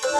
Thank you.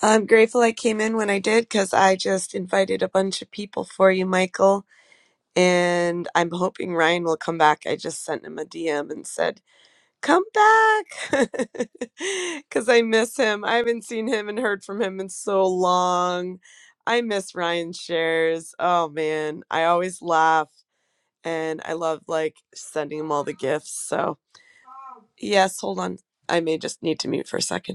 I'm grateful I came in when I did because I just invited a bunch of people for you, Michael. And I'm hoping Ryan will come back. I just sent him a DM and said, Come back because I miss him. I haven't seen him and heard from him in so long. I miss Ryan shares. Oh man, I always laugh and I love like sending him all the gifts. So, yes, hold on. I may just need to mute for a second.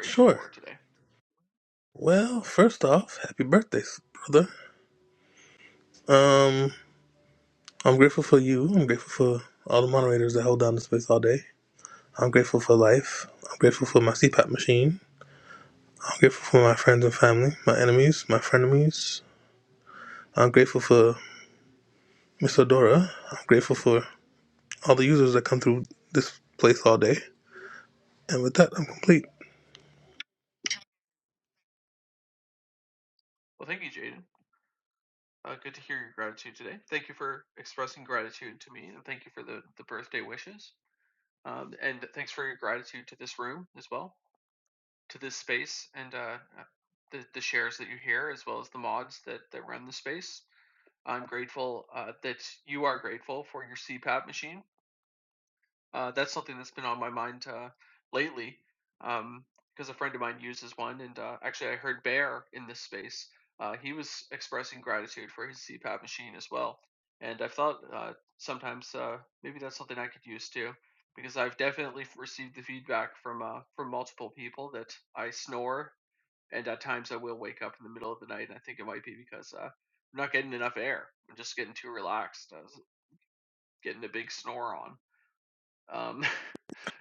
Sure. Well, first off, happy birthday, s- brother. Um, I'm grateful for you. I'm grateful for all the moderators that hold down the space all day. I'm grateful for life. I'm grateful for my CPAP machine. I'm grateful for my friends and family, my enemies, my frenemies. I'm grateful for Miss Adora. I'm grateful for all the users that come through this place all day. And with that, I'm complete.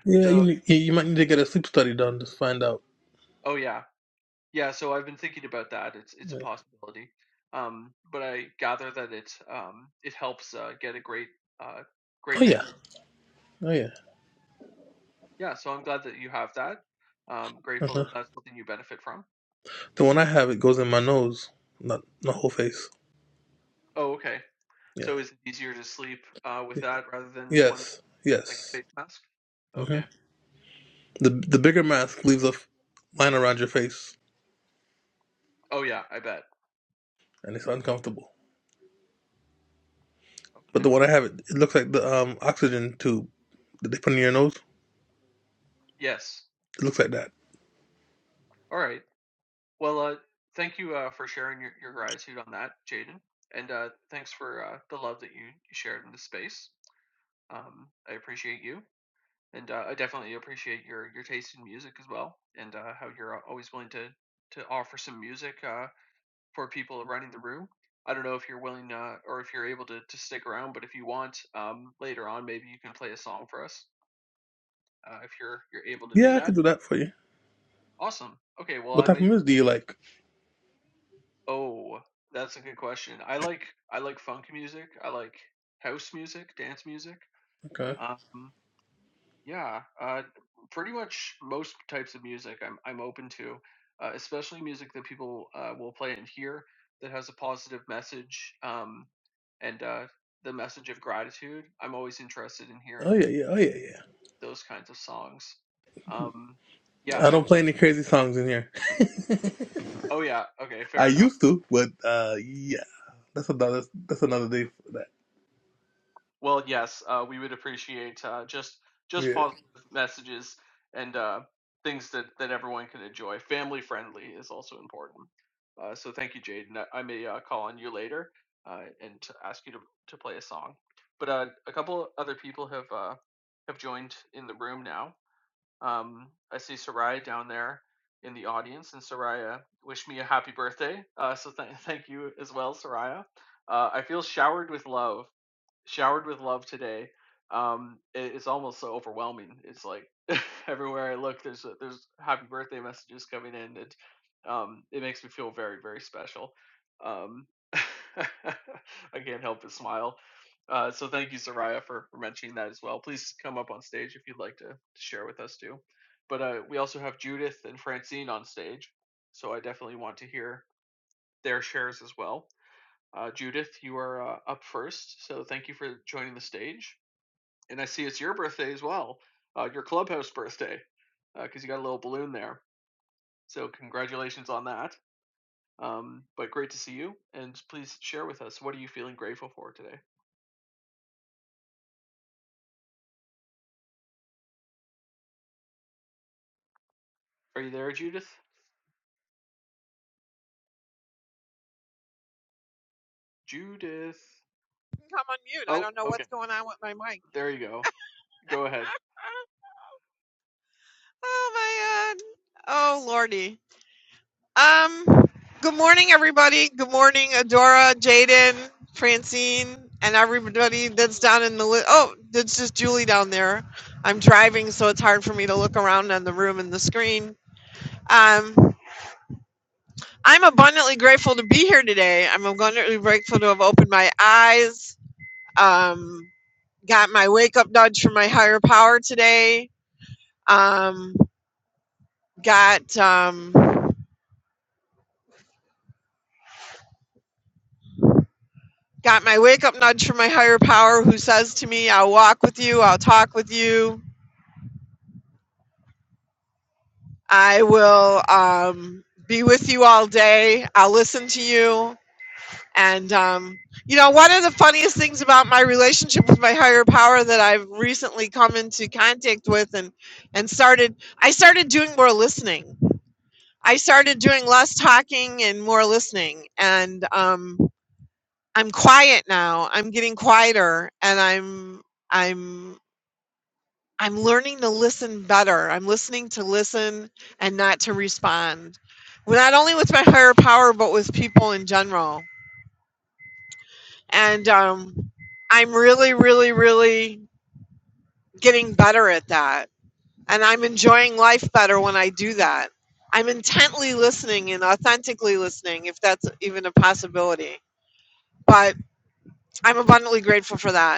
Yeah, you need, you you might need to get a sleep study done to find out. Yeah. Oh yeah. Oh yeah. Uh-huh. The one I have, it goes in my nose, not the whole face. Yeah. yeah. Yes. Yes. hmm The the bigger mask leaves a f- line around your face, and it's uncomfortable. But the one I have, it, it looks like the um oxygen tube that they put in your nose. It looks like that. Yeah, I can do that for you. What type of music do you like? Okay. Oh yeah, yeah, oh yeah, yeah. I don't play any crazy songs in here. I used to, but uh, yeah, that's another that's another day for that. Yeah. come on mute. I don't know what's going on with my mic. oh my god. Oh lordy. Um good morning everybody. Good morning Adora, Jaden, Francine, and everybody that's down in the li- Oh, that's just Julie down there. I'm driving so it's hard for me to look around on the room and the screen. Um I'm abundantly grateful to be here today. I'm abundantly grateful to have opened my eyes. Um got my wake up nudge from my higher power today. Um, got um, got my wake up nudge from my higher power who says to me i'll walk with you i'll talk with you i will um, be with you all day i'll listen to you and um, you know one of the funniest things about my relationship with my higher power that i've recently come into contact with and and started i started doing more listening i started doing less talking and more listening and um, I'm quiet now. I'm getting quieter and I'm I'm I'm learning to listen better. I'm listening to listen and not to respond. Well, Not only with my higher power but with people in general. And um I'm really really really getting better at that. And I'm enjoying life better when I do that. I'm intently listening and authentically listening if that's even a possibility. But I'm abundantly grateful for that.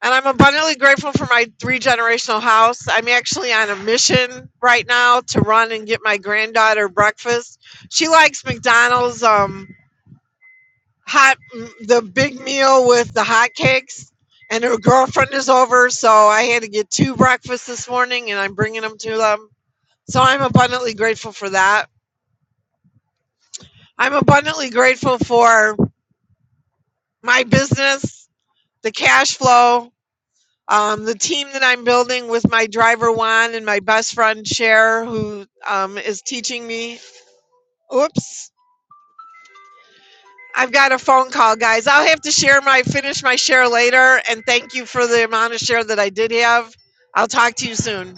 And I'm abundantly grateful for my three generational house. I'm actually on a mission right now to run and get my granddaughter breakfast. She likes McDonald's um hot the big meal with the hot cakes. And her girlfriend is over, so I had to get two breakfasts this morning, and I'm bringing them to them. So I'm abundantly grateful for that. I'm abundantly grateful for my business, the cash flow, Um, the team that I'm building with my driver Juan and my best friend Cher, who um, is teaching me. Oops, I've got a phone call, guys. I'll have to share my finish my share later. And thank you for the amount of share that I did have. I'll talk to you soon.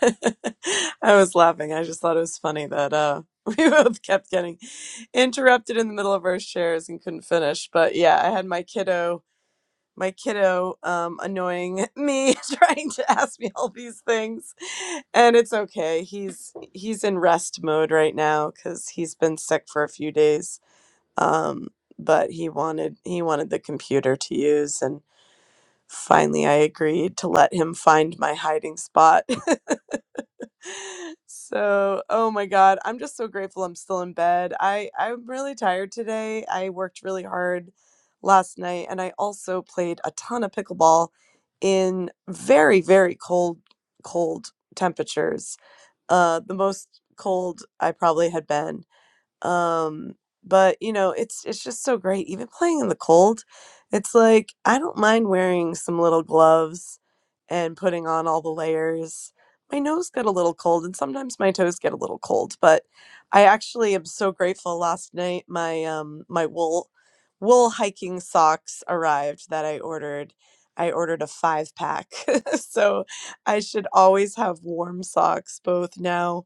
I was laughing. I just thought it was funny that uh, we both kept getting interrupted in the middle of our shares and couldn't finish. But yeah, I had my kiddo, my kiddo, um, annoying me, trying to ask me all these things, and it's okay. He's he's in rest mode right now because he's been sick for a few days. Um, but he wanted he wanted the computer to use, and finally I agreed to let him find my hiding spot so, oh my God, I'm just so grateful I'm still in bed. I I'm really tired today. I worked really hard last night and I also played a ton of pickleball in very, very cold, cold temperatures. Uh, the most cold I probably had been um but you know it's it's just so great even playing in the cold it's like i don't mind wearing some little gloves and putting on all the layers my nose got a little cold and sometimes my toes get a little cold but i actually am so grateful last night my um my wool wool hiking socks arrived that i ordered i ordered a five pack so i should always have warm socks both now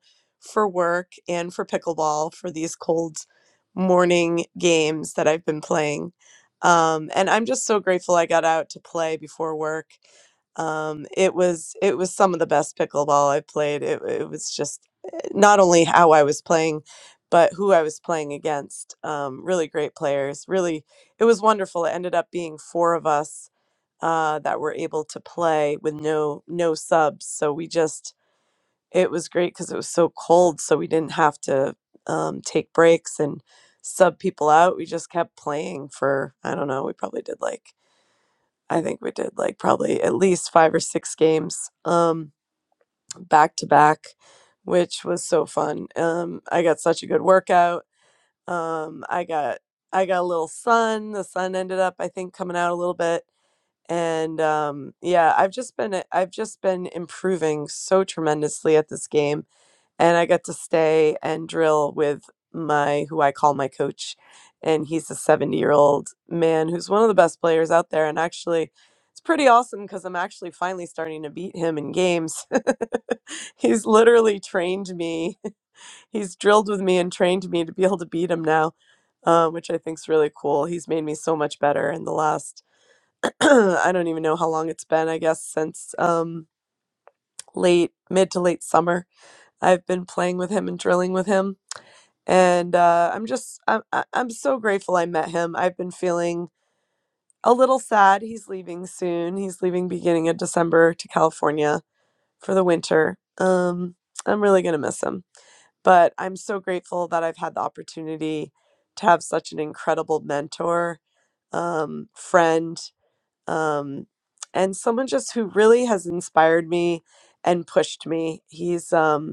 for work and for pickleball for these cold morning games that I've been playing. Um, and I'm just so grateful I got out to play before work. Um, it was it was some of the best pickleball I've played. It, it was just eh, not only how I was playing, but who I was playing against. Um, really great players. Really, it was wonderful. It ended up being four of us uh, that were able to play with no no subs. So we just it was great because it was so cold, so we didn't have to um, take breaks and sub people out. We just kept playing for I don't know. We probably did like I think we did like probably at least five or six games um, back to back, which was so fun. Um, I got such a good workout. Um, I got I got a little sun. The sun ended up I think coming out a little bit. And um, yeah, I've just been I've just been improving so tremendously at this game and I got to stay and drill with my who I call my coach and he's a 70 year old man who's one of the best players out there and actually it's pretty awesome because I'm actually finally starting to beat him in games. he's literally trained me. He's drilled with me and trained me to be able to beat him now, uh, which I think's really cool. He's made me so much better in the last, I don't even know how long it's been, I guess, since um, late, mid to late summer. I've been playing with him and drilling with him and uh, I'm just I'm I- I'm so grateful I met him. I've been feeling a little sad. He's leaving soon. He's leaving beginning of December to California for the winter. Um, I'm really gonna miss him, but I'm so grateful that I've had the opportunity to have such an incredible mentor, um, friend, um, and someone just who really has inspired me and pushed me. He's um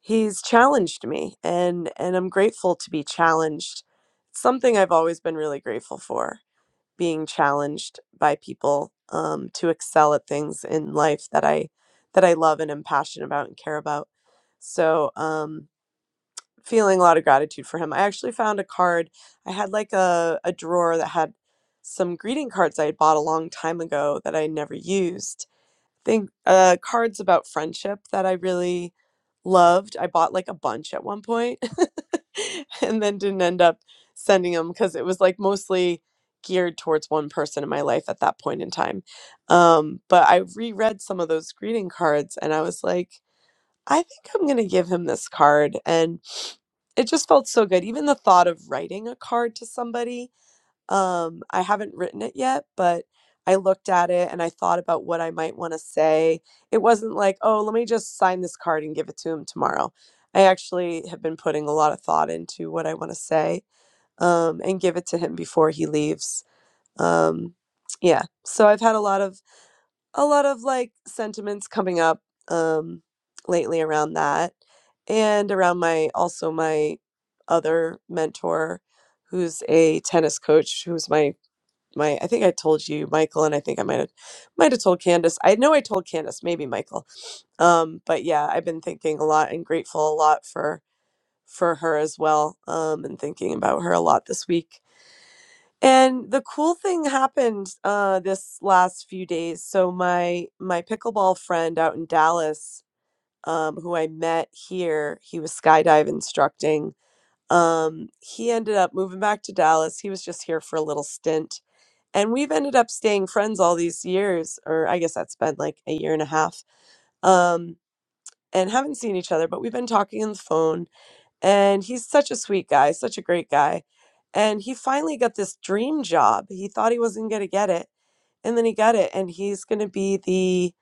he's challenged me and and I'm grateful to be challenged. It's something I've always been really grateful for, being challenged by people um, to excel at things in life that I that I love and am passionate about and care about. So um feeling a lot of gratitude for him. I actually found a card. I had like a, a drawer that had some greeting cards I had bought a long time ago that I never used think uh cards about friendship that I really loved. I bought like a bunch at one point and then didn't end up sending them because it was like mostly geared towards one person in my life at that point in time. Um, but I reread some of those greeting cards and I was like, I think I'm going to give him this card. And it just felt so good. Even the thought of writing a card to somebody um, I haven't written it yet, but I looked at it and I thought about what I might want to say. It wasn't like, oh, let me just sign this card and give it to him tomorrow. I actually have been putting a lot of thought into what I want to say um, and give it to him before he leaves. Um, yeah, so I've had a lot of a lot of like sentiments coming up um, lately around that, and around my also my other mentor, who's a tennis coach, who's my my I think I told you Michael and I think I might have might have told Candace. I know I told Candace, maybe Michael. Um but yeah, I've been thinking a lot and grateful a lot for for her as well. Um and thinking about her a lot this week. And the cool thing happened uh this last few days. So my my pickleball friend out in Dallas um who I met here, he was skydive instructing. Um he ended up moving back to Dallas. He was just here for a little stint and we've ended up staying friends all these years or i guess that's been like a year and a half um and haven't seen each other but we've been talking on the phone and he's such a sweet guy such a great guy and he finally got this dream job he thought he wasn't going to get it and then he got it and he's going to be the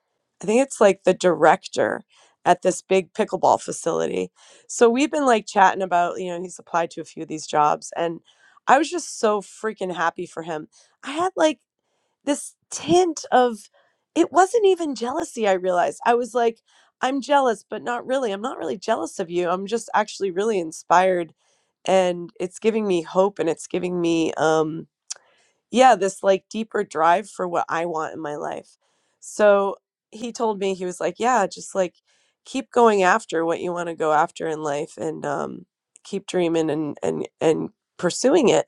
i think it's like the director at this big pickleball facility so we've been like chatting about you know he's applied to a few of these jobs and i was just so freaking happy for him I had like this tint of it wasn't even jealousy i realized i was like i'm jealous but not really i'm not really jealous of you i'm just actually really inspired and it's giving me hope and it's giving me um yeah this like deeper drive for what i want in my life so he told me he was like yeah just like keep going after what you want to go after in life and um keep dreaming and and and pursuing it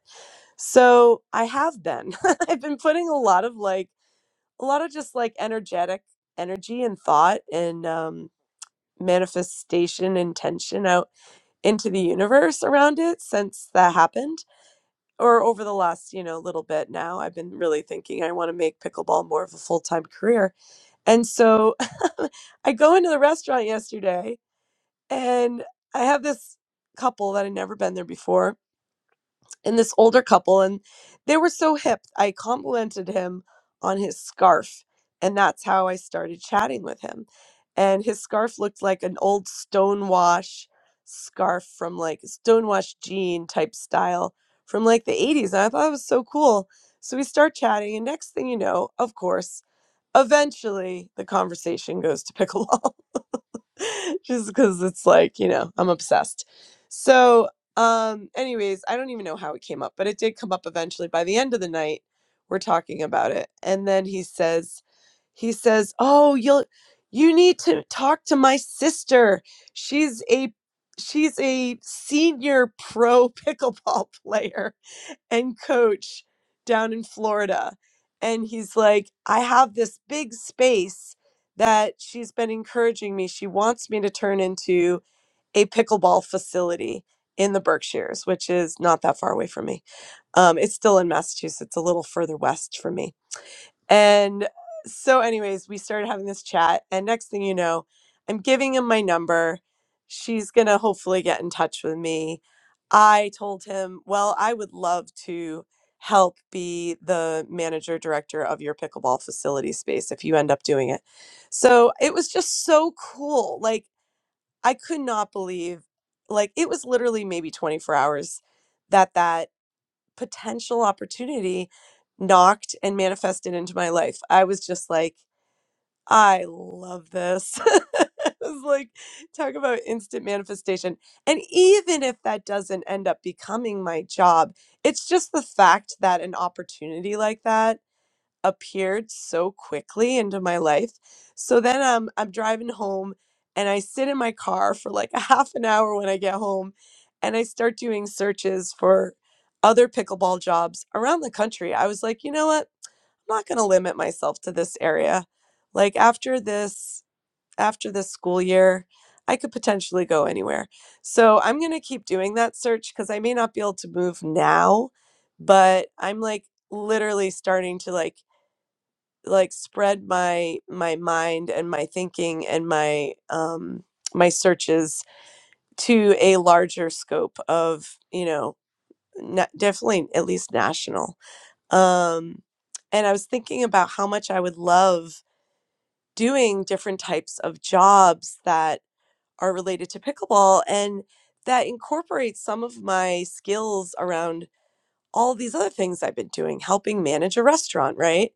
so i have been i've been putting a lot of like a lot of just like energetic energy and thought and um, manifestation and tension out into the universe around it since that happened or over the last you know little bit now i've been really thinking i want to make pickleball more of a full-time career and so i go into the restaurant yesterday and i have this couple that had never been there before and this older couple and they were so hip i complimented him on his scarf and that's how i started chatting with him and his scarf looked like an old stonewash scarf from like stonewash jean type style from like the 80s and i thought it was so cool so we start chatting and next thing you know of course Eventually, the conversation goes to pickleball just because it's like, you know, I'm obsessed. So, um, anyways, I don't even know how it came up, but it did come up eventually. By the end of the night, we're talking about it. And then he says, he says, "Oh, you'll you need to talk to my sister. She's a she's a senior pro pickleball player." and coach down in Florida. And he's like, I have this big space that she's been encouraging me. She wants me to turn into a pickleball facility in the Berkshires, which is not that far away from me. Um, it's still in Massachusetts, a little further west from me and so, anyways, we started having this chat. And next thing you know, I'm giving him my number. She's going to hopefully get in touch with me. I told him, well, I would love to help be the manager director of your pickleball facility space if you end up doing it. So it was just so cool. Like, I could not believe, like, it was literally maybe 24 hours that that potential opportunity knocked and manifested into my life. I was just like, I love this. it was like, talk about instant manifestation. And even if that doesn't end up becoming my job, it's just the fact that an opportunity like that appeared so quickly into my life. So then um, I'm driving home and I sit in my car for like a half an hour when I get home and I start doing searches for other pickleball jobs around the country. I was like, you know what? I'm not going to limit myself to this area. Like after this, after this school year, I could potentially go anywhere. So I'm going to keep doing that search because I may not be able to move now, but I'm like literally starting to like like spread my my mind and my thinking and my um my searches to a larger scope of you know na- definitely at least national um and i was thinking about how much i would love doing different types of jobs that are related to pickleball and that incorporates some of my skills around all these other things i've been doing helping manage a restaurant right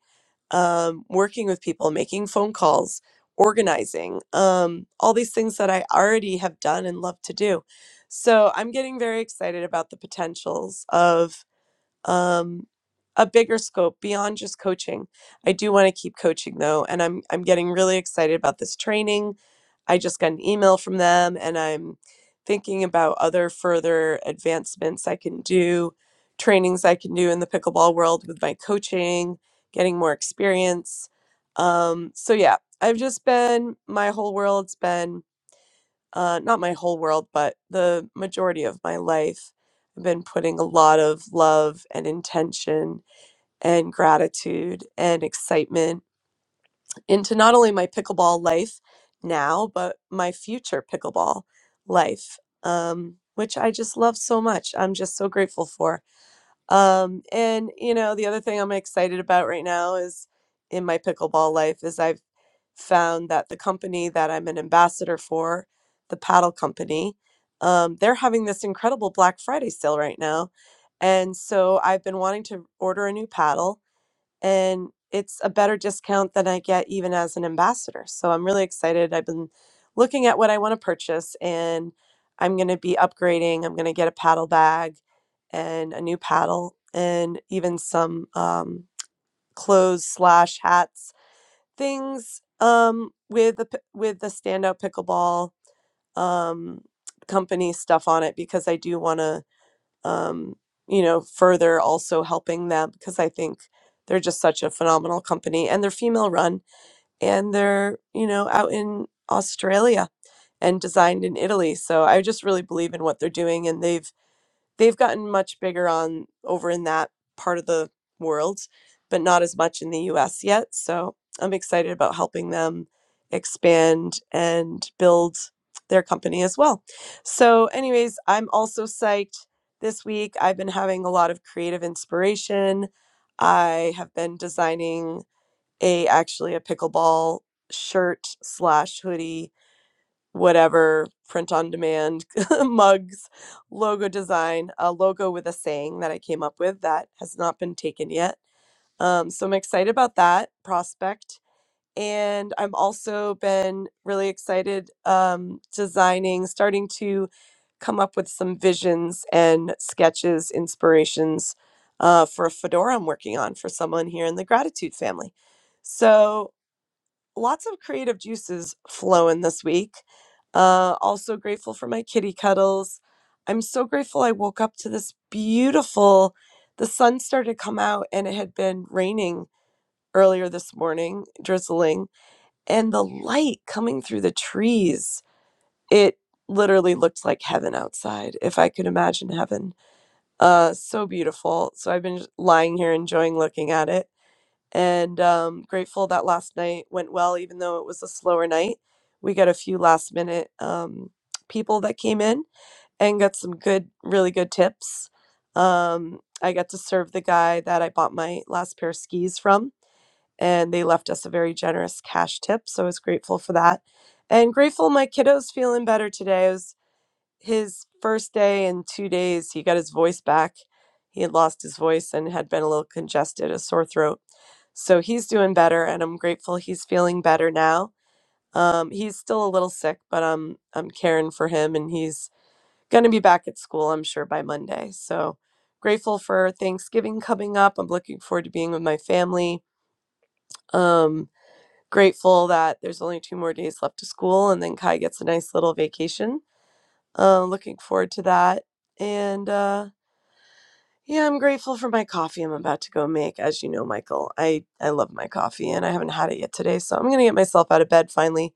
um, working with people, making phone calls, organizing, um, all these things that I already have done and love to do. So I'm getting very excited about the potentials of um, a bigger scope beyond just coaching. I do want to keep coaching though, and I'm I'm getting really excited about this training. I just got an email from them, and I'm thinking about other further advancements I can do, trainings I can do in the pickleball world with my coaching, getting more experience. Um, so yeah, I've just been my whole world's been uh, not my whole world, but the majority of my life. I've been putting a lot of love and intention and gratitude and excitement into not only my pickleball life now, but my future pickleball life, um, which I just love so much. I'm just so grateful for. Um, and you know, the other thing I'm excited about right now is in my pickleball life is I've found that the company that I'm an ambassador for, the paddle company, um, they're having this incredible Black Friday sale right now. And so I've been wanting to order a new paddle and it's a better discount than I get even as an ambassador. So I'm really excited. I've been looking at what I want to purchase and I'm going to be upgrading. I'm going to get a paddle bag and a new paddle and even some um, clothes slash hats things um, with the p- with the standout pickleball um, company stuff on it because I do want to um, you know, further also helping them because I think they're just such a phenomenal company and they're female run and they're, you know, out in Australia and designed in Italy. So I just really believe in what they're doing and they've they've gotten much bigger on over in that part of the world, but not as much in the US yet. So I'm excited about helping them expand and build their company as well. So, anyways, I'm also psyched this week. I've been having a lot of creative inspiration. I have been designing a actually a pickleball shirt slash hoodie whatever print on demand mugs logo design a logo with a saying that i came up with that has not been taken yet um, so i'm excited about that prospect and i'm also been really excited um, designing starting to come up with some visions and sketches inspirations uh, for a fedora i'm working on for someone here in the gratitude family so lots of creative juices flowing this week. Uh, also grateful for my kitty cuddles. I'm so grateful I woke up to this beautiful. The sun started to come out, and it had been raining earlier this morning, drizzling, and the light coming through the trees. It literally looked like heaven outside, if I could imagine heaven. Uh, so beautiful. So I've been lying here enjoying looking at it and um, grateful that last night went well, even though it was a slower night. We got a few last minute um, people that came in and got some good, really good tips. Um, I got to serve the guy that I bought my last pair of skis from, and they left us a very generous cash tip. So I was grateful for that. And grateful my kiddo's feeling better today. I was his first day and two days, he got his voice back. He had lost his voice and had been a little congested, a sore throat. So he's doing better, and I'm grateful he's feeling better now. Um, he's still a little sick, but I'm I'm caring for him, and he's gonna be back at school, I'm sure, by Monday. So grateful for Thanksgiving coming up. I'm looking forward to being with my family. Um, grateful that there's only two more days left to school, and then Kai gets a nice little vacation uh, looking forward to that. And uh, yeah, I'm grateful for my coffee I'm about to go make. As you know, Michael, I, I love my coffee and I haven't had it yet today. So I'm going to get myself out of bed finally.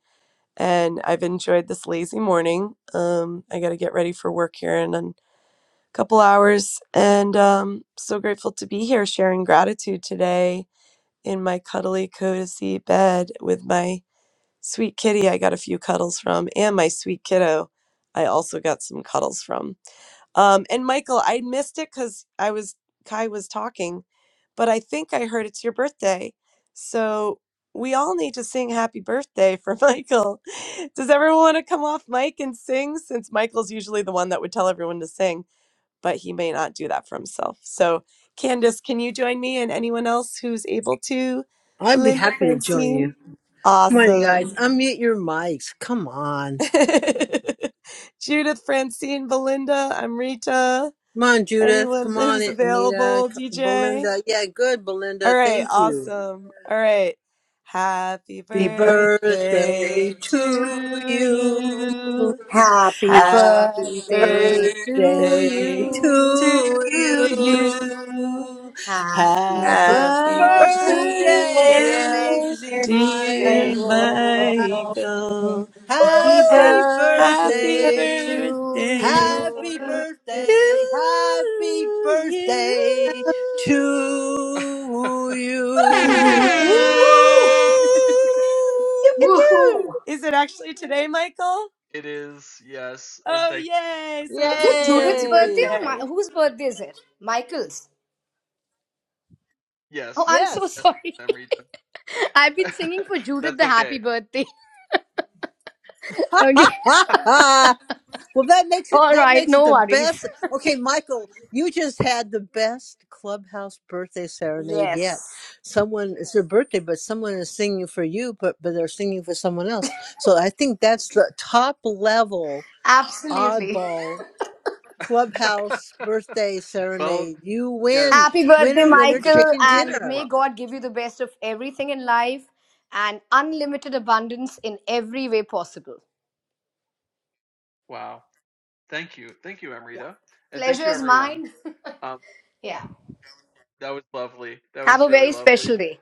And I've enjoyed this lazy morning. Um, I got to get ready for work here in a couple hours. And um, so grateful to be here sharing gratitude today in my cuddly cozy bed with my sweet kitty I got a few cuddles from and my sweet kiddo I also got some cuddles from. Um, and Michael, I missed it because I was Kai was talking, but I think I heard it's your birthday, so we all need to sing happy birthday for Michael. Does everyone want to come off mic and sing? Since Michael's usually the one that would tell everyone to sing, but he may not do that for himself. So, Candace, can you join me and anyone else who's able to? I'd be Belinda happy to join Francine, you. Come on, you guys. awesome. Unmute your mics. Come on. Judith Francine Belinda, I'm Rita. Come on, Judith. Anyone Come on, who's Anita. available, DJ? Belinda. Yeah, good, All Belinda. right, Thank you. awesome. All right. Happy Happy Happy birthday, birthday birthday to to you. you. Happy happy Happy Happy birthday to birthday birthday you. to to birthday, you. you. Happy Hello, Happy Happy birthday, birthday, dear birthday, dear amazing dear Judith. Michael. Michael. Michael. Happy Happy Happy Woo-hoo-hoo! birthday Happy birthday birthday. to birthday you. Happy to do you. birthday. Happy you? birthday to woo! you. Woo! Woo! Pew, pew, pew. Woohoo! Is it actually today, Michael? Oh, yay. So Is happy to it be here on Judith's your birthday Yay. or my, birthday. whose birthday is it? Michael's. Oh, I'm so Yes. sorry. I've been singing for Judith the happy birthday. Ha Okay. ha ha! Well, that makes it All that right, makes it no the worries. best. Okay, Michael, you just had the best clubhouse birthday serenade yet. Yes. Someone it's your birthday, but someone is singing for you, but but they're singing for someone else. So I think that's the top level Absolutely. oddball clubhouse birthday serenade. You win, Happy birthday, winner, winner, Michael, chicken and dinner. may God give you the best of everything in life and unlimited abundance in every way possible. Yeah. Pleasure is mine. yeah. Have a very special day.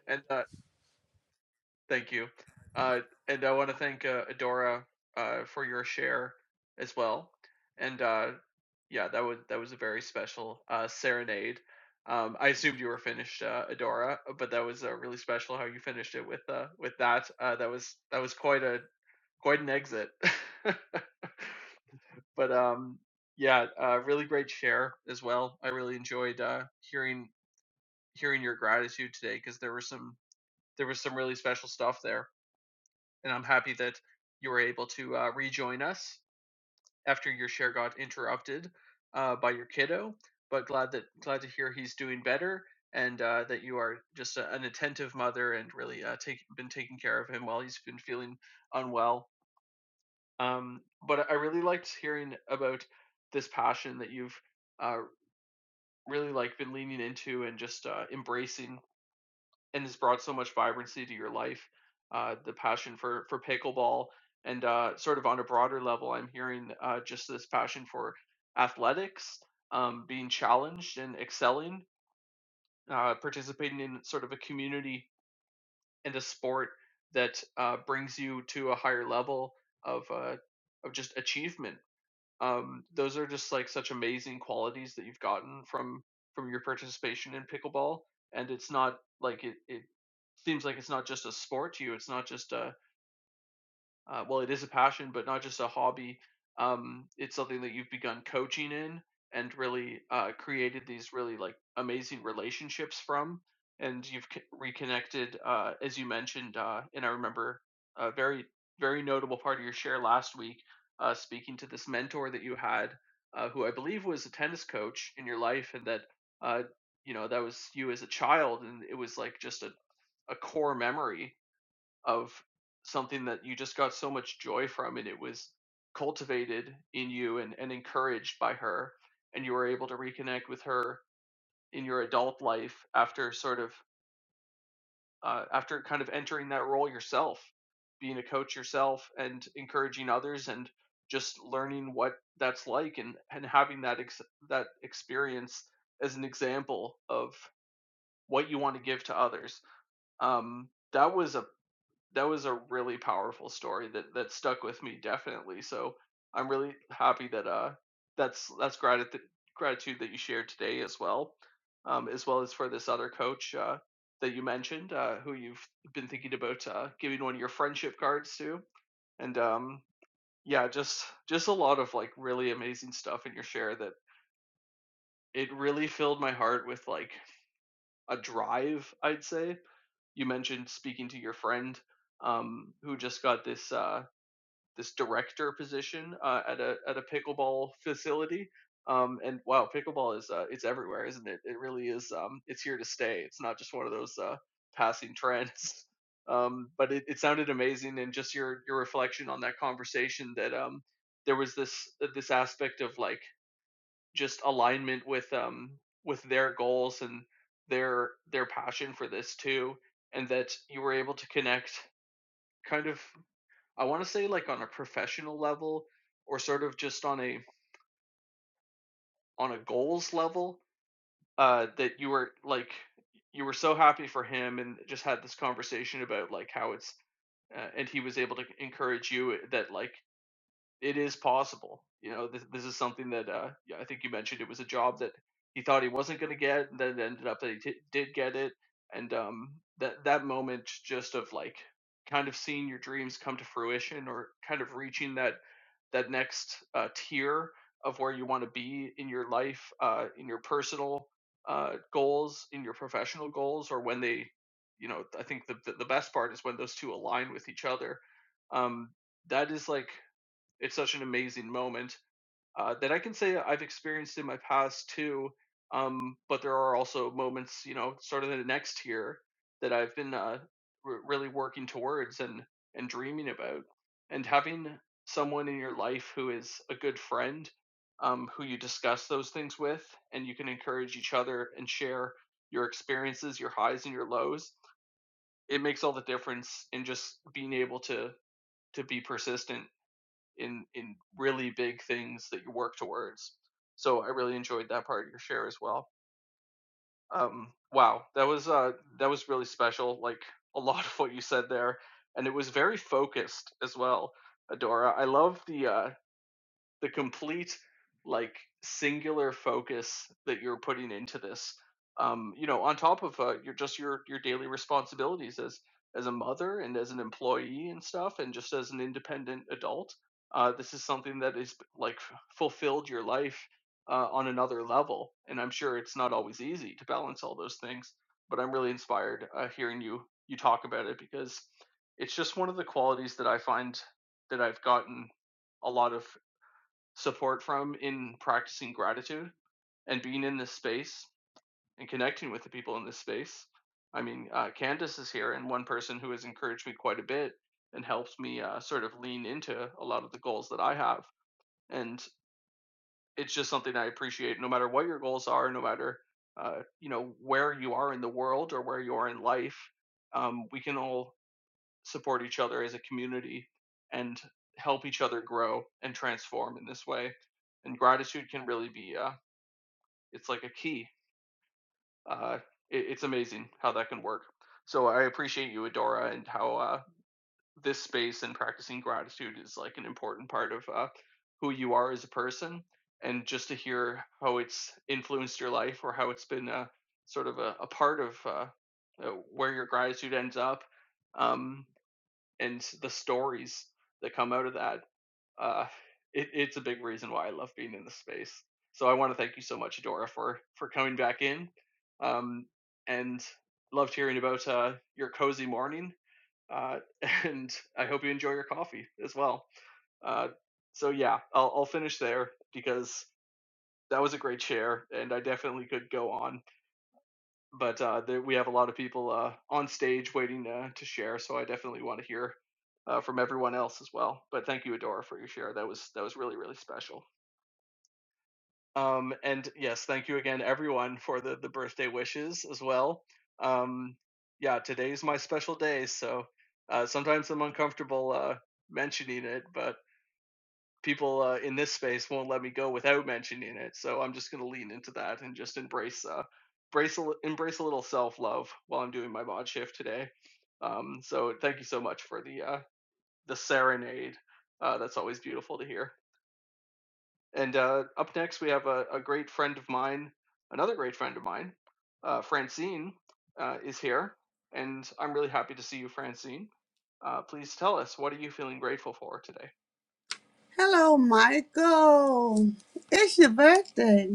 Michael. It's your birthday.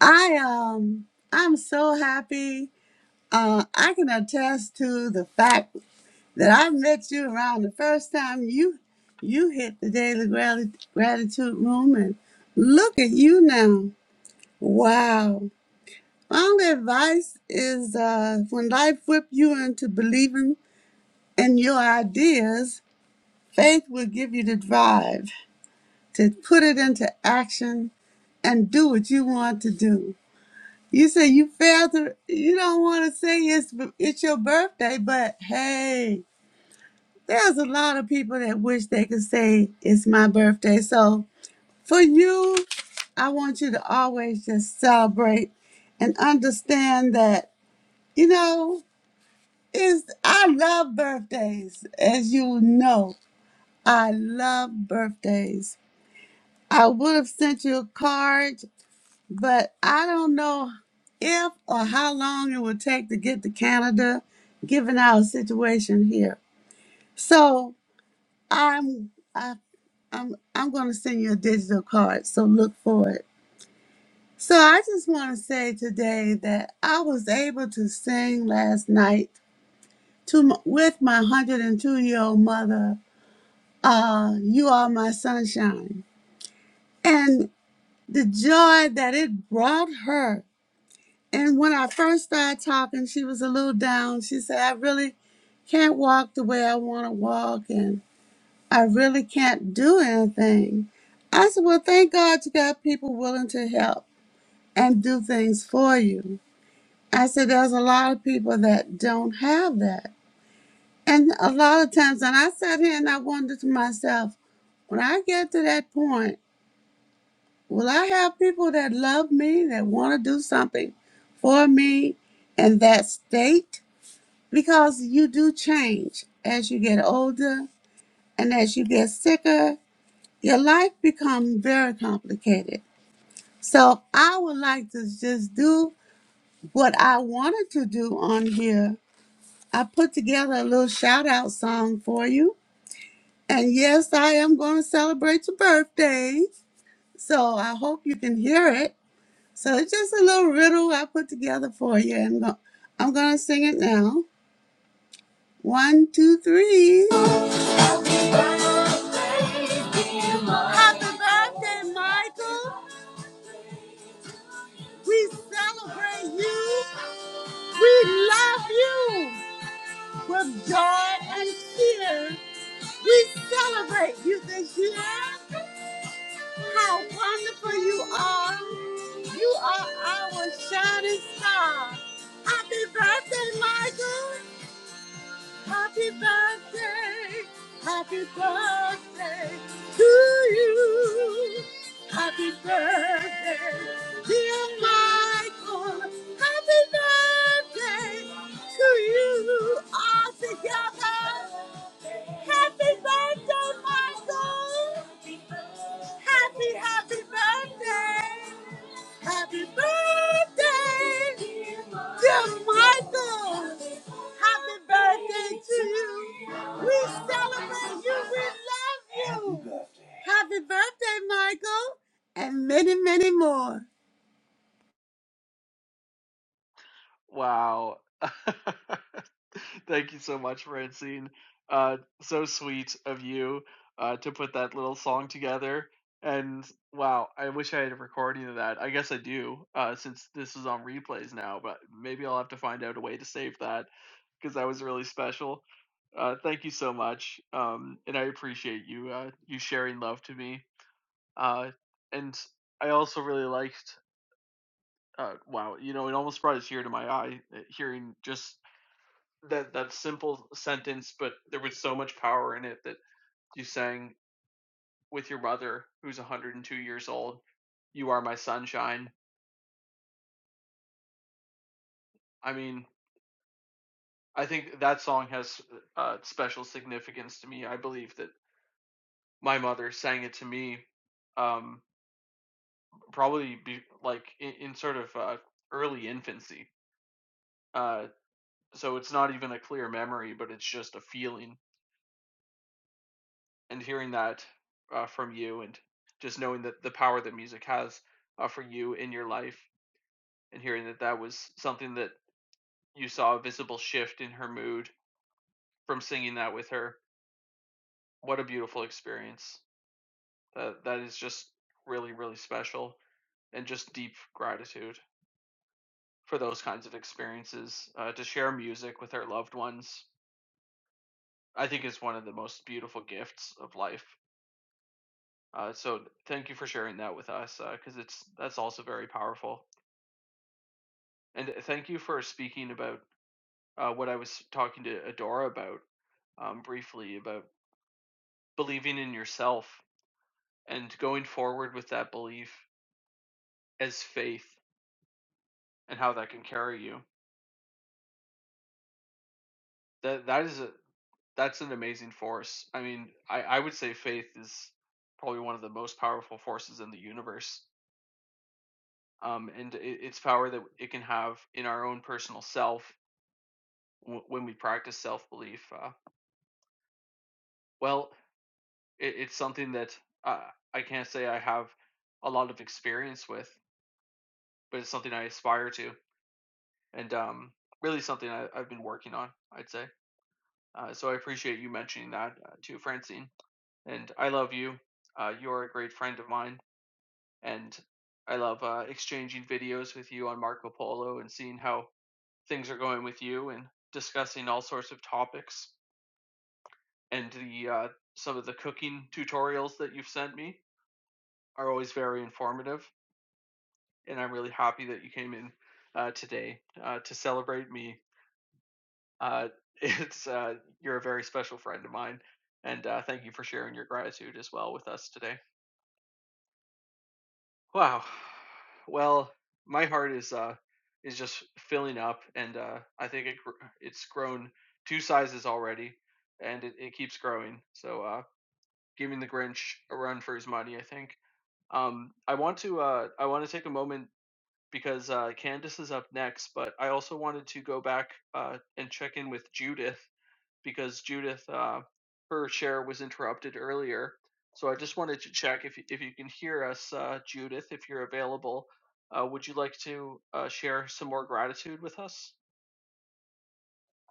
I um, I'm so happy. Uh, I can attest to the fact that I met you around the first time you you hit the daily Grati- gratitude room, and look at you now. Wow. My only advice is uh, when life whip you into believing in your ideas, Faith will give you the drive to put it into action and do what you want to do. You say you failed to, you don't want to say it's, it's your birthday, but hey, there's a lot of people that wish they could say it's my birthday. So for you, I want you to always just celebrate and understand that, you know, is I love birthdays, as you know. I love birthdays I would have sent you a card, but I don't know if or how long it would take to get to Canada, given our situation here. So I'm I, I'm I'm going to send you a digital card. So look for it. So I just want to say today that I was able to sing last night to m- with my 102 year old mother. Uh, you are my sunshine, and the joy that it brought her And when I first started talking, she was a little down. She said, I really can't walk the way I want to walk, and I really can't do anything. I said, Well, thank God you got people willing to help and do things for you. I said, There's a lot of people that don't have that. And a lot of times, and I sat here and I wondered to myself, when I get to that point, will I have people that love me, that want to do something for me in that state? because you do change as you get older and as you get sicker your life becomes very complicated so i would like to just do what i wanted to do on here i put together a little shout out song for you and yes i am going to celebrate your birthday so i hope you can hear it so it's just a little riddle i put together for you and i'm going to sing it now one two three Happy birthday, Michael. We celebrate you. We love you with joy and cheer. We celebrate you this year. How wonderful you are. You are our shining star. Happy birthday, Michael. Happy birthday, happy birthday to you. Happy birthday, dear Michael. Happy birthday to you all together. Happy birthday, Michael. Happy, happy birthday. Happy birthday, dear Michael. Happy birthday to you. We celebrate you. We love you. Happy birthday, Michael, and many, many more.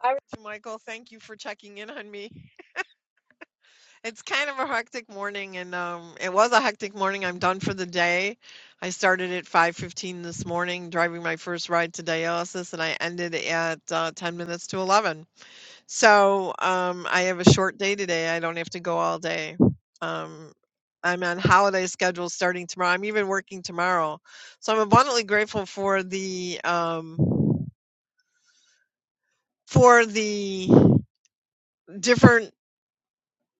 All right, Michael, thank you for checking in on me. It's kind of a hectic morning, and um, it was a hectic morning. I'm done for the day. I started at 5:15 this morning, driving my first ride to dialysis, and I ended at uh, 10 minutes to 11. So, um, I have a short day today, I don't have to go all day. Um, I'm on holiday schedule starting tomorrow, I'm even working tomorrow. So I'm abundantly grateful for the, um, for the different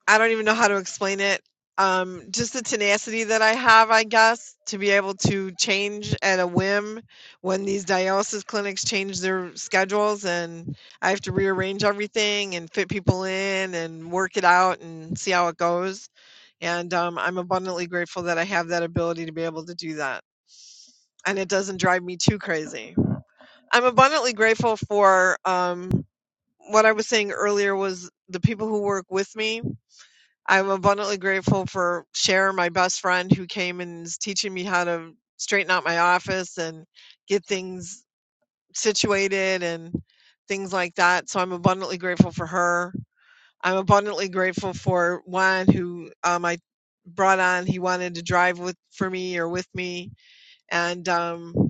I don't even know how to explain it. Um, just the tenacity that I have, I guess, to be able to change at a whim when these dialysis clinics change their schedules and I have to rearrange everything and fit people in and work it out and see how it goes. And um, I'm abundantly grateful that I have that ability to be able to do that. And it doesn't drive me too crazy. I'm abundantly grateful for um, what I was saying earlier was the people who work with me I'm abundantly grateful for Cher, my best friend, who came and is teaching me how to straighten out my office and get things situated and things like that. So I'm abundantly grateful for her. I'm abundantly grateful for Juan, who um, I brought on. He wanted to drive with for me or with me, and um,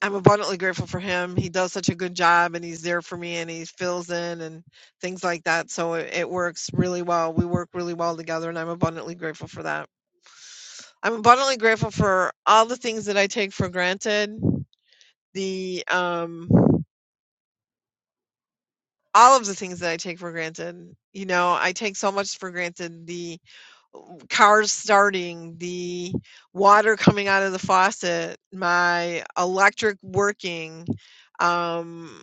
I'm abundantly grateful for him. He does such a good job and he's there for me and he fills in and things like that. So it, it works really well. We work really well together and I'm abundantly grateful for that. I'm abundantly grateful for all the things that I take for granted. The um all of the things that I take for granted. You know, I take so much for granted the cars starting, the water coming out of the faucet, my electric working, um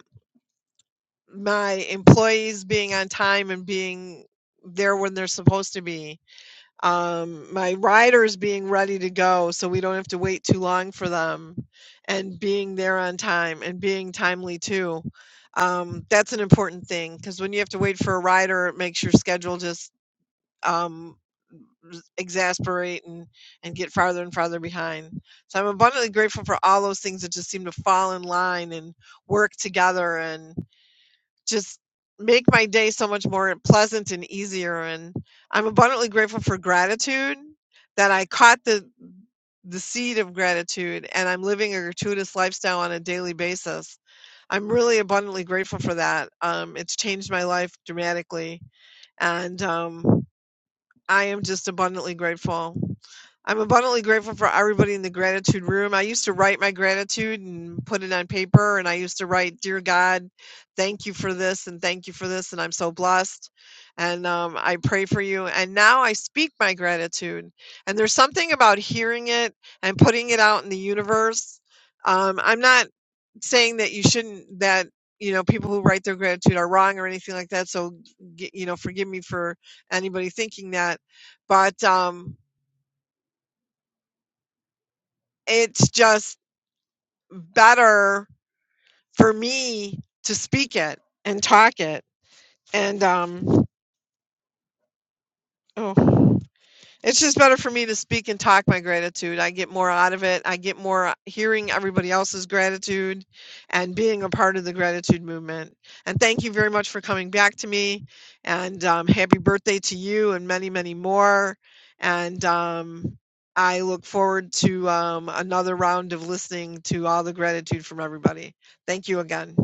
my employees being on time and being there when they're supposed to be um, my riders being ready to go so we don't have to wait too long for them and being there on time and being timely too um, that's an important thing because when you have to wait for a rider it makes your schedule just um, s- exasperate and, and get farther and farther behind so i'm abundantly grateful for all those things that just seem to fall in line and work together and just make my day so much more pleasant and easier and i'm abundantly grateful for gratitude that i caught the the seed of gratitude and i'm living a gratuitous lifestyle on a daily basis i'm really abundantly grateful for that um, it's changed my life dramatically and um, I am just abundantly grateful. I'm abundantly grateful for everybody in the gratitude room. I used to write my gratitude and put it on paper, and I used to write, Dear God, thank you for this, and thank you for this, and I'm so blessed. And um, I pray for you. And now I speak my gratitude. And there's something about hearing it and putting it out in the universe. Um, I'm not saying that you shouldn't that you know people who write their gratitude are wrong or anything like that so you know forgive me for anybody thinking that but um it's just better for me to speak it and talk it and um oh It's just better for me to speak and talk my gratitude. I get more out of it. I get more uh, hearing everybody else's gratitude and being a part of the gratitude movement. And thank you very much for coming back to me. And um, happy birthday to you and many, many more. And um, I look forward to um, another round of listening to all the gratitude from everybody. Thank you again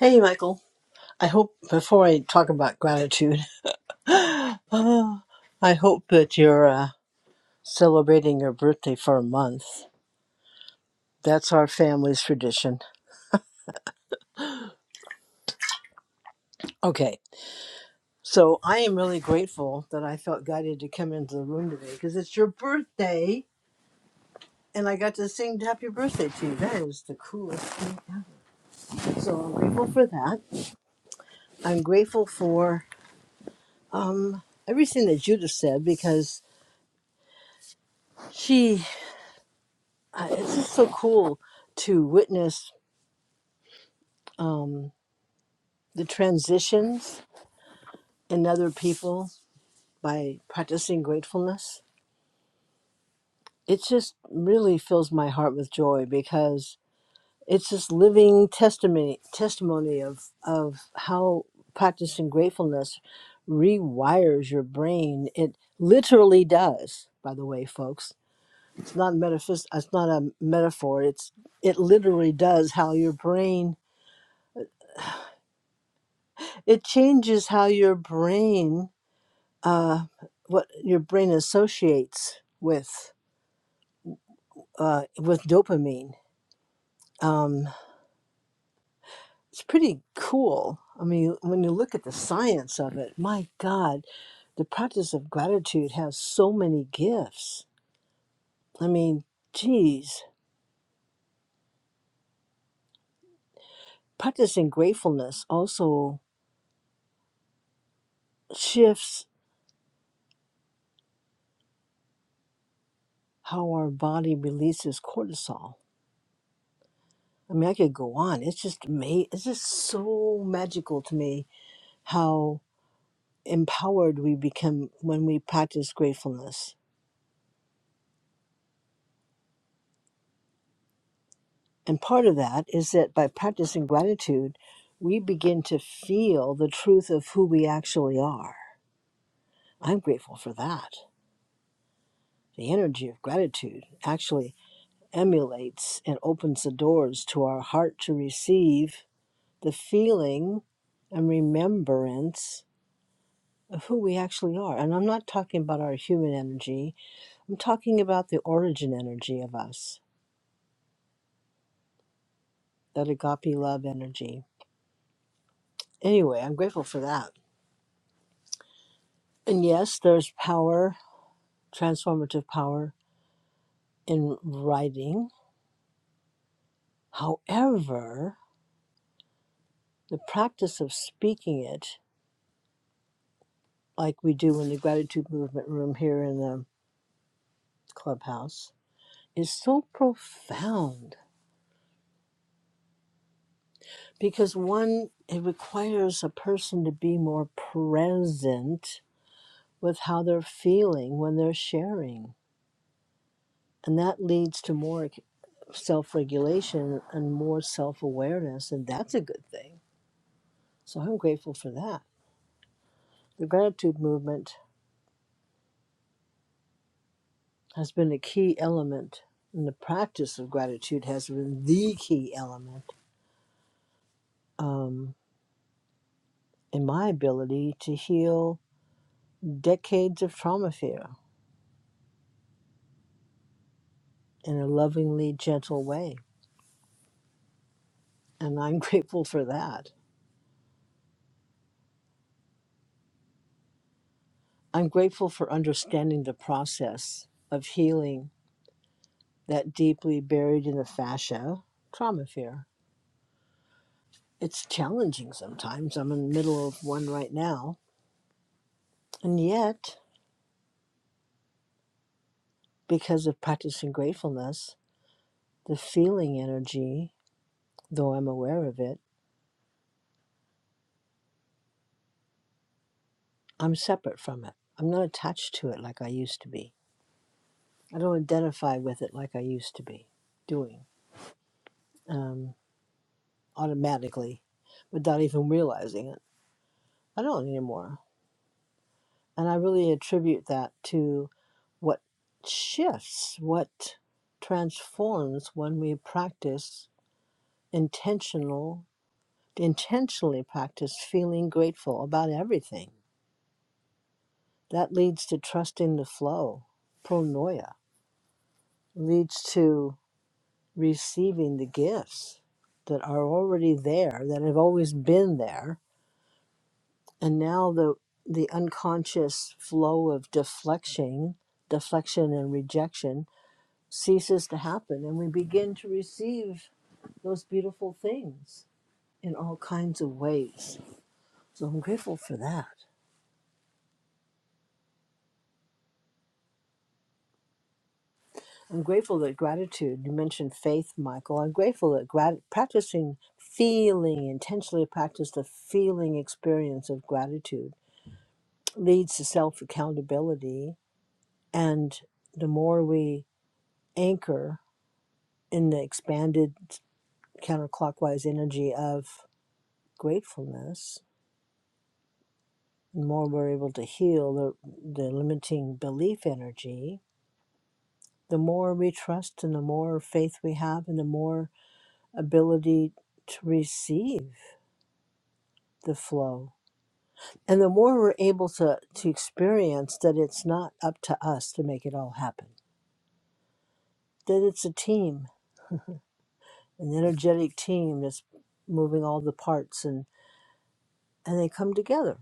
Hey, Michael. I hope before I talk about gratitude, oh, I hope that you're. Uh, celebrating your birthday for a month. That's our family's tradition. Okay. So I am really grateful that I felt guided to come into the room today because it's your birthday and I got to sing happy birthday to you. That is the coolest thing ever. So I'm grateful for that. I'm grateful for um, everything that Judith said because she, uh, it's just so cool to witness um, the transitions in other people by practicing gratefulness it just really fills my heart with joy because it's this living testimony testimony of of how practicing gratefulness rewires your brain it literally does by the way folks it's not metaphys- it's not a metaphor it's it literally does how your brain it changes how your brain uh what your brain associates with uh with dopamine Um. it's pretty cool. I mean, when you look at the science of it, my God, the practice of gratitude has so many gifts. I mean, geez, practicing gratefulness also shifts how our body releases cortisol. I mean, I could go on. It's just ma- It's just so magical to me how empowered we become when we practice gratefulness And part of that is that by practicing gratitude, we begin to feel the truth of who we actually are. I'm grateful for that. The energy of gratitude actually emulates and opens the doors to our heart to receive the feeling and remembrance of who we actually are. And I'm not talking about our human energy, I'm talking about the origin energy of us, that agape love energy. Anyway, I'm grateful for that. And yes, there's power, transformative power in writing. However, the practice of speaking it, like we do in the gratitude movement room here in the clubhouse, is so profound because one, it requires a person to be more present with how they're feeling when they're sharing. And that leads to more self regulation and more self awareness. And that's a good thing So I'm grateful for that. The gratitude movement has been a key element, and the practice of gratitude has been the key element um, in my ability to heal decades of trauma fear in a lovingly gentle way. And I'm grateful for that. I'm grateful for understanding the process of healing that deeply buried in the fascia trauma fear. It's challenging sometimes. I'm in the middle of one right now. And yet, because of practicing gratefulness, the feeling energy, though I'm aware of it, I'm separate from it. I'm not attached to it like I used to be. I don't identify with it like I used to be doing um, automatically without even realizing it. I don't anymore. And I really attribute that to what shifts, what transforms when we practice intentional, intentionally practice feeling grateful about everything That leads to trusting the flow. Pronoia leads to receiving the gifts that are already there, that have always been there. And now the the unconscious flow of deflection, deflection and rejection ceases to happen and we begin to receive those beautiful things in all kinds of ways. So I'm grateful for that. I'm grateful that gratitude, you mentioned faith, Michael. I'm grateful that grat- practicing feeling, intentionally practice the feeling experience of gratitude leads to self accountability. And the more we anchor in the expanded counterclockwise energy of gratefulness, the more we're able to heal the, the limiting belief energy, the more we trust and the more faith we have, and the more ability to receive the flow. And the more we're able to, to experience that it's not up to us to make it all happen, that it's a team, an energetic team that's moving all the parts and, and they come together.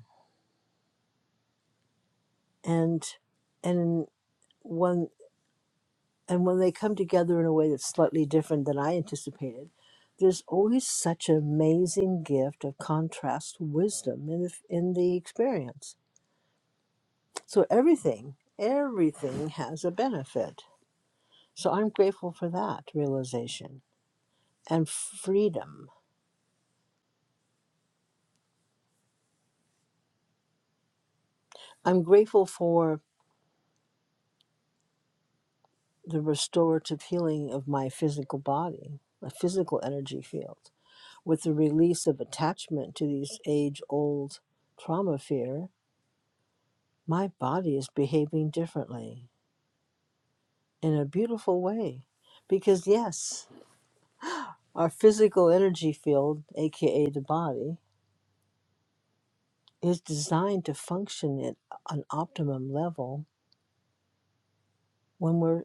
And and when and when they come together in a way that's slightly different than I anticipated, there's always such an amazing gift of contrast wisdom in the, in the experience So everything, everything has a benefit. So I'm grateful for that realization and freedom. I'm grateful for the restorative healing of my physical body, my physical energy field, with the release of attachment to these age old trauma fear. My body is behaving differently in a beautiful way. Because, yes, our physical energy field, aka the body, is designed to function at an optimum level when we're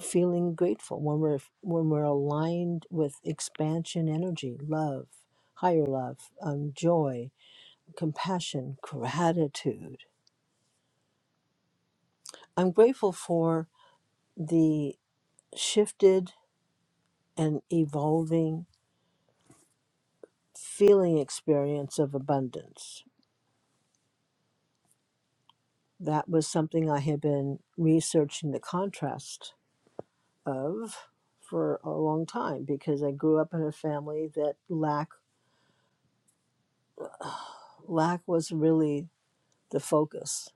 feeling grateful, when we're when we're aligned with expansion energy, love, higher love, um, joy, compassion, gratitude. I'm grateful for the shifted and evolving feeling experience of abundance. That was something I had been researching the contrast of for a long time because I grew up in a family that lack lack was really the focus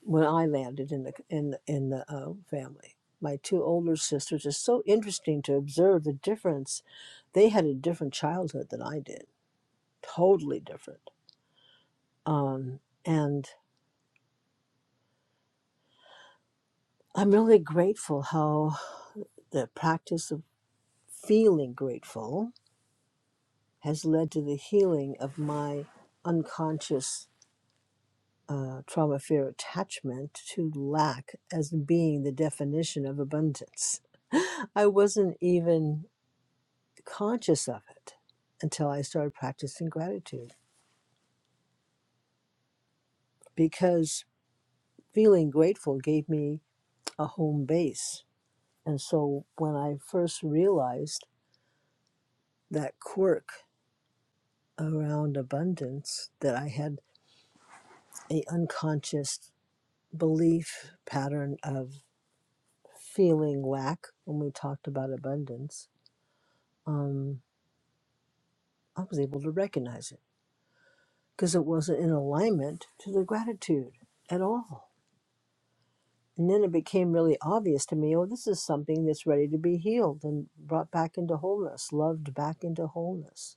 when I landed in the in the- in the uh, family. My two older sisters is so interesting to observe the difference. They had a different childhood than I did, totally different. Um, and I'm really grateful how the practice of feeling grateful has led to the healing of my unconscious uh, trauma, fear, attachment to lack as being the definition of abundance. I wasn't even conscious of it until I started practicing gratitude because feeling grateful gave me a home base. And so when I first realized that quirk around abundance, that I had a unconscious belief pattern of feeling lack when we talked about abundance, um. I was able to recognize it because it wasn't in alignment to the gratitude at all. And then it became really obvious to me oh, this is something that's ready to be healed and brought back into wholeness, loved back into wholeness.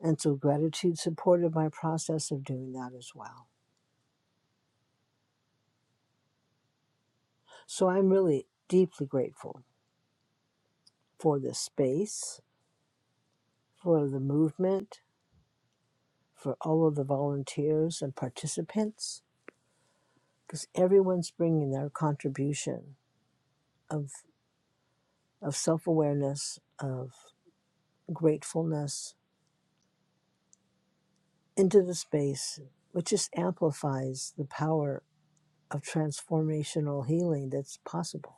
And so gratitude supported my process of doing that as well. So I'm really deeply grateful for this space, for the movement, for all of the volunteers and participants, because everyone's bringing their contribution of. of self awareness, of gratefulness into the space, which just amplifies the power of transformational healing that's possible.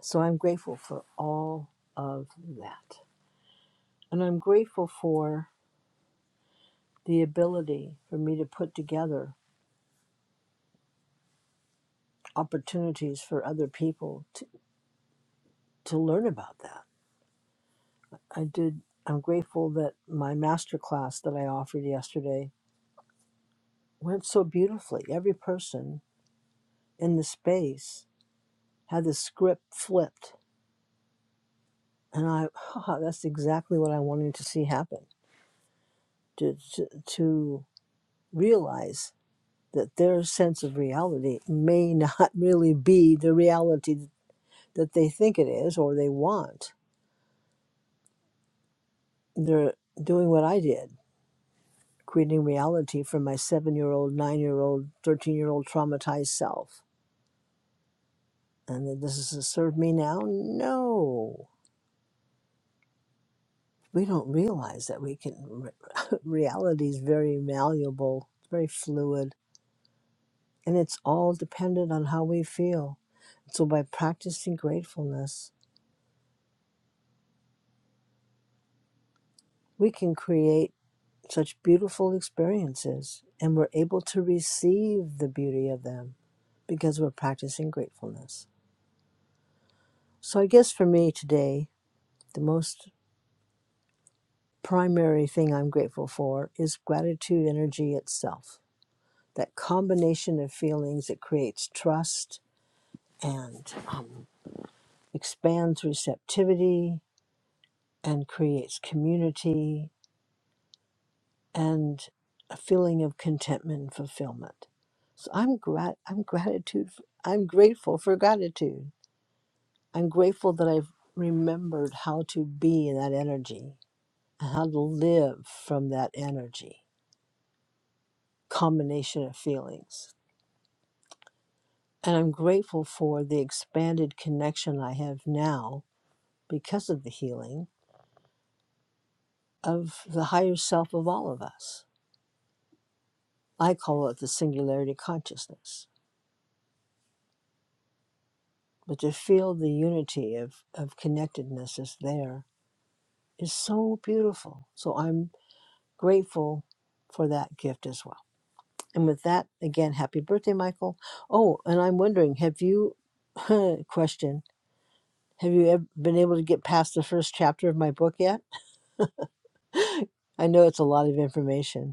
So I'm grateful for all of that. And I'm grateful for the ability for me to put together opportunities for other people to, to learn about that. I did, I'm grateful that my masterclass that I offered yesterday went so beautifully. Every person in the space had the script flipped, and I oh, that's exactly what I wanted to see happen to, to to realize that their sense of reality may not really be the reality that they think it is or they want. They're doing what I did, creating reality for my seven year old, nine year old, 13 year old traumatized self. And that this is to serve me now? No. we don't realize that we can reality is very malleable very fluid and it's all dependent on how we feel so by practicing gratefulness we can create such beautiful experiences and we're able to receive the beauty of them because we're practicing gratefulness so i guess for me today the most primary thing i'm grateful for is gratitude energy itself that combination of feelings it creates trust and um, expands receptivity and creates community and a feeling of contentment and fulfillment. So I'm grat- I'm gratitude I'm grateful for gratitude. I'm grateful that I've remembered how to be in that energy and how to live from that energy combination of feelings. And I'm grateful for the expanded connection I have now because of the healing of the higher self of all of us. I call it the singularity consciousness. But to feel the unity of, of connectedness is there is so beautiful. So I'm grateful for that gift as well. And with that, again, happy birthday, Michael. Oh, and I'm wondering, have you, question, have you ever been able to get past the first chapter of my book yet? I know it's a lot of information.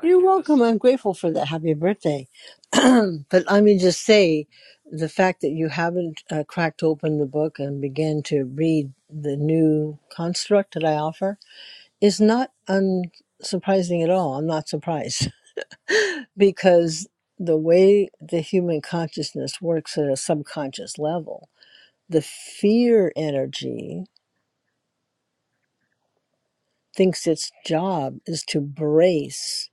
You're welcome. I'm grateful for that. Happy birthday. but let me just say the fact that you haven't uh, cracked open the book and began to read the new construct that I offer is not unsurprising at all. I'm not surprised because the way the human consciousness works at a subconscious level, the fear energy thinks its job is to brace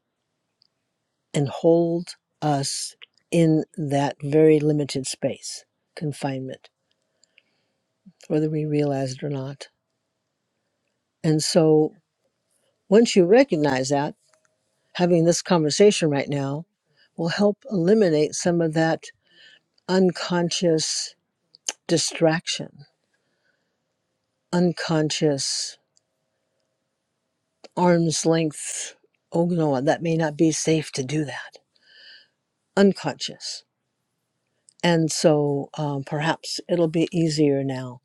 and hold us in that very limited space, confinement, whether we realize it or not. And so once you recognize that, having this conversation right now will help eliminate some of that unconscious distraction, unconscious arm's length. Oh, no, that may not be safe to do that. Unconscious. And so um, perhaps it'll be easier now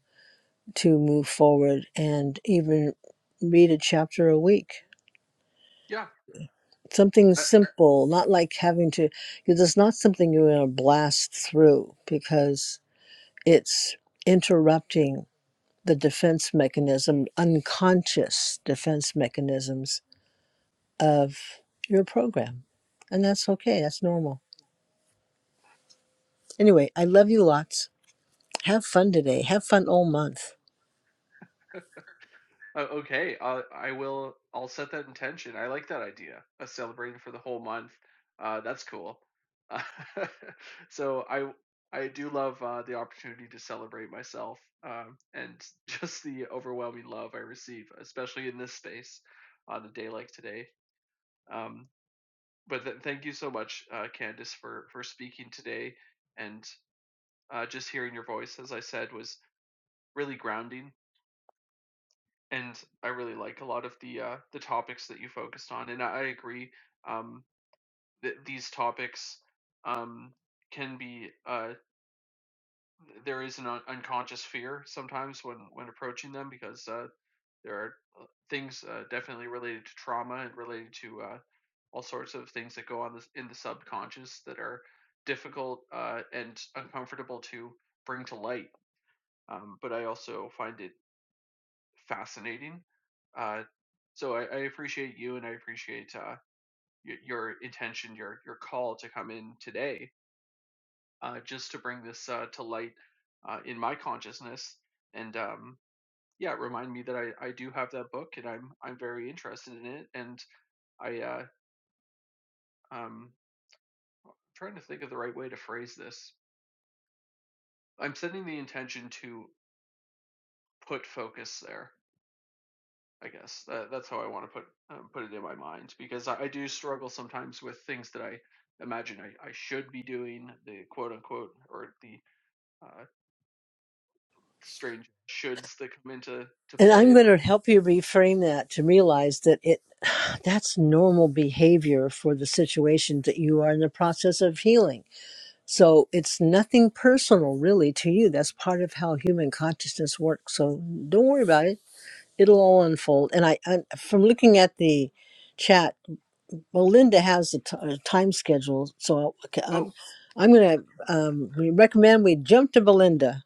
to move forward and even read a chapter a week. Something simple, not like having to, because it's not something you're going to blast through because it's interrupting the defense mechanism, unconscious defense mechanisms of your program. And that's okay, that's normal. Anyway, I love you lots. Have fun today, have fun all month. And I'm going to help you reframe that to realize that it that's normal behavior for the situation that you are in the process of healing. So it's nothing personal really to you. That's part of how human consciousness works. So don't worry about it. It'll all unfold. And I, I from looking at the chat, well, Linda has the uh, time schedule. So I'll- okay, I'm, I'm going to um, we recommend we jump to Belinda.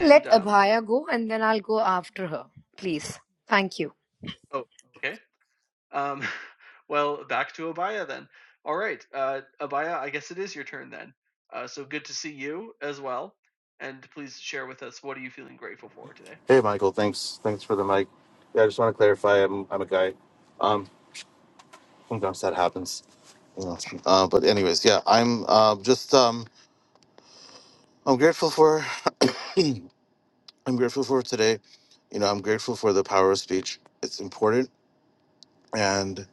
Let Abhaya go and then I'll go after her. Please. Thank you. Hey, Michael. Thanks. Thanks for the mic. Yeah, I just want to clarify. I'm I'm a guy. Um, sometimes that happens. you know. Uh, but anyways, yeah, I'm uh, just um, I'm grateful for I'm grateful for today. You know, I'm grateful for the power of speech. It's important, and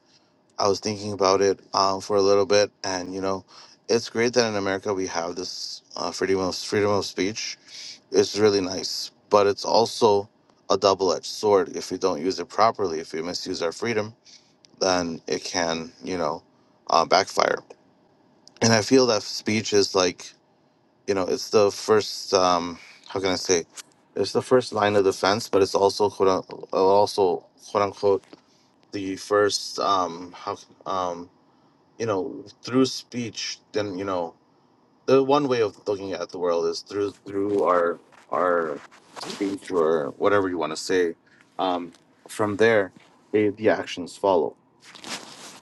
I was thinking about it um, for a little bit, and you know, it's great that in America we have this uh, freedom of freedom of speech. It's really nice, but it's also a double-edged sword if we don't use it properly, if we misuse our freedom then it can, you know, uh, backfire. And I feel that speech is like, you know, it's the first, um, how can I say, it's the first line of defense, but it's also quote unquote, also quote unquote the first, um, how, um, you know, through speech. Then you know, the one way of looking at the world is through through our our speech or whatever you want to say. Um, from there, the, the actions follow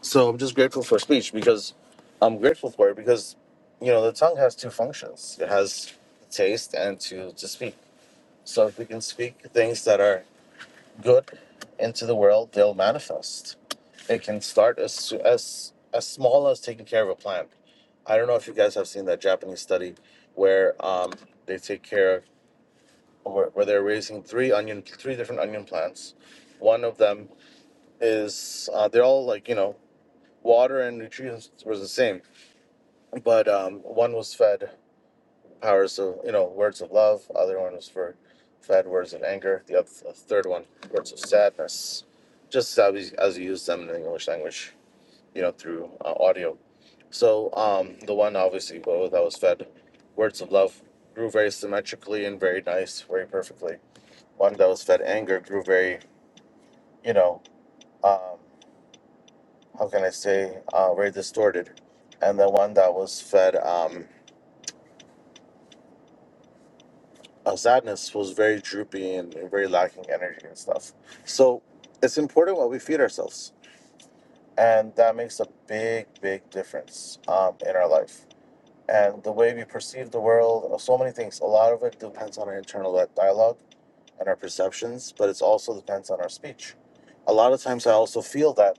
So I'm just grateful for speech because I'm grateful for it because you know the tongue has two functions. It has taste and to to speak. So if we can speak things that are good into the world, they'll manifest. It can start as so- as as small as taking care of a plant. I don't know if you guys have seen that Japanese study where um, they take care of where, where they're raising three onion three different onion plants. One of them is uh, they're all like you know water and nutrients was the same but um, one was fed powers of you know words of love other one was for fed words of anger the other the third one words of sadness just as we, as we use them in the english language you know through uh, audio so um, the one obviously well, that was fed words of love grew very symmetrically and very nice very perfectly one that was fed anger grew very you know um, how can i say uh, very distorted and the one that was fed um, uh, sadness was very droopy and, and very lacking energy and stuff. So it's important what we feed ourselves, and that makes a big, big difference um, in our life and the way we perceive the world. uh, So many things. A lot of it depends on our internal uh, dialogue and our perceptions, but it also depends on our speech. A lot of times, I also feel that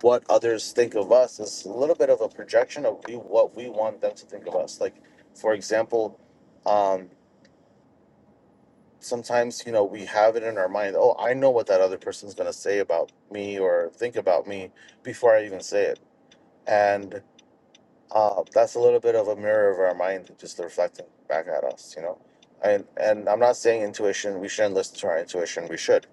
what others think of us is a little bit of a projection of we, what we want them to think of us. Like, for example. Um, sometimes you know we have it in our mind oh i know what that other person's going to say about me or think about me before i even say it and uh, that's a little bit of a mirror of our mind just reflecting back at us you know and and i'm not saying intuition we shouldn't listen to our intuition we should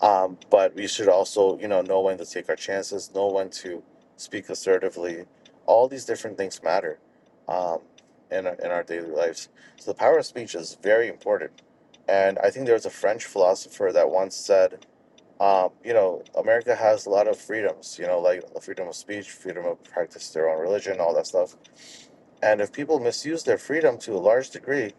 um, but we should also, you know, know when to take our chances, know when to speak assertively. All these different things matter um, in, our, in our daily lives. So the power of speech is very important. And I think there was a French philosopher that once said, um, you know, America has a lot of freedoms, you know, like the freedom of speech, freedom of practice their own religion, all that stuff. And if people misuse their freedom to a large degree,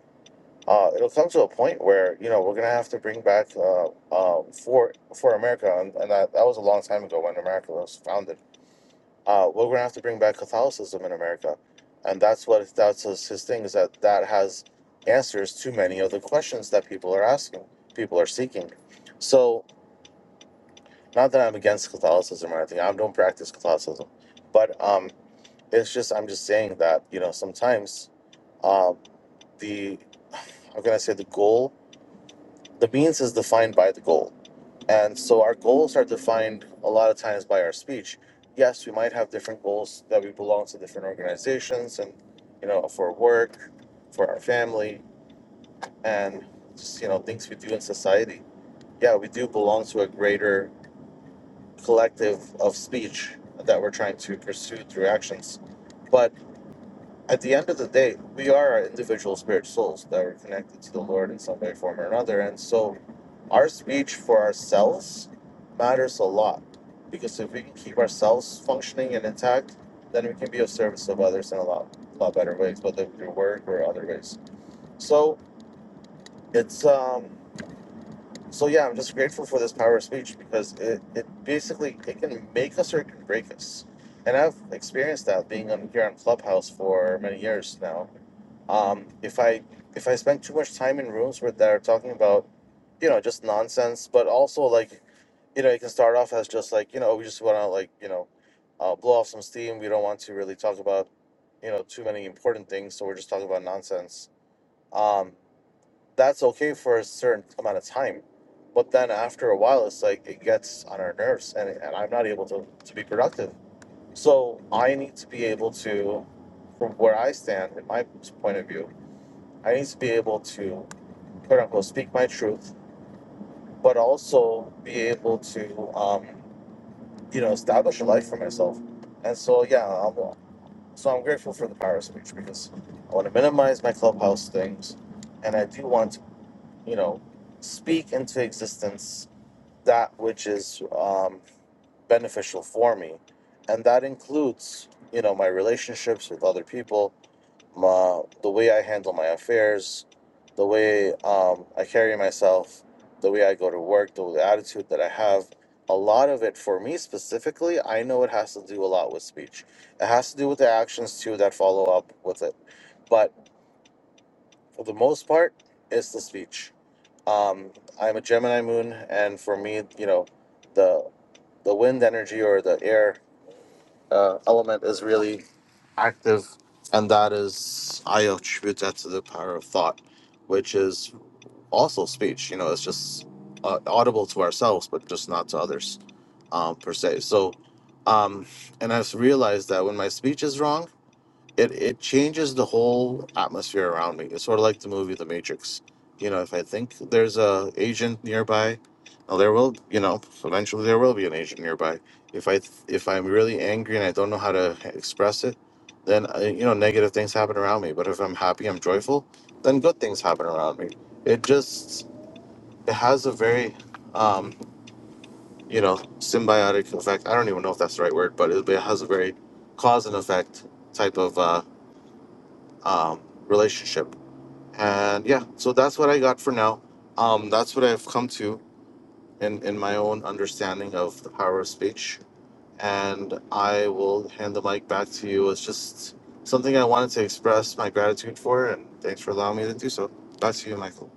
uh, it'll come to a point where you know we're gonna have to bring back uh, uh, for for America, and, and that, that was a long time ago when America was founded. Uh, we're gonna have to bring back Catholicism in America, and that's what that's his, his thing is that that has answers to many of the questions that people are asking, people are seeking. So not that I'm against Catholicism or anything, I don't practice Catholicism, but um, it's just I'm just saying that you know sometimes uh, the I'm gonna say the goal The means is defined by the goal. And so our goals are defined a lot of times by our speech. Yes, we might have different goals that we belong to different organizations and, you know, for work, for our family, and just, you know, things we do in society. Yeah, we do belong to a greater collective of speech that we're trying to pursue through actions. but at the end of the day, we are individual spirit souls that are connected to the Lord in some way, form, or another. And so our speech for ourselves matters a lot because if we can keep ourselves functioning and intact, then we can be of service of others in a lot, lot better ways, whether through work or other ways. So it's um so yeah, I'm just grateful for this power of speech because it, it basically it can make us or it can break us. And I've experienced that being on here on Clubhouse for many years now um, if I if I spend too much time in rooms where that are talking about, you know, just nonsense, but also like, you know, it can start off as just like, you know, we just want to like, you know, uh, blow off some steam. We don't want to really talk about, you know, too many important things, so we're just talking about nonsense. Um, that's okay for a certain amount of time, but then after a while, it's like it gets on our nerves, and and I'm not able to to be productive. So I need to be able to, from where I stand, in my point of view I need to be able to, quote unquote, speak my truth, but also be able to, um, you know, establish a life for myself. And so, yeah, I'm, so I'm grateful for the power of speech because I want to minimize my clubhouse things, and I do want to, you know, speak into existence that which is um, beneficial for me, and that includes, you know, my relationships with other people my the way I handle my affairs, the way um, I carry myself, the way I go to work, the, the attitude that I have. A lot of it for me specifically, I know it has to do a lot with speech. It has to do with the actions too that follow up with it. But for the most part, it's the speech. Um, I'm a Gemini moon, and for me, you know, the the wind energy or the air uh, element is really active, and that is I attribute that to the power of thought, which is also speech. You know, it's just uh, audible to ourselves, but just not to others, um, per se. So, um, and I've realized that when my speech is wrong it it changes the whole atmosphere around me. It's sort of like the movie The Matrix. You know, if I think there's a agent nearby, well, there will you know eventually there will be an agent nearby. If I if I'm really angry and I don't know how to express it, then uh, you know negative things happen around me. But if I'm happy, I'm joyful, then good things happen around me. It just it has a very um, you know symbiotic effect. I don't even know if that's the right word, but it, it has a very cause and effect type of uh, um, relationship. And yeah, so that's what I got for now. Um, that's what I've come to in, in my own understanding of the power of speech. And I will hand the mic back to you. It's just something I wanted to express my gratitude for, and thanks for allowing me to do so. Back to you, Michael.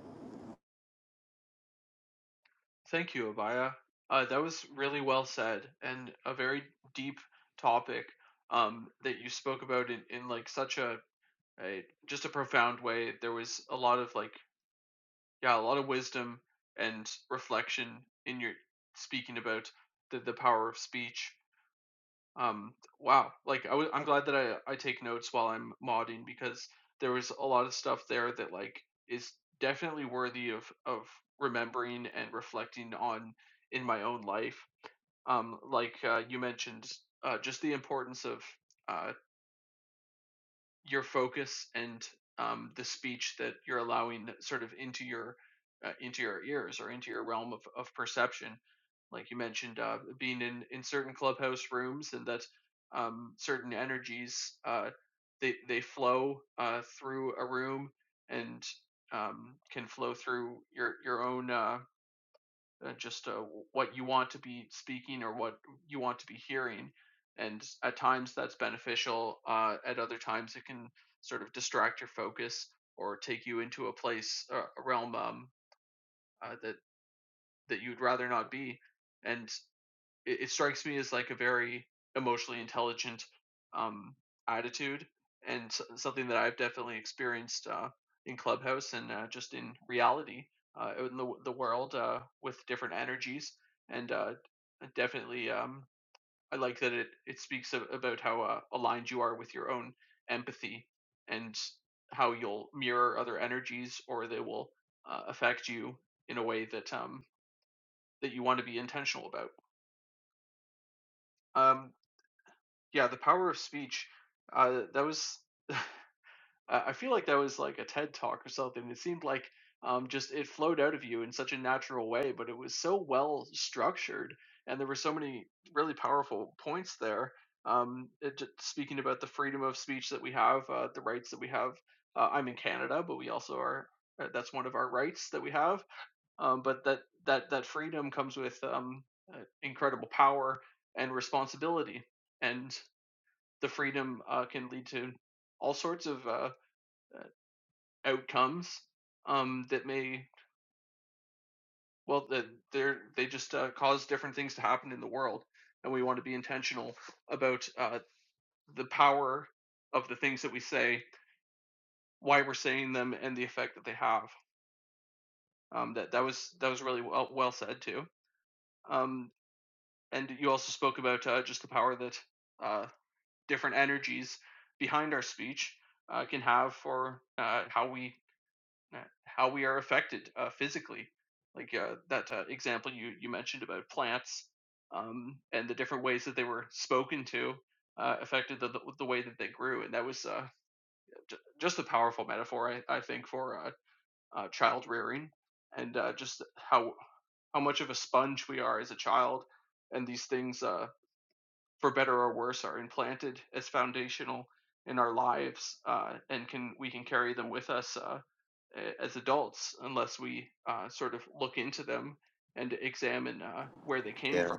Yeah.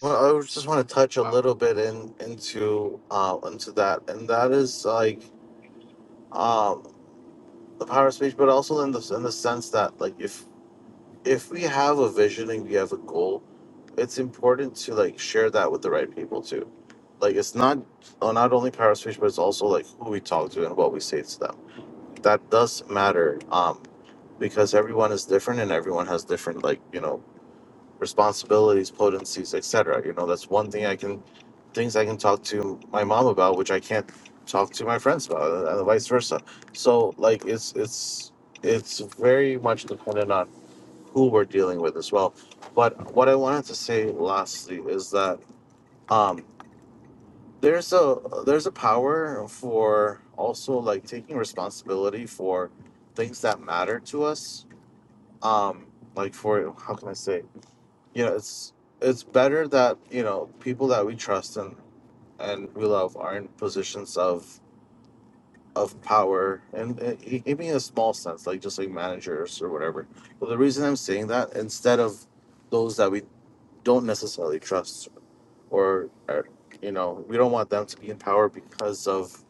Well, I just want to touch a little bit in into uh, into that, and that is like um, the power of speech, but also in the in the sense that like if if we have a vision and we have a goal, it's important to like share that with the right people too. Like it's not uh, not only power of speech, but it's also like who we talk to and what we say to them. That does matter, um, because everyone is different and everyone has different like you know responsibilities, potencies, etc. You know that's one thing I can things I can talk to my mom about, which I can't talk to my friends about, and vice versa. So like it's it's it's very much dependent on who we're dealing with as well. But what I wanted to say lastly is that um, there's a there's a power for also like taking responsibility for things that matter to us. Um, like for how can I say? You know, it's it's better that you know people that we trust and and we love are in positions of of power and e- even in a small sense like just like managers or whatever but the reason i'm saying that instead of those that we don't necessarily trust or, or you know we don't want them to be in power because of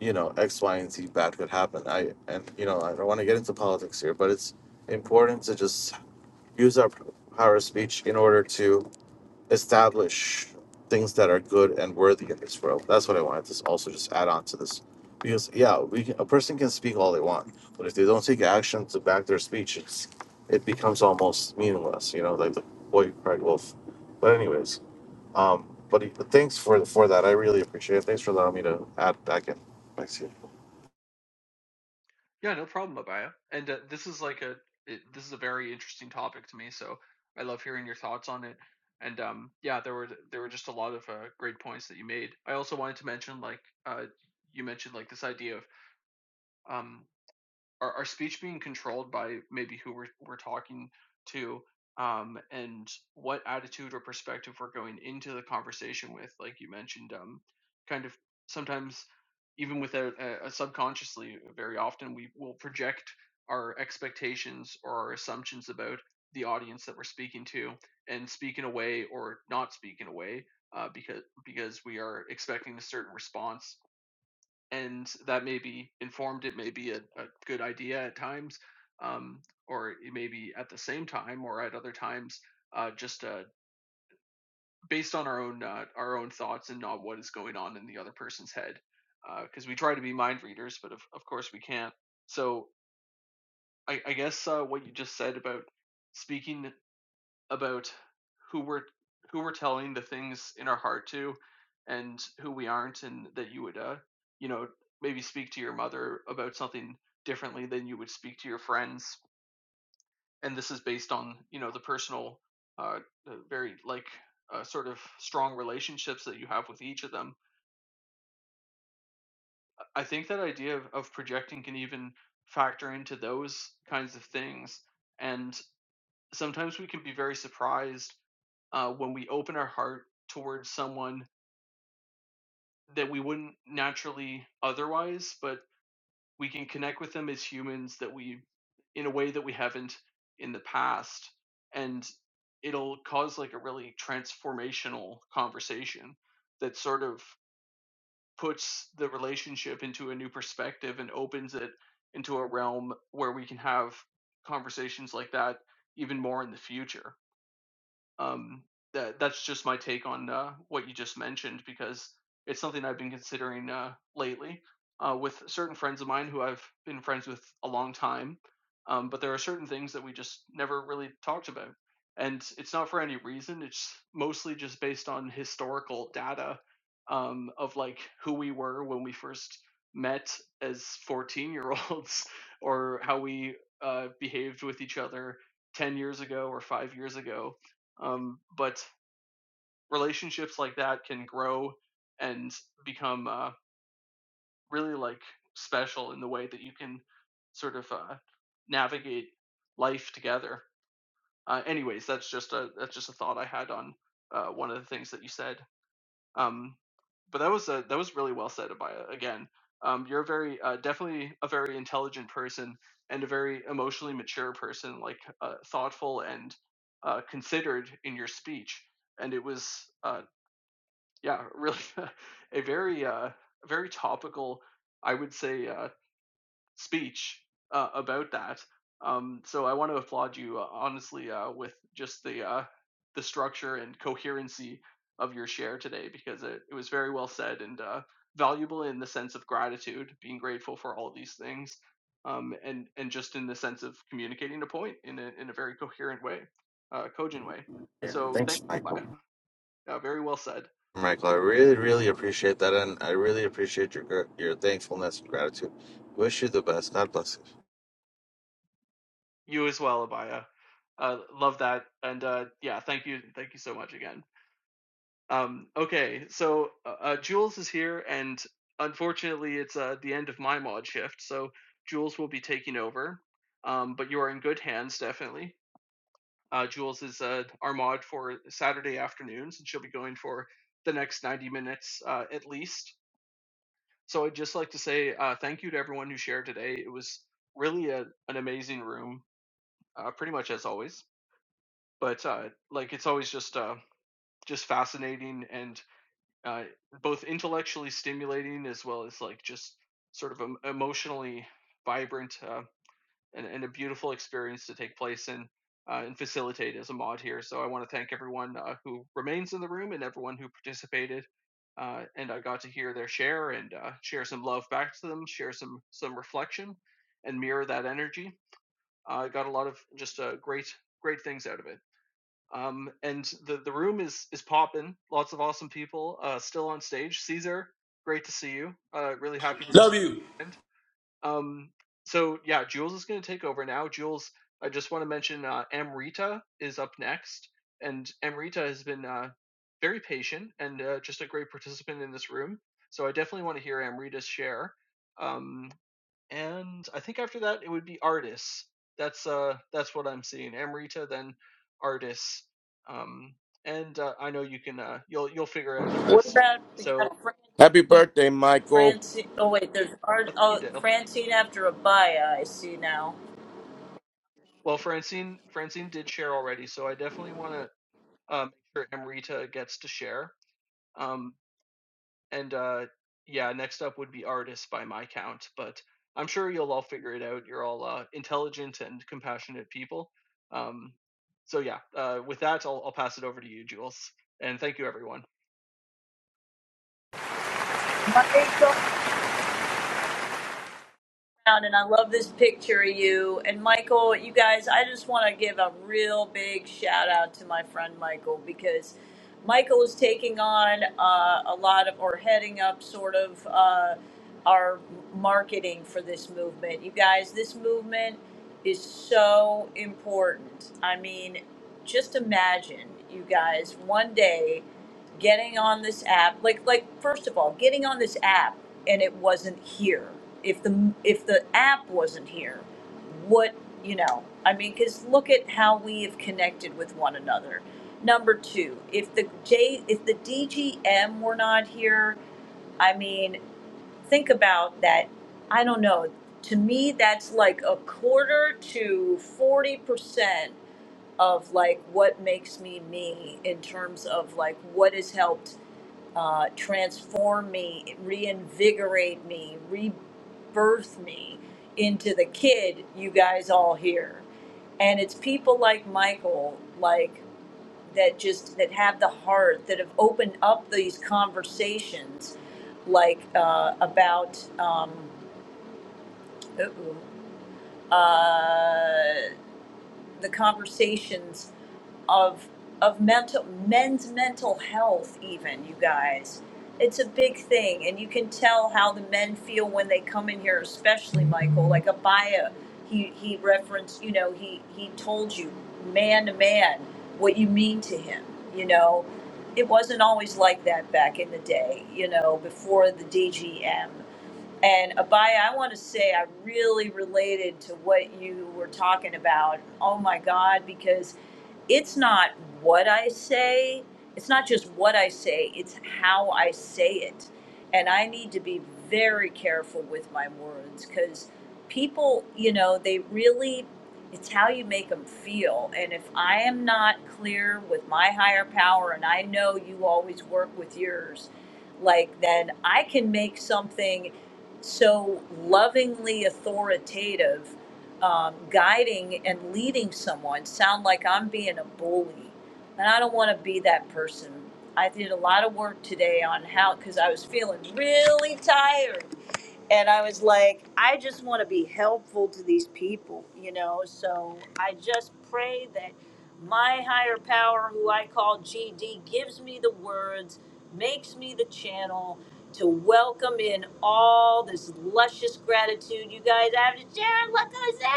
you know x y and z bad could happen i and you know i don't want to get into politics here but it's important to just use our power of speech in order to establish things that are good and worthy in this world. That's what I wanted to also just add on to this, because yeah, we can, a person can speak all they want, but if they don't take action to back their speech, it's it becomes almost meaningless. You know, like the boy who cried wolf. But anyways, um, but he- but thanks for for that. I really appreciate it. Thanks for allowing me to add back in. Thanks. you. Yeah, thanks, Michael. Michael, I really, really appreciate that, and I really appreciate your gr- your thankfulness and gratitude. Wish you the best. God bless Love you. What about we got Happy Francine? birthday, Michael. Francine. Oh wait, there's Ar- oh Francine after Abaya. I see now. Michael around and I love this picture of you. And Michael, you guys, I just want to give a real big shout out to my friend Michael because Michael is taking on uh, a lot of, or heading up sort of uh, our marketing for this movement. You guys, this movement is so important. I mean, just imagine, you guys, one day getting on this app like like first of all getting on this app and it wasn't here if the if the app wasn't here what you know i mean because look at how we have connected with one another number two if the j if the dgm were not here i mean think about that i don't know to me that's like a quarter to 40 percent of like what makes me me in terms of like what has helped uh, transform me, reinvigorate me, rebirth me into the kid you guys all hear. And it's people like Michael, like that just that have the heart that have opened up these conversations, like uh, about um, uh-oh, uh, the conversations of of mental men's mental health even you guys it's a big thing and you can tell how the men feel when they come in here especially michael like abaya he he referenced you know he he told you man to man what you mean to him you know it wasn't always like that back in the day you know before the dgm and Abaya, I want to say I really related to what you were talking about. Oh my God, because it's not what I say, it's not just what I say, it's how I say it. And I need to be very careful with my words because people, you know, they really, it's how you make them feel. And if I am not clear with my higher power, and I know you always work with yours, like then I can make something so lovingly authoritative, um, guiding and leading someone sound like I'm being a bully. And I don't want to be that person. I did a lot of work today on how, because I was feeling really tired and I was like, I just want to be helpful to these people, you know. So I just pray that my higher power, who I call GD, gives me the words, makes me the channel to welcome in all this luscious gratitude you guys I have to share. it. Look who's there,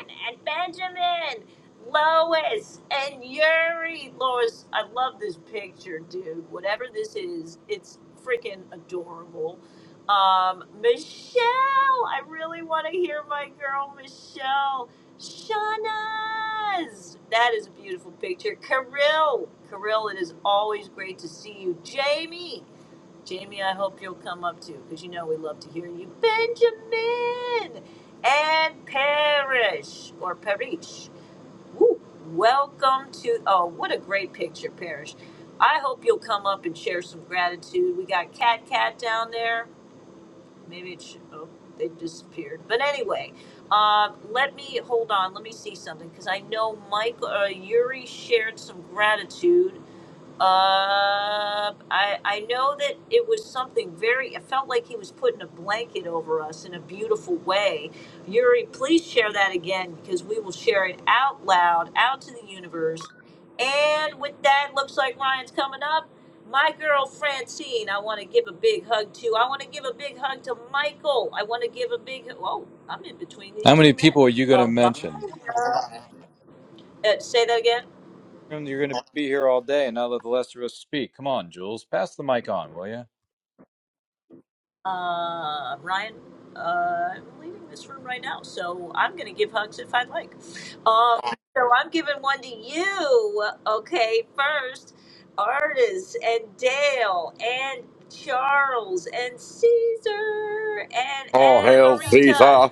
Ryan and Benjamin. Lois and Yuri, Lois, I love this picture, dude. Whatever this is, it's freaking adorable um, Michelle, I really want to hear my girl Michelle. Shauna's. That is a beautiful picture. Kirill, Kirill, it is always great to see you. Jamie, Jamie, I hope you'll come up too, because you know we love to hear you. Benjamin and Parrish or Parish. Woo. Welcome to. Oh, what a great picture, Parish. I hope you'll come up and share some gratitude. We got Cat Cat down there. Maybe it should. Oh, they disappeared. But anyway, um, let me hold on. Let me see something because I know Mike uh, Yuri shared some gratitude uh, I I know that it was something very. It felt like he was putting a blanket over us in a beautiful way. Yuri, please share that again because we will share it out loud, out to the universe. And with that, looks like Ryan's coming up. My girl Francine, I want to give a big hug to. I want to give a big hug to Michael. I want to give a big. Oh, I'm in between these How two many men. people are you going Uh, to bye. mention? Uh, say that again. You're going to be here all day, and now let the rest of us speak. Come on, Jules, pass the mic on, will you? Uh, Ryan, uh, I'm leaving this room right now, so I'm going to give hugs if I'd like. Um, so I'm giving one to you, okay, first, artists, and Dale, and Charles, and Caesar, and All hail Amarita. Caesar.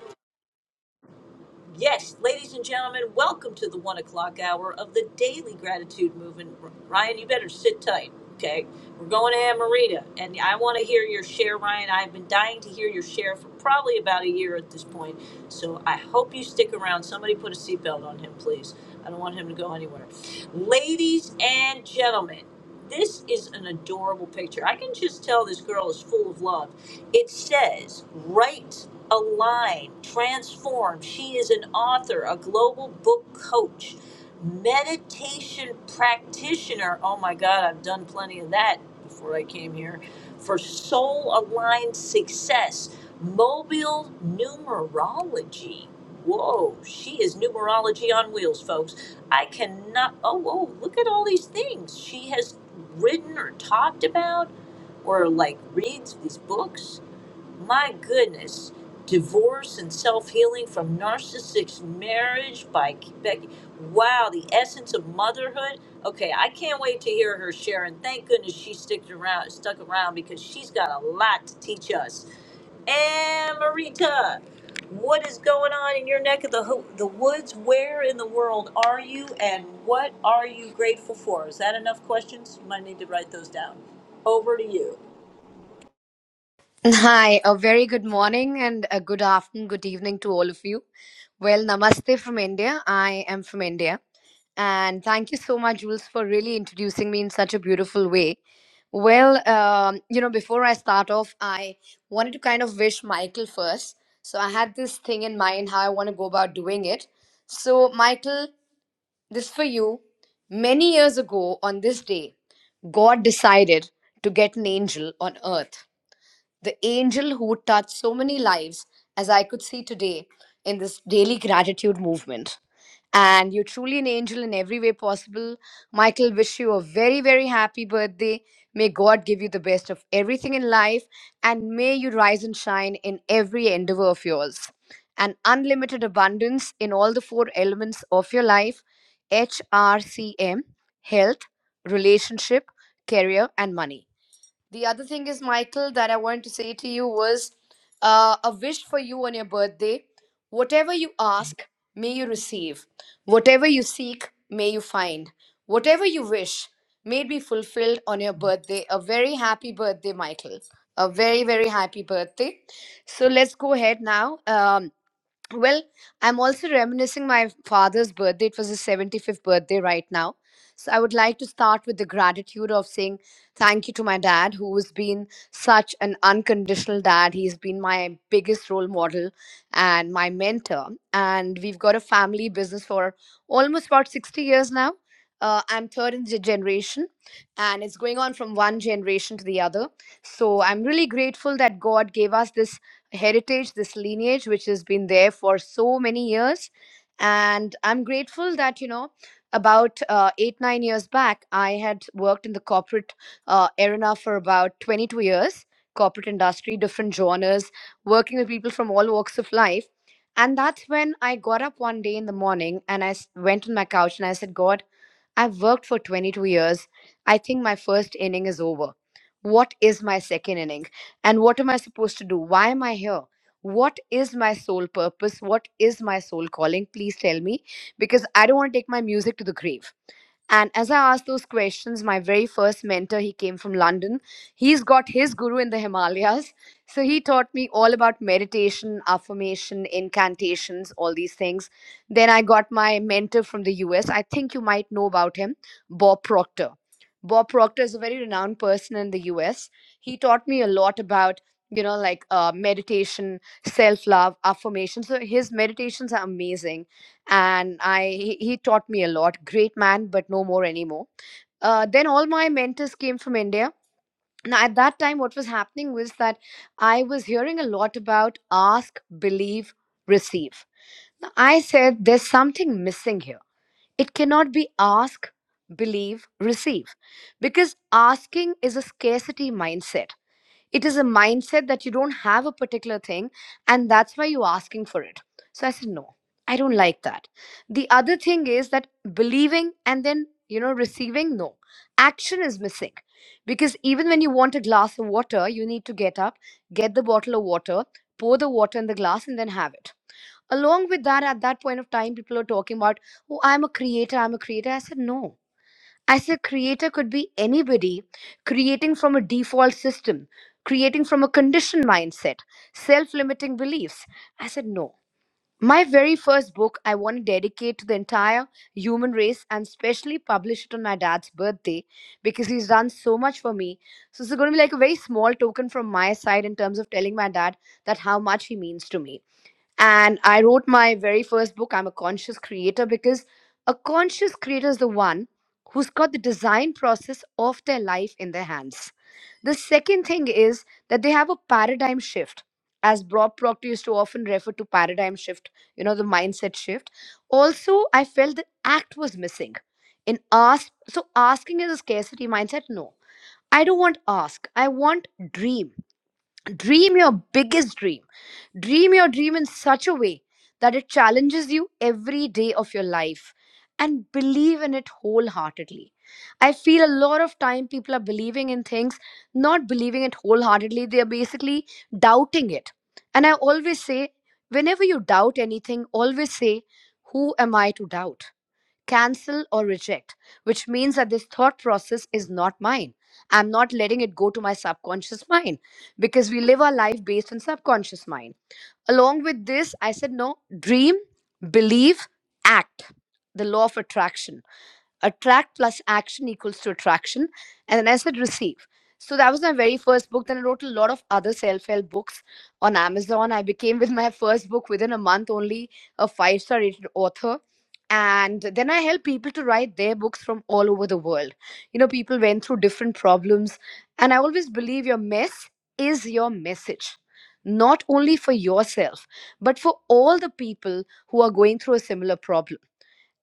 Yes, ladies and gentlemen, welcome to the one o'clock hour of the Daily Gratitude Movement. Ryan, you better sit tight, okay? We're going to Amarita, and I want to hear your share, Ryan. I've been dying to hear your share for probably about a year at this point, so I hope you stick around. Somebody put a seatbelt on him, please. I don't want him to go anywhere. Ladies and gentlemen, this is an adorable picture. I can just tell this girl is full of love. It says, right align, transform. She is an author, a global book coach, meditation practitioner. Oh my God, I've done plenty of that before I came here. For soul aligned success, mobile numerology. Whoa, she is numerology on wheels, folks. I cannot, oh, whoa, look at all these things she has written or talked about or like reads these books my goodness. Divorce and self healing from narcissistic marriage by Becky. Wow, the essence of motherhood. Okay, I can't wait to hear her share. And thank goodness she sticked around, stuck around because she's got a lot to teach us. And Marita, what is going on in your neck of the ho- the woods? Where in the world are you, and what are you grateful for? Is that enough questions? You might need to write those down. Over to you. Hi, a very good morning and a good afternoon, good evening to all of you. Well, namaste from India. I am from India. And thank you so much, Jules, for really introducing me in such a beautiful way. Well, um, you know, before I start off, I wanted to kind of wish Michael first. So I had this thing in mind how I want to go about doing it. So, Michael, this for you. Many years ago on this day, God decided to get an angel on earth the angel who would touch so many lives as I could see today in this daily gratitude movement. And you're truly an angel in every way possible. Michael, wish you a very, very happy birthday. May God give you the best of everything in life and may you rise and shine in every endeavor of yours. And unlimited abundance in all the four elements of your life HRCM, health, relationship, career, and money. The other thing is, Michael, that I want to say to you was uh, a wish for you on your birthday. Whatever you ask, may you receive. Whatever you seek, may you find. Whatever you wish, may it be fulfilled on your birthday. A very happy birthday, Michael. A very, very happy birthday. So let's go ahead now. Um, well, I'm also reminiscing my father's birthday. It was his 75th birthday right now. So I would like to start with the gratitude of saying thank you to my dad, who has been such an unconditional dad. He's been my biggest role model and my mentor. And we've got a family business for almost about 60 years now. Uh, I'm third in the generation, and it's going on from one generation to the other. So I'm really grateful that God gave us this heritage, this lineage, which has been there for so many years. And I'm grateful that, you know, about uh, eight, nine years back, I had worked in the corporate uh, arena for about 22 years, corporate industry, different genres, working with people from all walks of life. And that's when I got up one day in the morning and I s- went on my couch and I said, God, I've worked for 22 years. I think my first inning is over. What is my second inning? And what am I supposed to do? Why am I here? What is my sole purpose? What is my soul calling? Please tell me because I don't want to take my music to the grave. And as I asked those questions, my very first mentor, he came from London. He's got his guru in the Himalayas. So he taught me all about meditation, affirmation, incantations, all these things. Then I got my mentor from the US. I think you might know about him, Bob Proctor. Bob Proctor is a very renowned person in the US. He taught me a lot about, you know, like uh, meditation, self love, affirmation. So his meditations are amazing and I he, he taught me a lot. Great man, but no more anymore. Uh, then all my mentors came from India. Now at that time, what was happening was that I was hearing a lot about ask, believe, receive. Now, I said there's something missing here. It cannot be ask, believe, receive, because asking is a scarcity mindset it is a mindset that you don't have a particular thing and that's why you're asking for it so i said no i don't like that the other thing is that believing and then you know receiving no action is missing because even when you want a glass of water you need to get up get the bottle of water pour the water in the glass and then have it along with that at that point of time people are talking about oh i'm a creator i'm a creator i said no as a creator could be anybody creating from a default system, creating from a conditioned mindset, self limiting beliefs. I said, no. My very first book, I want to dedicate to the entire human race and specially publish it on my dad's birthday because he's done so much for me. So, it's going to be like a very small token from my side in terms of telling my dad that how much he means to me and I wrote my very first book, I'm a Conscious Creator, because a conscious creator is the one who's got the design process of their life in their hands. The second thing is that they have a paradigm shift. As Bob Proctor used to often refer to paradigm shift, you know, the mindset shift. Also, I felt the act was missing. In ask, so asking is a scarcity mindset. No, I don't want ask. I want dream. Dream your biggest dream Dream your dream in such a way that it challenges you every day of your life and believe in it wholeheartedly. I feel a lot of time people are believing in things, not believing it wholeheartedly. They are basically doubting it. And I always say, whenever you doubt anything, always say, Who am I to doubt? Cancel or reject, which means that this thought process is not mine. I'm not letting it go to my subconscious mind because we live our life based on subconscious mind Along with this, I said, no, dream, believe, act. The law of attraction attract plus action equals to attraction. And then I said receive. So that was my very first book. Then I wrote a lot of other self-help books on Amazon. I became with my first book within a month only a five-star rated author. And then I help people to write their books from all over the world. You know, people went through different problems. And I always believe your mess is your message, not only for yourself, but for all the people who are going through a similar problem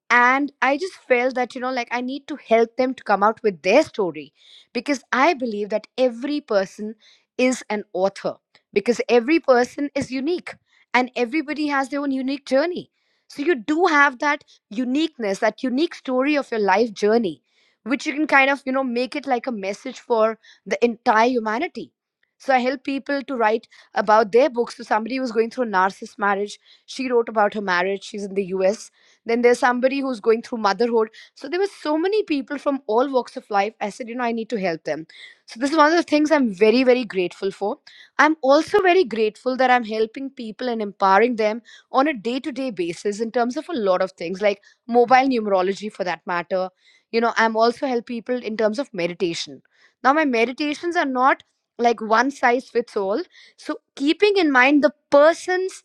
and i just felt that you know like i need to help them to come out with their story because i believe that every person is an author because every person is unique and everybody has their own unique journey so you do have that uniqueness that unique story of your life journey which you can kind of you know make it like a message for the entire humanity so i help people to write about their books so somebody was going through a narcissist marriage she wrote about her marriage she's in the us then there's somebody who's going through motherhood so there were so many people from all walks of life i said you know i need to help them so this is one of the things i'm very very grateful for i'm also very grateful that i'm helping people and empowering them on a day to day basis in terms of a lot of things like mobile numerology for that matter you know i'm also help people in terms of meditation now my meditations are not like one size fits all so keeping in mind the person's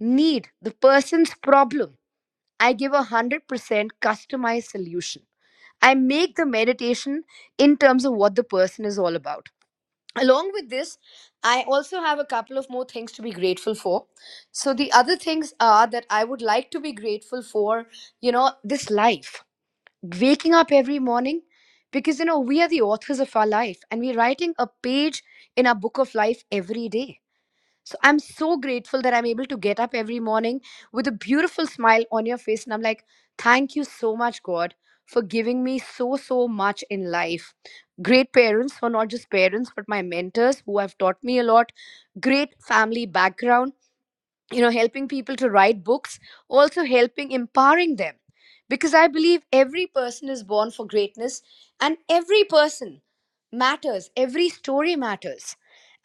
need the person's problem I give a 100% customized solution. I make the meditation in terms of what the person is all about. Along with this, I also have a couple of more things to be grateful for. So, the other things are that I would like to be grateful for, you know, this life, waking up every morning, because, you know, we are the authors of our life and we're writing a page in our book of life every day so I'm so grateful that I'm able to get up every morning with a beautiful smile on your face. And I'm like, thank you so much, God, for giving me so, so much in life. Great parents, or not just parents, but my mentors who have taught me a lot. Great family background you know helping people to write books also helping empowering them because i believe every person is born for greatness and every person matters every story matters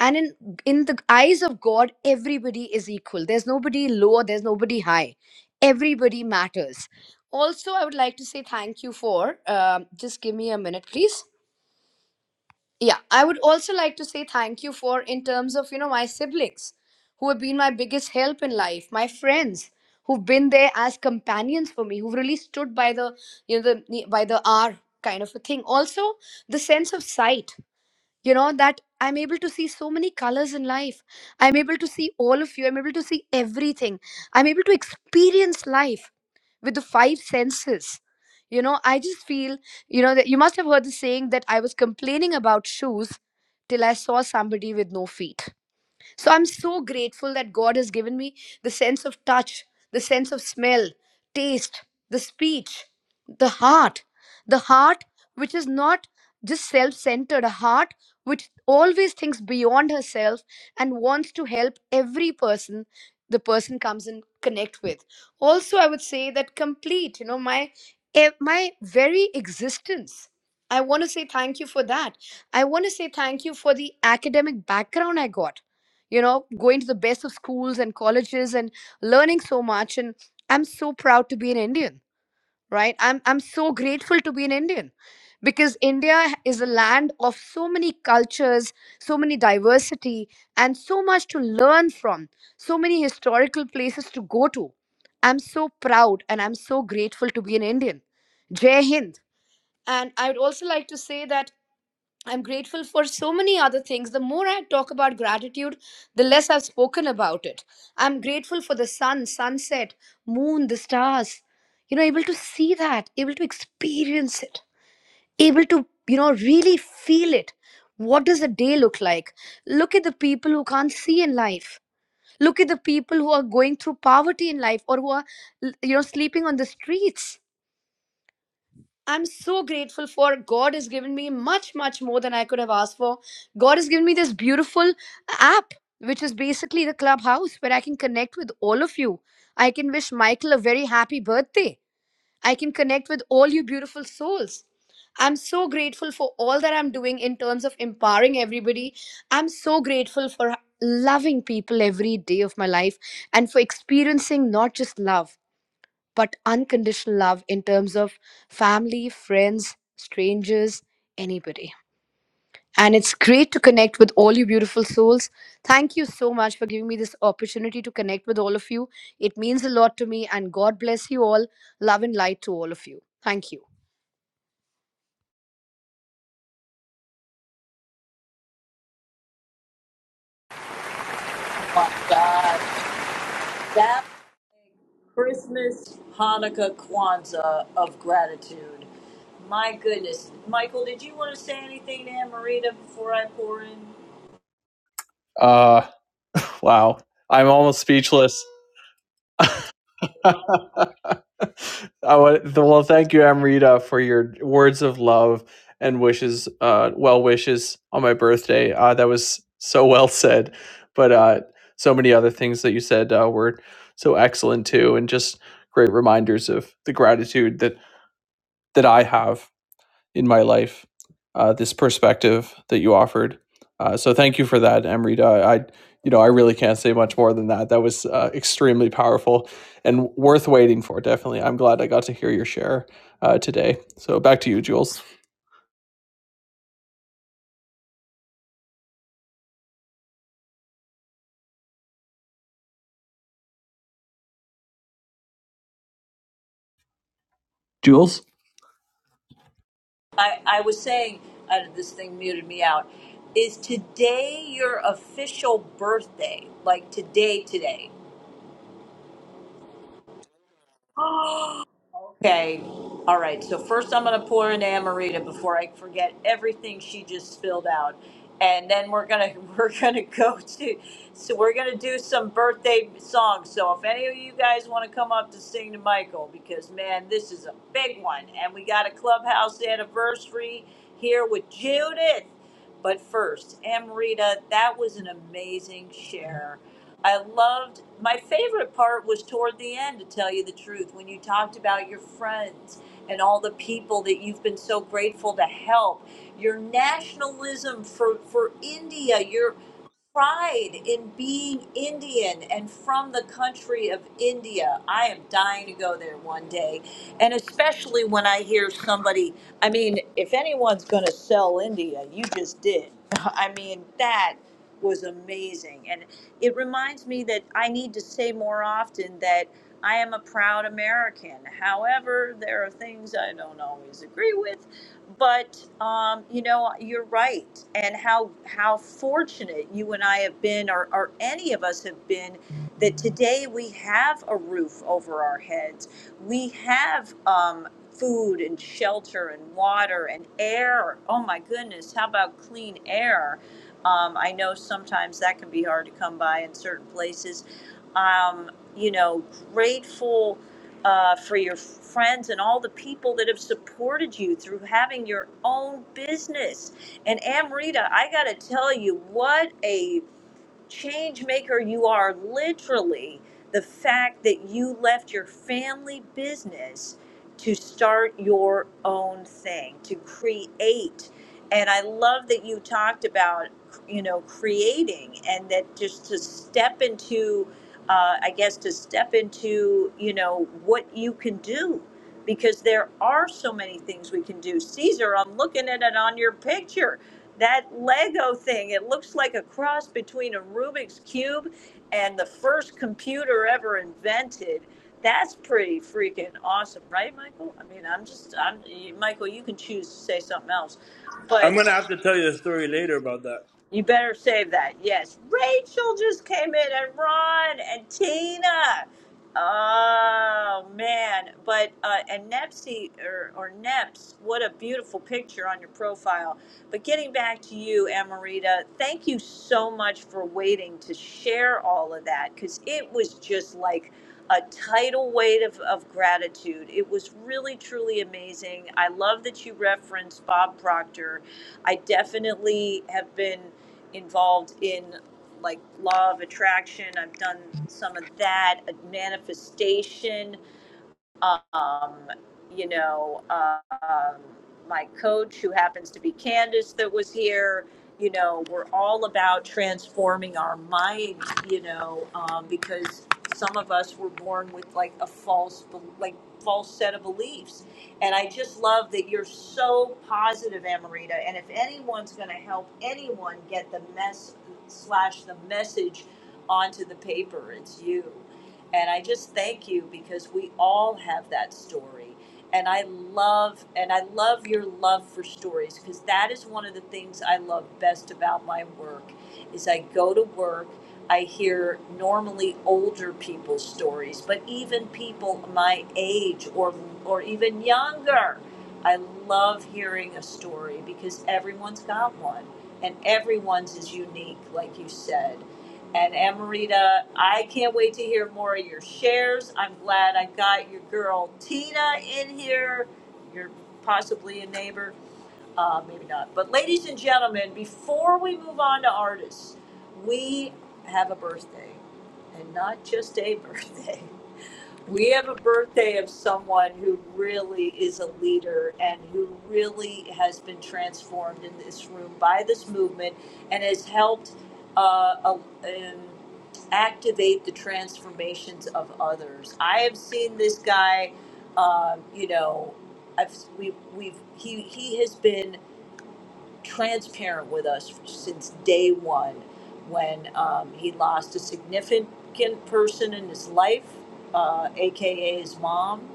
and in in the eyes of god everybody is equal there's nobody low there's nobody high everybody matters also i would like to say thank you for um, just give me a minute please yeah, I would also like to say thank you for in terms of, you know, my siblings who have been my biggest help in life, my friends who've been there as companions for me, who've really stood by the, you know, the by the hour kind of a thing. Also, the sense of sight, you know, that I'm able to see so many colors in life. I'm able to see all of you. I'm able to see everything. I'm able to experience life with the five senses. You know, I just feel, you know, that you must have heard the saying that I was complaining about shoes till I saw somebody with no feet. So I'm so grateful that God has given me the sense of touch, the sense of smell, taste, the speech, the heart, the heart which is not just self centered, a heart which always thinks beyond herself and wants to help every person the person comes and connect with also i would say that complete you know my eh, my very existence i want to say thank you for that i want to say thank you for the academic background i got you know going to the best of schools and colleges and learning so much and i'm so proud to be an indian right i'm i'm so grateful to be an indian because india is a land of so many cultures so many diversity and so much to learn from so many historical places to go to i'm so proud and i'm so grateful to be an indian jai hind and i would also like to say that I'm grateful for so many other things. The more I talk about gratitude, the less I've spoken about it. I'm grateful for the sun, sunset, moon, the stars. You know, able to see that, able to experience it, able to, you know, really feel it. What does a day look like? Look at the people who can't see in life. Look at the people who are going through poverty in life or who are, you know, sleeping on the streets I'm so grateful for God has given me much, much more than I could have asked for. God has given me this beautiful app, which is basically the clubhouse where I can connect with all of you. I can wish Michael a very happy birthday. I can connect with all you beautiful souls. I'm so grateful for all that I'm doing in terms of empowering everybody. I'm so grateful for loving people every day of my life and for experiencing not just love but unconditional love in terms of family, friends, strangers, anybody. And it's great to connect with all you beautiful souls. Thank you so much for giving me this opportunity to connect with all of you. It means a lot to me, and God bless you all. Love and light to all of you. Thank you. Oh My God, that. Christmas, Hanukkah, Kwanzaa of gratitude. My goodness. Michael, did you want to say anything to Ann Marita before I pour in? I, I was saying, uh, this thing muted me out. Is today your official birthday? Like today, today? Okay, all right, so first I'm gonna pour in Amarita before I forget everything she just spilled out. And then we're gonna, we're gonna go to, so we're gonna do some birthday songs. So if any of you guys wanna come up to sing to Michael, because man, this is a big one. And we got a clubhouse anniversary here with Judith. But first, Amarita, that was an amazing share. I loved my favorite part was toward the end, to tell you the truth, when you talked about your friends and all the people that you've been so grateful to help, your nationalism for, for India, your pride in being Indian and from the country of India. I am dying to go there one day. And especially when I hear somebody, I mean, if anyone's going to sell India, you just did. I mean, that was amazing. And it reminds me that I need to say more often that I am a proud American. However, there are things I don't always agree with, but um, you know, you're right. And how how fortunate you and I have been, or, or any of us have been, that today we have a roof over our heads. We have um, food and shelter and water and air. Oh my goodness, how about clean air? Um, I know sometimes that can be hard to come by in certain places. Um, you know, grateful uh, for your friends and all the people that have supported you through having your own business. And Amrita, I got to tell you, what a change maker you are literally the fact that you left your family business to start your own thing to create and i love that you talked about you know creating and that just to step into uh, i guess to step into you know what you can do because there are so many things we can do caesar i'm looking at it on your picture that Lego thing, it looks like a cross between a Rubik's Cube and the first computer ever invented. That's pretty freaking awesome, right, Michael? I mean, I'm just, I'm, Michael, you can choose to say something else. But I'm gonna have to tell you a story later about that. you better save that. Yes. Rachel just came in and Ron and Tina. Oh man. But uh and Nepsy or or Neps, what a beautiful picture on your profile. But getting back to you, Amarita, thank you so much for waiting to share all of that because it was just like a tidal weight of, of gratitude. It was really, truly amazing. I love that you referenced Bob Proctor. I definitely have been involved in like law of attraction. I've done some of that, uh, manifestation um, you know, uh, um, my coach, who happens to be Candace, that was here. You know, we're all about transforming our mind. You know, um, because some of us were born with like a false, like false set of beliefs. And I just love that you're so positive, Amarita. And if anyone's going to help anyone get the mess slash the message onto the paper, it's you and I just thank you because we all have that story. And I love and I love your love for stories because that is one of the things I love best about my work is I go to work, I hear normally older people's stories, but even people my age or or even younger. I love hearing a story because everyone's got one and everyone's is unique like you said and Amarita, I can't wait to hear more of your shares. I'm glad I got your girl Tina in here. You're possibly a neighbor, uh, maybe not. But ladies and gentlemen, before we move on to artists, we have a birthday, and not just a birthday we have a birthday of someone who really is a leader and who really has been transformed in this room by this movement and has helped uh, a- um, activate the transformations of others. I have seen this guy, um, you know, I've, we've, we've, he, he has been transparent with us since day one when um, he lost a significant person in his life, uh, AKA his mom.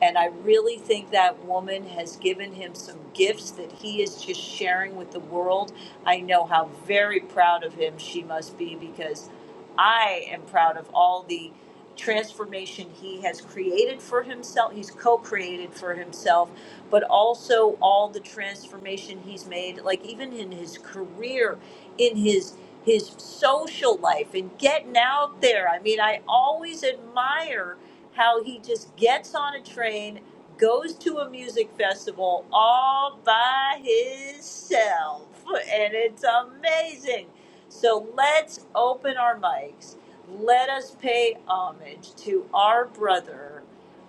And I really think that woman has given him some gifts that he is just sharing with the world. I know how very proud of him she must be because I am proud of all the transformation he has created for himself. He's co created for himself, but also all the transformation he's made, like even in his career, in his his social life and getting out there. I mean, I always admire how he just gets on a train, goes to a music festival all by himself. And it's amazing. So let's open our mics. Let us pay homage to our brother,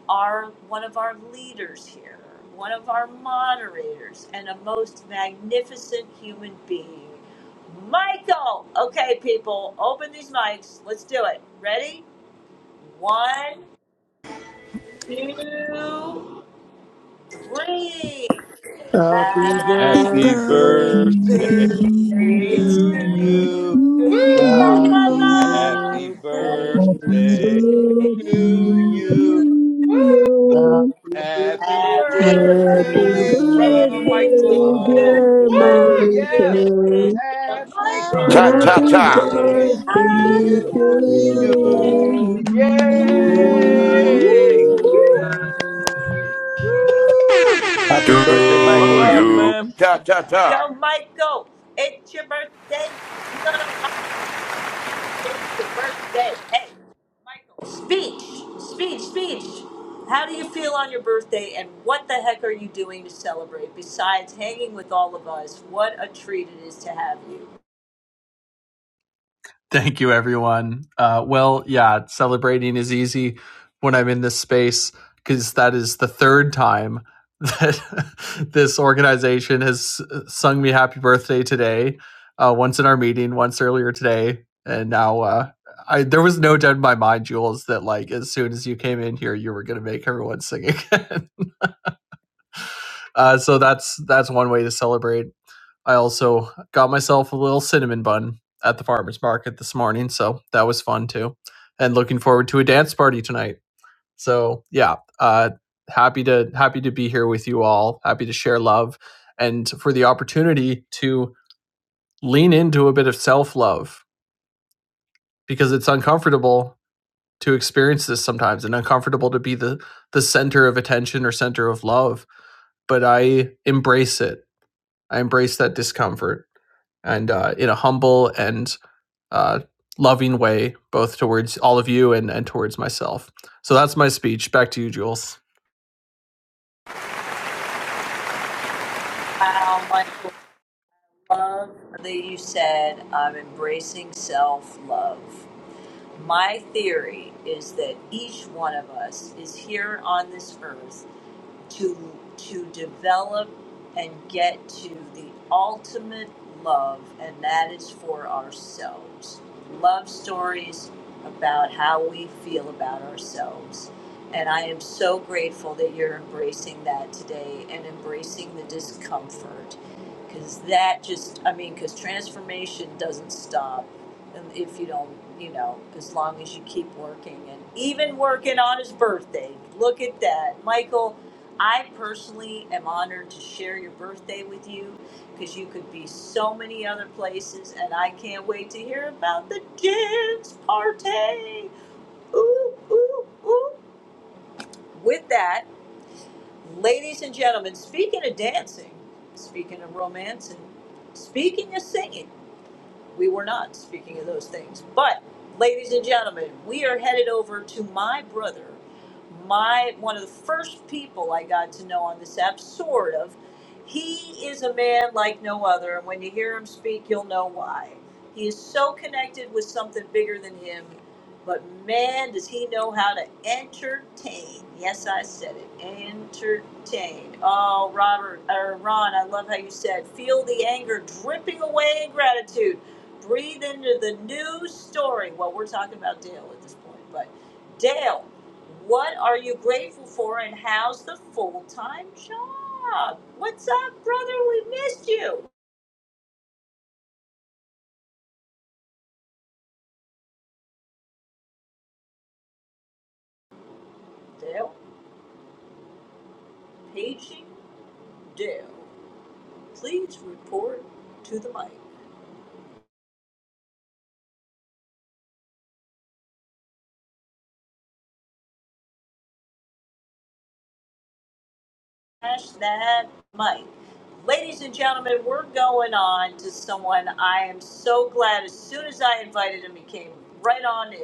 our one of our leaders here, one of our moderators, and a most magnificent human being. Michael! Okay, people, open these mics. Let's do it. Ready? One two, three. Happy Happy Happy Happy Happy birthday birthday birthday to birthday birthday to to you. to to you. you. you. La, Woo! la, la. Happy Happy Happy birthday to birthday birthday to to you. you. you. Woo! you. Happy Happy Happy Happy birthday, Happy birthday, birthday, brother dear birthday to dear birthday, Michael. dear my Michael. Woo! Michael. Yes. Bishop Michael. Happy Michael. Cha Happy cha Happy Happy cha. to birthday birthday birthday Happy to to to you. you birthday you. you. to and Woo. many Yay! more. you. Woo-hoo. Woo! Happy birthday, One Michael. Do Love love, you. you? man. Cha cha Go, cha. Michael. It's your birthday. You're gonna the birthday. Hey, Michael, speech, speech, speech. How do you feel on your birthday, and what the heck are you doing to celebrate besides hanging with all of us? What a treat it is to have you. Wow, Michael, love that you said I'm embracing self love. My theory is that each one of us is here on this earth to to develop and get to the ultimate love and that is for ourselves love stories about how we feel about ourselves and i am so grateful that you're embracing that today and embracing the discomfort because that just i mean because transformation doesn't stop um, if you don't you know as long as you keep working and even working on his birthday look at that michael I personally am honored to share your birthday with you because you could be so many other places, and I can't wait to hear about the dance party. Ooh, ooh, ooh. With that, ladies and gentlemen, speaking of dancing, speaking of romance, and speaking of singing, we were not speaking of those things. But, ladies and gentlemen, we are headed over to my brother, my one of the first people I got to know on this app, sort of. He is a man like no other, and when you hear him speak, you'll know why. He is so connected with something bigger than him, but man, does he know how to entertain. Yes, I said it. Entertain. Oh, Robert, or Ron, I love how you said, feel the anger dripping away in gratitude breathe into the new story. Well, we're talking about Dale at this point, but Dale, what are you grateful for and how's the full time job? What's up, brother? We missed you. Dale, paging Dale. Please report to the mic. Smash that mic. Ladies and gentlemen, we're going on to someone I am so glad as soon as I invited him, he came right on in.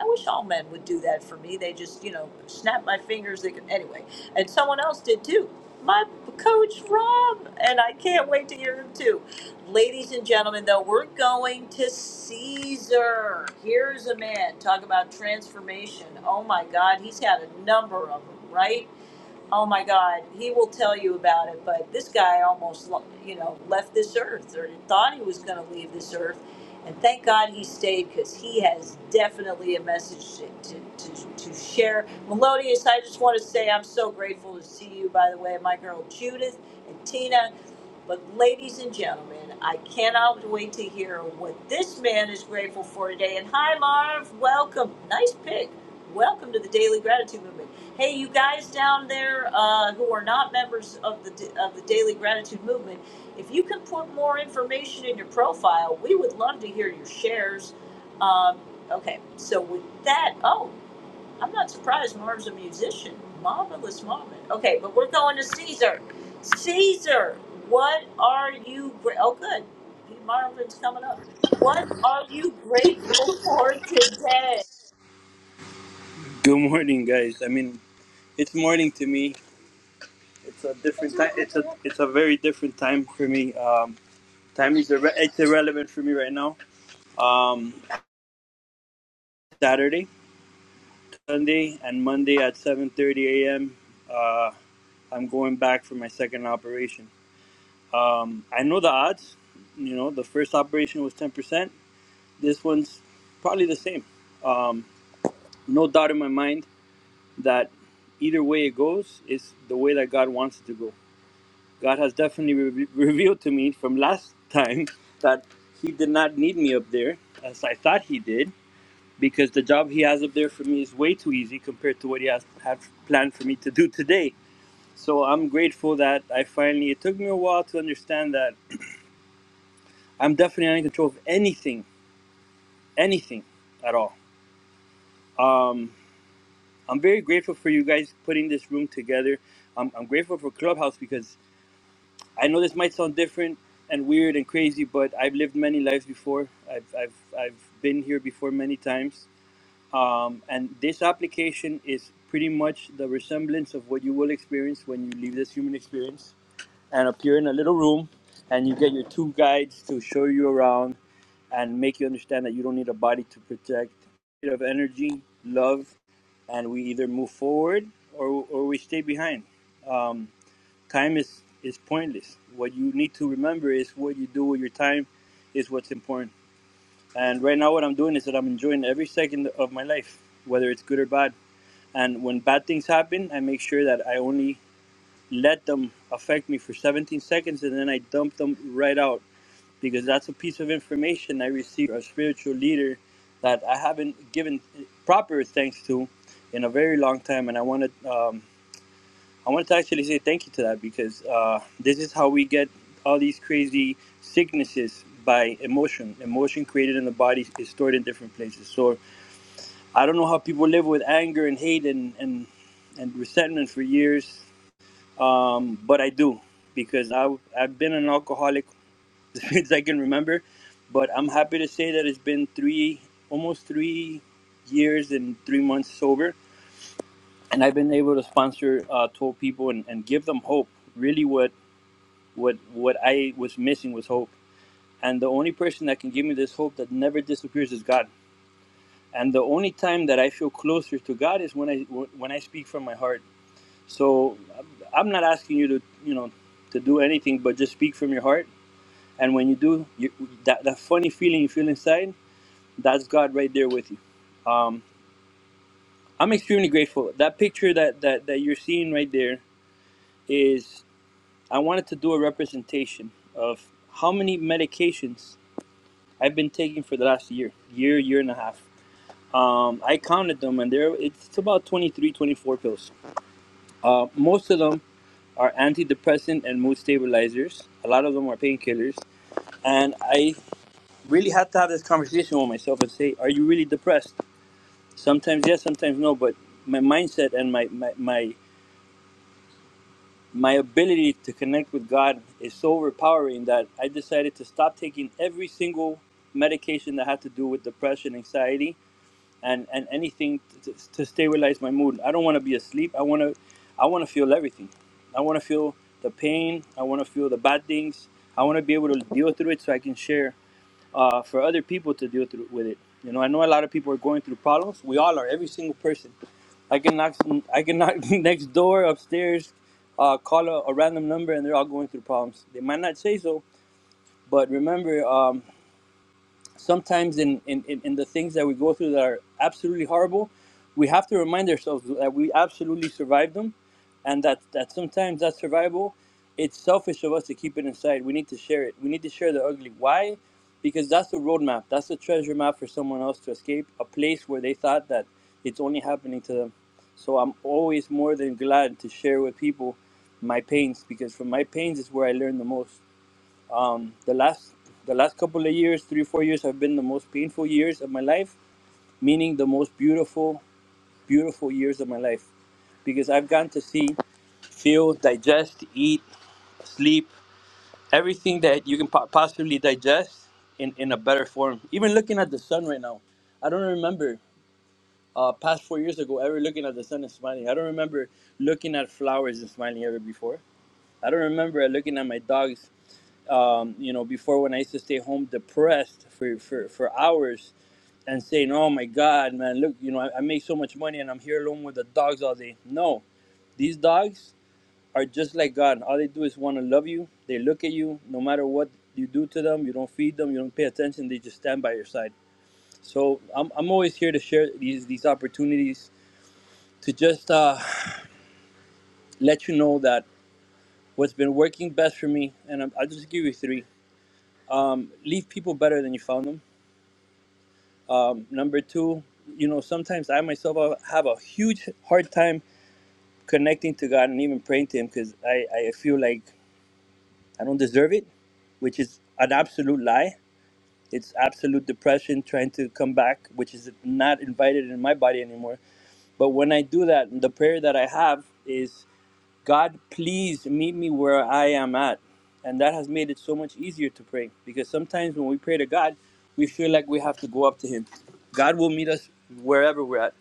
I wish all men would do that for me. They just, you know, snap my fingers. They could, anyway, and someone else did too. My coach Rob, and I can't wait to hear him too. Ladies and gentlemen, though, we're going to Caesar. Here's a man. Talk about transformation. Oh my God, he's had a number of them, right? oh my God, he will tell you about it. But this guy almost, you know, left this earth or thought he was going to leave this earth. And thank God he stayed because he has definitely a message to, to, to, to share. Melodious, I just want to say I'm so grateful to see you, by the way, my girl Judith and Tina. But, ladies and gentlemen, I cannot wait to hear what this man is grateful for today. And hi, Marv, welcome. Nice pick. Welcome to the Daily Gratitude Movement. Hey, you guys down there uh, who are not members of the of the Daily Gratitude Movement, if you can put more information in your profile, we would love to hear your shares. Um, okay, so with that, oh, I'm not surprised. Marv's a musician, marvelous moment. Okay, but we're going to Caesar. Caesar, what are you? Gra- oh, good, Marvin's coming up. What are you grateful for today? Good morning, guys. I mean, it's morning to me. It's a different time. It's a it's a very different time for me. Um, time is irre- it's irrelevant for me right now. Um, Saturday, Sunday, and Monday at 7:30 a.m. Uh, I'm going back for my second operation. Um, I know the odds. You know, the first operation was 10%. This one's probably the same. Um, no doubt in my mind that either way it goes is the way that God wants it to go. God has definitely re- revealed to me from last time that He did not need me up there as I thought He did because the job He has up there for me is way too easy compared to what He has have planned for me to do today. So I'm grateful that I finally. It took me a while to understand that I'm definitely not in control of anything, anything at all. Um, I'm very grateful for you guys putting this room together. I'm, I'm grateful for Clubhouse because I know this might sound different and weird and crazy, but I've lived many lives before. I've, I've, I've been here before many times. Um, and this application is pretty much the resemblance of what you will experience when you leave this human experience and appear in a little room and you get your two guides to show you around and make you understand that you don't need a body to protect Bit of energy, love, and we either move forward or, or we stay behind. Um, Time is, is pointless. What you need to remember is what you do with your time is what's important. And right now, what I'm doing is that I'm enjoying every second of my life, whether it's good or bad. And when bad things happen, I make sure that I only let them affect me for 17 seconds and then I dump them right out because that's a piece of information I received from a spiritual leader that I haven't given proper thanks to in a very long time. And I want to. Um, I wanted to actually say thank you to that because uh, this is how we get all these crazy sicknesses by emotion. Emotion created in the body is stored in different places. So I don't know how people live with anger and hate and and, and resentment for years, um, but I do because I I've been an alcoholic since I can remember. But I'm happy to say that it's been three almost three years and three months sober, and I've been able to sponsor uh, 12 people and, and give them hope. Really, what what what I was missing was hope. And the only person that can give me this hope that never disappears is God. And the only time that I feel closer to God is when I when I speak from my heart. So I'm not asking you to you know to do anything, but just speak from your heart. And when you do, you, that that funny feeling you feel inside, that's God right there with you. Um, I'm extremely grateful. That picture that, that that you're seeing right there is I wanted to do a representation of how many medications I've been taking for the last year, year, year and a half. Um, I counted them, and there it's about 23, 24 pills. Uh, most of them are antidepressant and mood stabilizers. A lot of them are painkillers, and I really had to have this conversation with myself and say, "Are you really depressed?" Sometimes yes, sometimes no. But my mindset and my my my, my ability to connect with God is so overpowering that I decided to stop taking every single medication that had to do with depression, anxiety, and and anything to, to stabilize my mood. I don't want to be asleep. I want to, I want to feel everything. I want to feel the pain. I want to feel the bad things. I want to be able to deal through it so I can share uh, for other people to deal through with it. You know, I know a lot of people are going through problems. We all are. Every single person. I can knock. I can knock next door, upstairs, uh, call a, a random number, and they're all going through problems. They might not say so, but remember. Um, sometimes in, in, in the things that we go through that are absolutely horrible, we have to remind ourselves that we absolutely survived them and that, that sometimes that survival, it's selfish of us to keep it inside. We need to share it. We need to share the ugly. Why? Because that's the roadmap. That's the treasure map for someone else to escape a place where they thought that it's only happening to them. So I'm always more than glad to share with people my pains because from my pains is where I learn the most um, the last the last couple of years, three four years, have been the most painful years of my life, meaning the most beautiful beautiful years of my life, because I've gotten to see, feel, digest, eat, sleep, everything that you can po- possibly digest in in a better form. Even looking at the sun right now, I don't remember. Uh, past four years ago, ever looking at the sun and smiling. I don't remember looking at flowers and smiling ever before. I don't remember looking at my dogs um, you know, before when I used to stay home depressed for, for, for hours and saying, oh my God, man, look, you know, I, I make so much money and I'm here alone with the dogs all day. No, these dogs are just like God. All they do is want to love you. They look at you no matter what you do to them. You don't feed them. You don't pay attention. They just stand by your side. So I'm, I'm always here to share these these opportunities to just uh, let you know that what's been working best for me, and I'm, I'll just give you three. Um, leave people better than you found them. Um, number two, you know, sometimes I myself uh, have a huge hard time connecting to God and even praying to Him because I, I feel like I don't deserve it, which is an absolute lie. It's absolute depression trying to come back, which is not invited in my body anymore. But when I do that, the prayer that I have is God, please meet me where I am at. And that has made it so much easier to pray because sometimes when we pray to God, we feel like we have to go up to Him. God will meet us wherever we're at.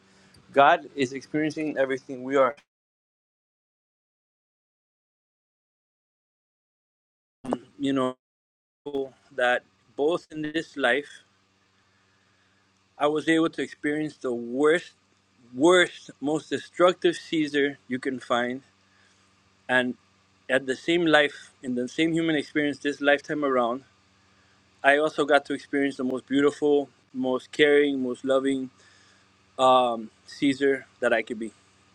God is experiencing everything we are. You know, that both in this life, I was able to experience the worst, worst, most destructive Caesar you can find. And at the same life, in the same human experience this lifetime around, I also got to experience the most beautiful, most caring, most loving um, Caesar that I could be.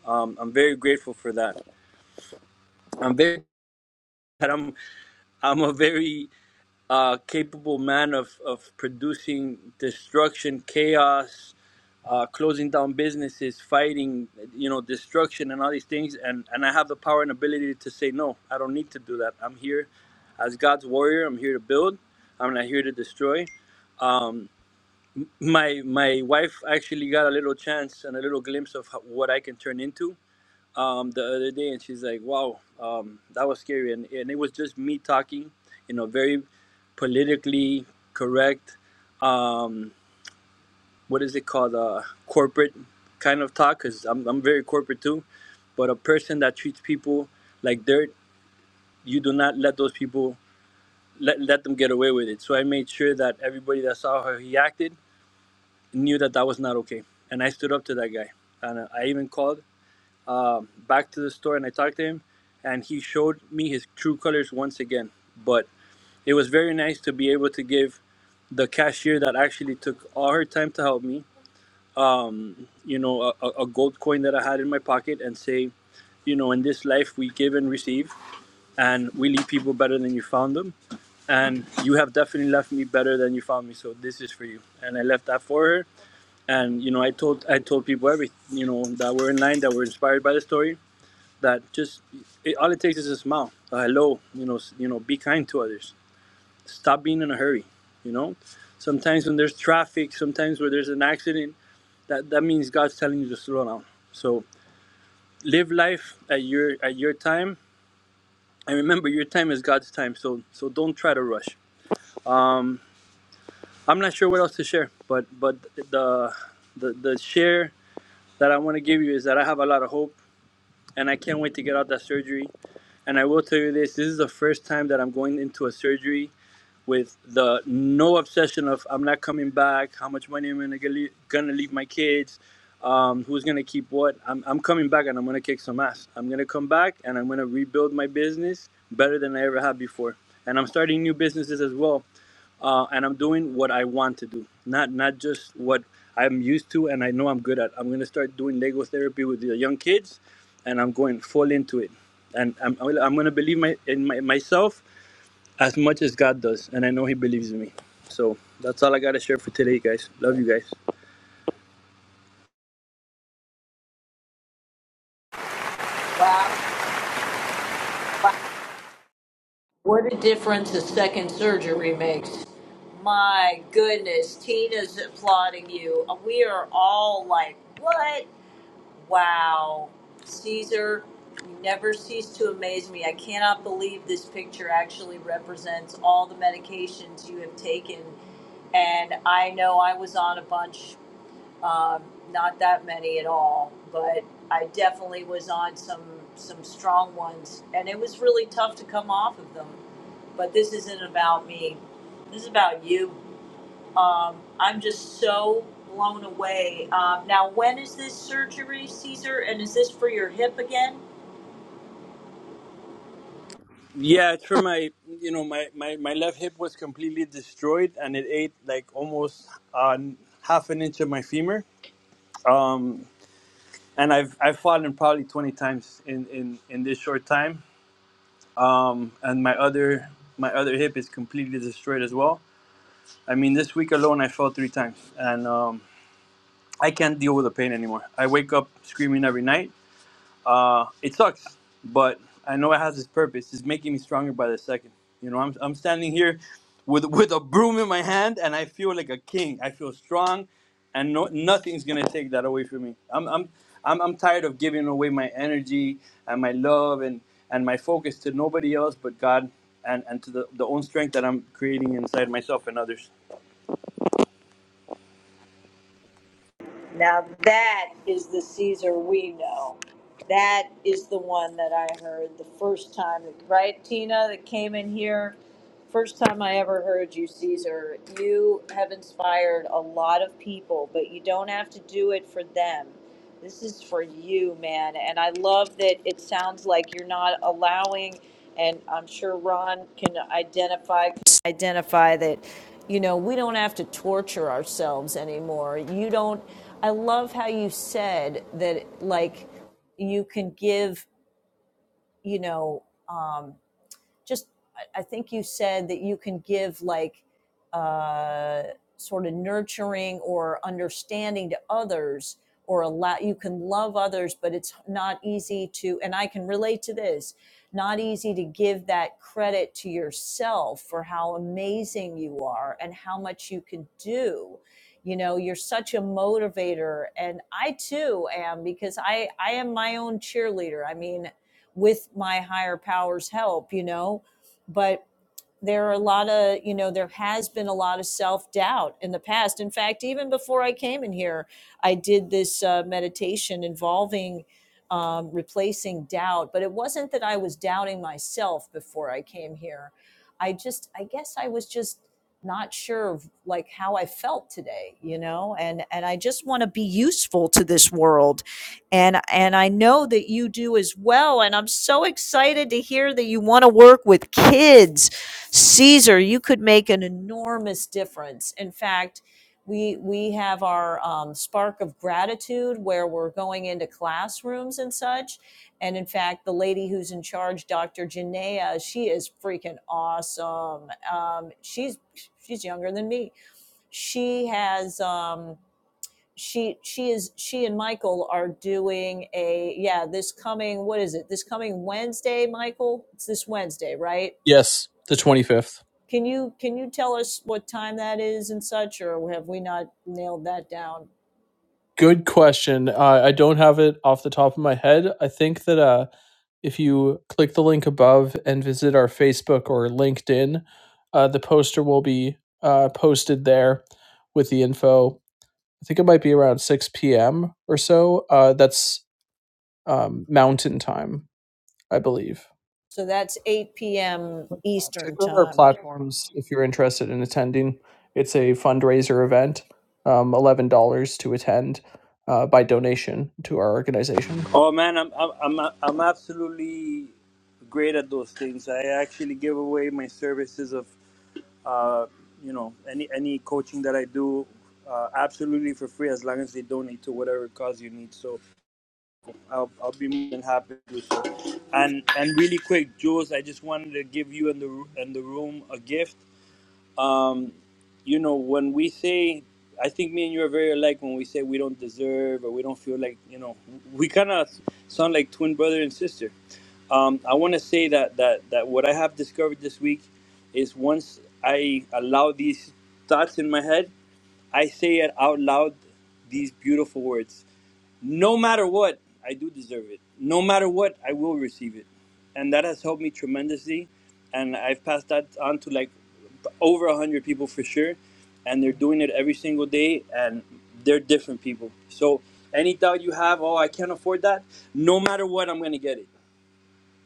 Um, I'm very grateful for that. I'm very that I'm I'm a very uh, capable man of of producing destruction, chaos, uh, closing down businesses, fighting, you know, destruction and all these things. And and I have the power and ability to say no. I don't need to do that. I'm here as God's warrior. I'm here to build. I'm not here to destroy. my my wife actually got a little chance and a little glimpse of ho- what I can turn into um, the other day, and she's like, "Wow, um, that was scary," and and it was just me talking, you know, very politically correct. Um, what is it called? Uh, corporate kind of talk, because I'm I'm very corporate too, but a person that treats people like dirt, you do not let those people let let them get away with it. So I made sure that everybody that saw how he acted knew that that was not okay, and I stood up to that guy. And uh, I even called um, back to the store and I talked to him, and he showed me his true colors once again. But it was very nice to be able to give the cashier that actually took all her time to help me, you know, a a gold coin that I had in my pocket, and say, you know, in this life we give and receive, and we leave people better than you found them. And you have definitely left me better than you found me. So this is for you. And I left that for her, and you know i told i told people every you know that were in line that were inspired by the story that just it, all it takes is a smile a hello you know you know be kind to others stop being in a hurry you know sometimes when there's traffic sometimes where there's an accident that that means god's telling you to slow down so live life at your at your time and remember your time is god's time so so don't try to rush um i'm not sure what else to share but but the the, the share that i want to give you is that i have a lot of hope and I can't wait to get out that surgery. And I will tell you this: this is the first time that I'm going into a surgery with the no obsession of I'm not coming back, how much money am I gonna leave, gonna leave my kids, um, who's gonna keep what. I'm, I'm coming back and I'm gonna kick some ass. I'm gonna come back and I'm gonna rebuild my business better than I ever have before. And I'm starting new businesses as well, uh, and I'm doing what I want to do, not not just what I'm used to and I know I'm good at. I'm gonna start doing Lego therapy with the young kids, and I'm going full into it, and I'm I'm gonna believe my in my, myself as much as God does, and I know He believes in me. So that's all I gotta share for today, guys. Love you guys. Wow. What a difference a second surgery makes. My goodness, Tina's applauding you. We are all like, what? Wow. Caesar, you never cease to amaze me. I cannot believe this picture actually represents all the medications you have taken. And I know I was on a bunch um, not that many at all, but I definitely was on some some strong ones, and it was really tough to come off of them. But this isn't about me. This is about you. Um, I'm just so blown away. Um, now, when is this surgery, Caesar? And is this for your hip again? Yeah, it's for my, you know, my my my left hip was completely destroyed, and it ate like almost uh, half an inch of my femur. Um, and I've I've fallen probably twenty times in in in this short time. Um, and my other my other hip is completely destroyed as well. I mean, this week alone, I fell three times, and um, I can't deal with the pain anymore. I wake up screaming every night Uh, it sucks, but I know it has its purpose. It's making me stronger by the second. You know, I'm I'm standing here with with a broom in my hand, and I feel like a king. I feel strong, and no, nothing's gonna take that away from me. I'm I'm I'm, I'm tired of giving away my energy and my love and, and my focus to nobody else but God and, and to the, the own strength that I'm creating inside myself and others. Now that is the Caesar we know. That is the one that I heard the first time, right, Tina, that came in here? First time I ever heard you, Caesar. You have inspired a lot of people, but you don't have to do it for them. This is for you, man. And I love that it sounds like you're not allowing, and I'm sure Ron can identify identify that you know we don't have to torture ourselves anymore you don't i love how you said that like you can give you know um, just I, think you said that you can give like uh, sort of nurturing or understanding to others or allow you can love others but it's not easy to and i can relate to this not easy to give that credit to yourself for how amazing you are and how much you can do you know you're such a motivator and i too am because i i am my own cheerleader i mean with my higher powers help you know but there are a lot of you know there has been a lot of self-doubt in the past in fact even before i came in here i did this uh, meditation involving um, replacing doubt but it wasn't that i was doubting myself before i came here i just i guess i was just not sure of like how i felt today you know and and i just want to be useful to this world and and i know that you do as well and i'm so excited to hear that you want to work with kids Caesar, you could make an enormous difference. In fact, we we have our um, spark of gratitude where we're going into classrooms and such. And in fact, the lady who's in charge, Dr. Janaea, she is freaking awesome. Um, she's she's younger than me. She has um, she she is she and Michael are doing a yeah this coming what is it this coming Wednesday, Michael? It's this Wednesday, right? Can you can you tell us what time that is and such, or have we not nailed that down? So that's 8 p.m. Eastern time. Oh man, I'm, I'm, I'm, I'm absolutely great at those things. I actually give away my services of Uh, you know, any any coaching that I do, uh, absolutely for free as long as they donate to whatever cause you need. So I'll, I'll be more than happy to do so. And and really quick, Jules, I just wanted to give you and the and the room a gift. Um, you know, when we say, I think me and you are very alike when we say we don't deserve or we don't feel like, you know, we kind of sound like twin brother and sister. Um, I want to say that, that, that what I have discovered this week is once I allow these thoughts in my head, I say it out loud, these beautiful words no matter what, I do deserve it. No matter what, I will receive it. And that has helped me tremendously. And I've passed that on to like over 100 people for sure. And they're doing it every single day. And they're different people. So any doubt you have, oh, I can't afford that, no matter what, I'm going to get it.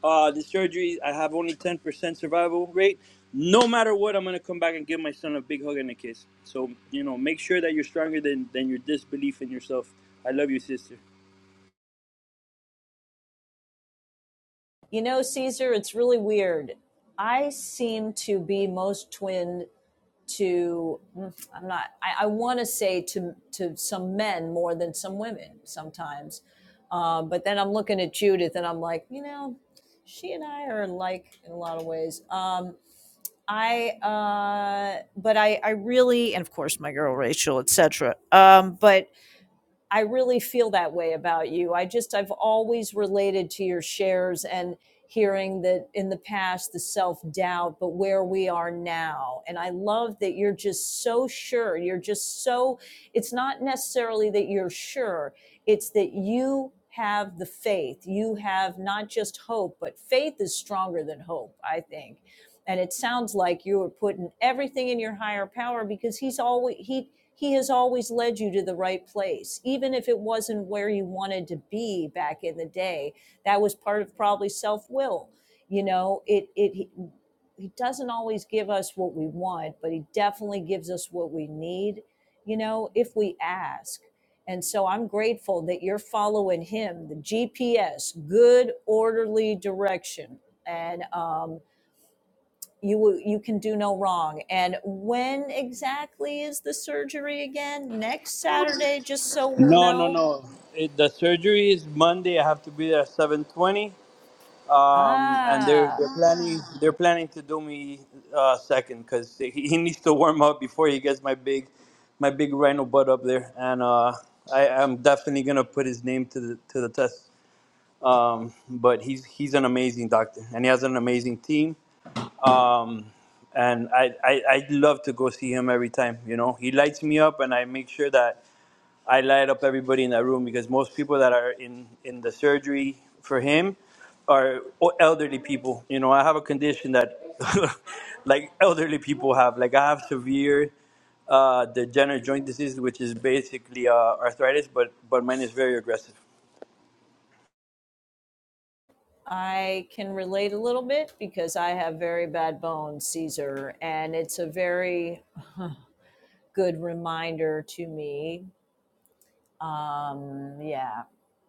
Uh, the surgery, I have only 10% survival rate. No matter what, I'm going to come back and give my son a big hug and a kiss. So, you know, make sure that you're stronger than, than your disbelief in yourself. I love you, sister. You know, Caesar, it's really weird. I seem to be most twinned to mm, I'm not I, I want to say to to some men more than some women sometimes. Um, but then I'm looking at Judith and I'm like, you know, she and I are alike in a lot of ways. Um, I uh but I I really and of course my girl Rachel etc. Um but I really feel that way about you. I just I've always related to your shares and hearing that in the past the self-doubt but where we are now. And I love that you're just so sure. You're just so it's not necessarily that you're sure. It's that you have the faith. You have not just hope, but faith is stronger than hope, I think and it sounds like you are putting everything in your higher power because he's always he he has always led you to the right place even if it wasn't where you wanted to be back in the day that was part of probably self-will you know it it he, doesn't always give us what we want but he definitely gives us what we need you know if we ask and so i'm grateful that you're following him the gps good orderly direction and um you you can do no wrong and when exactly is the surgery again next saturday just so we'll No, no, know no. It, the surgery is Monday. I have to be there at seven twenty. Um, and they're ah they're planning they're planning to do me uh, second because he, he needs to warm up before he gets my big my big rhino butt up there. And uh, I am definitely gonna put his name to the to the test. Um, but he's he's an amazing doctor and he has an amazing team. Um, and I, I I love to go see him every time. You know, he lights me up, and I make sure that I light up everybody in that room because most people that are in, in the surgery for him are elderly people. You know, I have a condition that like elderly people have. Like I have severe uh, degenerative joint disease, which is basically uh, arthritis, but but mine is very aggressive. i can relate a little bit because i have very bad bones caesar and it's a very good reminder to me um yeah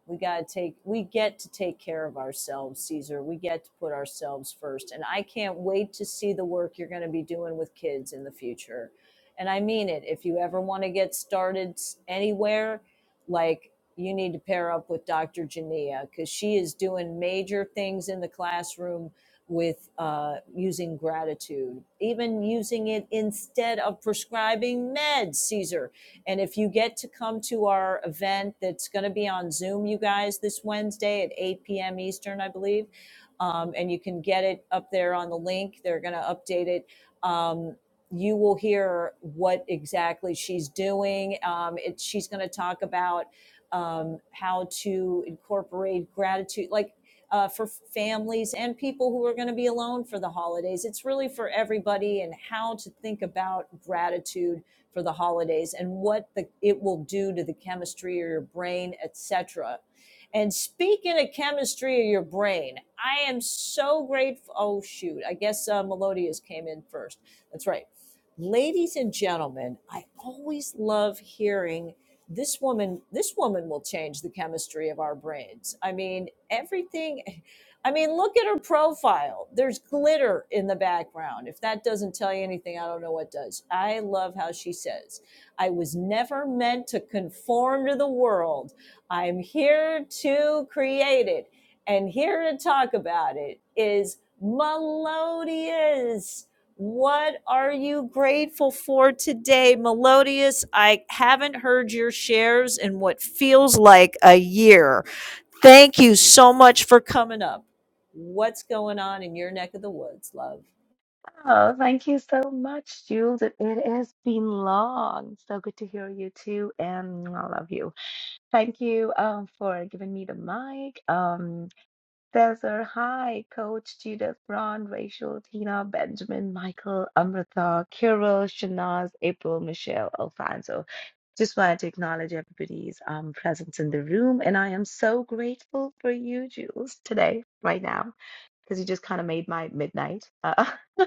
we got to take we get to take care of ourselves caesar we get to put ourselves first and i can't wait to see the work you're going to be doing with kids in the future and i mean it if you ever want to get started s- anywhere like you need to pair up with dr jania because she is doing major things in the classroom with uh, using gratitude even using it instead of prescribing meds caesar and if you get to come to our event that's going to be on Zoom, you guys, this Wednesday at 8 p.m. Eastern, I believe, um, and you can get it up there on the link. They're going to update it. Um, you will hear what exactly she's doing. Um, it, she's going to talk about um, how to incorporate gratitude, like uh, for families and people who are going to be alone for the holidays. It's really for everybody and how to think about gratitude for the holidays and what the, it will do to the chemistry of your brain, etc. And speaking of chemistry of your brain, I am so grateful. Oh, shoot. I guess uh, Melodious came in first. That's right. Ladies and gentlemen, I always love hearing this woman. This woman will change the chemistry of our brains. I mean, everything. I mean, look at her profile. There's glitter in the background. If that doesn't tell you anything, I don't know what does. I love how she says, I was never meant to conform to the world. I'm here to create it. And here to talk about it is Melodious. What are you grateful for today, Melodious? I haven't heard your shares in what feels like a year. Thank you so much for coming up. What's going on in your neck of the woods, love? Oh, thank you so much, Jules. It, it has been long. So good to hear you too, and I love you. Thank you um, for giving me the mic. Um, Cesar, hi, Coach Judith, Ron, Rachel, Tina, Benjamin, Michael, Amrita, Kirill, Shanaz, April, Michelle, Alfonso. Just wanted to acknowledge everybody's um, presence in the room, and I am so grateful for you, Jules, today, right now, because you just kind of made my midnight. Uh,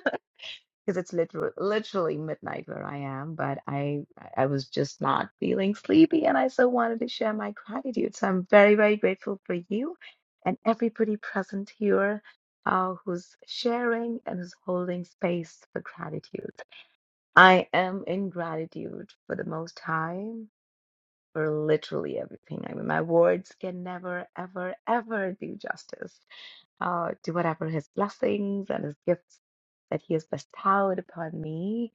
because it's literally literally midnight where I am, but I I was just not feeling sleepy and I so wanted to share my gratitude. So I'm very, very grateful for you and everybody present here uh, who's sharing and who's holding space for gratitude. I am in gratitude for the most high for literally everything. I mean my words can never, ever, ever do justice uh, to whatever his blessings and his gifts that he has bestowed upon me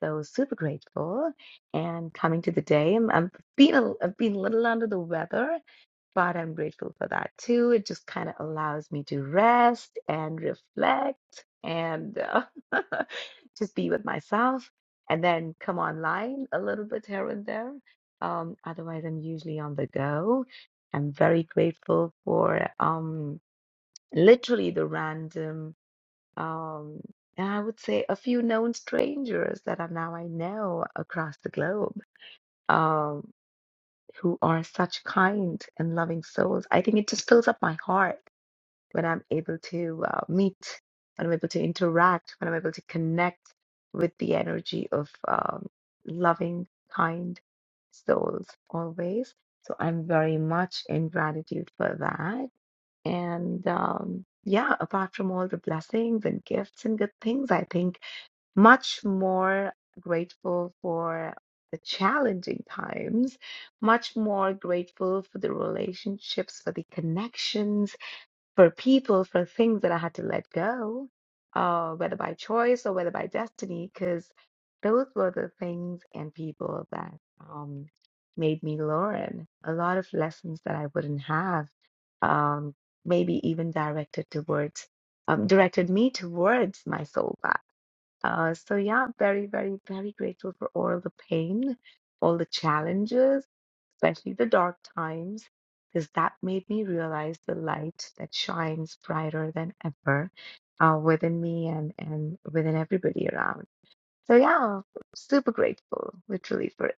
so super grateful and coming to the day. I'm, I'm being a, I've been a little under the weather, but I'm grateful for that too. It just kind of allows me to rest and reflect and uh, just be with myself and then come online a little bit here and there. Um, otherwise, I'm usually on the go. I'm very grateful for um, literally the random. Um, and I would say a few known strangers that are now I know across the globe, um, who are such kind and loving souls. I think it just fills up my heart when I'm able to uh, meet, when I'm able to interact, when I'm able to connect with the energy of um, loving, kind souls always. So I'm very much in gratitude for that. And um, yeah, apart from all the blessings and gifts and good things, I think much more grateful for the challenging times, much more grateful for the relationships, for the connections for people, for things that I had to let go, uh, whether by choice or whether by destiny, because those were the things and people that um, made me learn a lot of lessons that I wouldn't have, um, maybe even directed towards, um, directed me towards my soul path. Uh, so yeah, very, very, very grateful for all the pain, all the challenges especially the dark times, because that made me realize the light that shines brighter than ever uh, within me and, and within everybody around. So, yeah, super grateful, literally, for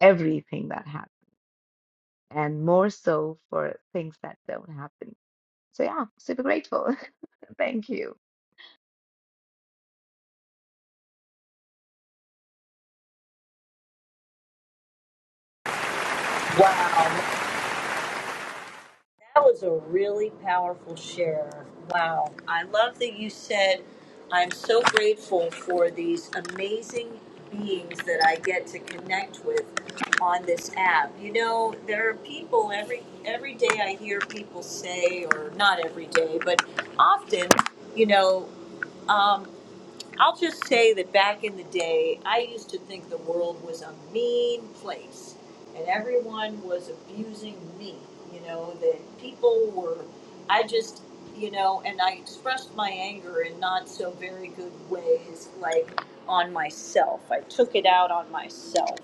everything that happened and more so for things that don't happen. So, yeah, super grateful. Thank you. Wow, that was a really powerful share. Wow. I love that you said, I'm so grateful for these amazing beings that I get to connect with on this app. You know, there are people every every day I hear people say or not every day, but often, you know, um, I'll just say that back in the day, I used to think the world was a mean place and everyone was abusing me. You know, that people were, I just, you know, and I expressed my anger in not so very good ways, like on myself. I took it out on myself.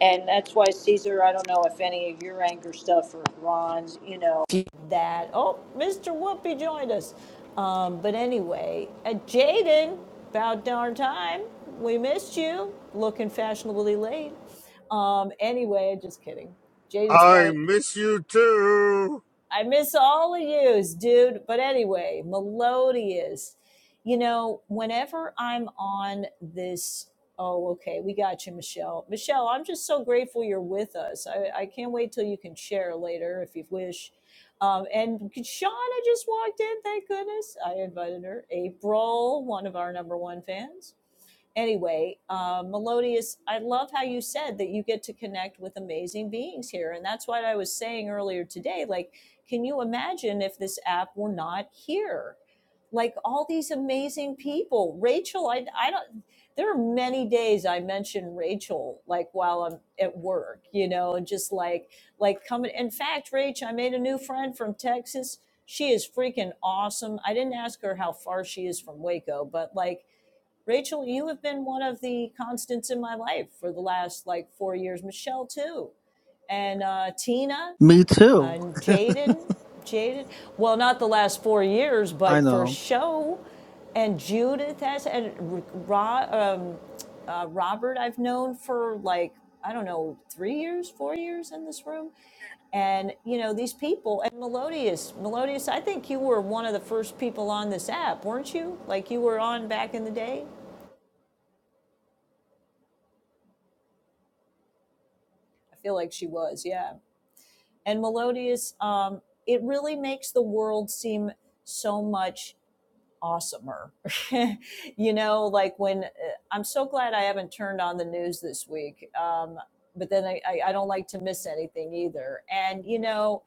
And that's why, Caesar, I don't know if any of your anger stuff or Ron's, you know, that. Oh, Mr. Whoopi joined us. Um, but anyway, uh, Jaden, about darn time. We missed you. Looking fashionably late. Um, anyway, just kidding. Jaden's probably I miss you too. I miss all of yous, dude. But anyway, Melodious. You know, whenever I'm on this, oh, okay, we got you, Michelle. Michelle, I'm just so grateful you're with us. I, I can't wait till you can share later if you wish. Um, and Shauna just walked in, thank goodness. I invited her. April, one of our number one fans anyway, uh, Melodious, I love how you said that you get to connect with amazing beings here. And that's what I was saying earlier today. Like, can you imagine if this app were not here? Like all these amazing people. Rachel, I, I don't, there are many days I mention Rachel, like while I'm at work, you know, and just like, like coming. In fact, Rach, I made a new friend from Texas. She is freaking awesome. I didn't ask her how far she is from Waco, but like, Rachel, you have been one of the constants in my life for the last like four years. Michelle, too and uh, Tina. Me too. And Jaden, Jaden, well, not the last four years, I but for know. show. And Judith has, and Ro, um, uh, Robert, I've known for like, I don't know, three years, four years in this room. And, you know, these people, and Melodious, Melodious, I think you were one of the first people on this app, weren't you? Like you were on back in the day? I feel like she was, yeah. And Melodious, um, it really makes the world seem so much awesomer. you know, like when uh, I'm so glad I haven't turned on the news this week. Um, but then I, I, I don't like to miss anything either. And, you know,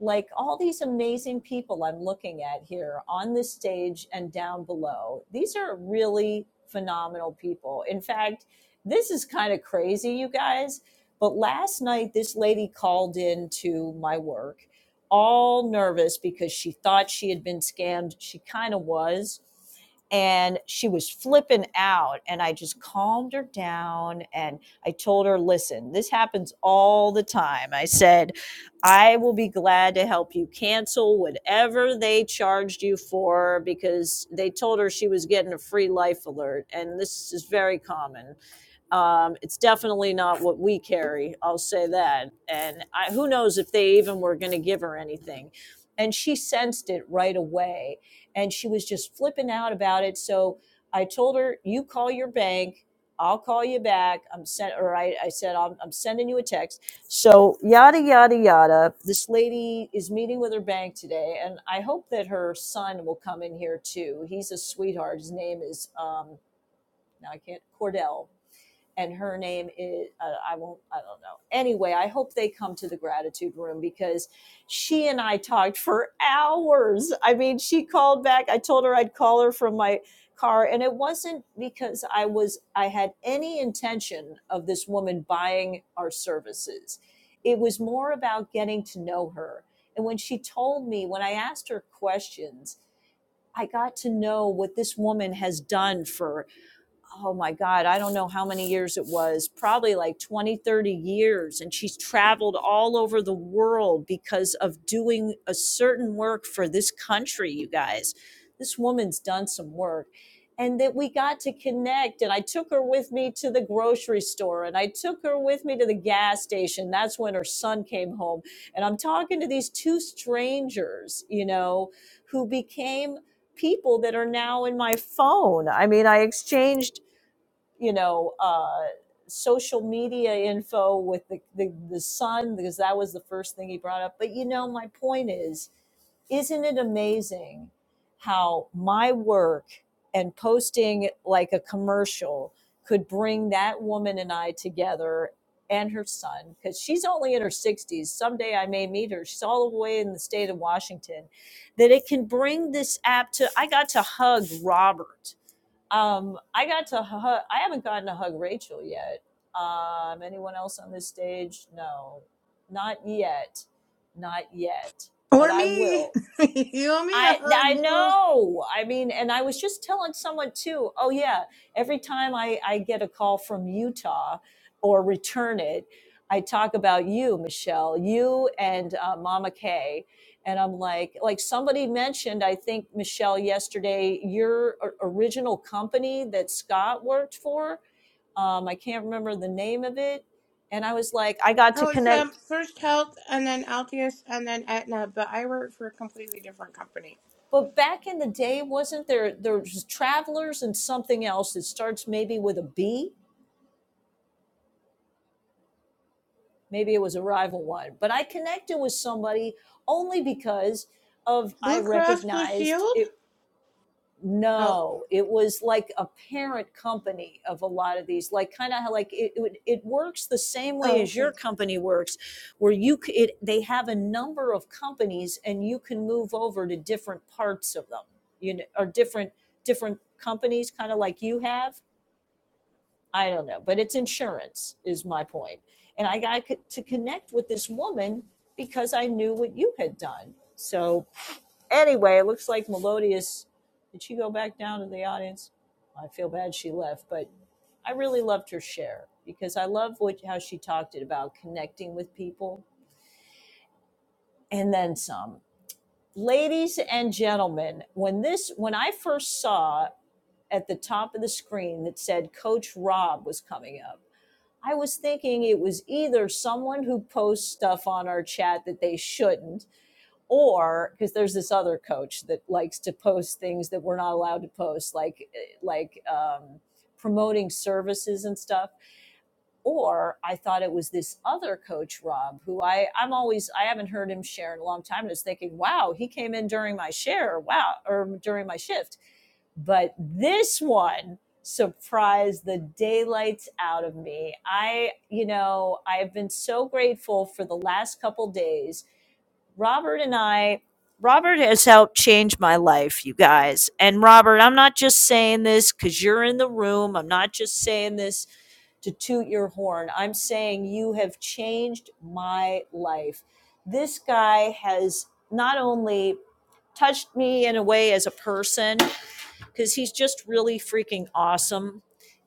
like all these amazing people I'm looking at here on this stage and down below, these are really phenomenal people. In fact, this is kind of crazy, you guys. But last night, this lady called in to my work all nervous because she thought she had been scammed. She kind of was. And she was flipping out. And I just calmed her down. And I told her, listen, this happens all the time. I said, I will be glad to help you cancel whatever they charged you for because they told her she was getting a free life alert. And this is very common um, it's definitely not what we carry. I'll say that. And I, who knows if they even were going to give her anything. And she sensed it right away. And she was just flipping out about it. So I told her, you call your bank. I'll call you back. I'm sent, or I, I said, I'm, I'm sending you a text. So yada, yada, yada. This lady is meeting with her bank today. And I hope that her son will come in here too. He's a sweetheart. His name is, um, now I can't, Cordell and her name is uh, I won't I don't know. Anyway, I hope they come to the gratitude room because she and I talked for hours. I mean, she called back. I told her I'd call her from my car and it wasn't because I was I had any intention of this woman buying our services. It was more about getting to know her. And when she told me, when I asked her questions, I got to know what this woman has done for oh my God, I don't know how many years it was, probably like twenty, thirty years. And she's traveled all over the world because of doing a certain work for this country, you guys. This woman's done some work. And that we got to connect. And I took her with me to the grocery store and I took her with me to the gas station. That's when her son came home. And I'm talking to these two strangers, you know, who became people that are now in my phone. I mean, I exchanged you know, uh, social media info with the, the, the son, because that was the first thing he brought up. But, you know, my point is, isn't it amazing how my work and posting like a commercial could bring that woman and I together and her son, because she's only in her 60s. Someday I may meet her. She's all the way in the state of Washington. That it can bring this app to, I got to hug Robert um, I got to hug. I haven't gotten to hug Rachel yet. Um, anyone else on this stage? No, not yet, not yet. But Or I me. will. you and me. a I hug, I Jules. know. I mean, and I was just telling someone too. Oh yeah, every time I I get a call from Utah or return it, I talk about you, Michelle, you and uh, Mama Kay, and I'm like, like somebody mentioned, I think Michelle yesterday, your original company that Scott worked for. Um, I can't remember the name of it, and I was like, I got I to was um, connect first Health and then Altius and then Aetna, but I work for a completely different company. But back in the day, wasn't there there's travelers and something else that starts maybe with a B? Maybe it was a rival one. But I connected with somebody only because of I Blue Cross Blue recognized Shield? it Oh, No, it was like a parent company of a lot of these, like kind of like it, it it works the same way oh, as okay. your company works, where you c- it they have a number of companies and you can move over to different parts of them, you know, or different different companies, kind of like you have. I don't know, but it's insurance is my point, point. and I got to connect with this woman because I knew what you had done. So Anyway, it looks like Melodious. Did she go back down to the audience? I feel bad she left, but I really loved her share because I love what how she talked about connecting with people and then some. Ladies and gentlemen, when this when I first saw at the top of the screen that said Coach Rob was coming up, I was thinking it was either someone who posts stuff on our chat that they shouldn't or because there's this other coach that likes to post things that we're not allowed to post like eh, like um, promoting services and stuff or i thought it was this other coach rob who i i'm always i haven't heard him share in a long time and I was thinking wow he came in during my share wow or during my shift but this one surprised the daylights out of me i you know i've been so grateful for the last couple days Robert and I, Robert has helped change my life, you guys. And Robert, I'm not just saying this because you're in the room. I'm not just saying this to toot your horn. I'm saying you have changed my life. This guy has not only touched me in a way as a person, because he's just really freaking awesome.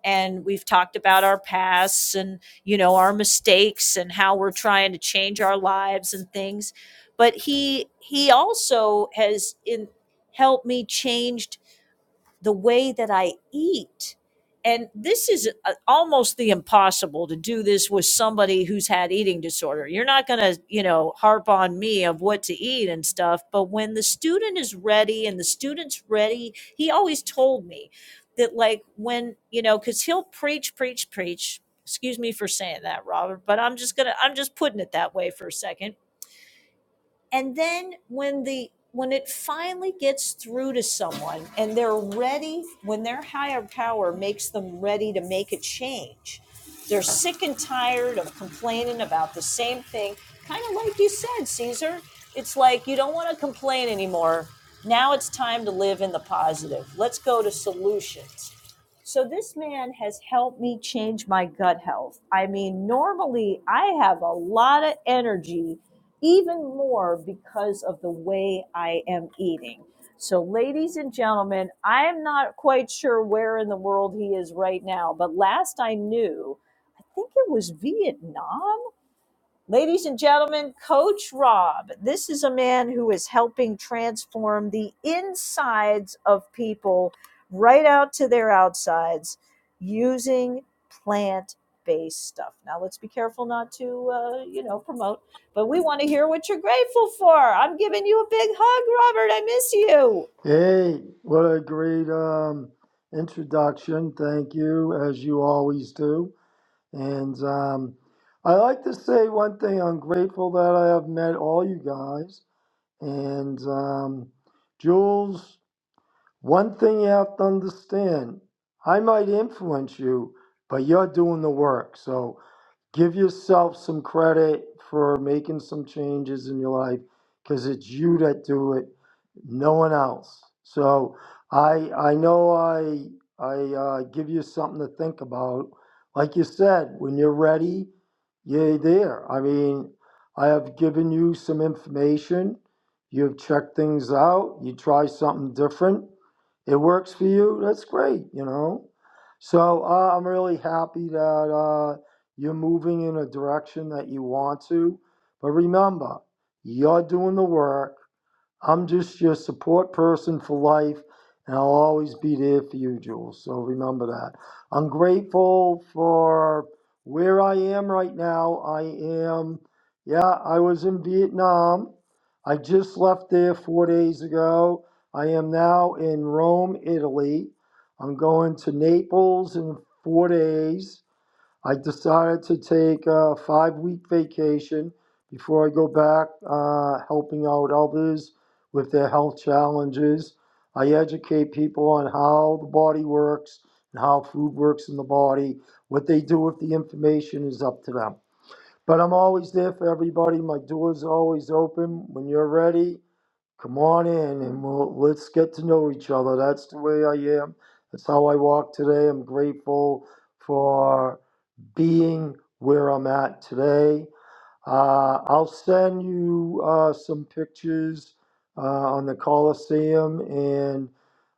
And we've talked about our pasts and, you know, our mistakes and how we're trying to change our lives and things. But he he also has in helped me change the way that I eat. And this is uh, almost the impossible to do this with somebody who's had eating disorder. You're not going to, you know, harp on me of what to eat and stuff. But when the student is ready and the student's ready, he always told me that, like, when, you know, because he'll preach, preach, preach. Excuse me for saying that, Robert, but I'm just going to, I'm just putting it that way for a second and then when the when it finally gets through to someone and they're ready when their higher power makes them ready to make a change they're sick and tired of complaining about the same thing kind of like you said caesar it's like you don't want to complain anymore now it's time to live in the positive let's go to solutions so this man has helped me change my gut health. I mean, normally I have a lot of energy even more because of the way I am eating. So, ladies and gentlemen, I am not quite sure where in the world he is right now, but last I knew, I think it was Vietnam Ladies and gentlemen, Coach Rob. This is a man who is helping transform the insides of people right out to their outsides using plant based stuff. Now, let's be careful not to, uh, you know, promote, but we want to hear what you're grateful for. I'm giving you a big hug, Robert. I miss you. Hey, what a great um, introduction. Thank you, as you always do. And um, I like to say one thing I'm grateful that I have met all you guys. And um, Jules, one thing you have to understand I might influence you, but you're doing the work. So give yourself some credit for making some changes in your life because it's you that do it no one else so i i know i i uh, give you something to think about like you said when you're ready you're there i mean i have given you some information you've checked things out you try something different it works for you that's great you know so uh, i'm really happy that Uh, you're moving in a direction that you want to. But remember, you're doing the work. I'm just your support person for life, and I'll always be there for you, Jules. So remember that. I'm grateful for where I am right now. I am, yeah, I was in Vietnam. I just left there four days ago. I am now in Rome, Italy. I'm going to Naples in four days. I decided to take a five week vacation before I go back, uh, helping out others with their health challenges. I educate people on how the body works and how food works in the body, what they do with the information is up to them. But I'm always there for everybody. My door's always open. When you're ready, come on in and we'll, let's get to know each other. That's the way I am. That's how I walk today. I'm grateful for being where I'm at today. Uh, I'll send you uh, some pictures uh, on the Colosseum and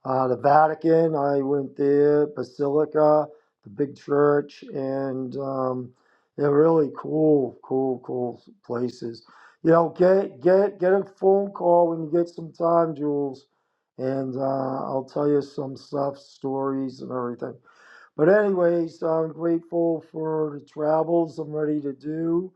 uh, the Vatican. I went there, Basilica, the big church, and um, they're really cool, cool, cool places. You know, get get get a phone call when you get some time, Jules, and uh, I'll tell you some stuff, stories, and everything. But anyways, I'm grateful for the travels I'm ready to do.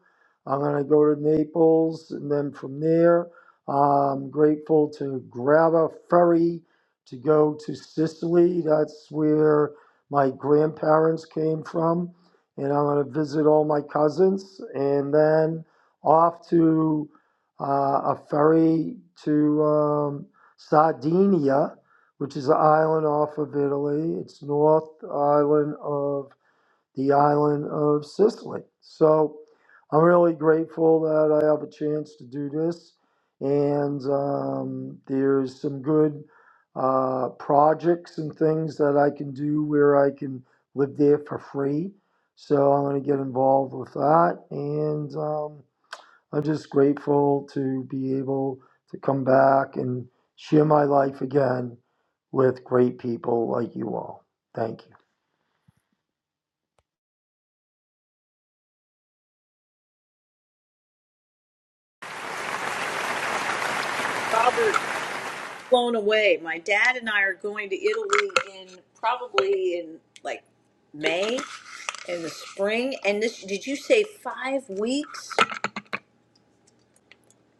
I'm going to go to Naples and then from there, I'm grateful to grab a ferry to go to Sicily. That's where my grandparents came from. And I'm going to visit all my cousins and then off to uh, a ferry to um, Sardinia which is an island off of Italy. It's north island of the island of Sicily. So I'm really grateful that I have a chance to do this. And um, there's some good uh, projects and things that I can do where I can live there for free. So I'm going to get involved with that. And um, I'm just grateful to be able to come back and share my life again with great people like you all. Thank you. Robert, blown away. My dad and I are going to Italy in probably in like May in the spring. And this, did you say five weeks?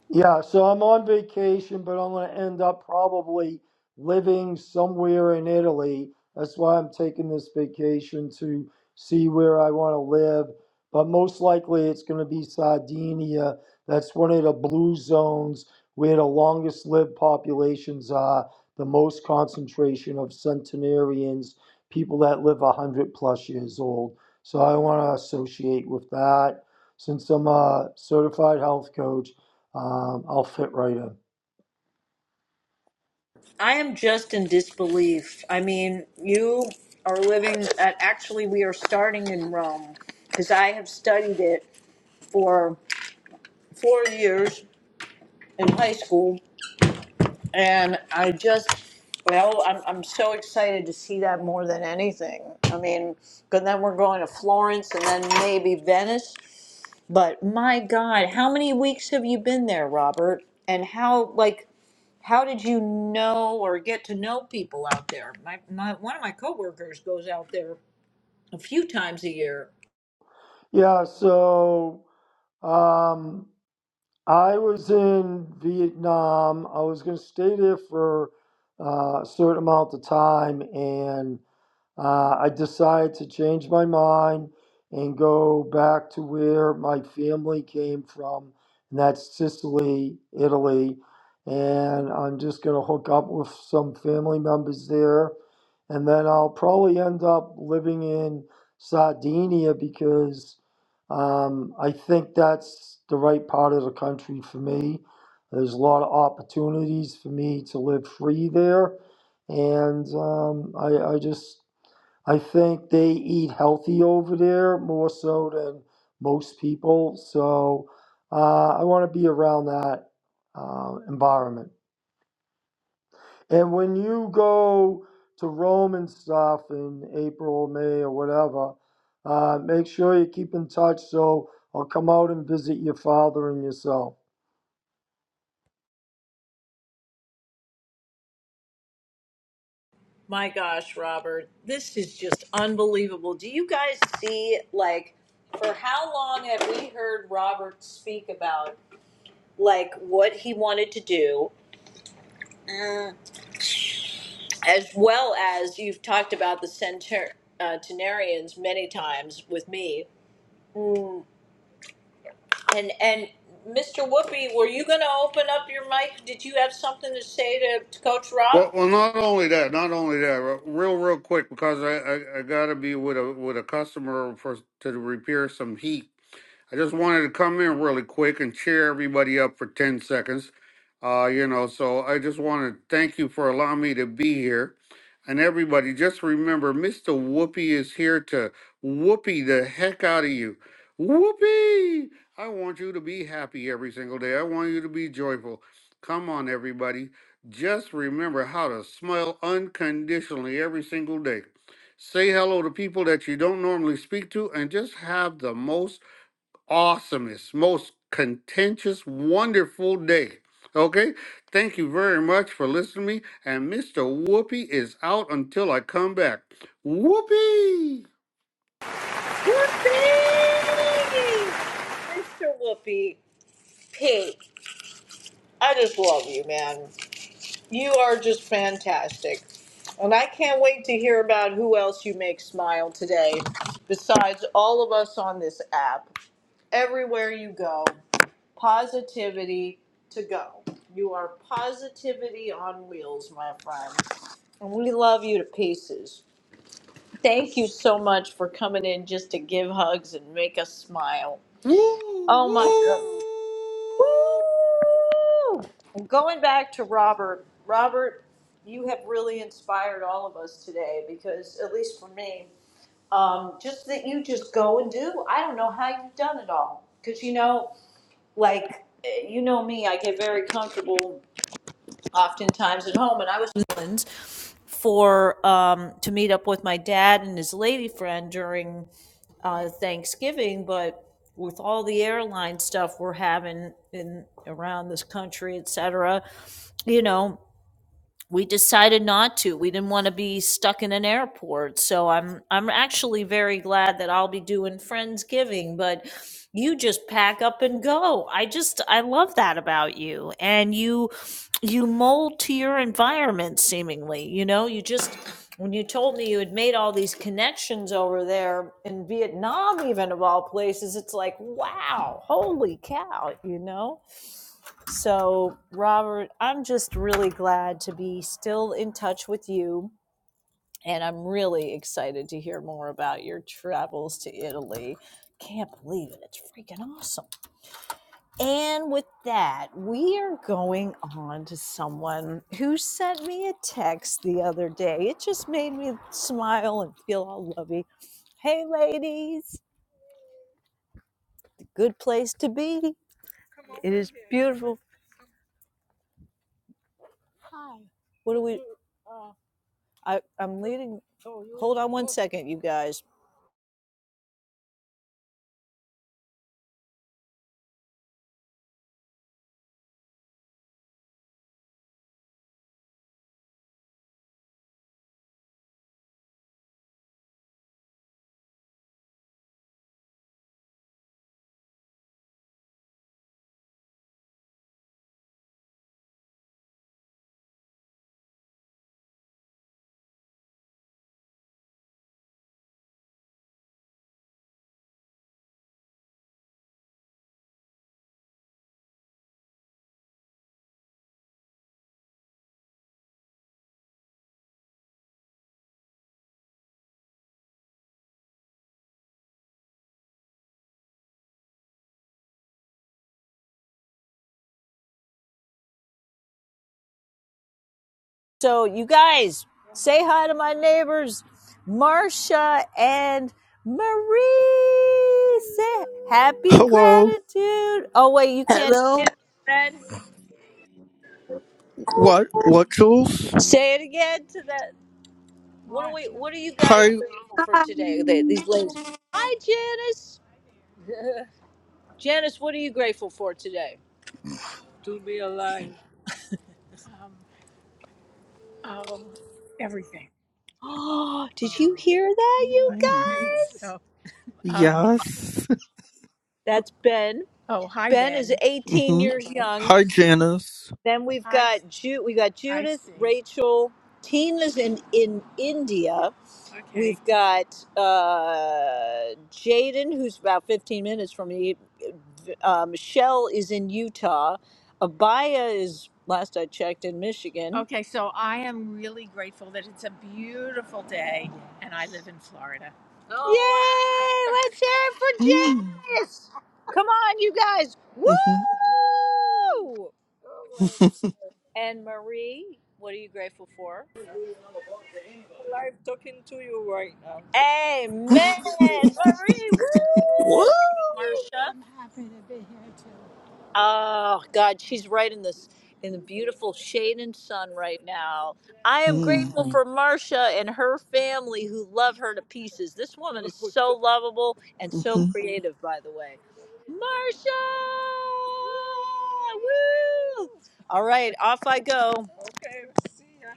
Yeah, so I'm on vacation, but I'm going to end up probably living somewhere in Italy. That's why I'm taking this vacation to see where I want to live. But most likely it's going to be Sardinia. That's one of the blue zones where the longest lived populations are, the most concentration of centenarians, people that live 100 plus years old. So I want to associate with that since I'm a certified health coach. Um, I'll fit right in. I am just in disbelief. I mean, you are living, at, actually, we are starting in Rome because I have studied it for four years in high school And I just, well, I'm, I'm so excited to see that more than anything. I mean, but then we're going to Florence and then maybe Venice. But my God, how many weeks have you been there, Robert? And how, like, how did you know or get to know people out there? My, my one of my coworkers goes out there time. Yeah, so um, I was in Vietnam. I was going to stay there for uh, a certain amount of time, and Uh, I decided to change my mind and go back to where my family came from, and that's Sicily, Italy. And I'm just going to hook up with some family members there. And then I'll probably end up living in Sardinia because um, I think that's the right part of the country for me. There's a lot of opportunities for me to live free there and um, I, I just I think they eat healthy over there more so than most people. So uh, I want to be around that uh, environment. And when you go to Rome and stuff in April, May, or whatever, uh, make sure you keep in touch. So I'll come out and visit your father and yourself. My gosh, Robert, this is just unbelievable. Do you guys see like for how long have we heard Robert speak about like what he wanted to do, Mm. as well as you've talked about the centur- uh, Tenarians many times with me. Mm. And and Mr. Whoopi, were you going to open up your mic? Did you have something to say to, to Coach Well, Rob? well, not only that, not only that, re- real, real quick, because I, I, I gotta be with a with a customer for to repair some heat. I just wanted to come in really quick and cheer everybody up for 10 seconds. Uh, you know, so I just want to thank you for allowing me to be here. And everybody, just remember, Mr. Whoopi is here to whoopee the heck out of you. Whoopee! I want you to be happy every single day. I want you to be joyful. Come on, everybody. Just remember how to smile unconditionally every single day. Say hello to people that you don't normally speak to and just have the most awesomest, most contentious, wonderful day. Okay? Thank you very much for listening to me. And Mr. Whoopi is out until I come back. Whoopi! Whoopi, Mr. Whoopi, Pig, I just love you, man. You are just fantastic. And I can't wait to hear about who else you make smile today, besides all of us on this app. Everywhere you go, positivity to go. You are positivity on wheels, my friend. And we love you to pieces. Thank you so much for coming in just to give hugs and make us smile. Woo! Oh my God. Woo! Woo! And going back to Robert, Robert, you have really inspired all of us today because, at least for me, um, just that you just go and do. I don't know how you've done it all because you know, like eh, you know me, I get very comfortable oftentimes at home. And I was in New for um, to meet up with my dad and his lady friend during uh, Thanksgiving, but with all the airline stuff we're having in around this country, et cetera, you know, we decided not to. We didn't want to be stuck in an airport. So I'm I'm actually very glad that I'll be doing Friendsgiving, but you just pack up and go. I just I love that about you. And you you mold to your environment seemingly. You know, you just when you told me you had made all these connections over there in Vietnam even of all places, it's like, wow, holy cow, you know? So, Robert, I'm just really glad to be still in touch with you. And I'm really excited to hear more about your travels to Italy. Can't believe it. It's freaking awesome. And with that, we are going on to someone who sent me a text the other day. It just made me smile and feel all lovey. Hey, ladies, good place to be. It is beautiful. What do we? I, I'm leading. Hold on one second, you guys. So you guys say hi to my neighbors, Marcia and Marie. Say happy Hello. gratitude. Oh wait, you can't Hello? What? What, Jules? say it again to that. What are we? What are you guys Hi. grateful for I today? They, these ladies. Hi, Janice. Janice, what are you grateful for today? Oh, did you hear that? Hmm. Yes. That's Ben, 18 Mm-hmm. years young. Hi, Janice. Then we've Ju- we got Judy. Rachel. Tina's in, in India. We've got uh, Jaden, who's about 15 minutes from me. Uh, Michelle is in Utah. Abaya is, last I checked, in Michigan. Yay! Let's hear it for Hmm. Janice! Come on, you guys. Woo! Mm-hmm. And Marie, what are you grateful for? Live talking to you right now. Amen. Marie, Woo! woo! Marsha. Oh God, she's right in this in the beautiful shade and sun right now. I am Hmm. grateful for Marsha and her family who love her to pieces. This woman is so lovable and so Mm-hmm. creative, by the way. Marsha! Woo! All right, off I go.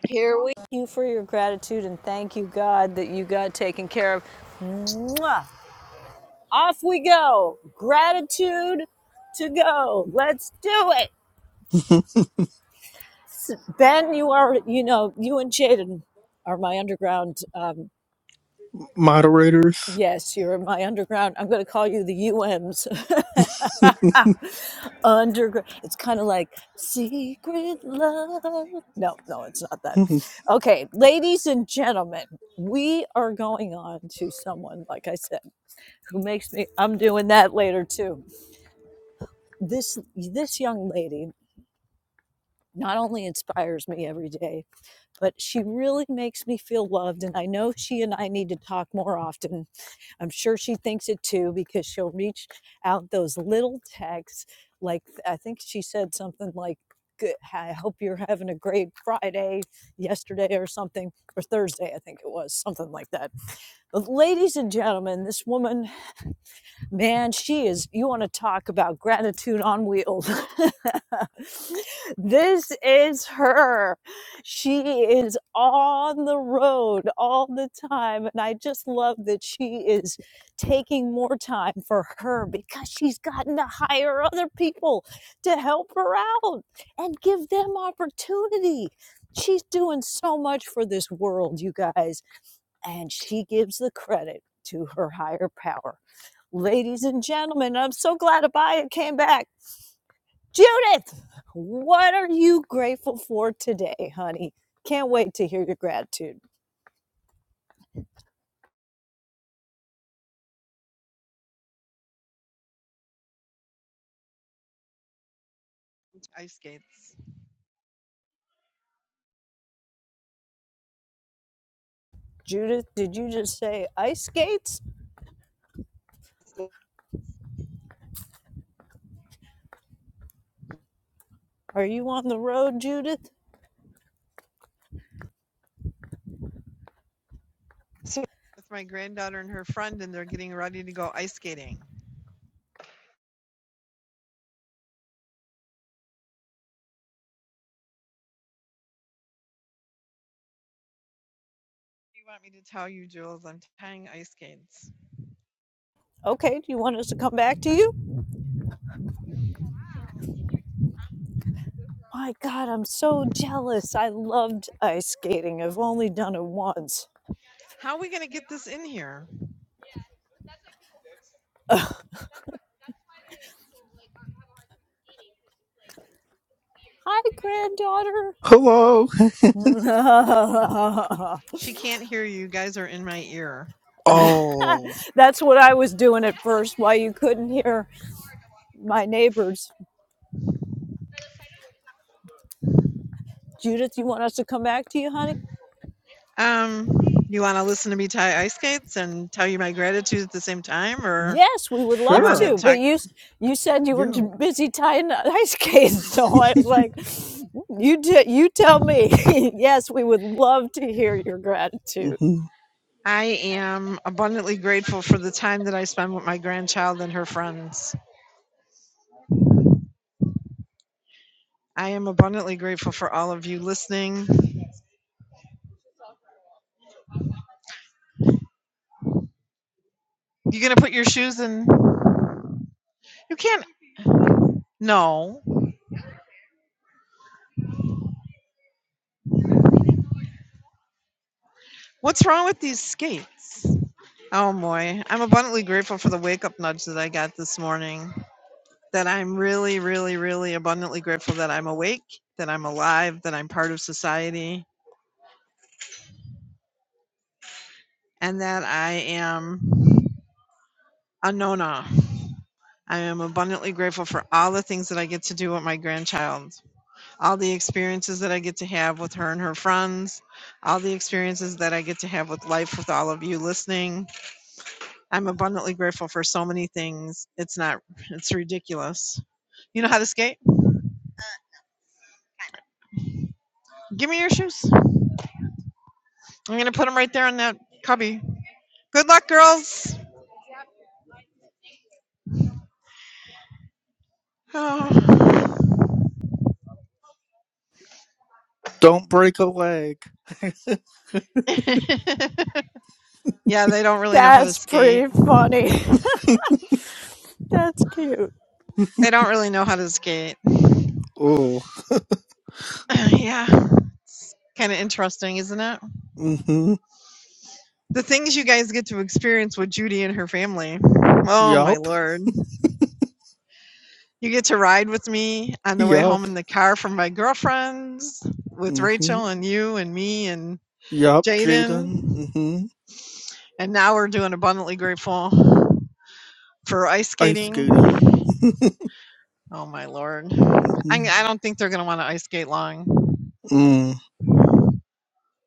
Here we. Thank you for your gratitude and thank you, God, that you got taken care of. Mwah! Off we go. Gratitude to go. Let's do it. Ben, you are, you know, you and Jaden are my underground. Um, Moderators. Yes, you're in my underground. I'm going to call you the UMs. underground. It's kind of like secret love. No, no, it's not that. Mhm. Okay, ladies and gentlemen, we are going on to someone, like I said, who makes me, I'm doing that later too. This, this young lady not only inspires me every day, but she really makes me feel loved. And I know she and I need to talk more often. I'm sure she thinks it too because she'll reach out those little texts. Like, I think she said something like, "Good- I hope you're having a great Friday yesterday or something, or Thursday, I think it was, something like that. But ladies and gentlemen, this woman Man, she is, you want to talk about gratitude on wheels. this is her. She is on the road all the time. And I just love that she is taking more time for her because she's gotten to hire other people to help her out and give them opportunity. She's doing so much for this world, you guys and she gives the credit to her higher power. Ladies and gentlemen, I'm so glad Abaya came back. Judith, what are you grateful for today, honey? Can't wait to hear your gratitude. ice skates Judith, did you just say ice skates? Are you on the road, Judith? with my granddaughter and her friend, and they're getting ready to go ice skating. you want me to tell you, Jules? I'm tying ice skates. Okay, do you want us to come back to you? My God, I'm so jealous. I loved ice skating. I've only done it once. How are we going to get this in here? Hi, granddaughter. Hello. She can't hear you. You Guys are in my ear. Oh, That's what I was doing at first, why you couldn't hear my neighbors. Judith, you want us to come back to you, honey? Um, you want to listen to me tie ice skates and tell you my gratitude at the same time, or Yes, we would you love want to to, sure. but talk? you s- you said you were Yeah. too busy tying the ice skates, so I was like, you t- you tell me. yes, we would love to hear your gratitude. hmm I am abundantly grateful for the time that I spend with my grandchild and her friends. I am abundantly grateful for all of you listening. You gonna put your shoes in? You can't. No. What's wrong with these skates? Oh boy, I'm abundantly grateful for the wake up nudge that I got this morning. That I'm really, really, really abundantly grateful that I'm awake, that I'm alive, that I'm part of society, and that I am a nona. I am abundantly grateful for all the things that I get to do with my grandchild, all the experiences that I get to have with her and her friends, all the experiences that I get to have with life with all of you listening, I'm abundantly grateful for so many things. It's not, it's ridiculous. You know how to skate? Give me your shoes. I'm going to put them right there in that cubby. Good luck, girls. Oh. Don't break a leg. yeah, they don't really know how to That's skate. pretty funny. That's cute. They don't really know how to skate. oh. Uh, yeah. It's kind of interesting, isn't it? Mm-hmm. The things you guys get to experience with Judy and her family. Oh, my Yup. Lord. You get to ride with me on the way Yup. home in the car from my girlfriends with Mm-hmm. Rachel and you and me and Yup, Jaden. Jaden. Mm-hmm. And now we're doing Abundantly Grateful for ice Ice skating. skating. Oh my lord. I, I don't think they're going to want to ice skate long. Mm.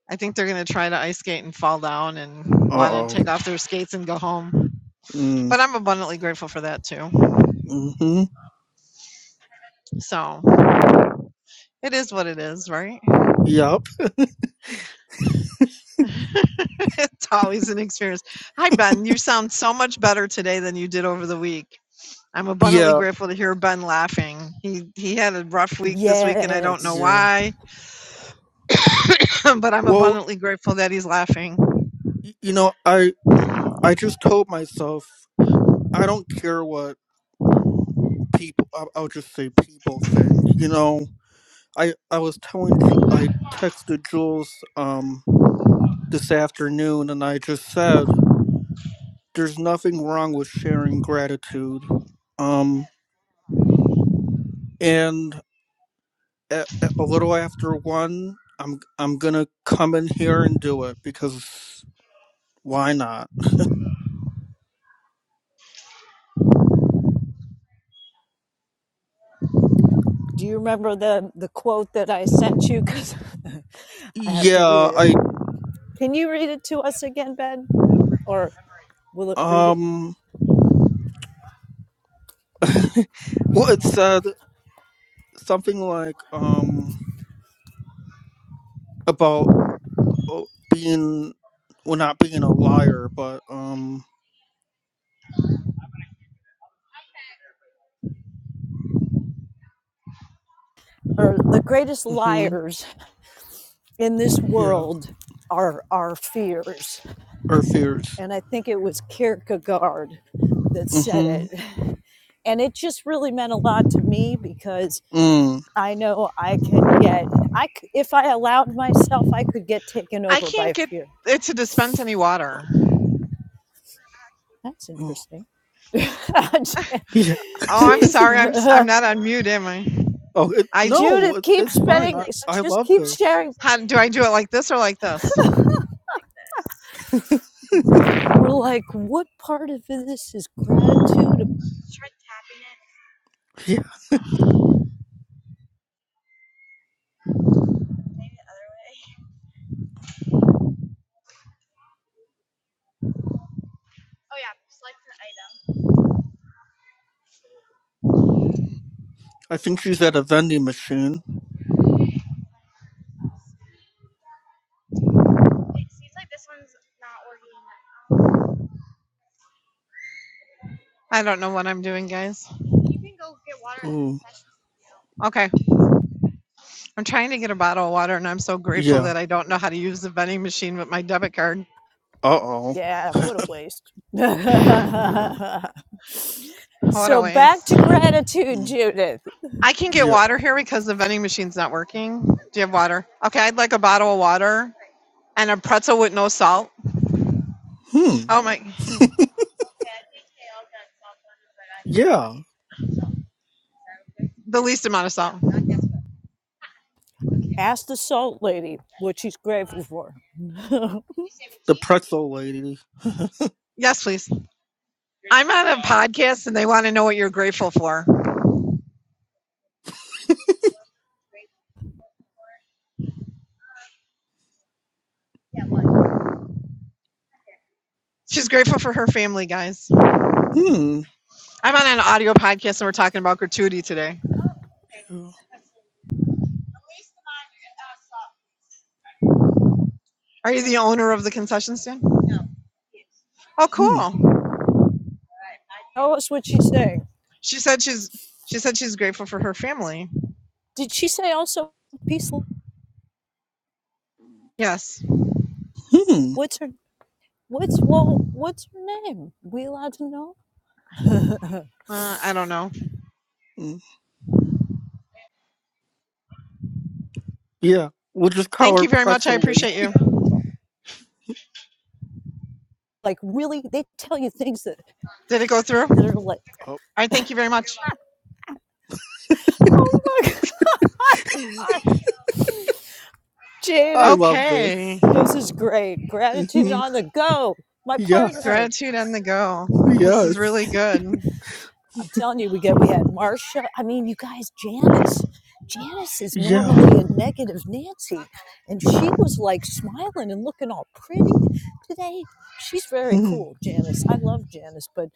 I think they're going to try to ice skate and fall down and Uh want to oh. take off their skates and go home. Mm. But I'm abundantly grateful for that too. Hmm. So it is what it is, right? Yup. It's always an experience. Hi, Ben. You sound so much better today than you did over the week. I'm abundantly Yeah. grateful to hear Ben laughing. He he had a rough week this week, and I don't know Yes. Yeah. why, but I'm Well, abundantly grateful that he's laughing. y- you know, I I just told myself I don't care what people. I'll, I'll just say people think. You know, I I was telling Ju- I texted Jules um this afternoon, and I just said there's nothing wrong with sharing gratitude. Um, and a, a little after one, I'm I'm gonna come in here and do it because. Why not? Do you remember the the quote that I sent you? Because I have to Yeah, read it. I Can you read it to us again, Ben? Or will it read it? um well it said something like um about oh, being well not being a liar, but um Or the greatest mhm liars in this yeah, world are our fears. or fears. And I think it was Kierkegaard that said Mhm. it. And it just really meant a lot to me because Mm. I know I can get I if I allowed myself I could get taken I over can't by get fear it to dispense any water. That's Oh, interesting. yeah. Oh, I'm She's- sorry. I'm s- I'm uh, not on mute, am I? oh, it, I no, Judith, it, keep it's fine. spreading, I I just love keep this. sharing. how, do I do it like this or like this? We're like, what part of this is gratitude? Yeah. I think she's at a vending machine. I don't know what I'm doing, guys. Oh Okay. I'm trying to get a bottle of water and I'm so grateful Yeah. that I don't know how to use the vending machine with my debit card. Uh oh. Yeah, what a waste. What a so back waste. to gratitude, Judith. I can get Yeah. water here because the vending machine's not working. Do you have water? Okay, I'd like a bottle of water and a pretzel with no salt. Hmm. Oh my, Yeah. the least amount of salt. Ask the salt lady what she's grateful for. Tell The pretzel lady. Yes, please. I'm on a podcast and they want to know what you're grateful for. She's grateful for her family, guys. Hmm. I'm on an audio podcast and we're talking about gratuity today. Hmm. Are you the owner of the concession stand? Oh, cool. us what she's saying. She said she's she said she's grateful for her family. Did she say also peace? Yes. Hmm. What's her What's well? What's your name? We allowed to know? Uh, I don't know. Hmm. Yeah, we'll just call Thank her you very much. I Pretzel Lady. appreciate you. like really, they tell you things that Did it go through? that All are like, Oh, right. Thank you very much. oh my god, I Jaden, love Okay. this. this is great. Gratitude hmm on the go. My Yes. partner. Gratitude on the go. This is really Yes. good. I'm telling you, we get we had Marcia. I mean, you guys, Janice. Janice is Yeah. normally a negative Nancy, and she was like smiling and looking all pretty today. She's very Hmm. cool, Janice. I love Janice, but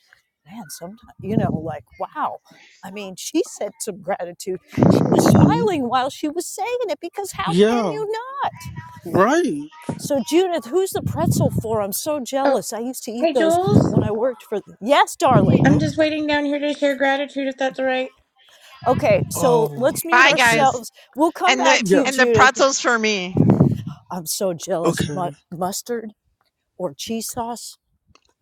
man, sometimes you know, like wow. I mean, she said some gratitude. She was hmm smiling while she was saying it because how can Yeah. you not? Right. So Judith, who's the pretzel for? I'm so Oh, jealous. I used to eat hey, those Jules. when I worked for. Yes, darling. I'm Oh. just waiting down here to share gratitude if that's all right. Okay, so oh. let's mute Bye, Okay. guys. ourselves. We'll come And the back to Yeah. you, and the Judith. pretzels for me. I'm so jealous. Mu- Okay. mustard or cheese sauce?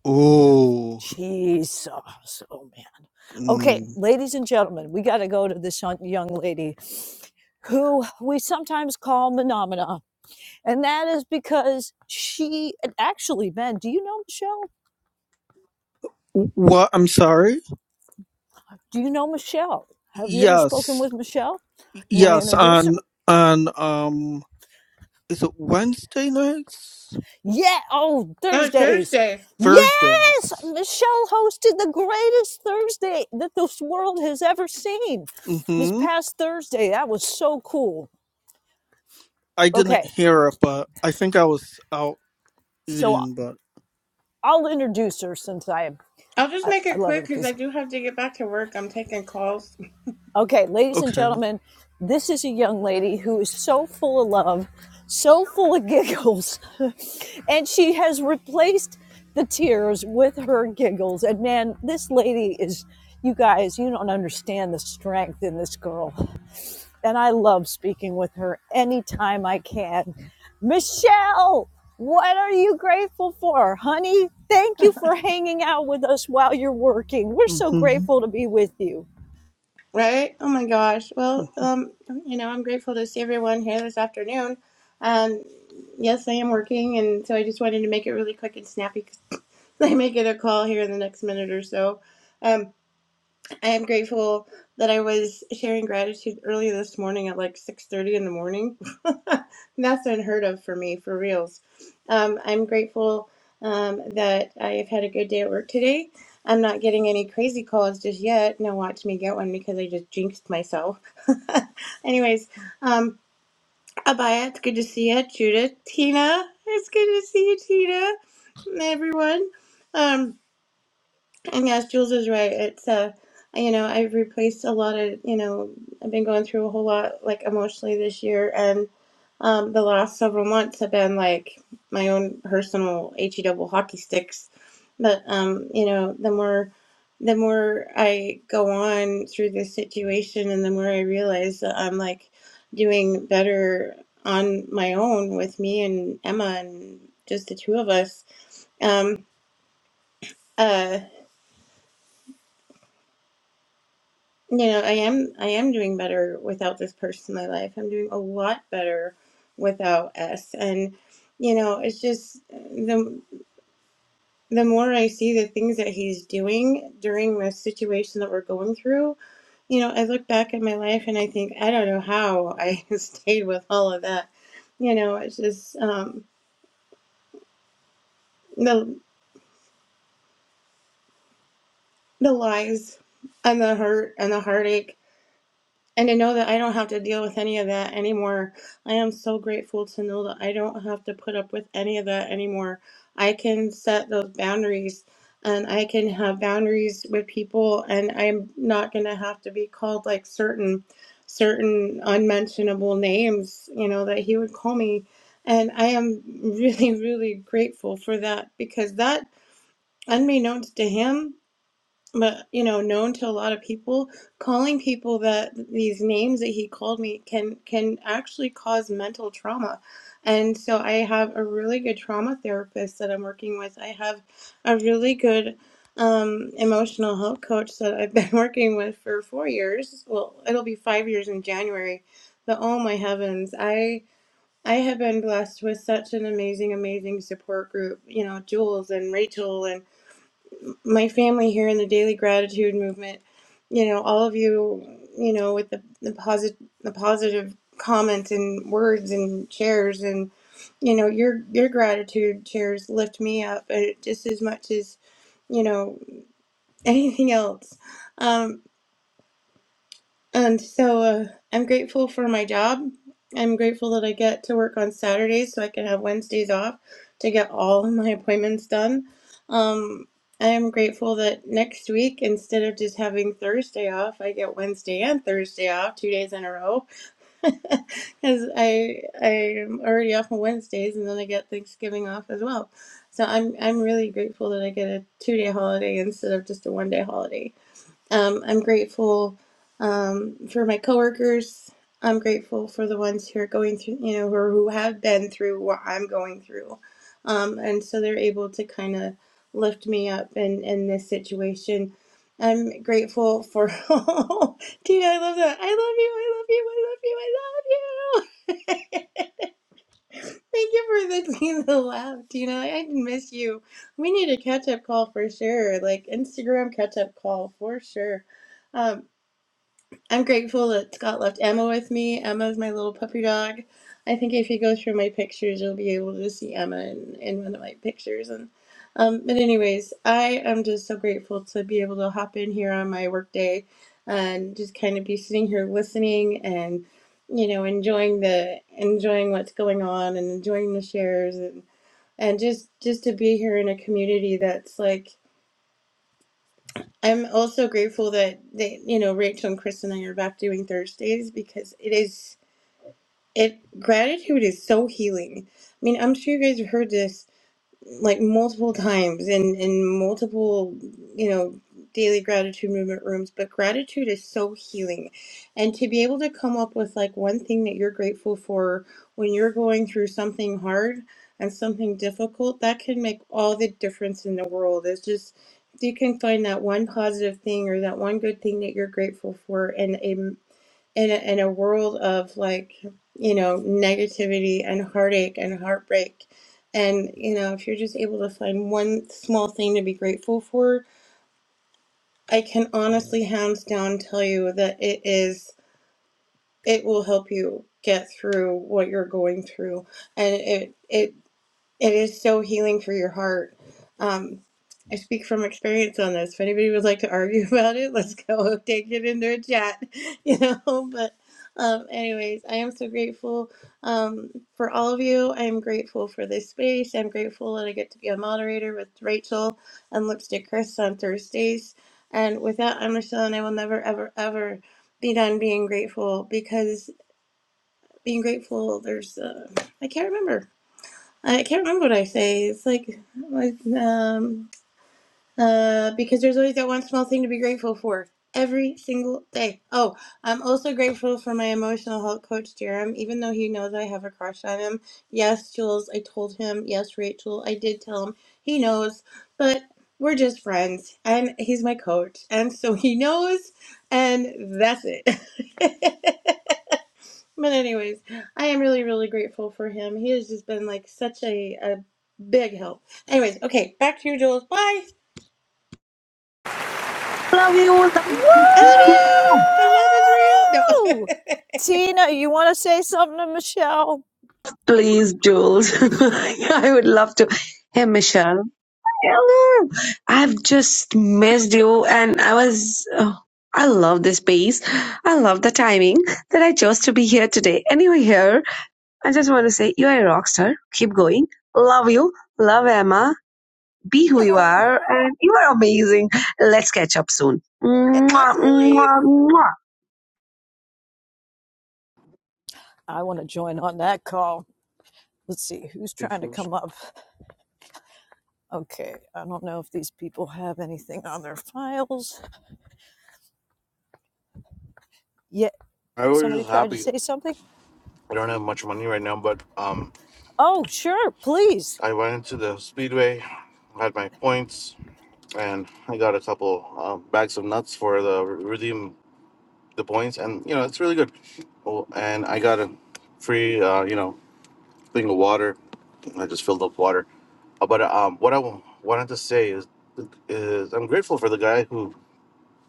Oh. Cheese sauce. Oh, man. Okay, Mm. ladies and gentlemen, we got to go to this young young lady who we sometimes call Menomina. And that is because she, and actually, Ben, do you know Michelle? What? I'm sorry. Do you know Michelle? Have you ever spoken Yes. with Michelle? You want to Yes. introduce her? On on um. Is it Wednesday nights? Yeah. Oh, Oh, it's Thursdays. Thursday. Yes, Thursdays. Michelle hosted the greatest Thursday that this world has ever seen. This Mm-hmm. past Thursday, that was so cool. I didn't Okay, hear it, but I think I was out so eating. But I'll introduce her since I I'll just I, make I it love her quick to because pieces. I do have to get back to work. I'm taking calls. Okay, ladies and okay. gentlemen, this is a young lady who is so full of love, so full of giggles, and she has replaced the tears with her giggles. And man, this lady is, you guys, you don't understand the strength in this girl. And I love speaking with her anytime I can. Michelle, what are you grateful for? Honey, thank you for hanging out with us while you're working. We're so hmm grateful to be with you. Right? Oh my gosh. Well, um, you know, I'm grateful to see everyone here this afternoon. Um, yes, I am working, and so I just wanted to make it really quick and snappy because I may get a call here in the next minute or so. Um. I am grateful that I was sharing gratitude early this morning at like 6:30 in the morning. That's unheard of for me, for reals. Um, I'm grateful um, that I've had a good day at work today. I'm not getting any crazy calls just yet. Now watch me get one because I just jinxed myself. Anyways, um, Abaya, it's good to see you. Judith, Tina, it's good to see you, Tina, and everyone. Um, and yes, Jules is right. It's uh, you know, I've replaced a lot of, you know, I've been going through a whole lot like emotionally this year, and um, the last several months have been like my own personal he double hockey sticks. But um, you know, the more the more I go on through this situation, and the more I realize that I'm like doing better on my own with me and Emma and just the two of us. Um, uh. You know, I am I am doing better without this person in my life. I'm doing a lot better without S. And you know, it's just the the more I see the things that he's doing during the situation that we're going through, you know, I look back at my life and I think I don't know how I stayed with all of that. You know, it's just um, the the lies and the hurt and the heartache And to know that I don't have to deal with any of that anymore. I am so grateful to know that I don't have to put up with any of that anymore. I can set those boundaries and I can have boundaries with people and I'm not going to have to be called like certain certain unmentionable names, you know, that he would call me. And I am really really grateful for that because that unbeknownst to him but you know known to a lot of people calling people that these names that he called me can can actually cause mental trauma and so i have a really good trauma therapist that i'm working with i have a really good um, emotional health coach that i've been working with for four years well it'll be five years in january but oh my heavens i i have been blessed with such an amazing amazing support group you know jules and rachel and my family here in the daily gratitude movement you know all of you you know with the the positive the positive comments and words and shares and you know your your gratitude shares lift me up uh, just as much as you know anything else Um, and so uh, I'm grateful for my job. I'm grateful that I get to work on Saturdays so I can have Wednesdays off to get all of my appointments done. Um, I am grateful that next week, instead of just having Thursday off, I get Wednesday and Thursday off, two days in a row, because I I am already off on Wednesdays and then I get Thanksgiving off as well. So I'm I'm really grateful that I get a two day holiday instead of just a one day holiday um, I'm grateful um, for my coworkers. I'm grateful for the ones who are going through, you know, or who have been through what I'm going through. Um, and so they're able to kind of lift me up in, in this situation. I'm grateful for, Tina, I love that. I love you. I love you. I love you. I love you. Thank you for the, the laugh, Tina. I miss you. We need a catch up call for sure, like Instagram catch up call for sure. Um, I'm grateful that Scott left Emma with me. Emma's my little puppy dog. I think if you go through my pictures, you'll be able to see Emma in, in one of my pictures. And um, but anyways, I am just so grateful to be able to hop in here on my work day and just kind of be sitting here listening and you know enjoying the enjoying what's going on and enjoying the shares and and just just to be here in a community that's like I'm also grateful that they, you know, Rachel and Chris and I are back doing Thursdays because it is it gratitude is so healing. I mean, I'm sure you guys have heard this like multiple times in in multiple you know daily gratitude movement rooms but gratitude is so healing and to be able to come up with like one thing that you're grateful for when you're going through something hard and something difficult that can make all the difference in the world it's just if you can find that one positive thing or that one good thing that you're grateful for and it in a, in a world of like you know negativity and heartache and heartbreak and you know if you're just able to find one small thing to be grateful for i can honestly hands down tell you that it is it will help you get through what you're going through and it it it is so healing for your heart. Um, I speak from experience on this. If anybody would like to argue about it, let's go take it into a chat, you know. But, um, anyways, I am so grateful um, for all of you. I am grateful for this space. I'm grateful that I get to be a moderator with Rachel and Lipstick Chris on Thursdays. And with that, I'm Michelle, and I will never, ever, ever be done being grateful because being grateful, there's, uh, I can't remember I can't remember what I say. It's like, like um, uh, because there's always that one small thing to be grateful for every single day. Oh, I'm also grateful for my emotional health coach, Jerem, even though he knows I have a crush on him. Yes, Jules, I told him. Yes, Rachel, I did tell him. He knows, but we're just friends, and he's my coach, and so he knows, and that's it. But anyways, I am really, really grateful for him. He has just been like such a, a big help. Anyways, okay, back to you, Jules. Bye. love you. I love you. The love is Woo! real. Tina, you want to say something to Michelle? Please, Jules. I would love to. Hey, Michelle. Hello. I've just missed you and I was oh, I love this space. I love the timing that I chose to be here today. And you're here. I just want to say you are a rock star. Keep going. Love you. Love Emma. Be who No. you oh, are and you are amazing. Let's catch up soon. yes, Mwah, absolutely. mwah, mwah. I want to join on that call. Let's see who's trying to you. come up. Okay, I don't know if these people have anything on their files. Yeah, I was somebody just tried to happy. say something. I don't have much money right now, but um, Oh, sure, please. I went into the speedway, had my points, and I got a couple uh, bags of nuts for the redeem the points, and you know it's really good. Oh, and I got a free uh, you know thing of water. I just filled up water. Uh, But um, what I wa- wanted to say is is I'm grateful for the guy who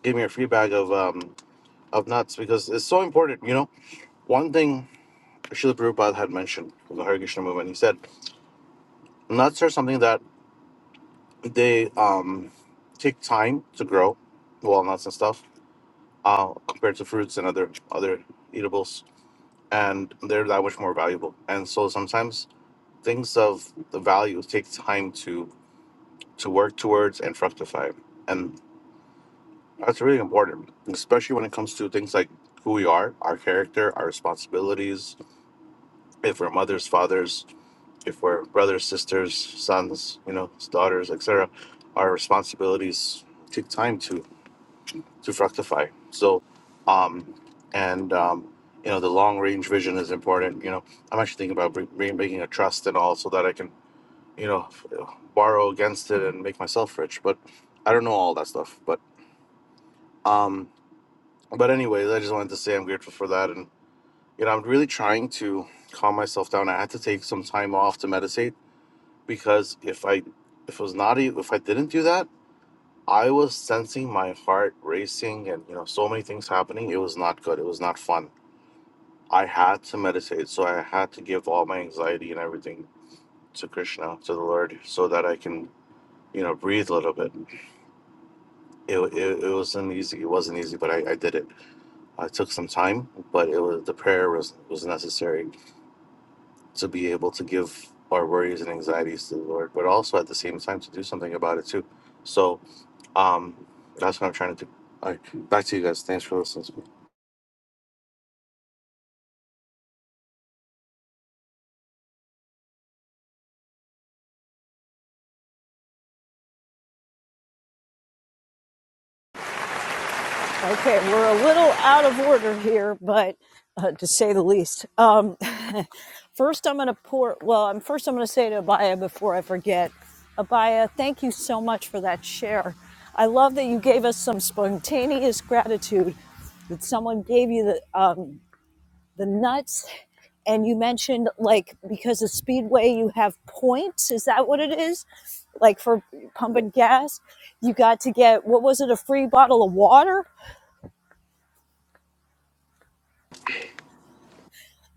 gave me a free bag of um of nuts because it's so important. You know, one thing Srila Prabhupada had mentioned in the Hare Krishna movement, he said. nuts are something that they um take time to grow walnuts and stuff uh compared to fruits and other other eatables and they're that much more valuable and so sometimes things of the value take time to to work towards and fructify and that's really important especially when it comes to things like who we are our character our responsibilities if we're mothers fathers if we're brothers, sisters, sons, you know, daughters, etc., our responsibilities take time to to fructify. So, um, and um, you know, the long range vision is important. You know, I'm actually thinking about bring, making a trust and all, so that I can you know f- uh, borrow against it and make myself rich. But I don't know all that stuff. But um, but anyways, I just wanted to say I'm grateful for that, and you know, I'm really trying to calm myself down. I had to take some time off to meditate because if I if it was not e- if I didn't do that, I was sensing my heart racing and you know so many things happening. It was not good. It was not fun. I had to meditate, so I had to give all my anxiety and everything to Krishna, to the Lord, so that I can you know breathe a little bit. It it, it wasn't easy. It wasn't easy, but I, I did it. I took some time, but it was the prayer was was necessary to be able to give our worries and anxieties to the Lord, but also at the same time to do something about it too. So Um, that's what I'm trying to do. All right, back to you guys. Thanks for listening to me. Okay, we're a little out of order here, but uh, to say the least. Um, first, I'm going to pour. Well, I'm first. I'm going to say to Abaya before I forget. Abaya, thank you so much for that share. I love that you gave us some spontaneous gratitude. That someone gave you the um, the nuts, and you mentioned like because of Speedway you have points. Is that what it is? Like for pumping gas, you got to get what was it? A free bottle of water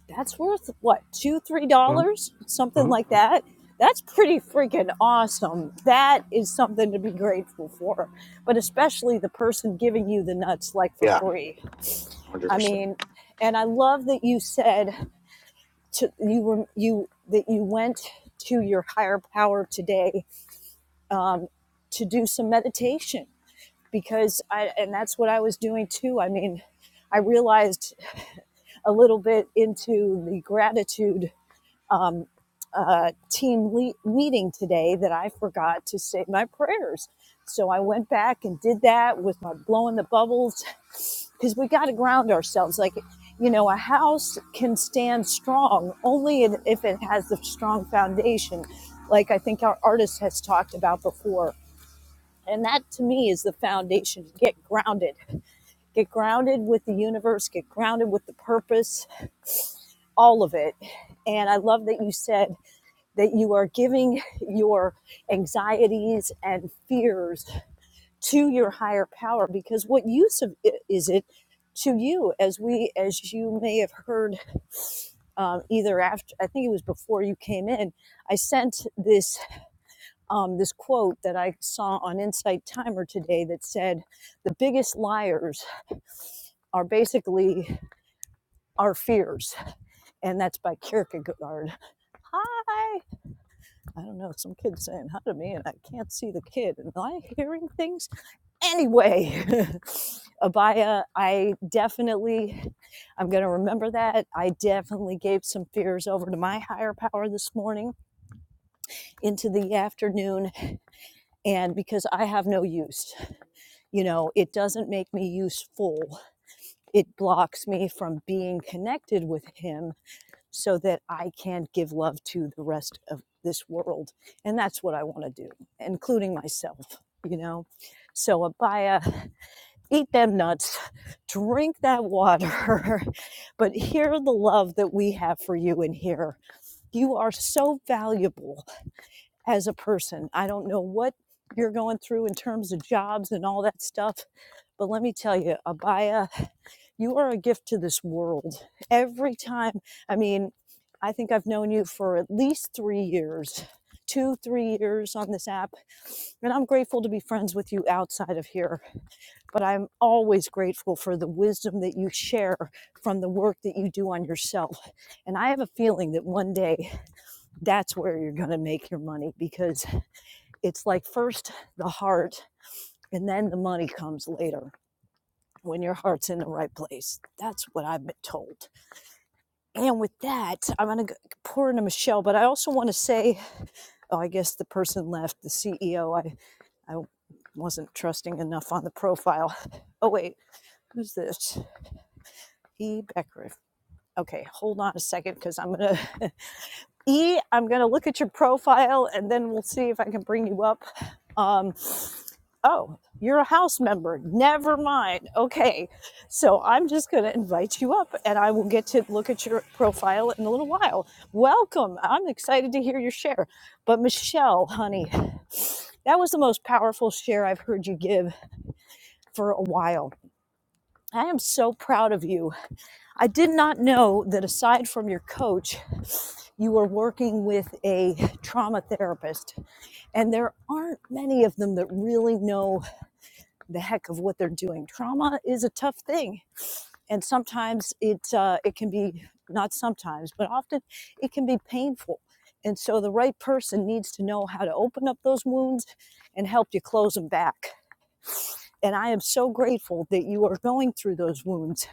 that's worth what two three Mhm, dollars something mhm, like mhm. that that's pretty freaking awesome that is something to be grateful for but especially the person giving you the nuts like for Yeah, one free hundred i percent. mean and i love that you said to you were you that you went to your higher power today um, to do some meditation because i and that's what i was doing too i mean i realized a little bit into the gratitude um, uh, team le- meeting today that I forgot to say my prayers. So I went back and did that with my blowing the bubbles because we got to ground ourselves. Like, you know, a house can stand strong only in- if it has the strong foundation, like I think our artist has talked about before. And that to me is the foundation. Get grounded. Get grounded with the universe, get grounded with the purpose, all of it. And I love that you said that you are giving your anxieties and fears to your higher power because what use of i- is it to you as we as you may have heard um, either after i think it was before you came in i sent this um, this quote that i saw on insight timer today that said the biggest liars are basically our fears and that's by kierkegaard hi I don't know, some kid saying hi to me and I can't see the kid. am I hearing things? Anyway, Abaya, I definitely, I'm going to remember that. I definitely gave some fears over to my higher power this morning into the afternoon. And because I have no use, you know, it doesn't make me useful. It blocks me from being connected with him so that I can give love to the rest of this world. And that's what I want to do, including myself, you know. So, Abaya, eat them nuts, drink that water, but hear the love that we have for you in here. You are so valuable as a person. I don't know what you're going through in terms of jobs and all that stuff, but let me tell you, Abaya, you are a gift to this world. Every time, I mean, I think I've known you for at least three years, two, three years on this app. And I'm grateful to be friends with you outside of here. But I'm always grateful for the wisdom that you share from the work that you do on yourself. And I have a feeling that one day that's where you're going to make your money because it's like first the heart and then the money comes later when your heart's in the right place. That's what I've been told. And with that, I'm going to pour into Michelle, but I also want to say, oh, I guess the person left, the CEO. I, I wasn't trusting enough on the profile. Oh, wait, who's this? E. Becker. Okay, hold on a second because I'm going to E, I'm going to look at your profile and then we'll see if I can bring you up. Um, oh, you're a house member. Never mind. Okay. So I'm just going to invite you up and I will get to look at your profile in a little while. Welcome. I'm excited to hear your share. But Michelle, honey, that was the most powerful share I've heard you give for a while. I am so proud of you I did not know that aside from your coach, you were working with a trauma therapist. And there aren't many of them that really know the heck of what they're doing. Trauma is a tough thing. And sometimes it, uh, it can be, not sometimes, but often it can be painful. And so the right person needs to know how to open up those wounds and help you close them back. And I am so grateful that you are going through those wounds.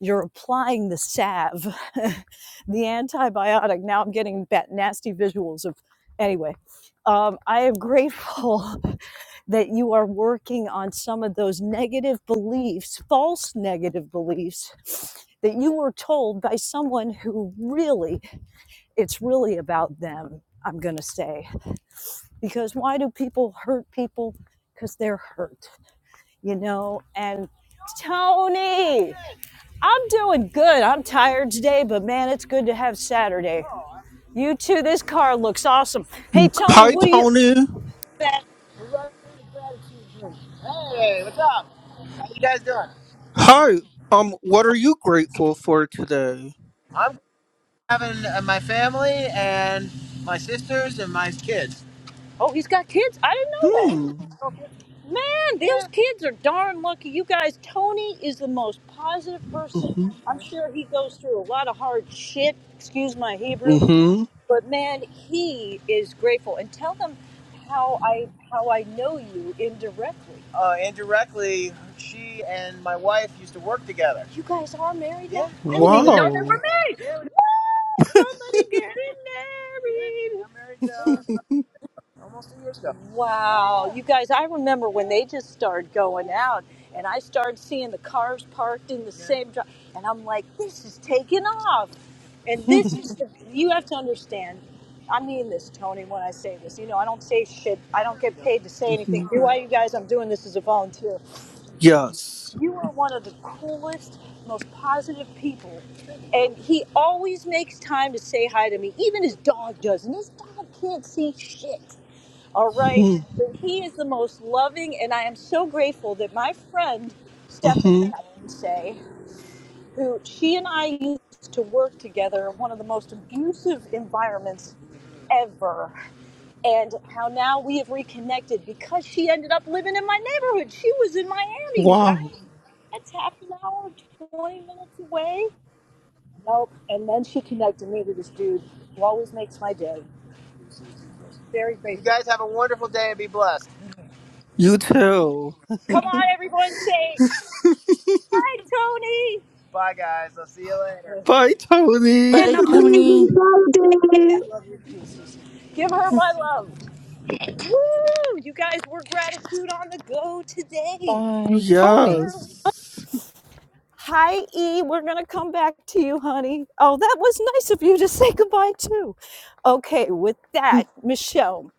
You're applying the salve, the antibiotic. Now I'm getting that nasty visuals of, anyway. Um, I am grateful that you are working on some of those negative beliefs, false negative beliefs that you were told by someone who really, it's really about them, I'm going to say. Because why do people hurt people? Because they're hurt you know, and Tony, I'm doing good. I'm tired today, but man, it's good to have Saturday. You too. This car looks awesome. Hey, Tony, Hi, what do you? Tony. Hey, what's up? How you guys doing? Hi. Um, what are you grateful for today? I'm having uh, my family and my sisters and my kids. Oh, he's got kids. I didn't know Hmm. that. Man, Yeah. those Yeah. kids are darn lucky. You guys, Tony is the most positive person. Mm-hmm. I'm sure he goes through a lot of hard shit. Excuse my Hebrew. Mm-hmm. but man he is grateful and tell them how i how i know you indirectly Uh, indirectly, she and my wife used to work together. you guys are married now? Yeah, i yeah, didn't even know they Wow. were married We're married uh, almost two years ago. Wow, you guys, I remember when they just started going out and I started seeing the cars parked in the yeah. same drive and I'm like, this is taking off. And this is the you have to understand. I mean this, Tony, when I say this. You know, I don't say shit. I don't get paid to say anything. Mm-hmm. Do I, you guys? I'm doing this as a volunteer. Yes. You are one of the coolest, most positive people. And he always makes time to say hi to me. Even his dog does. And his dog can't see shit. All right. Mm-hmm. But he is the most loving, and I am so grateful that my friend Stephanie, Mm-hmm. I can say, who she and I used to work together in one of the most abusive environments ever, and how now we have reconnected because she ended up living in my neighborhood. She was in Miami, you guys. Wow. That's half an hour, 20 minutes away. Nope. And then she connected me to this dude who always makes my day. Very You grateful. guys have a wonderful day and be blessed. You too. Come on, everyone, say Hi, Tony. Bye, guys. I'll see you later. Bye, Tony. And Hey, amazing Tony. I Friday. love you. too. Give her my love. Woo! You guys, we're gratitude on the go today. by Tony. Yes. Hi, E. We're going to come back to you, honey. Oh, that was nice of you to say goodbye, too. Okay, with that, Michelle,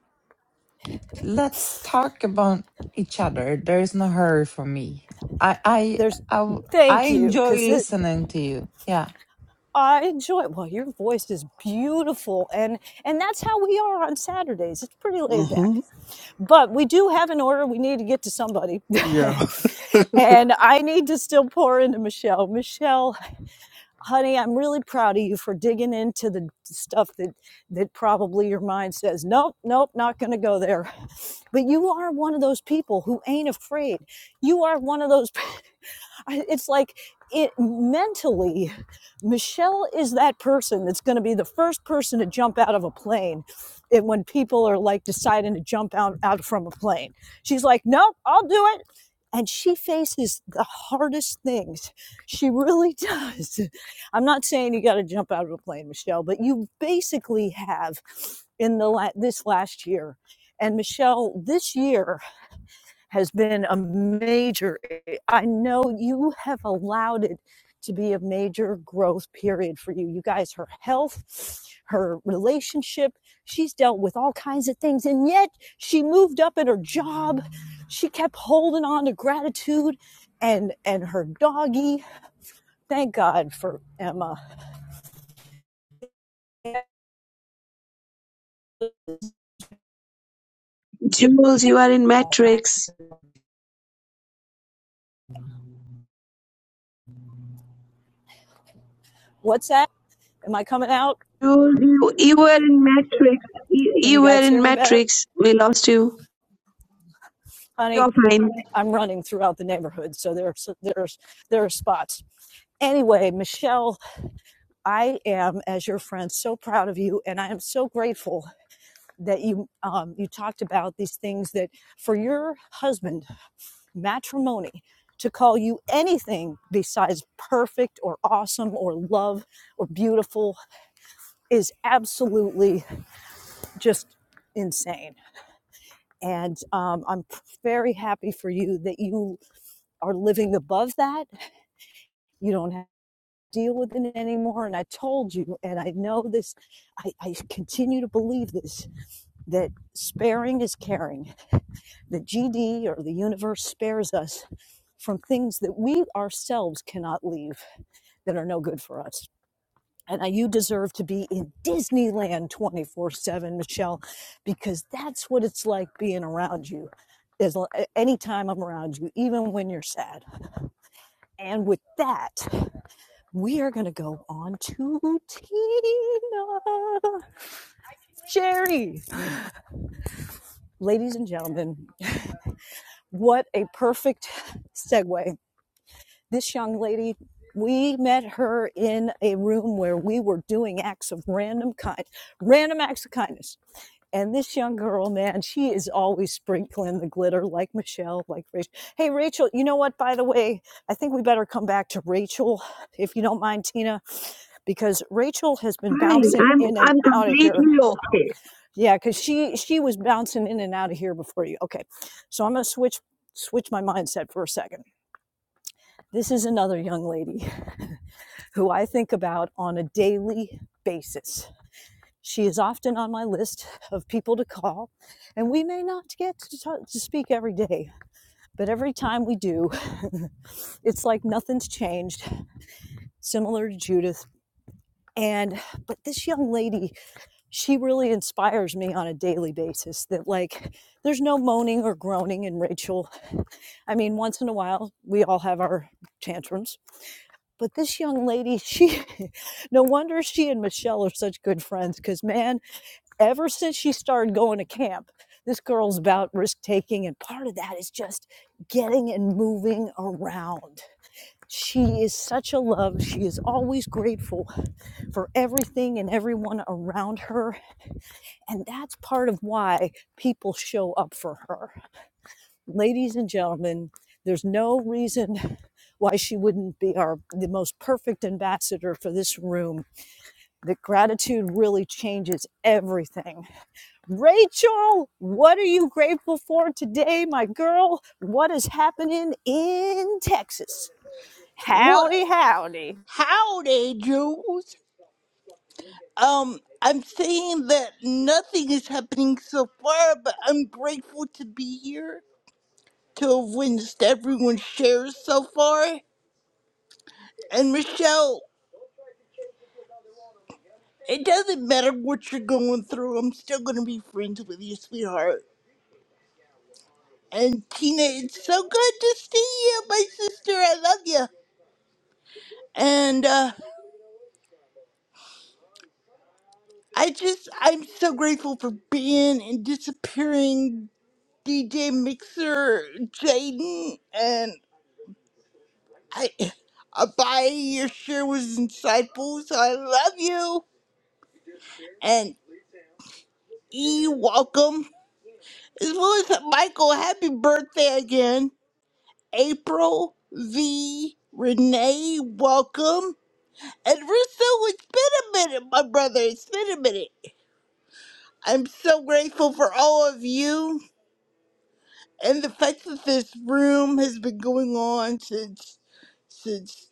Let's talk about each other. There is no hurry for me. I, I, there's I, w- I thank you enjoy because listening to you. Yeah. I enjoy Well, your voice is beautiful. And, and that's how we are on Saturdays. It's pretty laid back. Mm-hmm. but we do have an order we need to get to somebody Yeah. and i need to still pour into michelle michelle honey i'm really proud of you for digging into the stuff that that probably your mind says nope nope not going to go there but you are one of those people who ain't afraid you are one of those I, it's like it mentally michelle is that person that's going to be the first person to jump out of a plane and when people are like deciding to jump out, out from a plane she's like nope i'll do it and she faces the hardest things she really does i'm not saying you got to jump out of a plane michelle but you basically have in the la- this last year and michelle this year has been a major, I know you have allowed it to be a major growth period for you. You guys, her health, her relationship, she's dealt with all kinds of things. And yet she moved up in her job. She kept holding on to gratitude and, and her doggy. Thank God for Emma. Jules, you are in Matrix. What's that? Am I coming out? Jules, you, you were in Matrix. You, Can you you were guys hear in me better? Matrix. We lost you. Honey, You're fine. I'm running throughout the neighborhood. So there's, there's, there are spots. Anyway, Michelle I am, as your friend, so proud of you, and I am so grateful that you um, you talked about these things that for your husband, matrimony, to call you anything besides perfect or awesome or love or beautiful is absolutely just insane. And um, I'm very happy for you that you are living above that. You don't deal with it anymore. And I told you, and I know this, I, I continue to believe this, that sparing is caring, that GD or the universe spares us from things that we ourselves cannot leave that are no good for us. And I- you deserve to be in Disneyland 24 7, Michelle, because that's what it's like being around you. As, l- anytime I'm around you, even when you're sad. And with that, we are going to go on to Tina. Jerry, Ladies and gentlemen, what a perfect segue. This young lady, we met her in a room where we were doing acts of random kind, random acts of kindness. And this young girl, man, she is always sprinkling the glitter like Michelle, like Rachel. Hey, Rachel, you know what? By the way, I think we better come back to Rachel, if you don't mind, Tina, because Rachel has been Fine. bouncing I'm in and I'm out of here. completely okay. Yeah, because she she was bouncing in and out of here before you. Okay, so I'm gonna switch switch my mindset for a second. This is another young lady who I think about on a daily basis She is often on my list of people to call, and we may not get to, talk, to speak every day, but every time we do, it's like nothing's changed, similar to Judith. And, but this young lady, she really inspires me on a daily basis that, like, there's no moaning or groaning in Rachel. I mean, once in a while, we all have our tantrums. But this young lady, she, no wonder she and Michelle are such good friends because, man, ever since she started going to camp, this girl's about risk taking. And part of that is just getting and moving around. She is such a love. She is always grateful for everything and everyone around her. And that's part of why people show up for her. Ladies and gentlemen, there's no reason why she wouldn't be our the most perfect ambassador for this room. That gratitude really changes everything Rachel, what are you grateful for today, my girl? What is happening in Texas? What? Howdy, howdy. Howdy, Jules. Um, I'm saying that nothing is happening so far, but I'm grateful to be here to have witnessed everyone shares so far. And Michelle, it doesn't matter what you're going through, I'm still gonna be friends with you, sweetheart. And Tina, it's so good to see you, my sister. I love you. And uh, I just, I'm so grateful for being and disappearing DJ Mixer Jaden I I buy your share was insightful, so I love you. And E welcome. As well as Michael, happy birthday again. April V Renee, welcome. And Russo, it's been a minute, my brother. It's been a minute. I'm so grateful for all of you and the fact that this room has been going on since since,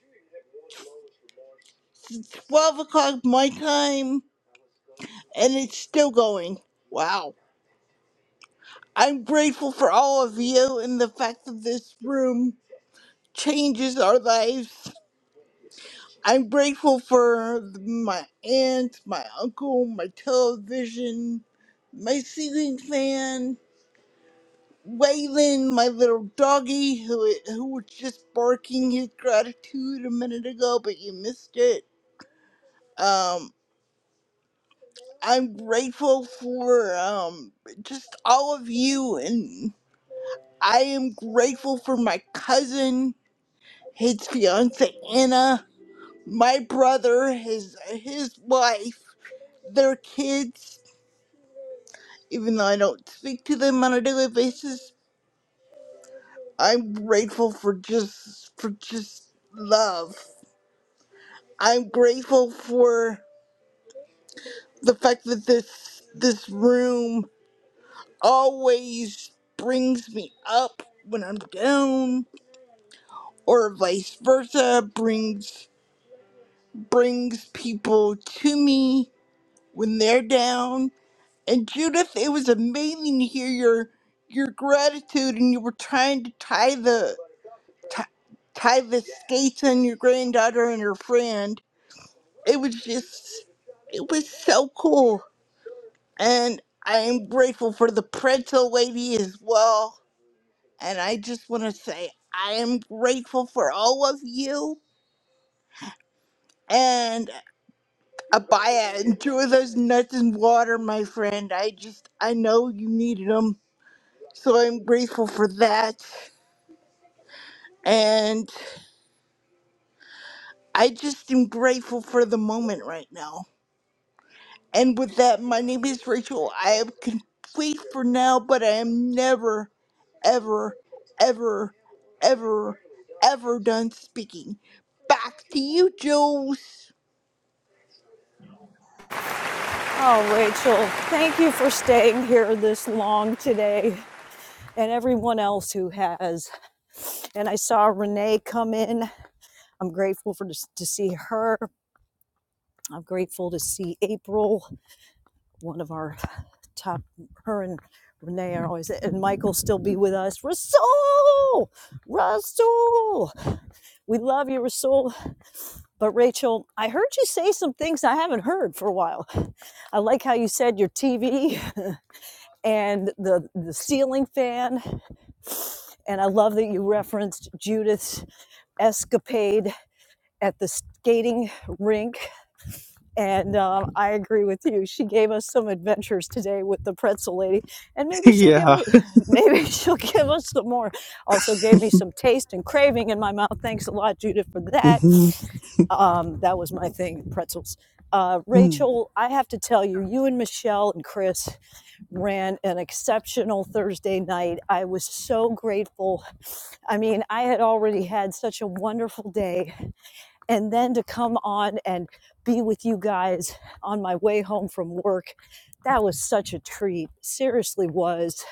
since twelve o'clock my time and it's still going. Wow. I'm grateful for all of you and the fact that this room changes our lives. I'm grateful for my aunt, my uncle, my television, my ceiling fan, Waylon, my little doggy who who was just barking his gratitude a minute ago, but you missed it. Um, I'm grateful for um just all of you, and I am grateful for my cousin his fiance Anna, my brother, his his wife, their kids. Even though I don't speak to them on a daily basis, I'm grateful for just for just love. I'm grateful for the fact that this this room always brings me up when I'm down, or vice versa, brings brings people to me when they're down And Judith, it was amazing to hear your your gratitude, and you were trying to tie the ti- tie the skates on your granddaughter and her friend. It was just, it was so cool, and I am grateful for the pretzel lady as well. And I just want to say I am grateful for all of you. And Abaya, enjoy those nuts and water, my friend. I just, I know you needed them, so I'm grateful for that. And I just am grateful for the moment right now. And with that, my name is Rachel. I am complete for now, but I am never, ever, ever, ever, ever done speaking. Back to you, Jules. Oh, Rachel, thank you for staying here this long today and everyone else who has. And I saw Renee come in. I'm grateful for to, to see her. I'm grateful to see April. one of our top her and renee are always and michael still be with us rasul rasul we love you rasul but rachel i heard you say some things i haven't heard for a while i like how you said your tv and the the ceiling fan and i love that you referenced judith's escapade at the skating rink and um, I agree with you. She gave us some adventures today with the pretzel lady, and maybe she'll give yeah. us maybe she'll give us some more. Also gave me some taste and craving in my mouth. Thanks a lot, Judith, for that. Mm-hmm. Um, that was my thing, pretzels. Uh, Mm-hmm. Rachel, I have to tell you, you and Michelle and Chris ran an exceptional Thursday night. I was so grateful. I mean, I had already had such a wonderful day and then to come on and be with you guys on my way home from work that was such a treat seriously was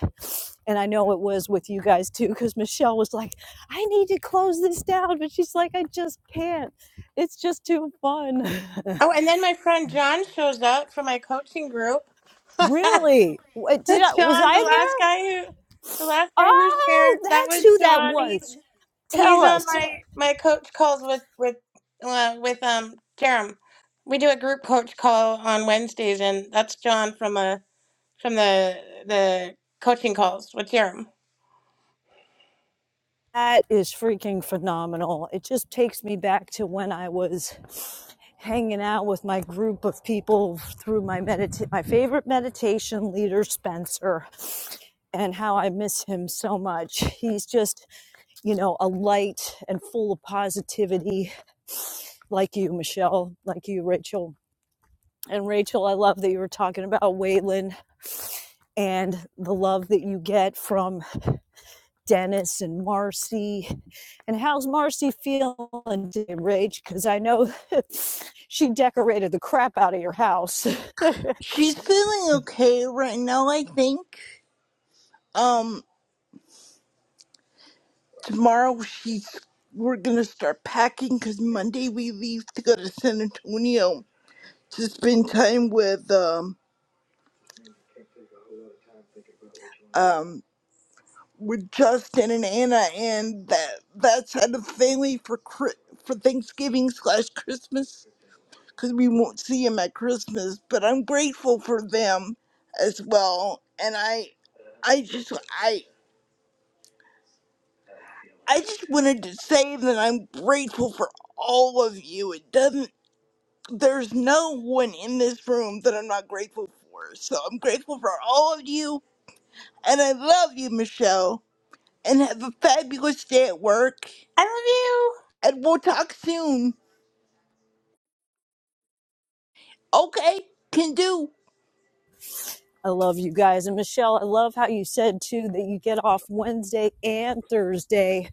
and i know it was with you guys too because michelle was like i need to close this down but she's like i just can't it's just too fun Oh, and then my friend John shows up for my coaching group. John, really What- did I, was i the last there guy who, the last guy who oh shared, that that's was who that John. was He's He's tell on us my my coach calls with with uh, with um Jerem. We do a group coach call on Wednesdays, and that's John from uh from the the coaching calls with Jerem. That is freaking phenomenal. It just takes me back to when I was hanging out with my group of people through my medita- my favorite meditation leader Spencer and how I miss him so much. He's just, you know, a light and full of positivity like you Michelle, like you Rachel. And Rachel, I love that you were talking about Waylon and the love that you get from Dennis and Marcy. And how's Marcy feeling today, Rach? Because I know she decorated the crap out of your house. She's feeling okay right now, I think. Um, tomorrow she's we're gonna start packing because Monday we leave to go to San Antonio to spend time with um um with Justin and Anna, and that that's had a family for Chri- for Thanksgiving slash Christmas because we won't see him at Christmas. But I'm grateful for them as well, and I, I just I I just wanted to say that I'm grateful for all of you. It doesn't. There's no one in this room that I'm not grateful for. So I'm grateful for all of you, and I love you, Michelle. And have a fabulous day at work. I love you. and we'll talk soon. Okay, can do. I love you guys. And Michelle, I love how you said too that you get off Wednesday and Thursday.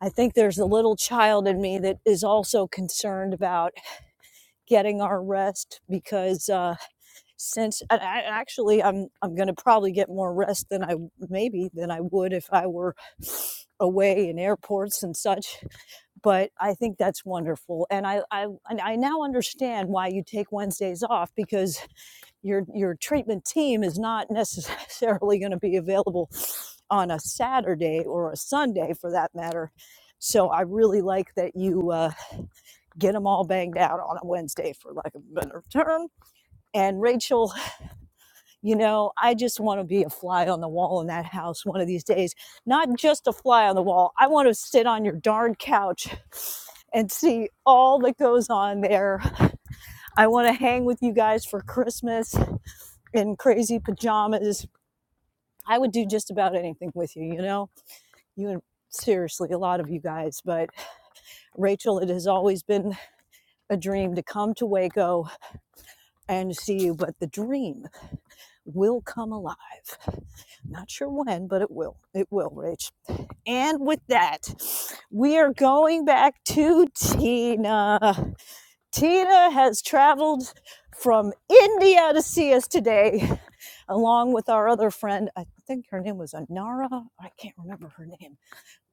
I think there's a little child in me that is also concerned about getting our rest because uh, since I, I- actually I'm I'm going to probably get more rest than I maybe than I would if I were away in airports and such. But I think that's wonderful, and I I and I now understand why you take Wednesdays off because your your treatment team is not necessarily going to be available on a Saturday or a Sunday for that matter. So I really like that you uh, get them all banged out on a Wednesday for lack of a better term. And Rachel, you know, I just want to be a fly on the wall in that house one of these days. Not just a fly on the wall. I want to sit on your darn couch and see all that goes on there. I want to hang with you guys for Christmas in crazy pajamas I would do just about anything with you, you know? You and seriously, a lot of you guys. But Rachel, it has always been a dream to come to Waco and see you, but the dream will come alive. Not sure when, but it will. It will, Rach. And with that, we are going back to Tina. Tina has traveled from India to see us today along with our other friend. I think her name was Anara. I can't remember her name.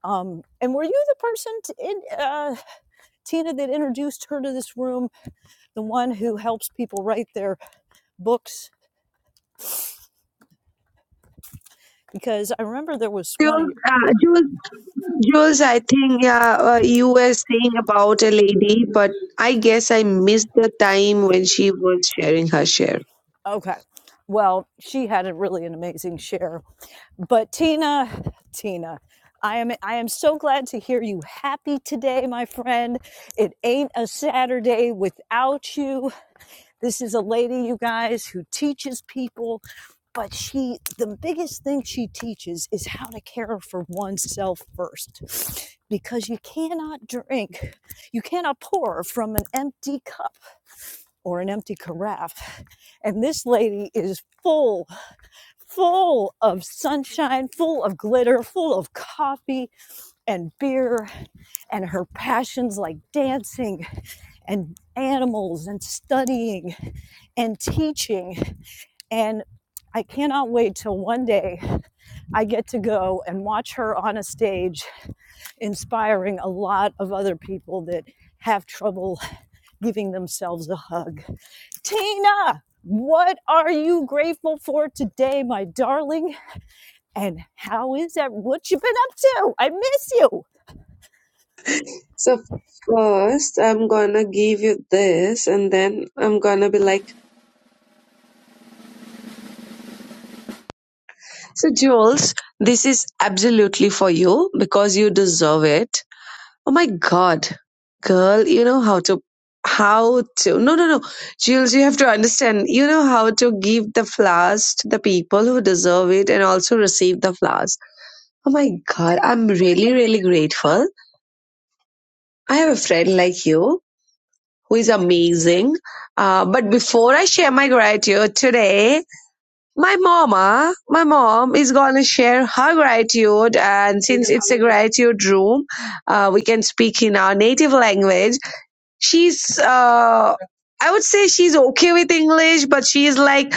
Um, and were you the person, t in, uh, Tina, that introduced her to this room? The one who helps people write their books? Because I remember there was one of Jules, you. uh, Jules, Jules, I think yeah, uh, you were saying about a lady, but I guess I missed the time when she was sharing her share. Okay. Well, she had a really an amazing share. But Tina, Tina, I am I am so glad to hear you happy today, my friend. It ain't a Saturday without you. This is a lady, you guys, who teaches people but she the biggest thing she teaches is how to care for oneself first because you cannot drink you cannot pour from an empty cup or an empty carafe and this lady is full full of sunshine full of glitter full of coffee and beer and her passions like dancing and animals and studying and teaching and I cannot wait till one day I get to go and watch her on a stage, inspiring a lot of other people that have trouble giving themselves a hug. Tina, what are you grateful for today, my darling? And how is that? What you been up to? I miss you. So first, I'm gonna give you this, and then I'm gonna be like, So, Jules, this is absolutely for you because you deserve it. Oh my God, girl, you know how to, how to, no, no, no. Jules, you have to understand, you know how to give the flowers to the people who deserve it and also receive the flowers. Oh my God, I'm really, really grateful. I have a friend like you who is amazing. Uh, but before I share my gratitude today, my mama, my mom is going to share her gratitude. And since it's a gratitude room, uh, we can speak in our native language. she's uh i would say she's okay with english but she's like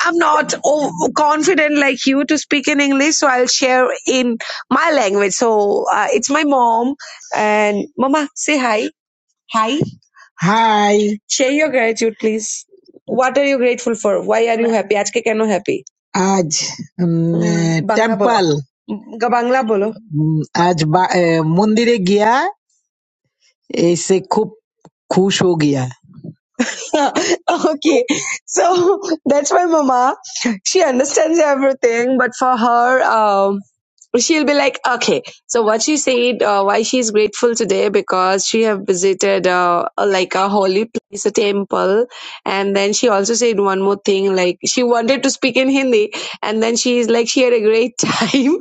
i'm not o- confident like you to speak in english so i'll share in my language so uh, it's my mom and mama say hi hi Hi. share your gratitude please what are you grateful for why are you happy আজকে কেন happy आज उम, উম, अ, বাংলা বলো temple উম, বাংলা বলো उम, आज बा- मंदिरे गया ऐसे खूब खुश हो गया okay so that's my mama she understands everything but for her um she'll be like okay so what she said uh, why she's grateful today because she have visited uh, like a holy place a temple and then she also said one more thing like she wanted to speak in hindi and then she's like she had a great time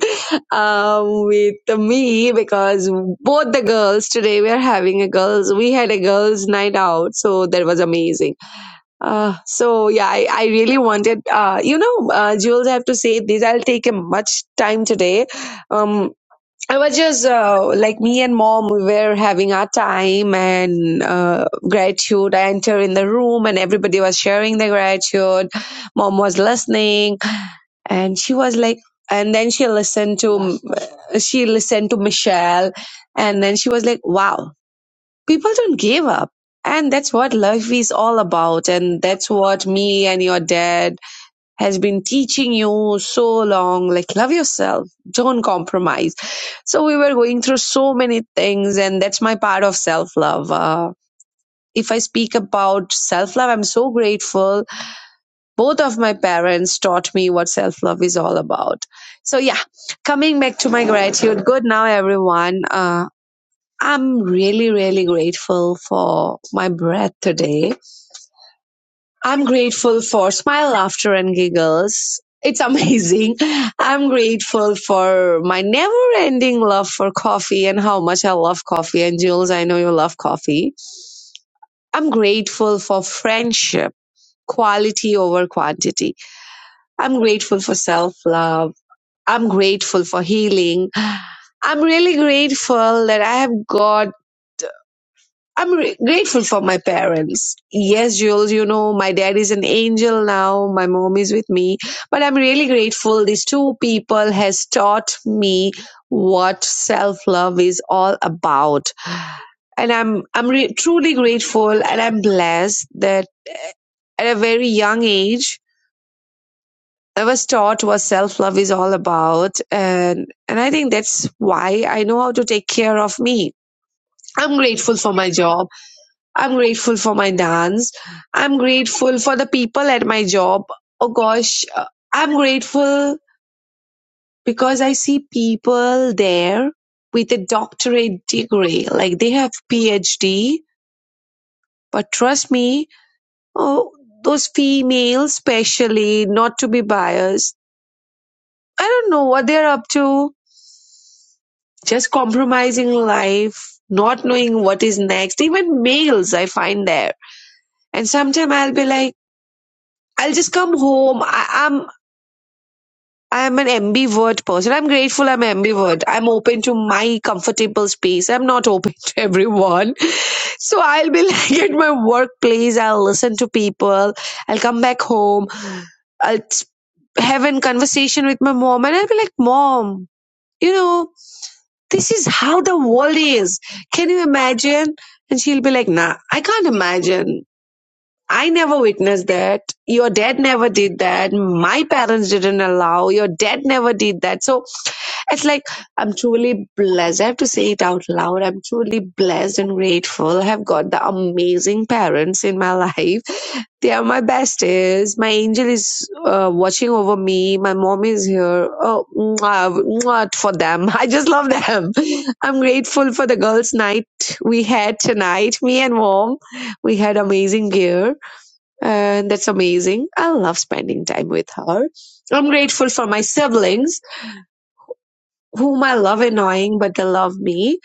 um, with me because both the girls today we are having a girls we had a girls night out so that was amazing uh, so yeah, I, I really wanted, uh, you know, uh, Jules, I have to say this. I'll take a much time today. Um, I was just uh, like me and mom, we were having our time and uh, gratitude. I entered in the room and everybody was sharing their gratitude. Mom was listening and she was like, and then she listened to she listened to Michelle, and then she was like, "Wow." people don't give up. And that's what life is all about. And that's what me and your dad has been teaching you so long. Like, love yourself. Don't compromise. So we were going through so many things. And that's my part of self love. Uh, if I speak about self love, I'm so grateful. Both of my parents taught me what self love is all about. So yeah, coming back to my gratitude. Good now, everyone. Uh, I'm really, really grateful for my breath today. I'm grateful for smile, laughter, and giggles. It's amazing. I'm grateful for my never ending love for coffee and how much I love coffee. And Jules, I know you love coffee. I'm grateful for friendship, quality over quantity. I'm grateful for self love. I'm grateful for healing. I'm really grateful that I have got I'm re- grateful for my parents. Yes, Jules, you know, my dad is an angel now. My mom is with me, but I'm really grateful. These two people has taught me what self-love is all about. And I'm, I'm re- truly grateful and I'm blessed that at a very young age, I was taught what self-love is all about. And, and I think that's why I know how to take care of me. I'm grateful for my job. I'm grateful for my dance. I'm grateful for the people at my job. Oh gosh, uh, I'm grateful because I see people there with a doctorate degree, like they have PhD. But trust me, oh, those females, especially, not to be biased. I don't know what they're up to. Just compromising life, not knowing what is next. Even males, I find there. And sometimes I'll be like. I'll just come home. I, am I'm an ambivert person. I'm grateful I'm ambivert. I'm open to my comfortable space. I'm not open to everyone. So I'll be like at my workplace, I'll listen to people, I'll come back home, I'll s- have a conversation with my mom, and I'll be like, Mom, you know, this is how the world is. Can you imagine? And she'll be like, Nah, I can't imagine. I never witnessed that. Your dad never did that. My parents didn't allow. Your dad never did that. So it's like I'm truly blessed. I have to say it out loud. I'm truly blessed and grateful. I have got the amazing parents in my life. They are my besties. My angel is uh, watching over me. My mom is here. Oh, mwah, mwah for them. I just love them. I'm grateful for the girls' night we had tonight. Me and mom, we had amazing gear and that's amazing. I love spending time with her. I'm grateful for my siblings, whom I love annoying, but they love me.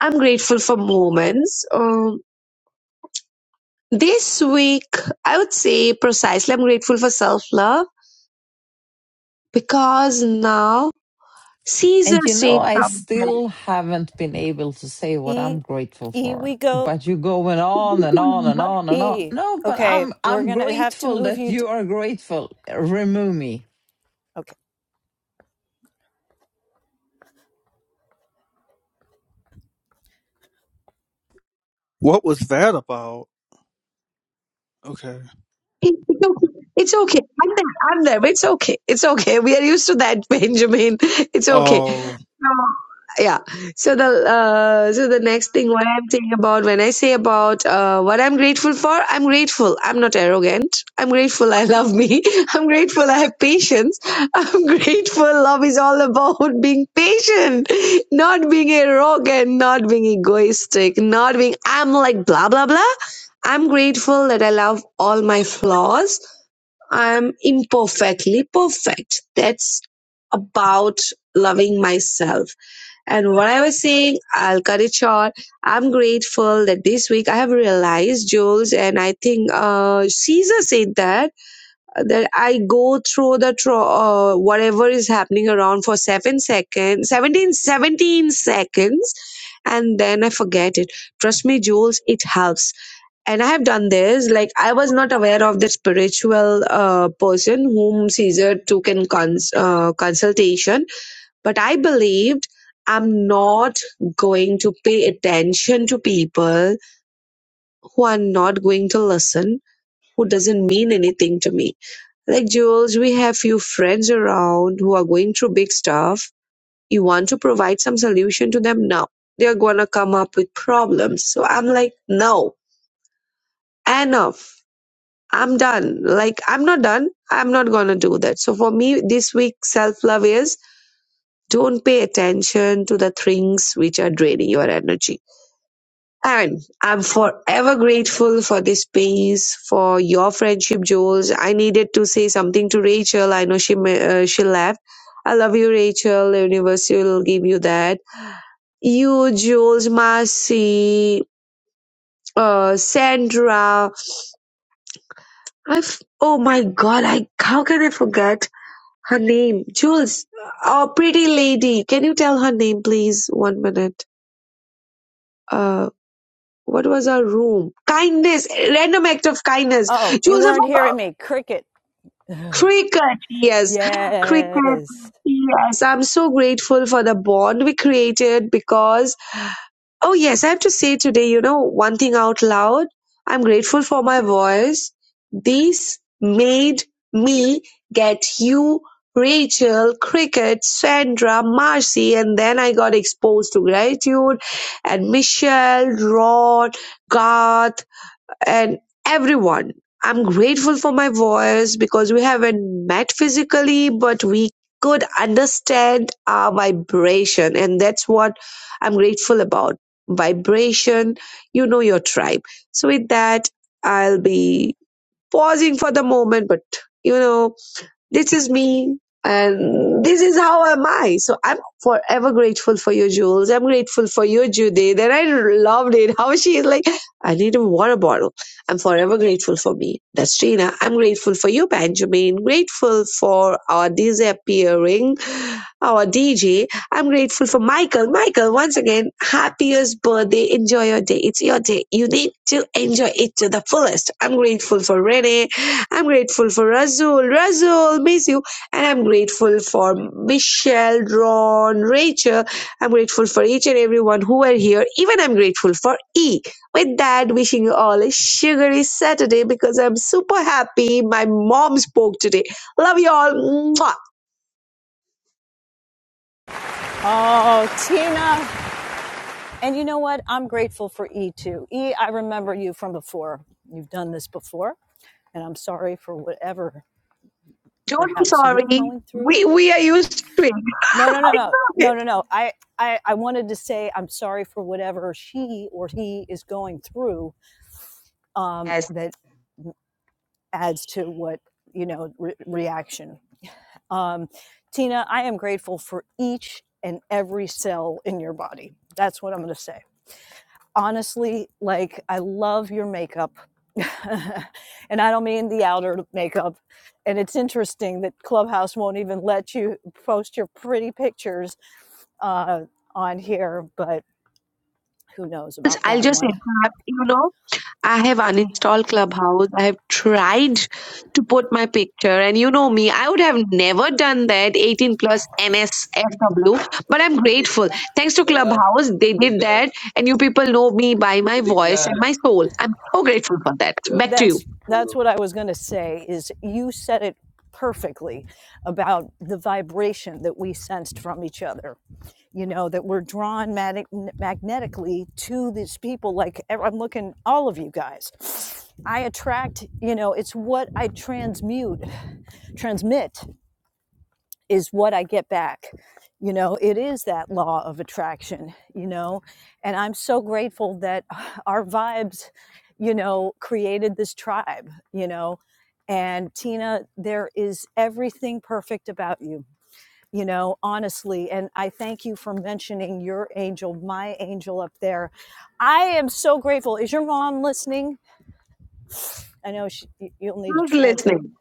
I'm grateful for moments. Um, this week, I would say precisely, I'm grateful for self love because now Caesar And you know, said I something. still haven't been able to say what I'm E, grateful E, for. we go. But you're going on and on and on and on. E, No, but okay, I'm we're I'm gonna have to grateful move that you. D- you are grateful. Remove me. okay. What was that about? Okay. It's okay. It's okay. I'm there. I'm there. But It's okay. It's okay. We are used to that, Benjamin. It's okay. Oh. So, yeah. So the uh, so the next thing what I'm saying about when I say about uh, what I'm grateful for, I'm grateful. I'm not arrogant. I'm grateful. I love me. I'm grateful. I have patience. I'm grateful. Love is all about being patient, not being arrogant, not being egoistic, not being I'm like blah blah blah. I'm grateful that I love all my flaws. I'm imperfectly perfect. That's about loving myself. And what I was saying, I'll cut it short. I'm grateful that this week I have realized, Jules, and I think uh, Caesar said that that I go through the tro- uh, whatever is happening around for seven seconds, 17, 17 seconds, and then I forget it. Trust me, Jules, it helps and i have done this like i was not aware of the spiritual uh, person whom caesar took in cons- uh, consultation but i believed i'm not going to pay attention to people who are not going to listen who doesn't mean anything to me like jules we have few friends around who are going through big stuff you want to provide some solution to them now they're gonna come up with problems so i'm like no enough I'm done. Like, I'm not done. I'm not going to do that. So, for me, this week, self love is don't pay attention to the things which are draining your energy. And I'm forever grateful for this space, for your friendship, Jules. I needed to say something to Rachel. I know she ma- uh, she left. I love you, Rachel. The universe will give you that. You, Jules, Marcy, uh, Sandra. I've, oh my God, I, how can I forget? Her name, Jules. Oh, pretty lady. Can you tell her name, please? One minute. Uh, what was her room? Kindness. Random act of kindness. Oh, you Jules, I weren't hearing forgot. me. Cricket. Cricket. Yes. Cricket. yes. Yes. I'm so grateful for the bond we created because Oh, yes, I have to say today, you know, one thing out loud. I'm grateful for my voice. This made me get you, Rachel, Cricket, Sandra, Marcy, and then I got exposed to gratitude and Michelle, Ron, Garth and everyone. I'm grateful for my voice because we haven't met physically, but we could understand our vibration. And that's what I'm grateful about. Vibration, you know your tribe. So, with that, I'll be pausing for the moment, but you know. This is me. And this is how am I. So I'm forever grateful for you, Jules. I'm grateful for you, Judith. And I loved it. How she is like, I need a water bottle. I'm forever grateful for me. That's Trina. I'm grateful for you, Benjamin. Grateful for our disappearing, our DJ. I'm grateful for Michael. Michael, once again, happiest birthday. Enjoy your day. It's your day. You need to enjoy it to the fullest. I'm grateful for Renee. I'm grateful for Razul. Razul, miss you. And I'm grateful for Michelle, Ron, Rachel. I'm grateful for each and everyone who are here. Even I'm grateful for E. With that, wishing you all a sugary Saturday because I'm super happy my mom spoke today. Love you all. Mwah. Oh, Tina. And you know what? I'm grateful for E too. E, I remember you from before. You've done this before, and I'm sorry for whatever Don't be perhaps you're sorry. going through. We, we are used to No, no, no, no, it. no, no, no. I, I, I wanted to say I'm sorry for whatever she or he is going through. Um, that adds to what you know re- reaction. Um, Tina, I am grateful for each and every cell in your body. That's what I'm going to say. honestly, like I love your makeup. and I don't mean the outer makeup. And it's interesting that Clubhouse won't even let you post your pretty pictures uh, on here, but who knows Yes, about I'll that just one. interrupt. You know, I have uninstalled Clubhouse. I have tried to put my picture, and you know me, I would have never done that 18 plus NSFW, but I'm grateful. Thanks to Clubhouse, they did that, and you people know me by my voice and my soul. I'm so grateful for that. Back to you. that's that's what I was going to say is you said it perfectly about the vibration that we sensed from each other you know that we're drawn mag- magnetically to these people like e-, i'm looking all of you guys i attract you know it's what i transmute transmit is what I get back. You know, it is that law of attraction, you know, and I'm so grateful that our vibes, you know, created this tribe, you know. And Tina, there is everything perfect about you, you know, honestly. And I thank you for mentioning your angel, my angel up there. I am so grateful. Is your mom listening? I know she, you- will need to Who's translate. listening?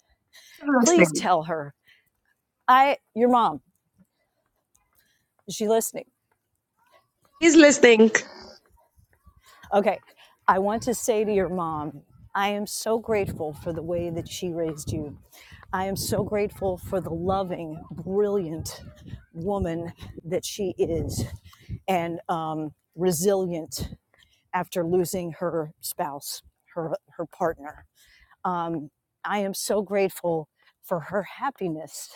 Who's Please listening? tell her. I, your mom, is she listening? He's listening. Okay. I want to say to your mom, I am so grateful for the way that she raised you. I am so grateful for the loving, brilliant woman that she is and um, resilient after losing her spouse, her, her partner. Um, I am so grateful for her happiness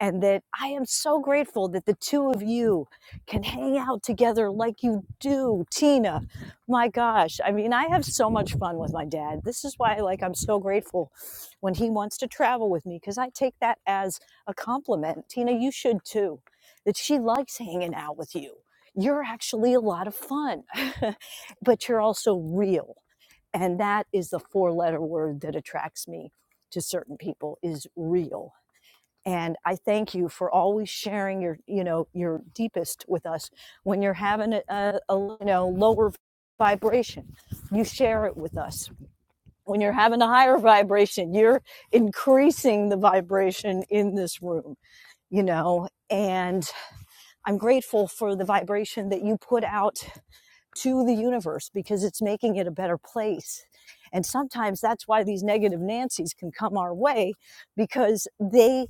and that I am so grateful that the two of you can hang out together like you do, Tina. My gosh, I mean, I have so much fun with my dad. This is why like I'm so grateful when he wants to travel with me cuz I take that as a compliment. Tina, you should too. That she likes hanging out with you. You're actually a lot of fun, but you're also real. And that is the four letter word that attracts me to certain people is real and i thank you for always sharing your you know your deepest with us when you're having a, a, a you know lower vibration you share it with us when you're having a higher vibration you're increasing the vibration in this room you know and i'm grateful for the vibration that you put out to the universe because it's making it a better place and sometimes that's why these negative nancys can come our way because they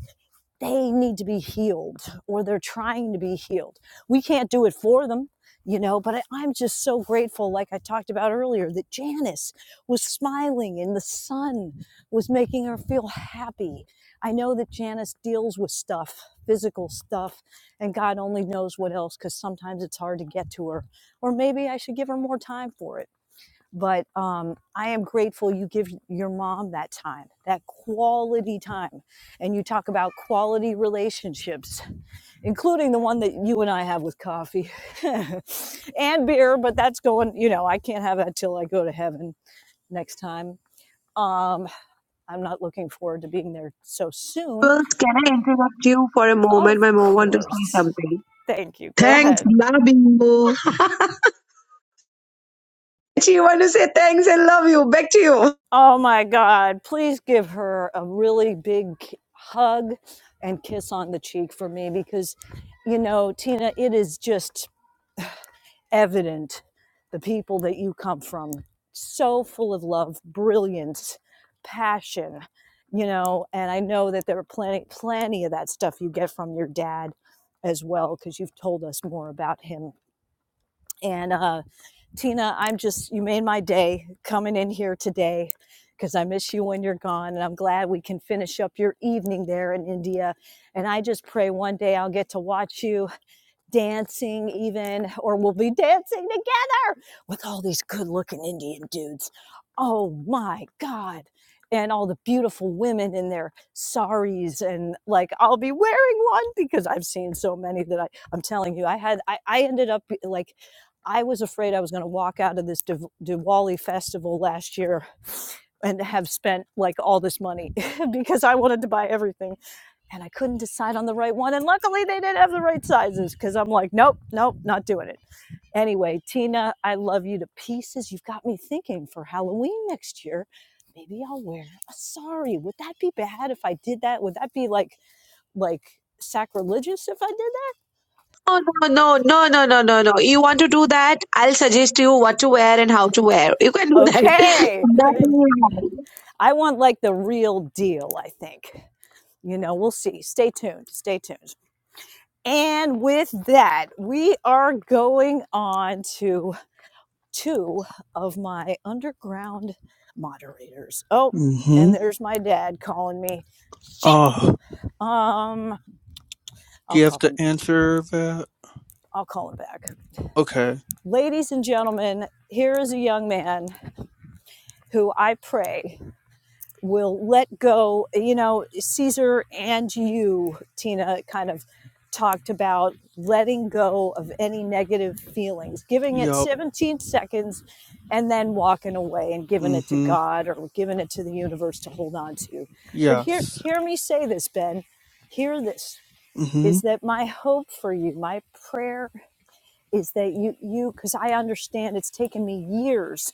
they need to be healed or they're trying to be healed. We can't do it for them, you know, but I, I'm just so grateful, like I talked about earlier, that Janice was smiling and the sun was making her feel happy. I know that Janice deals with stuff, physical stuff, and God only knows what else because sometimes it's hard to get to her. Or maybe I should give her more time for it but um, I am grateful you give your mom that time, that quality time. And you talk about quality relationships, including the one that you and I have with coffee and beer, but that's going, you know, I can't have that till I go to heaven next time. Um, I'm not looking forward to being there so soon. Girls, can I interrupt you for a Of moment? My mom wants to say course. something. Thank you. Go ahead. Thanks, love you. She want to say thanks and love you. Back to you. Oh my God. Please give her a really big k- hug and kiss on the cheek for me because, you know, Tina, it is just evident the people that you come from, so full of love, brilliance, passion, you know, and I know that there are plenty, plenty of that stuff you get from your dad as well because you've told us more about him and uh, Tina, I'm just, you made my day coming in here today because I miss you when you're gone. And I'm glad we can finish up your evening there in India. And I just pray one day I'll get to watch you dancing even or we'll be dancing together with all these good looking indian dudes oh my god and all the beautiful women in their saris and like i'll be wearing one because i've seen so many that i i'm telling you i had i, I ended up like i was afraid i was going to walk out of this Div- diwali festival last year and have spent like all this money because i wanted to buy everything and I couldn't decide on the right one. And luckily, they didn't have the right sizes because I'm like, nope, nope, not doing it. Anyway, Tina, I love you to pieces. You've got me thinking for Halloween next year. Maybe I'll wear a sari. Would that be bad if I did that? Would that be like like sacrilegious if I did that? No, no, no, no, no, no, no. no. You want to do that? I'll suggest you what to wear and how to wear. You can do that. Okay. That is I want like the real deal, I think you know, we'll see. Stay tuned. Stay tuned. And with that, we are going on to two of my underground moderators. Oh, Mm-hmm. and there's my dad calling me. Shit. Oh. Um, Do I'll you have call to them. answer that? I'll call him back. Okay. Ladies and gentlemen, here is a young man who I pray will let go. You know, Caesar and you, Tina, kind of talked about letting go of any negative feelings, giving it Yup. 17 seconds and then walking away and giving it to Mm-hmm. God or giving it to the universe to hold on to. But hear Yes. hear me say this, Ben. Hear this Mm-hmm. is that my hope for you, my prayer is that you you cuz I understand it's taken me years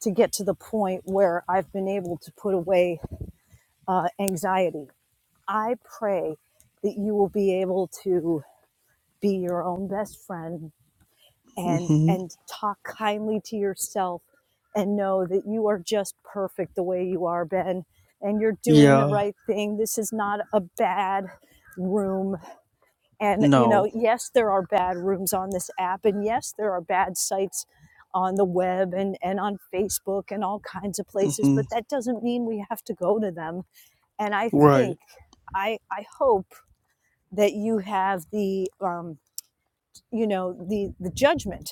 to get to the point where I've been able to put away uh, anxiety. I pray that you will be able to be your own best friend and Mm-hmm. and talk kindly to yourself and know that you are just perfect the way you are, Ben, and you're doing the Yeah. right thing. This is not a bad room. And you No. know, yes, there are bad rooms on this app and yes, there are bad sites on the web and, and on Facebook and all kinds of places, Mm-hmm. but that doesn't mean we have to go to them and I think Right. I I hope that you have the um you know the the judgment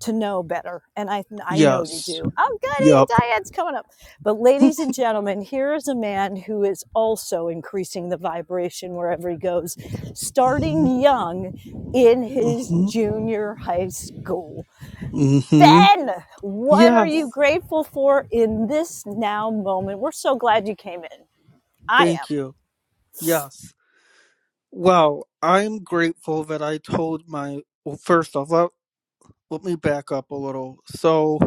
to know better, and I I know you Yes. do. Oh, goody, and Yup. Diane's coming up. But ladies and gentlemen, here is a man who is also increasing the vibration wherever he goes, Mm-hmm. starting young in his Mm-hmm. junior high school. Mm-hmm. Ben, what are you Yes. grateful for in this now moment? We're so glad you came in. I am, Thank you. Yes. Wow. I'm grateful that I told my well first off, let, let me back up a little. So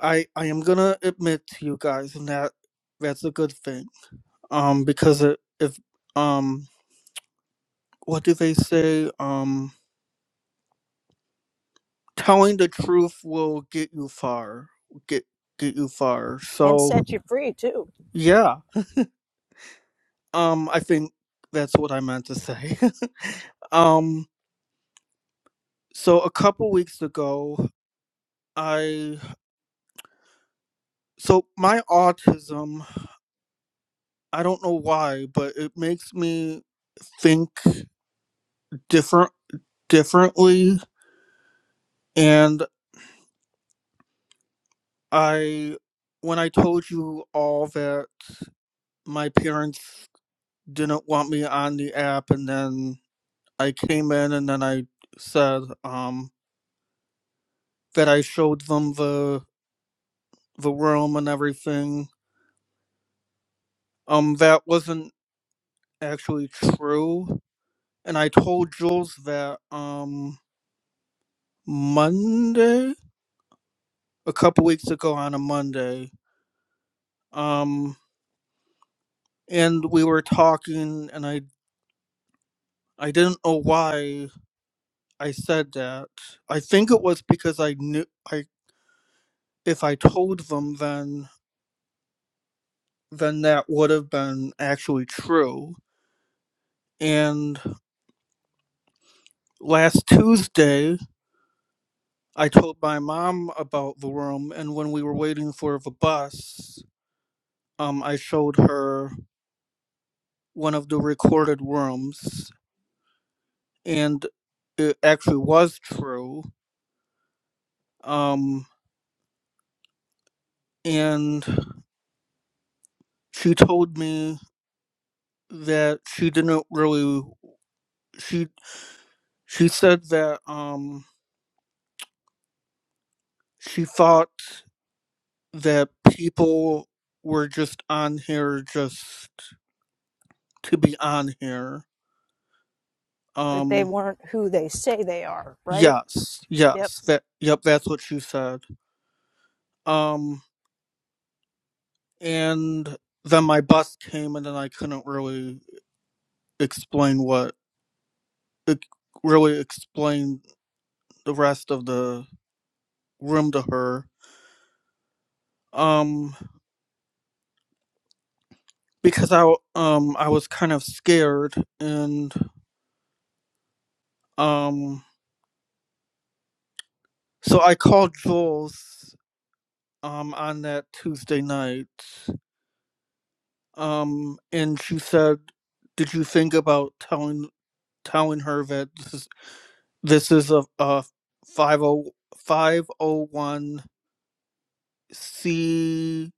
I I am gonna admit to you guys and that that's a good thing um because it, if um what do they say um telling the truth will get you far get get you far and so set you free too. yeah um i think that's what i meant to say um so a couple weeks ago i so my autism i don't know why but it makes me think different differently and i when i told you all that my parents didn't want me on the app and then I came in and then I said um that I showed them the the room and everything. Um that wasn't actually true. And I told Jules that um Monday a couple weeks ago on a Monday. Um and we were talking and I I didn't know why I said that. I think it was because I knew I if I told them then then that would have been actually true. And last Tuesday, I told my mom about the room, and when we were waiting for the bus, um, I showed her one of the recorded rooms, and it actually was true. Um, and she told me that she didn't really she she said that um she thought that people were just on here just to be on here. that they Um weren't who they say they are, right? yes, Yep. yes. That yep, that's what she said. Um and then my bus came and then I couldn't really explain what ex- really explain the rest of the room to her. Um because I w- um I was kind of scared and um so I called Jules um on that Tuesday night. Um and she said, "Did you think about telling telling her that this is this is a a five o five o one c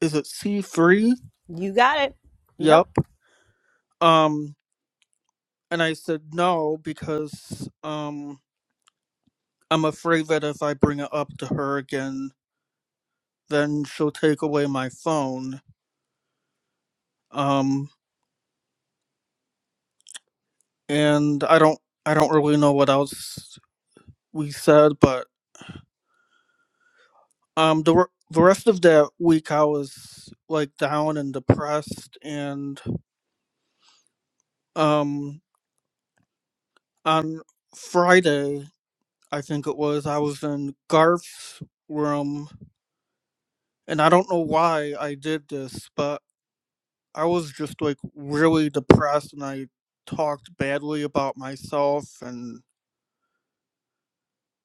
is it C3? You got it. Yep. Yep. Um and I said no because um I'm afraid that if I bring it up to her again, then she'll take away my phone. Um and I don't I don't really know what else we said, but Um, the re- the rest of that week, I was like down and depressed, and um, on Friday, I think it was, I was in Garth's room, and I don't know why I did this, but I was just like really depressed, and I talked badly about myself, and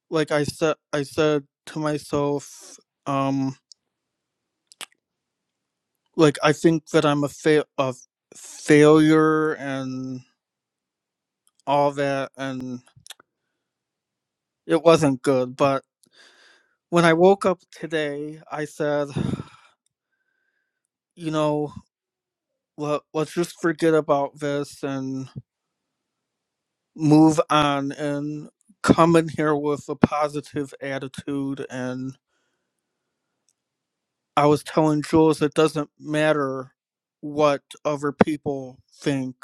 like I said, I said to myself, um, like I think that I'm a fa- a failure, and all that, and It wasn't good, but when I woke up today, I said, you know, let, let's just forget about this and move on and come in here with a positive attitude. And I was telling Jules it doesn't matter what other people think,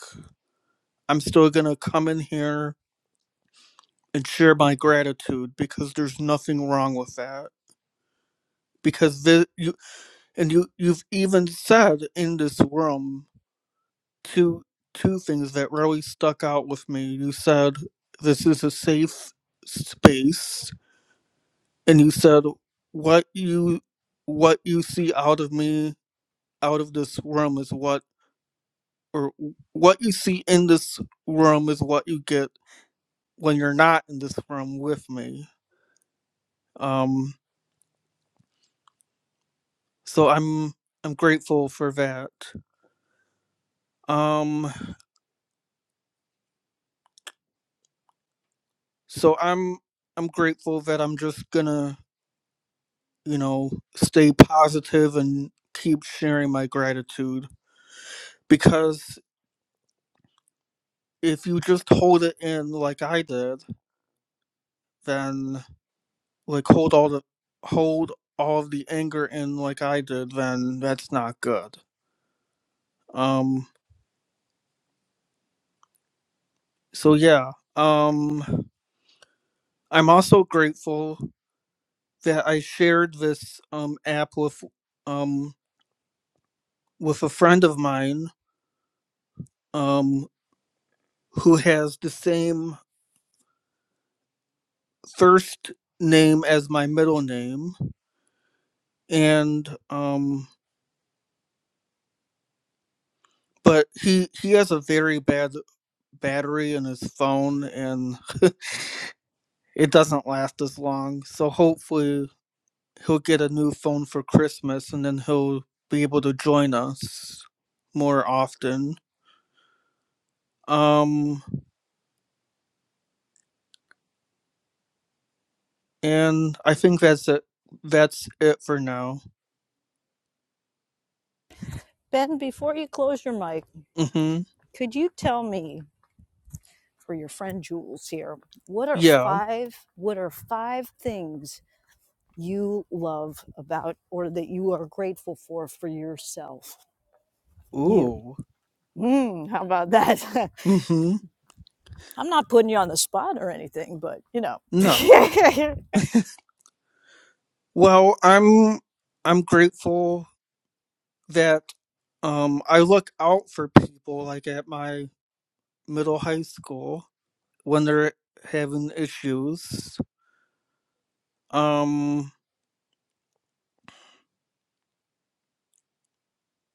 I'm still going to come in here and share my gratitude because there's nothing wrong with that. Because the, you and you, you've even said in this room two two things that really stuck out with me. You said this is a safe space, and you said what you what you see out of me out of this room is what or what you see in this room is what you get when you're not in this room with me. Um, so I'm I'm grateful for that. Um, so I'm I'm grateful that I'm just gonna you know, stay positive and keep sharing my gratitude. Because if you just hold it in like I did, then like hold all the hold all of the anger in like I did, then that's not good. Um so yeah. Um I'm also grateful that I shared this um app with um with a friend of mine um who has the same first name as my middle name and um but he he has a very bad battery in his phone and it doesn't last as long so hopefully he'll get a new phone for christmas and then he'll be able to join us more often um and i think that's it that's it for now Ben, before you close your mic, mm-hmm could you tell me for your friend Jules here, what are yeah five what are five things you love about or that you are grateful for for yourself? You. ooh Mm, how about that? mm-hmm I'm not putting you on the spot or anything, but you know. wait no a well i'm i'm grateful that. Um, I look out for people like at my middle high school when they're having issues. Um,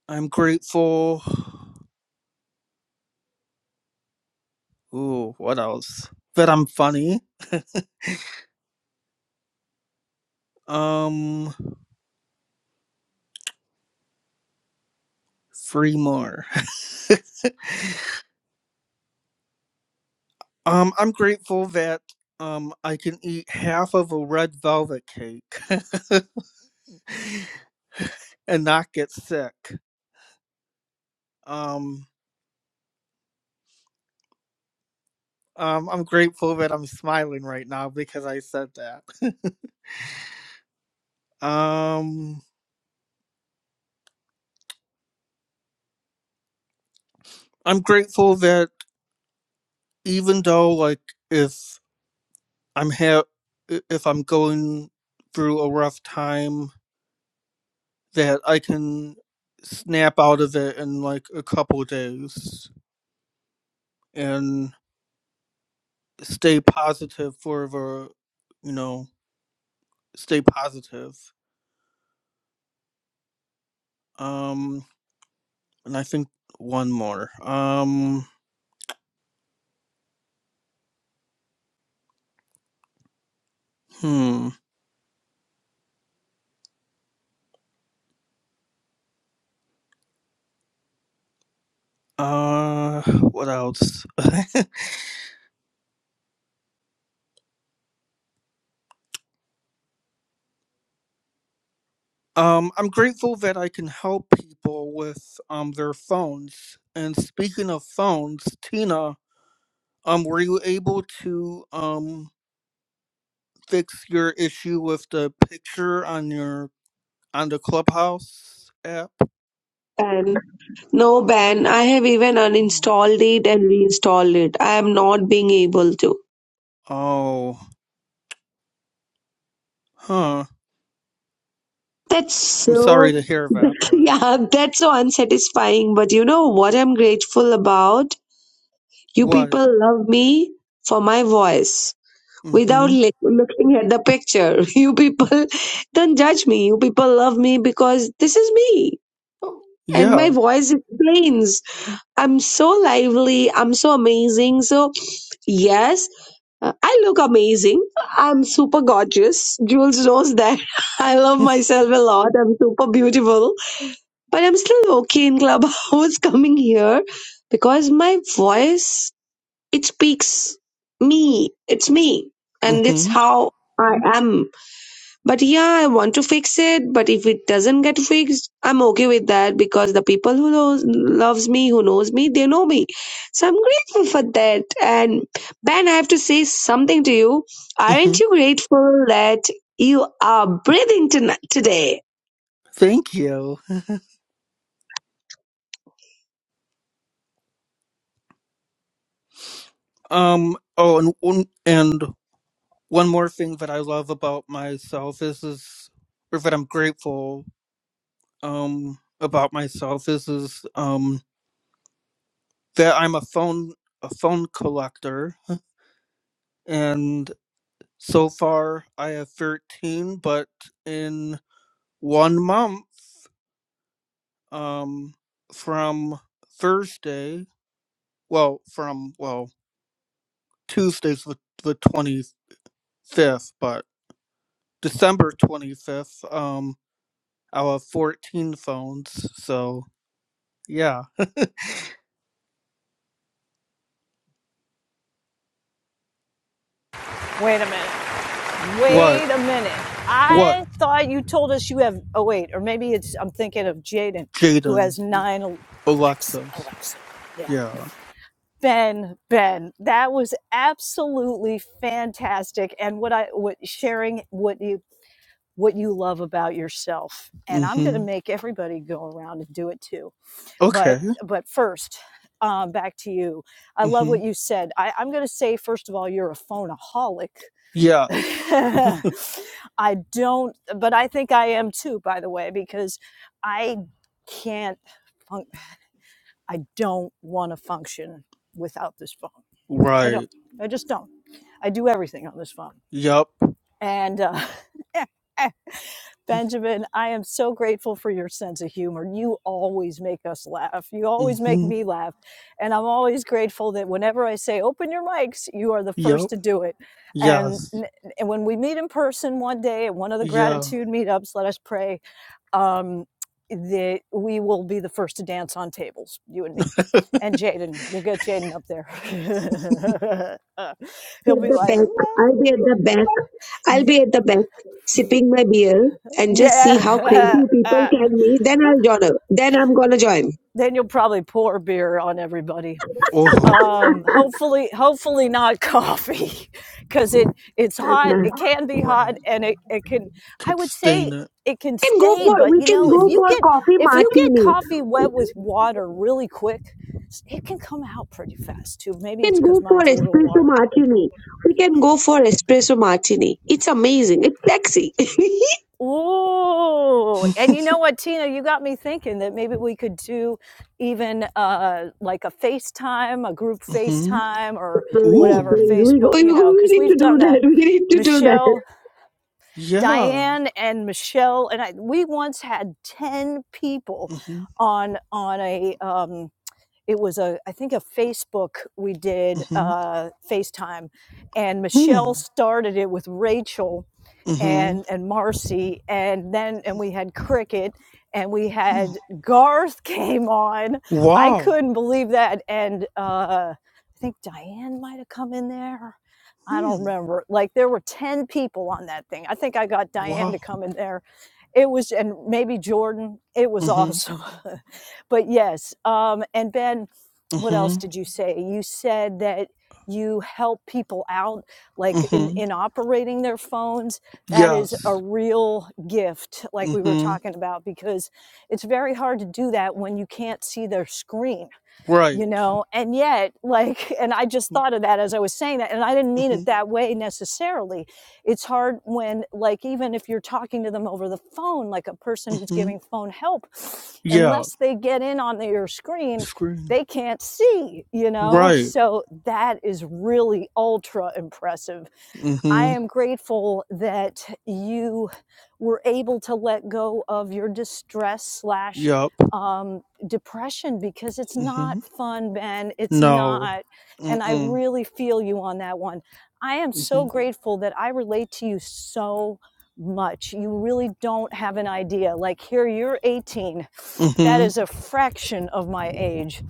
I'm grateful. Ooh, what else? That I'm funny. Um, three more. Um, I'm grateful that um I can eat half of a red velvet cake and not get sick. Um, um, I'm grateful that I'm smiling right now because I said that. um I'm grateful that even though like if I'm ha- if I'm going through a rough time that I can snap out of it in like a couple days and stay positive for the you know stay positive um and I think one more um hmm uh what else Um, I'm grateful that I can help people with um their phones. And speaking of phones, Tina, um, were you able to um fix your issue with the picture on your on the Clubhouse app? Ban. No ban. I have even Oh, uninstalled it and reinstalled it. I am not being able to. oh, huh. That's I'm so, sorry to hear that, but yeah, that's so unsatisfying. But you know what I'm grateful about? You what? people love me for my voice. without Mm-hmm. li- looking at the picture. You people don't judge me. You people love me because this is me. And my Yeah. voice explains. I'm so lively. I'm so amazing. So, yes, uh, I look amazing. I'm super gorgeous. Jules knows that. I love myself a lot. I'm super beautiful. But I'm still okay in Clubhouse coming here because my voice it speaks me it's me and it's Mm-hmm. how i am but yeah i want to fix it but if it doesn't get fixed i'm okay with that because the people who knows loves me who knows me they know me so i'm grateful for that and ben i have to say something to you Mm-hmm. aren't you grateful that you are breathing tonight today Thank you. Um. Oh, and and one more thing that I love about myself is is or that I'm grateful um about myself is is um that I'm a phone a phone collector and so far I have 13 but in one month um from Thursday well from well Tuesday's the, the 25th but December 25th um I'll have 14 phones so yeah minute. What? Wait a minute. What? I thought you told us you have oh wait, or maybe it's I'm thinking of Jaden who Jaden. has nine Al- Alexa Alexis. Alexa. Yeah. Yeah. Ben, Ben, that was absolutely fantastic. And what I what sharing what you what you love about yourself. And I'm going to Mm-hmm. make everybody go around and do it too. But Okay. but first, um, back to you. I love Mm-hmm. what you said. I, I'm going to say first of all, you're a phoneaholic. Yes. I don't, but I think I am too. By the way, because I can't. func- I don't want to function without this phone. I don't. Right. I just don't. I do everything on this phone. Yup. And uh, Benjamin, I am so grateful for your sense of humor. You always make us laugh. You always make Mm-hmm. me laugh. And I'm always grateful that whenever I say open your mics, you are the first Yup. to do it. And, Yes. and when we meet in person one day at one of the Yeah. gratitude meetups, let us pray um, that we will be the first to dance on tables, you and me. And Jaden, we'll get Jaden up there. be He'll at be the back. like, I'll what? be at the back. I'll be at the back sipping my beer and just see how crazy Yeah. people can be. Then I'll join. up. Then I'm gonna join. then you'll probably pour beer on everybody. Oh. um hopefully hopefully not coffee because it it's hot Anna. it can be hot Right. and it, it can i Could would say stain it. it can We can go stay for but we you can know if Mm-hmm. go you for get coffee if you get martini. coffee wet with water really quick it can come out pretty fast too maybe We it's can because go for mine's a little espresso watery martini. We can go for espresso martini. It's amazing. It's sexy. Ooh, and you know what, Tina, you got me thinking that maybe we could do even uh, like a FaceTime, a group mm-hmm. FaceTime, or please, whatever Ooh. please, we, go, Facebook, we you know, because need we've to do done that. that. We need to do that. Michelle, Yeah. Diane, and Michelle, and I, we once had ten people Mm-hmm. on on a. Um, it was a, I think a Facebook we did Mm-hmm. uh, FaceTime, and Hmm. Michelle started it with Rachel, Mm-hmm. and and Marcy and then and we had cricket and we Hmm. had Garth came on. I Wow. couldn't believe that and uh I think Diane might have come in there. I Hmm. don't remember. Like there were 10 people on that thing. I think I got Diane Wow. to come in there. It was and maybe Jordan. It was Mm-hmm. awesome. but yes, um and Ben what else Mm-hmm. did you say? You said that you help people out like in Mm-hmm. in operating their phones that is a Yes. real gift, like we were Mm-hmm. talking about, because it's very hard to do that when you can't see their screen, you Right. know? And yet, like, and I just thought of that as I was saying that, and I didn't mean it Mhm. that way necessarily. It's hard when, like, even if you're talking to them over the phone, like a person who's Mhm. giving phone help, Yeah. unless they get in on your screen, Screen. they can't see, you know? Right. So that is really ultra impressive I Mhm. am grateful that you were able to let go of your distress slash Yup. um, depression because it's not Mhm. fun, Ben. It's No. not. And I Mm-mm. really feel you on that one. I am so Mhm. grateful that I relate to you so much. You really don't have an idea. Like, here, you're 18 that Mhm. is a fraction of my age.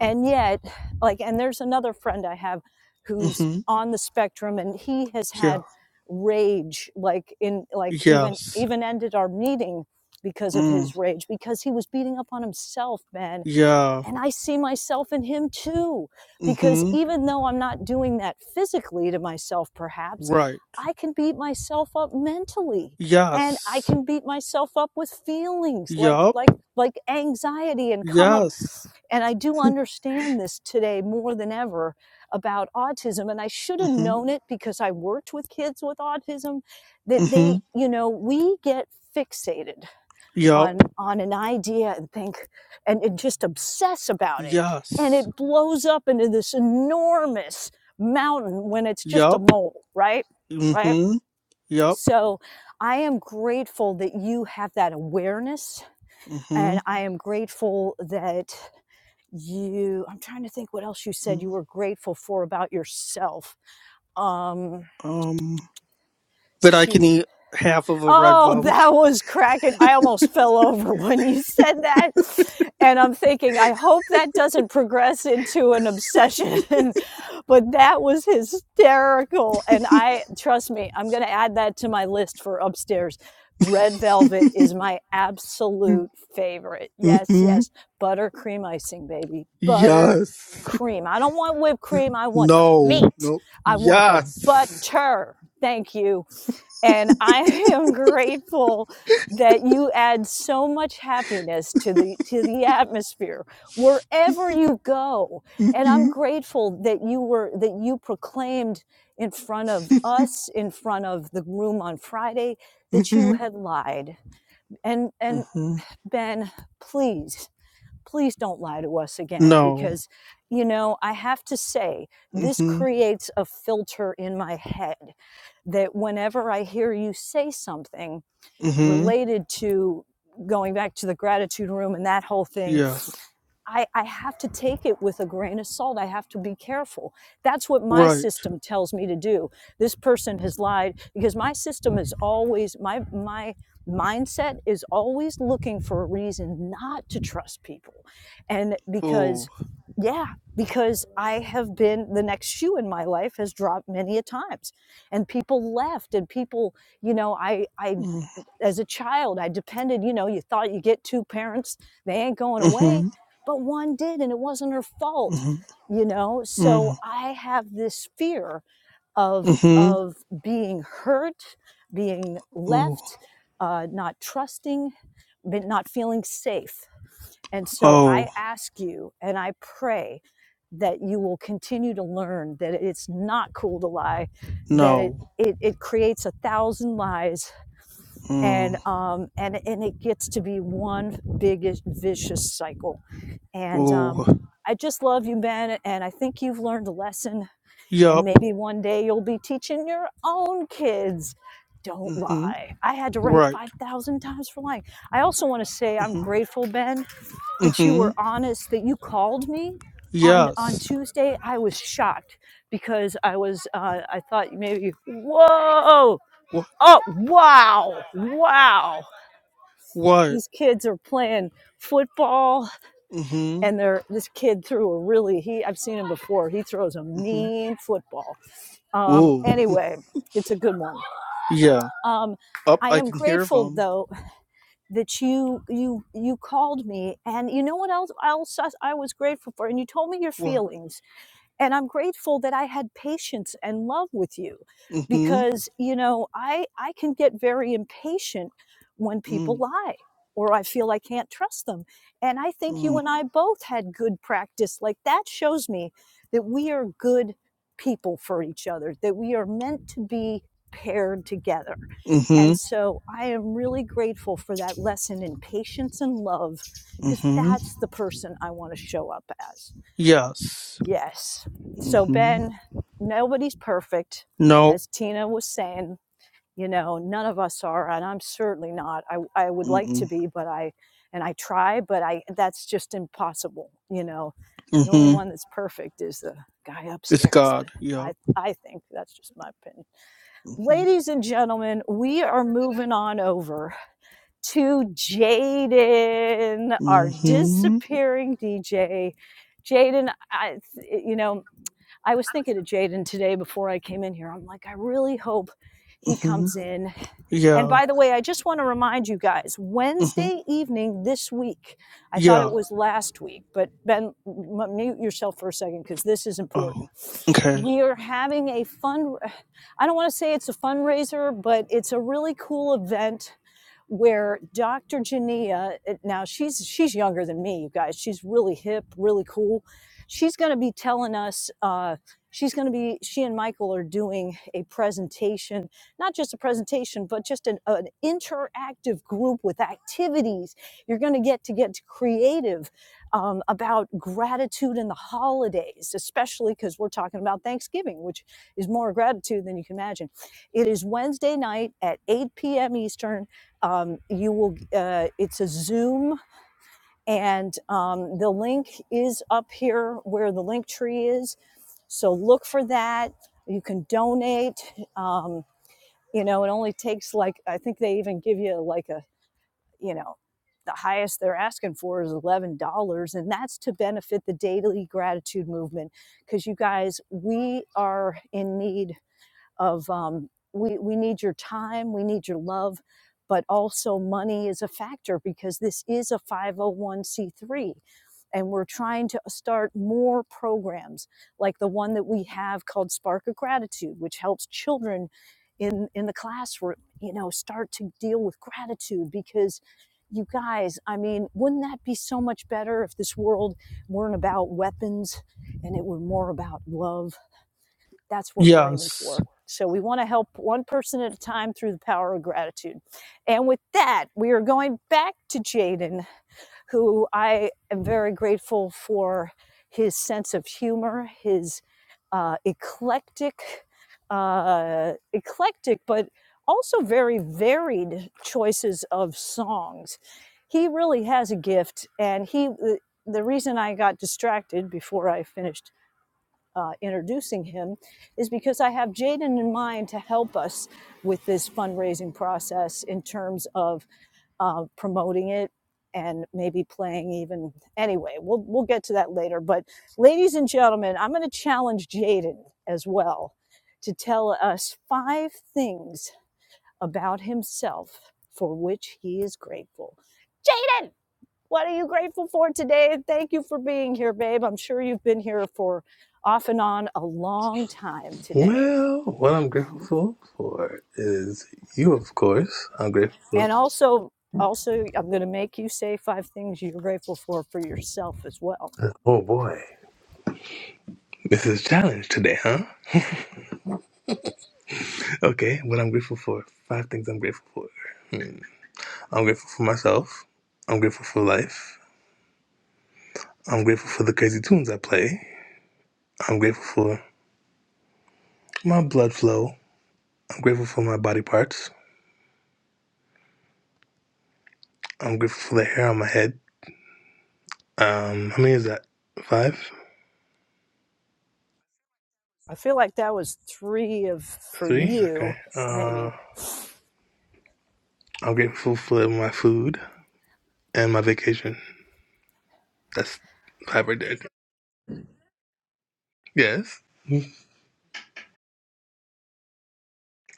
And yet, like, and there's another friend I have who's Mhm. on the spectrum and he has Yeah. had rage, like in like even Yes. even ended our meeting because of Mm. his rage, because he was beating up on himself, man Yeah. and I see myself in him too, because Mhm. even though I'm not doing that physically to myself, perhaps, Right. I can beat myself up mentally and I Yes. can beat myself up with feelings like, Yup. like, like anxiety and come up. Yes. And I do understand this today more than ever about autism. And I should have Mhm. known it because I worked with kids with autism that they, Mhm. you know, we get fixated Yup. on on an idea and think and, and just obsess about it and Yes. it blows up into this enormous mountain when it's just a Yup. mole right right Mhm. Yup. so i am grateful that you have that awareness and Mhm. i am grateful that you i'm trying to think what else you said Mm. you were grateful for about yourself um Um. But I can shoot eat half of a red Oh, velvet. that was cracking. I almost fell over when you said that. And I'm thinking, I hope that doesn't progress into an obsession. but that was hysterical. And I, trust me, I'm going to add that to my list for upstairs. Red velvet is my absolute favorite. Yes, mhm. yes. Buttercream icing, baby. Butter Yes. cream. I don't want whipped cream. I want the No. meat. No. I want the Yes. butter. Thank you and I am grateful that you add so much happiness to the to the atmosphere wherever you go. And I'm Mm-hmm. grateful that you were that you proclaimed in front of us, in front of the room on Friday, that Mm-hmm. you had lied. And and Mm-hmm. Ben, please please don't lie to us again No. because you know i have to say this Mm-hmm. creates a filter in my head that whenever i hear you say something Mm-hmm. related to going back to the gratitude room and that whole thing Yeah. I, I have to take it with a grain of salt. I have to be careful. That's what my Right. system tells me to do. This person has lied because my system is always my my mindset is always looking for a reason not to trust people. And because Oh. yeah, because I have been the next shoe in my life has dropped many a times. And people left and people, you know, I I Mm-hmm. as a child i depended you know you thought you get two parents they ain't going away Mm-hmm. but one did and it wasn't her fault you know so Mm-hmm. i have this fear of Mm-hmm. of being hurt being Oh. left uh, not trusting but not feeling safe and so i Oh. ask you and i pray that you will continue to learn that it's not cool to lie that it No. it, it creates a thousand lies and Mm. um, and and it gets to be one big vicious cycle. And Oh. um, I just love you, Ben, and I think you've learned a lesson. And Yup. maybe one day you'll be teaching your own kids. Don't Mm-hmm. lie. I had to write Right. five thousand times for lying. I also want to say I'm Mm-hmm. grateful, Ben, that you Mm-hmm. were honest. That you called me on on Yes. Tuesday. I was shocked because I was uh, I thought maybe whoa What? oh wow wow What? these kids are playing football Mm-hmm. and they're this kid threw a really he I've seen him before. He throws a Mm-hmm. mean football. Um Oh. anyway, it's a good one. Yeah. Um Up. I I am can hear grateful them. though that you you you called me and you know what else else I I was grateful for and you told me your What? feelings and i'm grateful that i had patience and love with you Mm-hmm. because you know i i can get very impatient when Mm. people lie or i feel i can't trust them and i think you Mm. and i both had good practice like that shows me that we are good people for each other that we are meant to be paired together Mm-hmm. and so i am really grateful for that lesson in patience and love because Mm-hmm. that's the person i want to show up as Yes. Yes. So, Mm-hmm. Ben, nobody's perfect. No. As Tina was saying, you know, none of us are, and I'm certainly not. I, I would like to Mm-mm. be, but I, and I try, but I, that's just impossible. You know, the only Mm-hmm. one that's perfect is the guy It's upstairs. God. I, Yep. I, I think that's just my opinion. Mm-hmm. Ladies and gentlemen, we Jump are for moving on over to Jaden, our Mm-hmm. disappearing DJ. Jaden, I, you know, I was thinking of Jaden today before I came in here. I'm like, I really hope he Mm-hmm. comes in. And Yeah. by the way, I just want to remind you guys Mm-hmm. Wednesday evening this week, I thought it Yeah. was last week, but Ben, m- mute yourself for a second because this is Oh. important. Okay. We are having a fun, I don't want to say it's a fundraiser, but it's a really cool event where Dr. Jania, eh, now she's she's younger than me, you guys. She's really hip, really cool. She's going to be telling us. Uh, she's going to be. She and Michael are doing a presentation, not just a presentation, but just an, an interactive group with activities. You're going to get to get creative um, about gratitude in the holidays, especially because we're talking about Thanksgiving, which is more gratitude than you can imagine. It is Wednesday night at 8 p.m. Eastern um, you will uh, it's a zoom and um, the link is up here where the link tree is so look for that you can donate um, you know it only takes like i think they even give you like a you know the highest they're asking for is $11 and that's to benefit the daily gratitude movement because you guys we are in need of um, we we need your time, we need your love, but also money is a factor because this is a 501c3 and we're trying to uh, start more programs like the one that we have called Spark of Gratitude, which helps children in in the classroom, you know, start to deal with gratitude because you guys, I mean, wouldn't that be so much better if this world weren't about weapons and it were more about love that's what we're aiming Yes. for. So we want to help one person at a time through the power of gratitude. And with that, we are going back to Jaden, who I am very grateful for his sense of humor, his uh, eclectic, uh, eclectic, but also very varied choices of songs. He really has a gift, and he. The reason I got distracted before I finished uh, introducing him is because I have Jaden in mind to help us with this fundraising process in terms of uh, promoting it and maybe playing even anyway we'll we'll get to that later but ladies and gentlemen i'm going to challenge jaden as well to tell us five things about himself for which he is grateful what are you grateful for today? Thank you for being here, babe. I'm sure you've been here for off and on a long time today. Well, what I'm grateful for is you, of course. I'm grateful. For, And also, also, I'm going to make you say five things you're grateful for for yourself as well. oh boy, this is a challenge today, huh? Okay, what I'm grateful for. Five things I'm grateful for. Hmm. I'm grateful for myself. I'm grateful for life. I'm grateful for the crazy tunes I play. I'm grateful for my blood flow. I'm grateful for my body parts. I'm grateful for the hair on my head. Um, how many is that? Five, I feel like that was three of for three. Okay. you, Uh, maybe. I'm grateful for my food and my vacation. That's hybrid did. Yes. Mhm.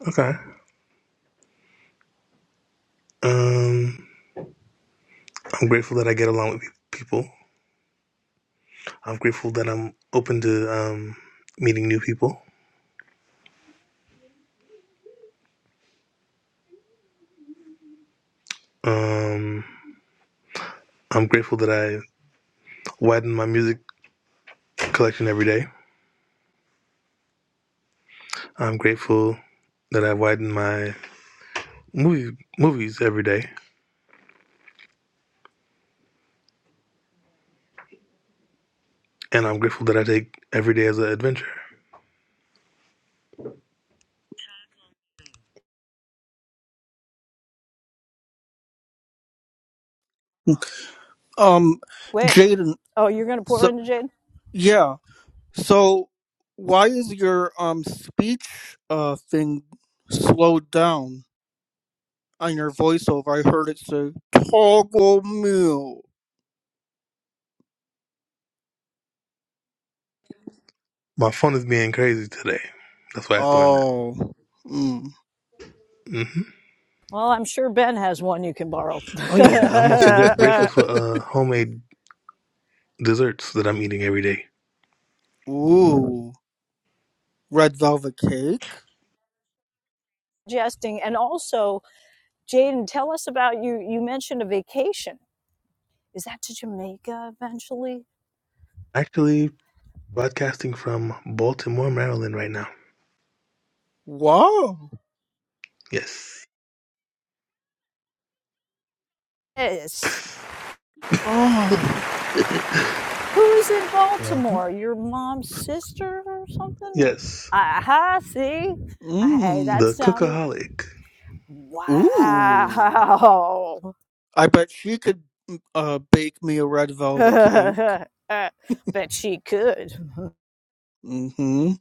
Okay. Um, I'm grateful that I get along with people. I'm grateful that I'm open to um, meeting new people. Um, I'm grateful that I widen my music collection every day. I'm grateful that I widen my movie movies every day, and I'm grateful that I take every day as an adventure. Um, Wait. Jaden, Oh, you're going to pour so into Jade. yeah. So why is your um speech uh thing slowed down on your voiceover? I heard it say toggle meal. My phone is being crazy today. That's why it's doing that. Oh. Hmm. hmm Well, I'm sure Ben has one you can borrow. Oh yeah, I'm also gra- grateful for uh, homemade desserts that I'm eating every day. Ooh, red velvet cake. Jesting. And also, Jaden, tell us about you. You mentioned a vacation. Is that to Jamaica eventually? Actually, broadcasting from Baltimore, Maryland, right now. Wow. Yes. Yes. Oh. Who's in Uh huh. Baltimore? Your mom's sister or something? Or, Yes. aha, see? Hey, Mmm. that The sounded. cookaholic. Ooh. Wow. I bet she could mm, uh bake me a red velvet cake. Bet she could. Mm-hmm.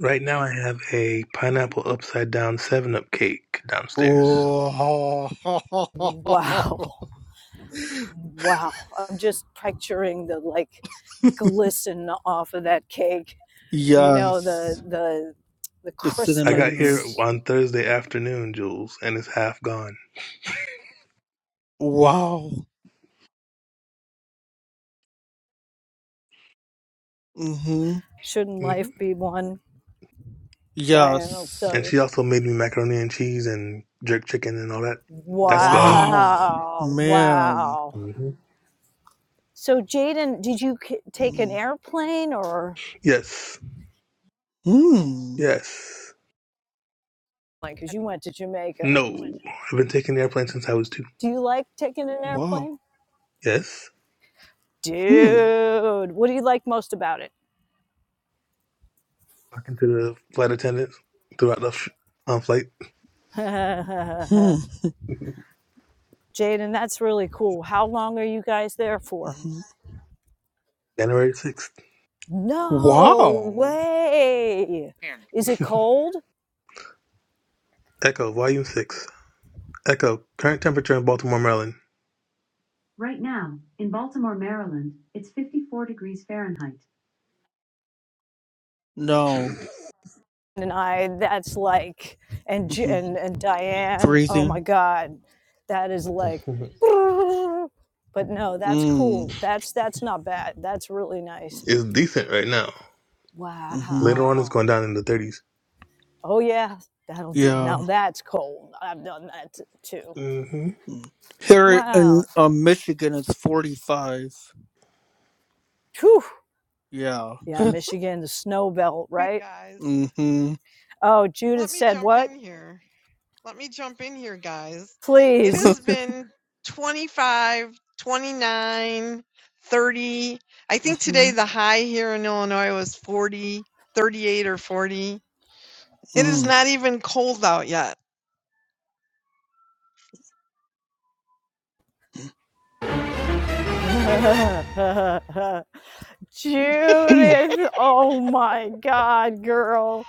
Right now, I have a pineapple upside down seven up cake downstairs. Oh. Wow. Wow. I'm just picturing the like glisten off of that cake. You know, the yes. the the The I got cinnamon here or crystals. on Thursday afternoon, Jules, and it's half gone. wow. Mm-hmm. Shouldn't hmm life be one? Diane, I'll Yes. tell And you. she also made me macaroni and cheese and jerk chicken and all that. That's gone. Wow. Wow. Man. Wow. hmm So Jaden, did you k- take an Mm. airplane or Yes. Hmm. Yes. like cuz you went to Jamaica? No. I've been taking the airplane since I was two. Do you like taking an Wow. airplane? Yes. Hmm. Dude, what do you like most about it? talking to the flight attendants throughout the f- um, flight Hmm. Jaden, that's really cool. How long are you guys there for? Hmm. January 6th. No Wow. way. Is it cold? Echo, Volume 6. Echo, current temperature in Baltimore, Maryland. Right now, in Baltimore, Maryland, it's 54 degrees Fahrenheit. No. And I, that's like, and J- hmm and and Diane, oh my Freezing. God, that is like, Mhm. but no, that's Mm. cool. That's that's not bad. That's really nice. it's decent right now. hmm Later on, it's Wow. going down in the 30s. Oh yeah, that'll do. Yeah. Now that's cold. I've done that too. Mm-hmm. Mm. Here in Wow. uh, Michigan, it's 45. Whew. Yeah. Yeah, Michigan, the snow belt, me, right? Guys, Mm-hmm. Oh, Judith let me said jump what? in here. Let me jump in here, guys. It has Please. been 25, 29, 30. I think today Mm-hmm. the high here in Illinois was 40, 38 or 40 It is Mm-hmm. not even cold out yet. Judith, oh my God, girl.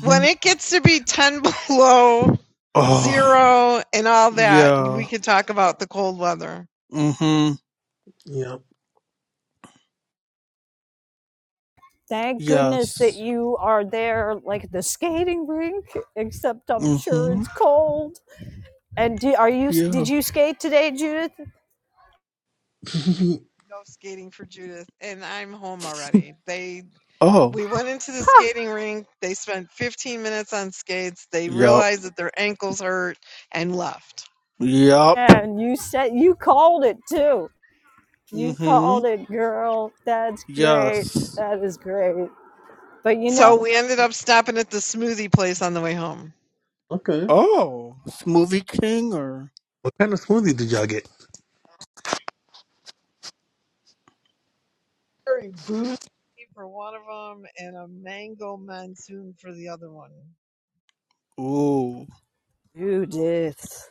When it gets to be 10 below Oh, zero and all that, we yeah. can talk about the cold weather. Mm-hmm. Yep. Thank goodness that Yes. you are there, like at the skating rink, except I'm sure Mm-hmm. it's cold. And do, are you, Yeah. did you skate today, Judith? No skating for Judith, and I'm home already. They Oh, we went into the skating rink. They spent 15 minutes on skates. They yep. realized that their ankles hurt and left. Yep. And you said, you called it too. You Mm-hmm. called it, girl. That's great. Yes. That is great. But you know, So we ended up stopping at the smoothie place on the way home. Okay. Oh, Smoothie King or? What kind of smoothie did y'all get? Very boozy for one of them, and a mango monsoon for the other one. Ooh. Judith.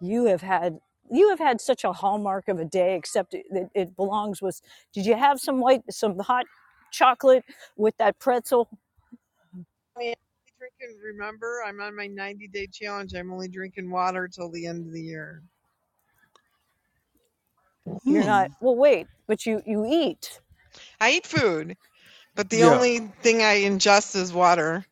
you have had you have had such a hallmark of a day except it, it belongs with did you have some white some hot chocolate with that pretzel only drinking. Remember, I'm on my 90 day challenge. I'm only drinking water till the end of the year. you're Hmm. not well wait but you you eat I eat food, but the Yeah, only thing I ingest is water,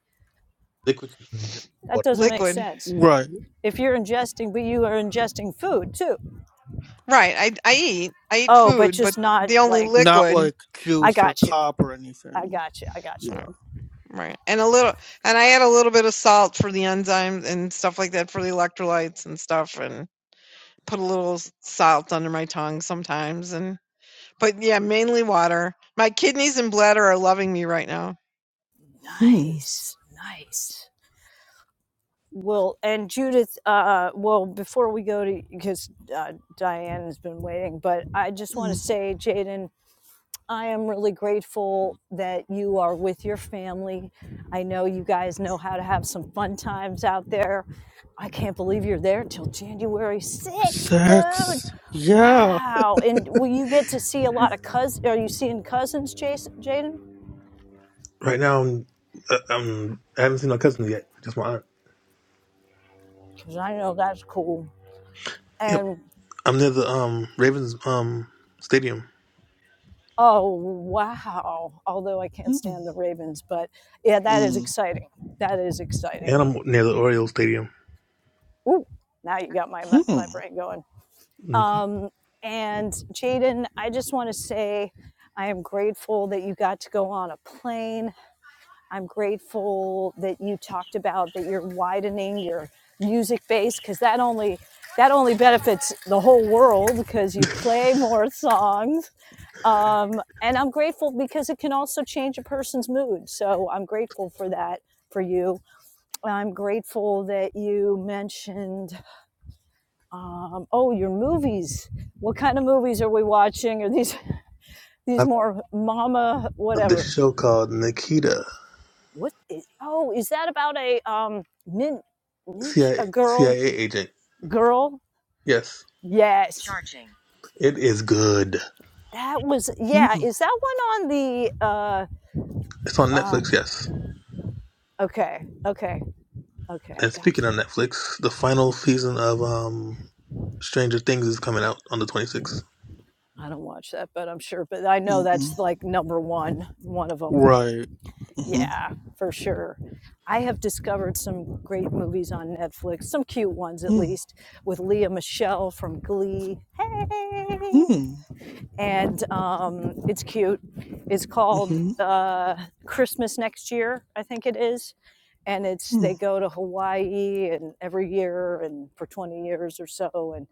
Liquid ginger that water. doesn't make liquid. sense right. if you're ingesting but you are ingesting food too Right. I I eat. I eat oh but food, but just not the only like Not liquid. like i juice or got you pop or i anything. got you i got you Right. Yeah. right. And a little, and I add a little bit of salt for the enzymes and stuff like that for the electrolytes and stuff, and put a little s- salt under my tongue sometimes. And but yeah, mainly water. My kidneys and bladder are loving me right now. Hmm. nice nice well and judith uh well before we go to because uh, diane has been waiting but i just want to Mm. say jaden I am really grateful that you are with your family. I know you guys know how to have some fun times out there. I can't believe you're there till January 6th, dude. Sex. Yeah. Wow. And will you get to see a lot of cousins? Are you seeing cousins, Jason, Jaden? Right now, I'm, uh, I'm, I haven't seen my cousin yet. Just my aunt. Because I know that's cool. Yep. And I'm near the um Ravens um stadium, oh, wow. Although I can't Hmm. stand the Ravens, but yeah, that is Mm. exciting. That is exciting. and I'm near the Orioles stadium. Ooh, now you got my, Hmm. my brain going. Mhm. Um, and Jaden, I just want to say I am grateful that you got to go on a plane. I'm grateful that you talked about that you're widening your music base because that only that only benefits the whole world because you play more songs. Um, and I'm grateful because it can also change a person's mood. So I'm grateful for that for you. I'm grateful that you mentioned um, oh your movies what kind of movies are we watching are these these I've more mama heard this whatever show called Nikita, what is oh is that about a um nin, ninja a CIA, girl agent. girl Yes, yes it is good. that was yeah Hmm. is that one on the uh It's on uh Netflix. Yes. okay okay okay i And got speaking of you Netflix, the final season of um Stranger Things is coming out on the 26th. i don't watch that but i'm sure but i know Mm-mm. that's like number one one of them Right. Mm-hmm. Yeah, for sure. I have discovered some great movies on Netflix, some cute ones at Hmm. least, with Leah Michelle from Glee. Hey! Hmm. And um, it's cute. It's called Mm-hmm. uh, Christmas Next Year, I think it is. And it's Hmm. they go to Hawaii and every year and for 20 years or so. And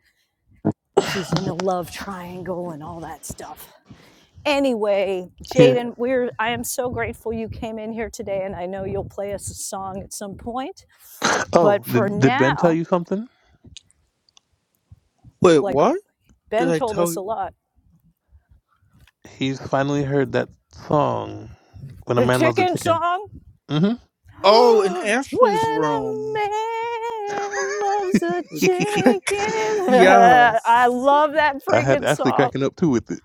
she's in a love triangle and all that stuff anyway, Yeah. Jaden, we're I am so grateful you came in here today, and I know you'll play us a song at some point. Oh, But for did did Ben tell now, you something? Wait, like what? Did Ben I told tell us a you? lot, He's finally heard that song "When a the Man Loves a chicken Chicken." song. hmm when Oh, in Ashley's a room. man loves a Let's chicken, Check. I yes. love that I had freaking Ashley song. cracking up too with it.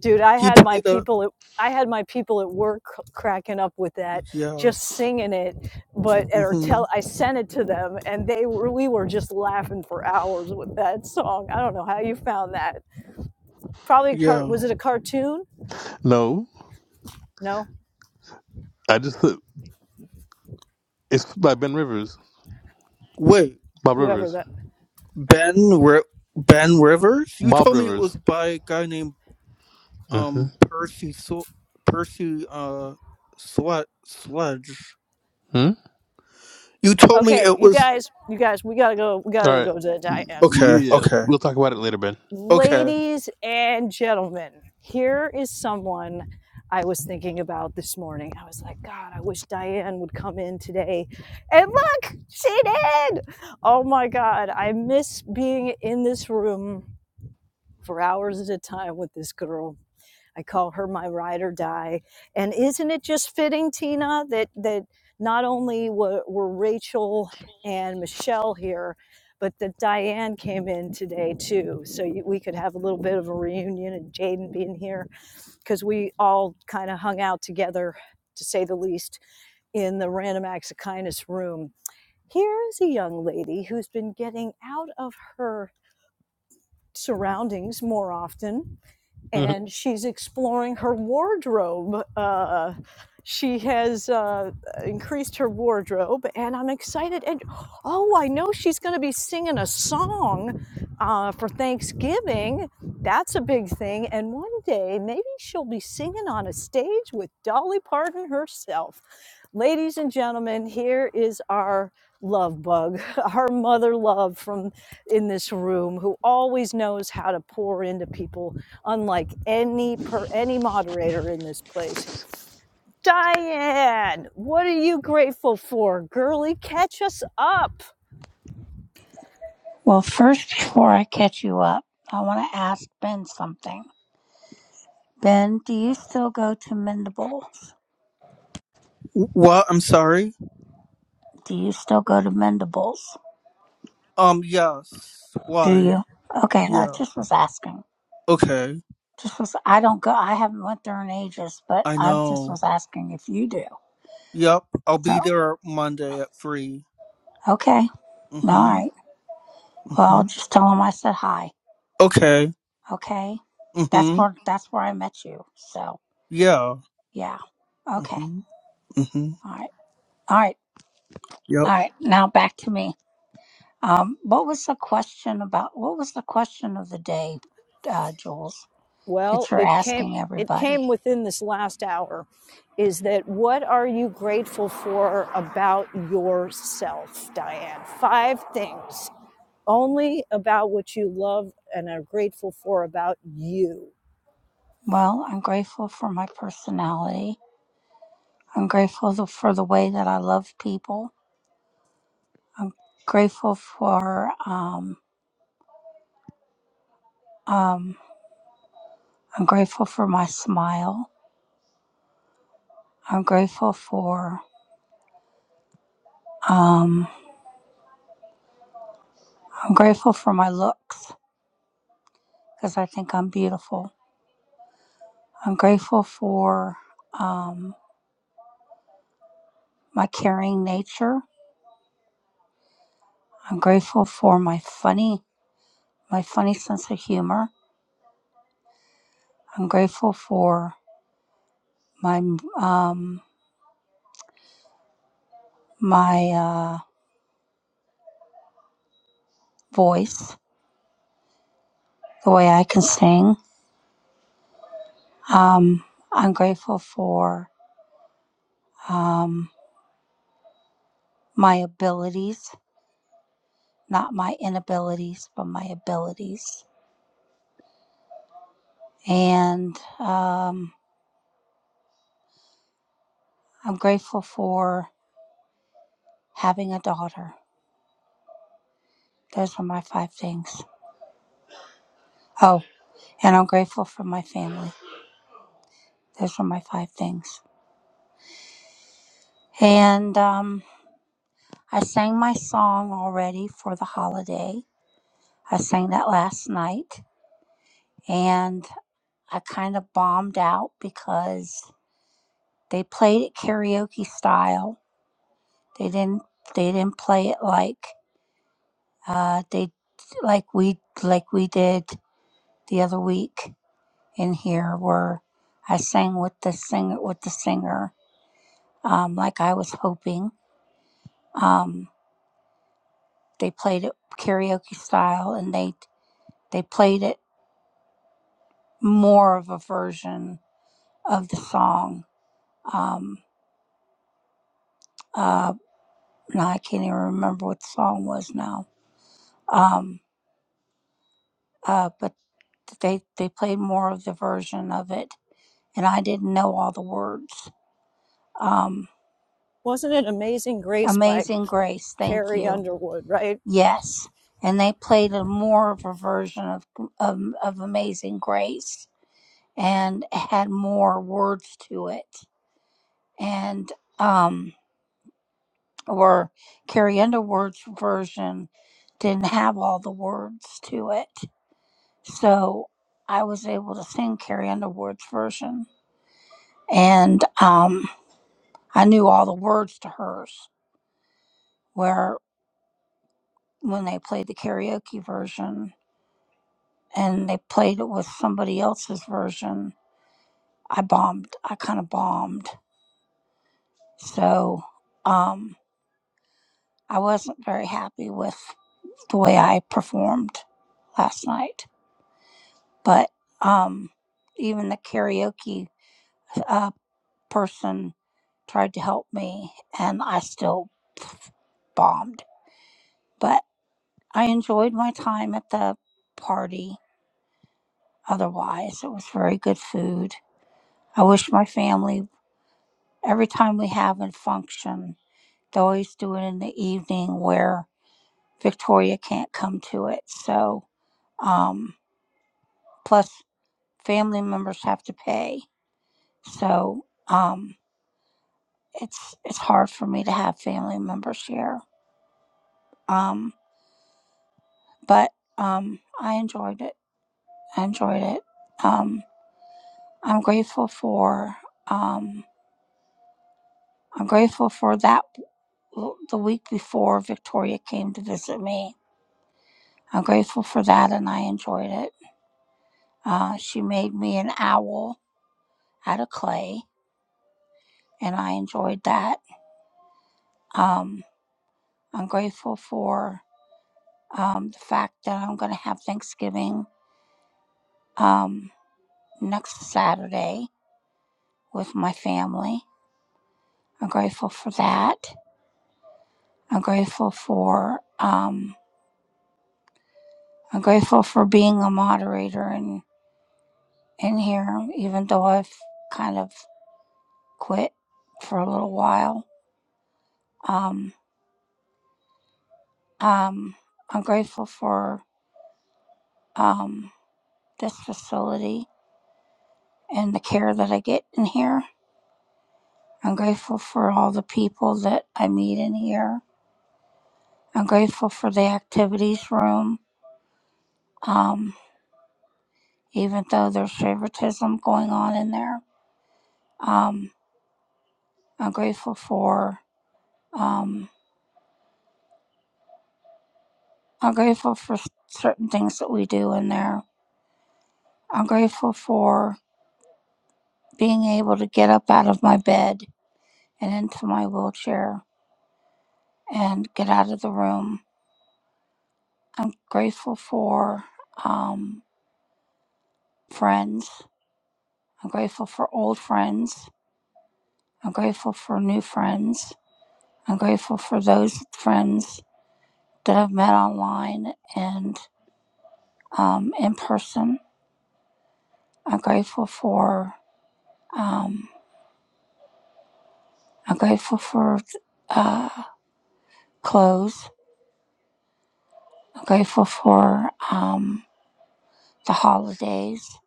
dude i He had my played a. people at I had my people at work cracking up with that, Yeah. just singing it. But or Mm-hmm. tell, I sent it to them, and they were we were just laughing for hours with that song. I don't know how you found that. Probably a car, Yeah. was it a cartoon? No, No, I just it's by Ben Rivers, Wait. Bob whoever Rivers, that. Ben. Ri- Ben Rivers? You Bob told me it Rivers. was by a guy named Mm-hmm. um Percy Sw- Percy uh Slud- Sludge. hmm You told me Okay, it you was guys, you guys, we gotta go. We All gotta right. go to Diana. okay, Yeah, okay, we'll talk about it later, Ben. okay. Ladies and gentlemen, here is someone I was thinking about this morning. I was like, God, I wish Diane would come in today. And look, she did. Oh my God, I miss being in this room for hours at a time with this girl. I call her my ride or die. And isn't it just fitting, Tina, that that not only were, were Rachel and Michelle here, but that Diane came in today too, so you, we could have a little bit of a reunion and Jaden being here because we all kind of hung out together, to say the least, in the Random Acts of Kindness room. Here is a young lady who's been getting out of her surroundings more often Mhm. and she's exploring her wardrobe. Uh, she has uh, increased her wardrobe, and I'm excited. And oh, I know she's going to be singing a song uh, for Thanksgiving. That's a big thing. And one day, maybe she'll be singing on a stage with Dolly Parton herself. Ladies and gentlemen, here is our love bug, our mother love from in this room who always knows how to pour into people unlike any per any moderator in this place. Diane, what are you grateful for? Girlie, catch us up. Well, first, before I catch you up, I want to ask Ben something. Ben, do you still go to Mendables? Wh- What? I'm sorry. Do you still go to Mendables? Um, yes. Do Why? you? Okay, I Yeah. just was asking. Okay. Just was I don't go. I haven't went there in ages, but I I just know. was asking if you do. Yep. I'll So be there Monday at three. okay, all Mhm. right. Well, I'll Mhm. just tell him I said hi. Okay. Okay, that's Mhm. where that's where I met you. So Yeah. yeah. Okay. Mhm. Mhm. All right. All right. Yep. All right. Now back to me. Um, what was the question about? What was the question of the day, uh, Jules, that Well, you're it came asking it everybody? came within this last hour is that what are you grateful for about yourself, Diane? Five things. Only about what you love and are grateful for about you. Well, I'm grateful for my personality. I'm grateful the, for the way that I love people. I'm grateful for um, um, I'm grateful for my smile. I'm grateful for um, I'm grateful for my looks because I think I'm beautiful. I'm grateful for um, my caring nature. I'm grateful for my funny, my funny sense of humor. I'm grateful for my um, my uh, voice, the way I can sing. Um, I'm grateful for um, my abilities, not my inabilities, but my abilities. And um, I'm grateful for having a daughter. Those are my five things. Oh, and I'm grateful for my family. Those are my five things. And um, I sang my song already for the holiday. I sang that last night and I kind of bombed out because they played it karaoke style. They didn't they didn't play it like uh they like we like we did the other week in here where I sang with the singer with the singer um like I was hoping. Um they played it karaoke style and they they played it more of a version of the song. Um, uh, now I can't even remember what the song was now. Um, uh, but they they played more of the version of it, and I didn't know all the words. Um, Wasn't it Amazing Grace by Amazing Grace, thank Carrie you. Underwood, right? Yes, and they played a more of a version of of, of Amazing Grace and had more words to it, and. um, or Carrie Underwood's version didn't have all the words to it. So I was able to sing Carrie Underwood's version. And um, I knew all the words to hers, where when they played the karaoke version and they played it with somebody else's version, I bombed. I kind of bombed. So um, I wasn't very happy with the way I performed last night. but um, even the karaoke uh, person tried to help me, and I still bombed. But I enjoyed my time at the party. Otherwise, it was very good food. I wish my family every time we have a function, they always do it in the evening where Victoria can't come to it. So, um, plus family members have to pay. So, um, it's it's hard for me to have family members here. Um, but um, I enjoyed it. I enjoyed it. Um, I'm grateful for um, I'm grateful for that the week before Victoria came to visit me. I'm grateful for that, and I enjoyed it. Uh, she made me an owl out of clay, and I enjoyed that. Um, I'm grateful for um, the fact that I'm going to have Thanksgiving um, next Saturday with my family. I'm grateful for that. I'm grateful for um, I'm grateful for being a moderator in in here, even though I've kind of quit for a little while. Um, um, I'm grateful for um, this facility and the care that I get in here. I'm grateful for all the people that I meet in here. I'm grateful for the activities room, um, even though there's favoritism going on in there. Um, I'm grateful for um, I'm grateful for s- certain things that we do in there. I'm grateful for being able to get up out of my bed and into my wheelchair and get out of the room. I'm grateful for um, friends. I'm grateful for old friends. I'm grateful for new friends. I'm grateful for those friends that I've met online and um, in person. I'm grateful for. Um, I'm grateful for uh, clothes. I'm grateful for um, the holidays.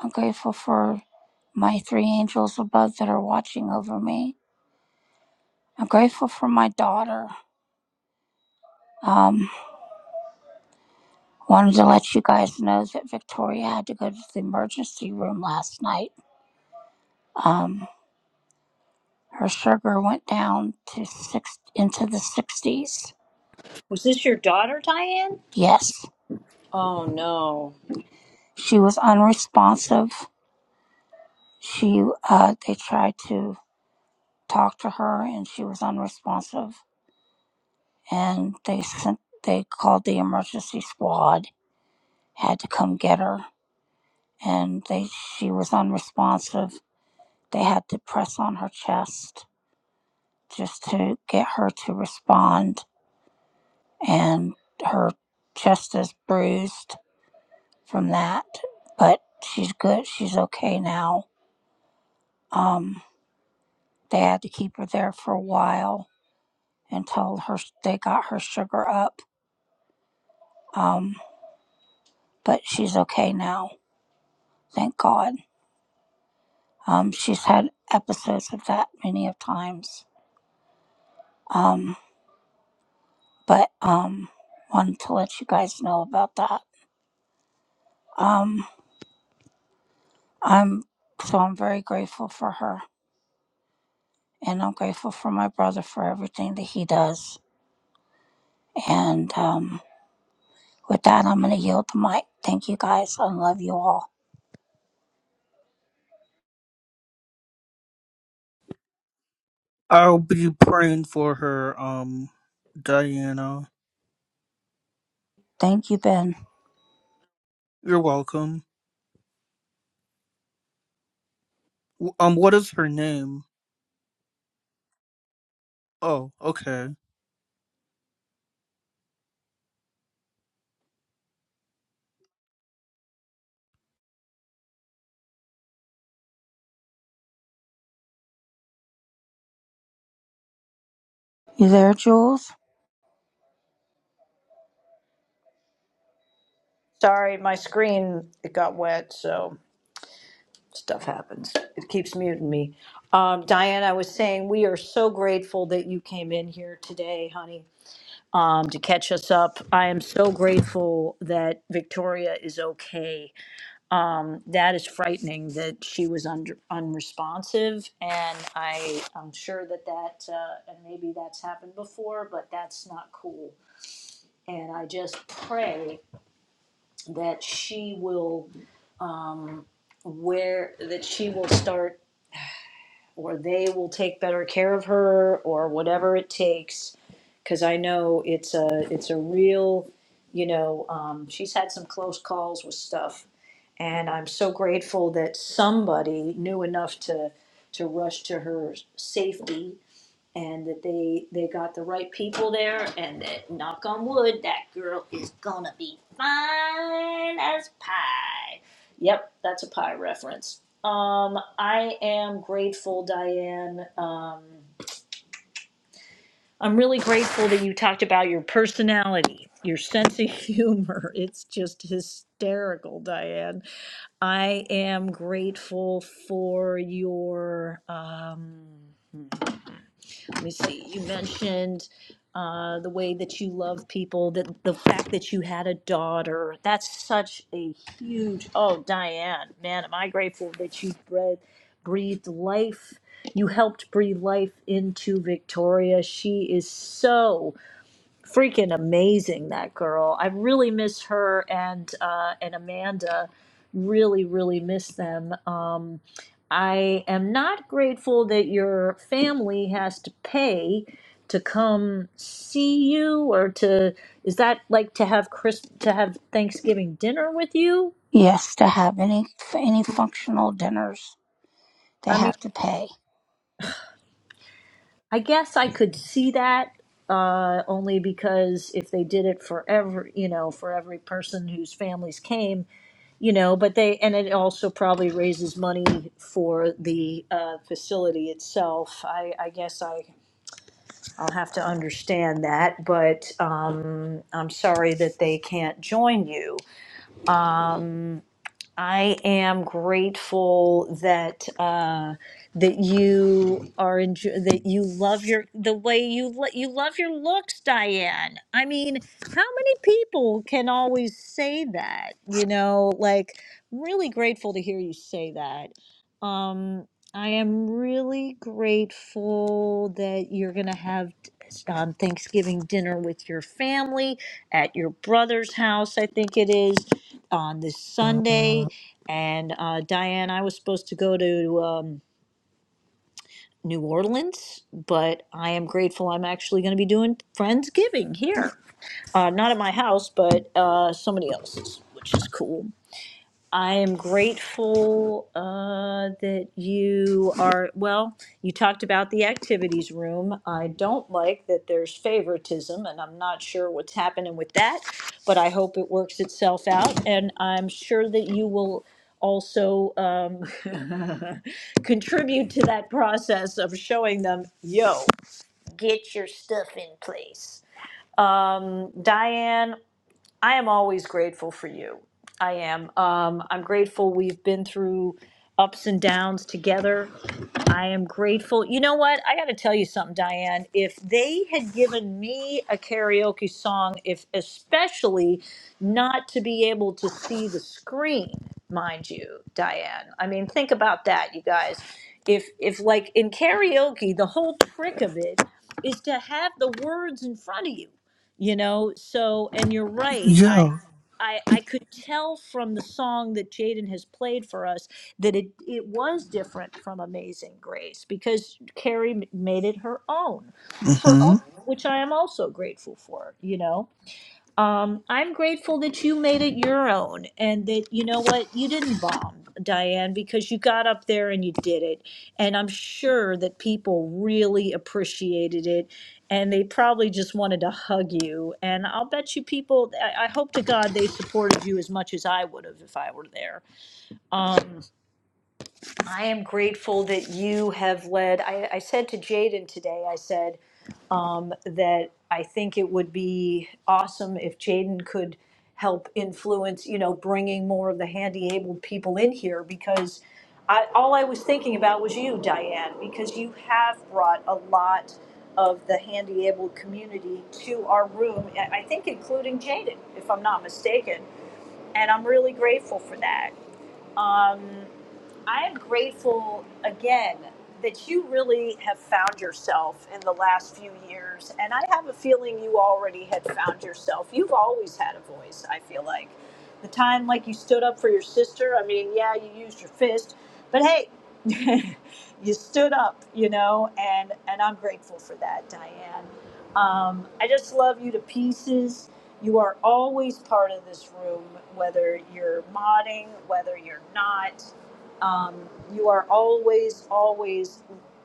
I'm grateful for my three angels above that are watching over me. I'm grateful for my daughter. Um, wanted to let you guys know that Victoria had to go to the emergency room last night. Um, her sugar went down to six into the 60s. Was this your daughter, Diane? Yes, Oh no. she was unresponsive. She uh, they tried to talked to her and she was unresponsive and they sent they called the emergency squad had to come get her and they she was unresponsive they had to press on her chest just to get her to respond and her chest is bruised from that but she's good she's okay now um they had to keep her there for a while until her they got her sugar up um but she's okay now Thank God. Um, she's had episodes of that many of times. Um, but um, wanted to let you guys know about that. Um, I'm so I'm very grateful for her, and I'm grateful for my brother for everything that he does. And um, with that, I'm gonna yield the mic. Thank you guys. I love you all. I'll be praying for her. Um, Diana. Thank you, Ben. You're welcome. W- Um, what is her name? Oh, okay. You there, Jules? Sorry, my screen it got wet, so. stuff happens. It keeps muting me. Um, Diane, I was saying we are so grateful that you came in here today, honey, um, to catch us up. I am so grateful that Victoria is okay. Um, that is frightening that she was under, unresponsive, and I am sure that that uh, and maybe that's happened before, but that's not cool. And I just pray that she will um, where that she will start or they will take better care of her or whatever it takes because I know it's a it's a real you know um, she's had some close calls with stuff and I'm so grateful that somebody knew enough to to rush to her safety and that they they got the right people there and that knock on wood that girl is gonna be fine as pie yep that's a pie reference um i am grateful diane um i'm really grateful that you talked about your personality your sense of humor it's just hysterical diane i am grateful for your um let me see, you mentioned uh, the way that you love people, that the fact that you had a daughter. That's such a huge, oh, Diane, man, am I grateful that you bred, breathed life. You helped breathe life into Victoria. She is so freaking amazing that girl i really miss her and uh and amanda really really miss them um i am not grateful that your family has to pay to come see you or to is that like to have chris to have thanksgiving dinner with you Yes, to have any any functional dinners, they I mean. have to pay. I guess I could see that uh, only because if they did it for every, you know, for every person whose families came, you know, but they, and it also probably raises money for the uh, facility itself. I, I guess I, I'll have to understand that, but um, I'm sorry that they can't join you. Um, I am grateful that uh, that you are enjo- that you love your the way you lo- you love your looks, Diane. I mean, how many people can always say that? You know, like really grateful to hear you say that. Um, I am really grateful that you're gonna have um, Thanksgiving dinner with your family at your brother's house. I think it is on this Sunday. And uh, Diane, I was supposed to go to um, New Orleans, but I am grateful I'm actually going to be doing Friendsgiving here. Uh, not at my house, but uh, somebody else's, which is cool. I am grateful uh, that you are, well, you talked about the activities room. I don't like that there's favoritism, and I'm not sure what's happening with that, but I hope it works itself out. And I'm sure that you will also um, contribute to that process of showing them, yo, get your stuff in place. Um, Diane I am always grateful for you. I am. Um, I'm grateful we've been through ups and downs together. I am grateful. You know what? I got to tell you something, Diane. If they had given me a karaoke song, if especially not to be able to see the screen, mind you, Diane. I mean, think about that, you guys. If if like in karaoke, the whole trick of it is to have the words in front of you you know so and you're right i Yeah. i i could tell from the song that jaden has played for us that it it was different from amazing grace because carrie m- made it her own Mm-hmm. which i am also grateful for you know um, I'm grateful that you made it your own and that you know what, you didn't bomb, Diane, because you got up there and you did it. And I'm sure that people really appreciated it and they probably just wanted to hug you. And I'll bet you people, I, I hope to God they supported you as much as I would have if I were there. Um, I am grateful that you have led. I, I said to Jaden today, I said, um, that I think it would be awesome if Jaden could help influence, you know, bringing more of the handy abled people in here because I, all I was thinking about was you, Diane, because you have brought a lot of the handy abled community to our room, and I think including Jaden, if I'm not mistaken. And I'm really grateful for that. Um, I am grateful again that you really have found yourself in the last few years. And I have a feeling you already had found yourself. You've always had a voice, I feel like. The time, like, you stood up for your sister, I mean, yeah, you used your fist, but hey, you stood up, you know, and, and I'm grateful for that, Diane. Um, I just love you to pieces. You are always part of this room, whether you're modding, whether you're not um, you are always always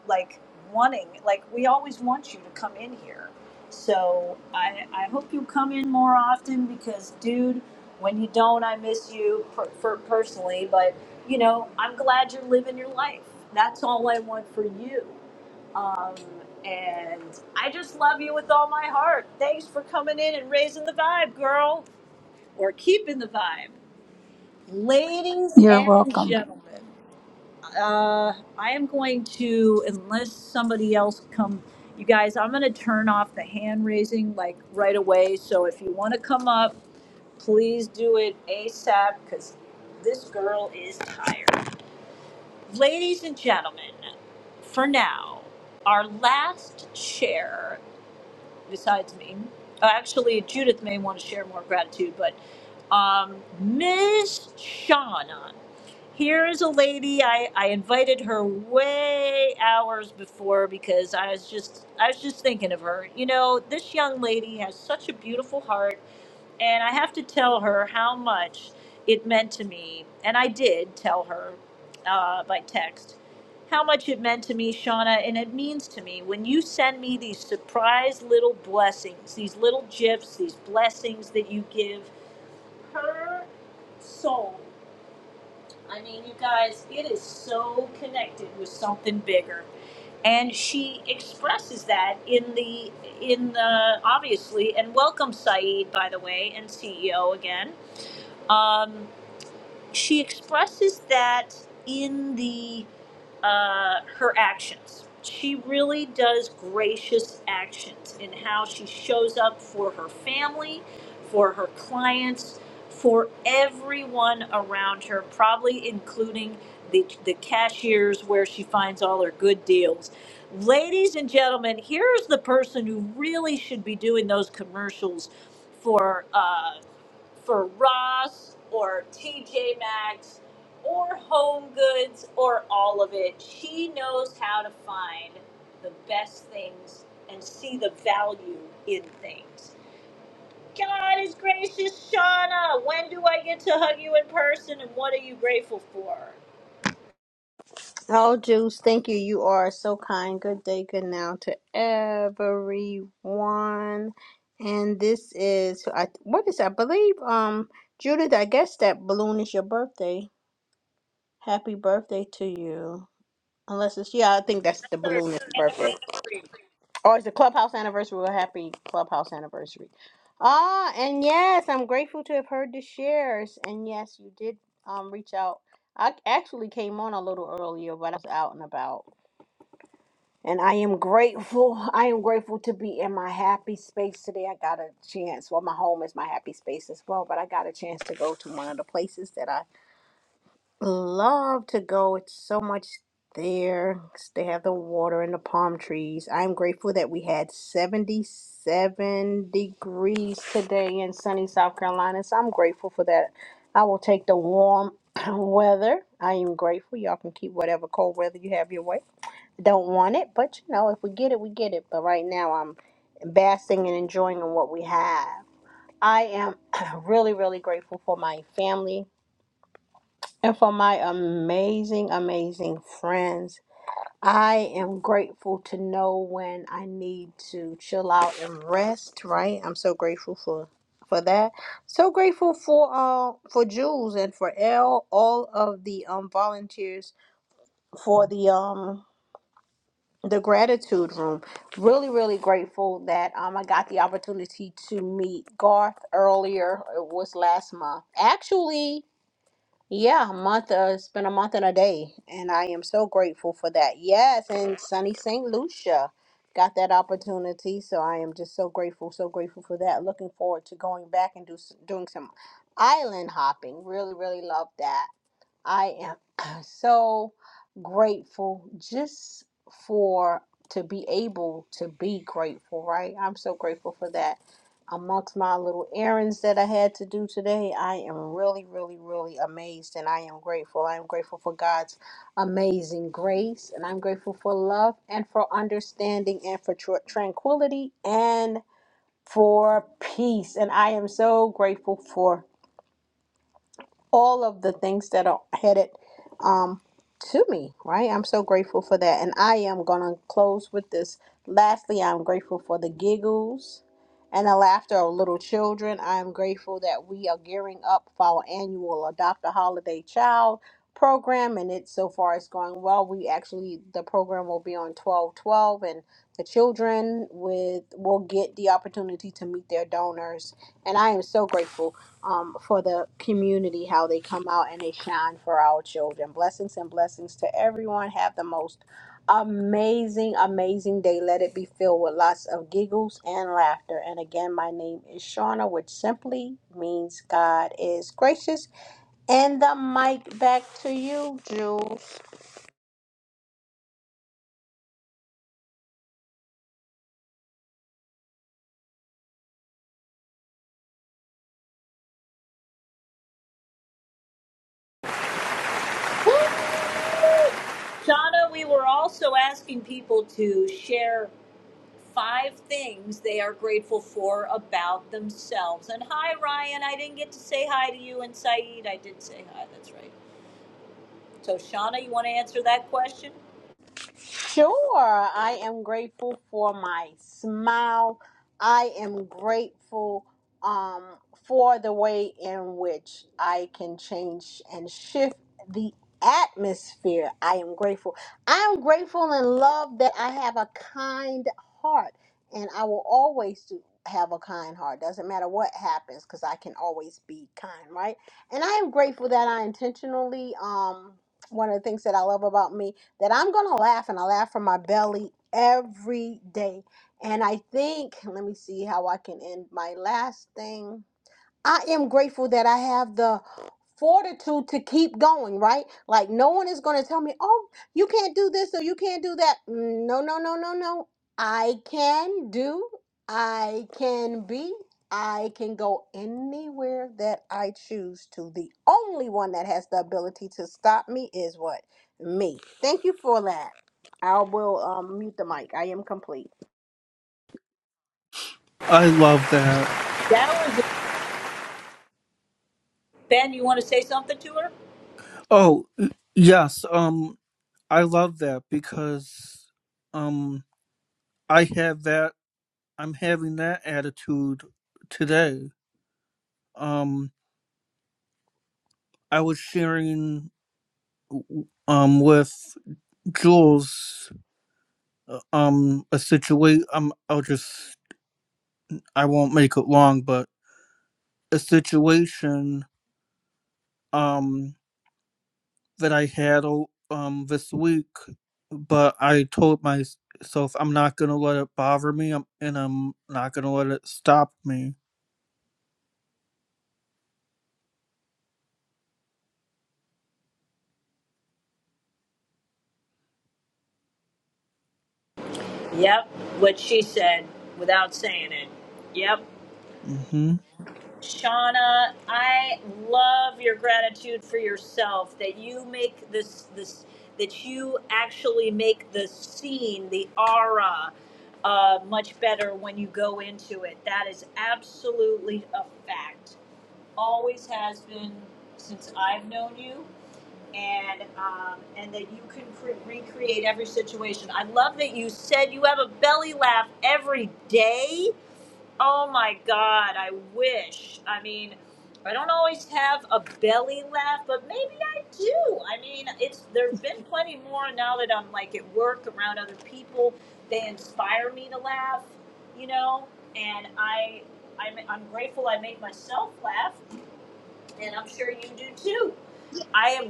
like wanting like we always want you to come in here so i i hope you come in more often because dude when you don't i miss you per, for personally but you know i'm glad you're living your life that's all i want for you um and i just love you with all my heart thanks for coming in and raising the vibe girl or keeping the vibe ladies You're and welcome. gentlemen uh, I am going to, unless somebody else come, you guys, I'm gonna turn off the hand raising like right away. So if you wanna come up, please do it ASAP, cause this girl is tired. Ladies and gentlemen, for now, our last share, besides me, uh, actually Judith may wanna share more gratitude, but um, Ms. Shauna. Here's a lady I, I invited her way hours before because I was just I was just thinking of her. You know, this young lady has such a beautiful heart and I have to tell her how much it meant to me. And I did tell her uh, by text how much it meant to me, Shauna, and it means to me when you send me these surprise little blessings, these little gifts, these blessings that you give her soul. I mean, you guys, it is so connected with something bigger. And she expresses that in the in the obviously and welcome Saeed by the way and CEO again. Um, she expresses that in the uh, her actions. She really does gracious actions in how she shows up for her family, for her clients, for everyone around her, probably including the, the cashiers where she finds all her good deals. Ladies and gentlemen, here's the person who really should be doing those commercials for. uh, for Ross or TJ Maxx or Home Goods or all of it. She knows how to find the best things and see the value in things. God is gracious, Shauna. When do I get to hug you in person and what are you grateful for? Oh, Juice, thank you. You are so kind. Good day, good now to everyone. And this is, I what is, that? I believe, um, Judith. I guess that balloon is your birthday. Happy birthday to you. Unless it's, yeah, I think that's the Third balloon is birthday. anniversary. Or it's the clubhouse anniversary. Well, happy clubhouse anniversary. Ah, and yes, I'm grateful to have heard the shares. And yes, you did um reach out. I actually came on a little earlier, but I was out and about. And I am grateful. I am grateful to be in my happy space today. I got a chance. Well, my home is my happy space as well, but I got a chance to go to one of the places that I love to go. It's so much there. They have the water and the palm trees. I'm grateful that we had 77 degrees today in sunny South Carolina. So I'm grateful for that. I will take the warm weather. I am grateful. Y'all can keep whatever cold weather you have your way don't want it, but you know, if we get it, we get it. But right now, I'm basking and enjoying on what we have. I am really, really grateful for my family and for my amazing, amazing friends. I am grateful to know when I need to chill out and rest. Right, I'm so grateful for for that. So grateful for uh for Jules and for L, all of the um volunteers for the um the gratitude room. Really, really grateful that um I got the opportunity to meet Garth earlier. It was last month. Actually, yeah, a month uh, it's been a month and a day. And I am so grateful for that. Yes, and sunny St. Lucia got that opportunity. So I am just so grateful, so grateful for that. Looking forward to going back and do s- doing some island hopping. Really, really love that. I am so grateful just for to be able to be grateful, right? I'm so grateful for that. Amongst my little errands that I had to do today, I am really, really, really amazed and I am grateful. I am grateful for God's amazing grace and I'm grateful for love and for understanding and for tr- tranquility and for peace. And I am so grateful for all of the things that are headed um, to me, right? I'm so grateful for that. And I am going to close with this. Lastly, I'm grateful for the giggles and the laughter of little children. I am grateful that we are gearing up for our annual Adopt a Holiday Child program and it so far is going well we actually the program will be on 1212 and the children with will get the opportunity to meet their donors and I am so grateful um, for the community, how they come out and they shine for our children. Blessings and blessings to everyone. Have the most amazing, amazing day. Let it be filled with lots of giggles and laughter. And again, my name is Shauna, which simply means God is gracious. And the mic back to you, Jules. Shauna, we were also asking people to share. five things they are grateful for about themselves. And hi, Ryan. I didn't get to say hi to you and Saeed. I did say hi. That's right. So, Shauna, you want to answer that question? Sure. I am grateful for my smile. I am grateful um, for the way in which I can change and shift the atmosphere. I am grateful. I am grateful and love that I have a kind heart, and I will always do. Have a kind heart. Doesn't matter what happens, because I can always be kind, right? And I am grateful that I intentionally um, one of the things that I love about me that I'm going to laugh and I laugh from my belly every day. And I think, let me see how I can end my last thing. I am grateful that I have the fortitude to keep going, right? Like, no one is going to tell me, oh, you can't do this or you can't do that. Mm, No, no, no, no, no. I can do, I can be, I can go anywhere that I choose to. The only one that has the ability to stop me is what? Me. Thank you for that. I will um, mute the mic. I am complete. I love that. That was Ben. You want to say something to her? Oh, y- yes. Um, I love that because, um, I have that. I'm having that attitude today. Um, I was sharing, um, with Jules, uh, um, a situation. Um, I'll just. I won't make it long, but a situation. Um. that I had um this week, but I told myself I'm not gonna let it bother me, um, and I'm not gonna let it stop me. Yep. What she said without saying it. Yep. Mhm. Shauna, I love your gratitude for yourself that you make this this that you actually make the scene, the aura, uh, much better when you go into it. That is absolutely a fact. Always has been since I've known you, and um, and that you can cre- recreate every situation. I love that you said you have a belly laugh every day Oh my God, I wish. I mean, I don't always have a belly laugh, but maybe I do. I mean, it's there've been plenty more now that I'm like at work around other people. They inspire me to laugh, you know, and I I'm, I'm grateful I make myself laugh, and I'm sure you do too. I am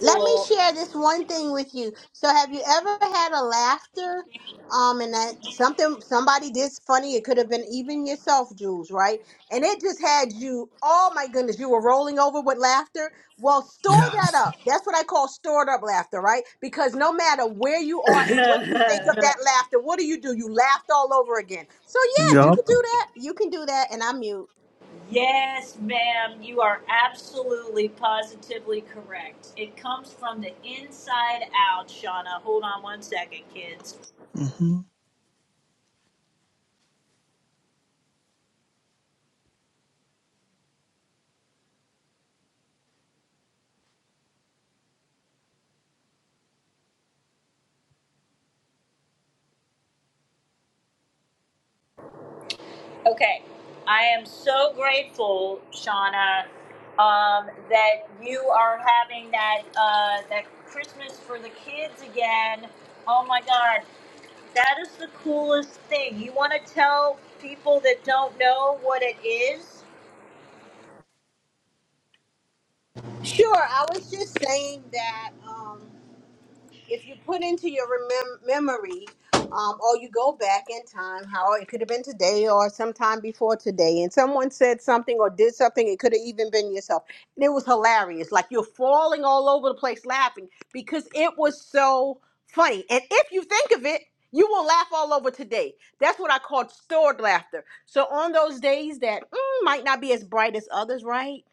let me share this one thing with you. So, have you ever had a laughter? Um, and that something somebody did funny, it could have been even yourself, Jules, right? And it just had you, oh my goodness, you were rolling over with laughter. Well, store that Yes. up. That's what I call stored up laughter, right? Because no matter where you are and what you think of that laughter, what do you do? You laughed all over again. So, yes, you can Yup. do that. You can do that, and I'm mute. Yes, ma'am, you are absolutely positively correct. It comes from the inside out, Shauna. Hold on one second, kids. Mhm. Okay, I am so grateful, Shauna, um, that you are having that uh, that Christmas for the kids again. Oh my God, that is the coolest thing. You want to tell people that don't know what it is? Sure, I was just saying that. Um, if you put into your remem- memory, um, or you go back in time, how it could have been today or sometime before today, and someone said something or did something, it could have even been yourself. And it was hilarious. Like you're falling all over the place laughing because it was so funny. And if you think of it, you will laugh all over today. That's what I call stored laughter. So on those days that mm, might not be as bright as others, right?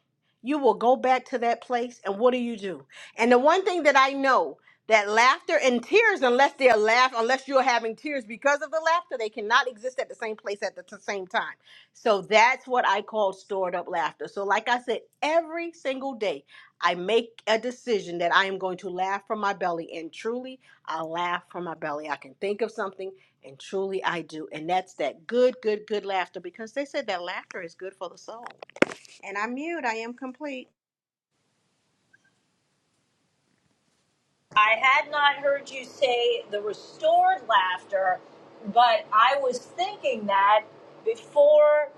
You will go back to that place, and what do you do? And the one thing that I know that laughter and tears unless they're laugh unless you're having tears because of the laughter they cannot exist at the same place at the t- same time so that's what i call stored up laughter so like i said every single day i make a decision that i am going to laugh from my belly and truly i laugh from my belly i can think of something and truly i do and that's that good good good laughter because they said that laughter is good for the soul and i'm mute i am complete I had not heard you say the restored laughter, but I was thinking that before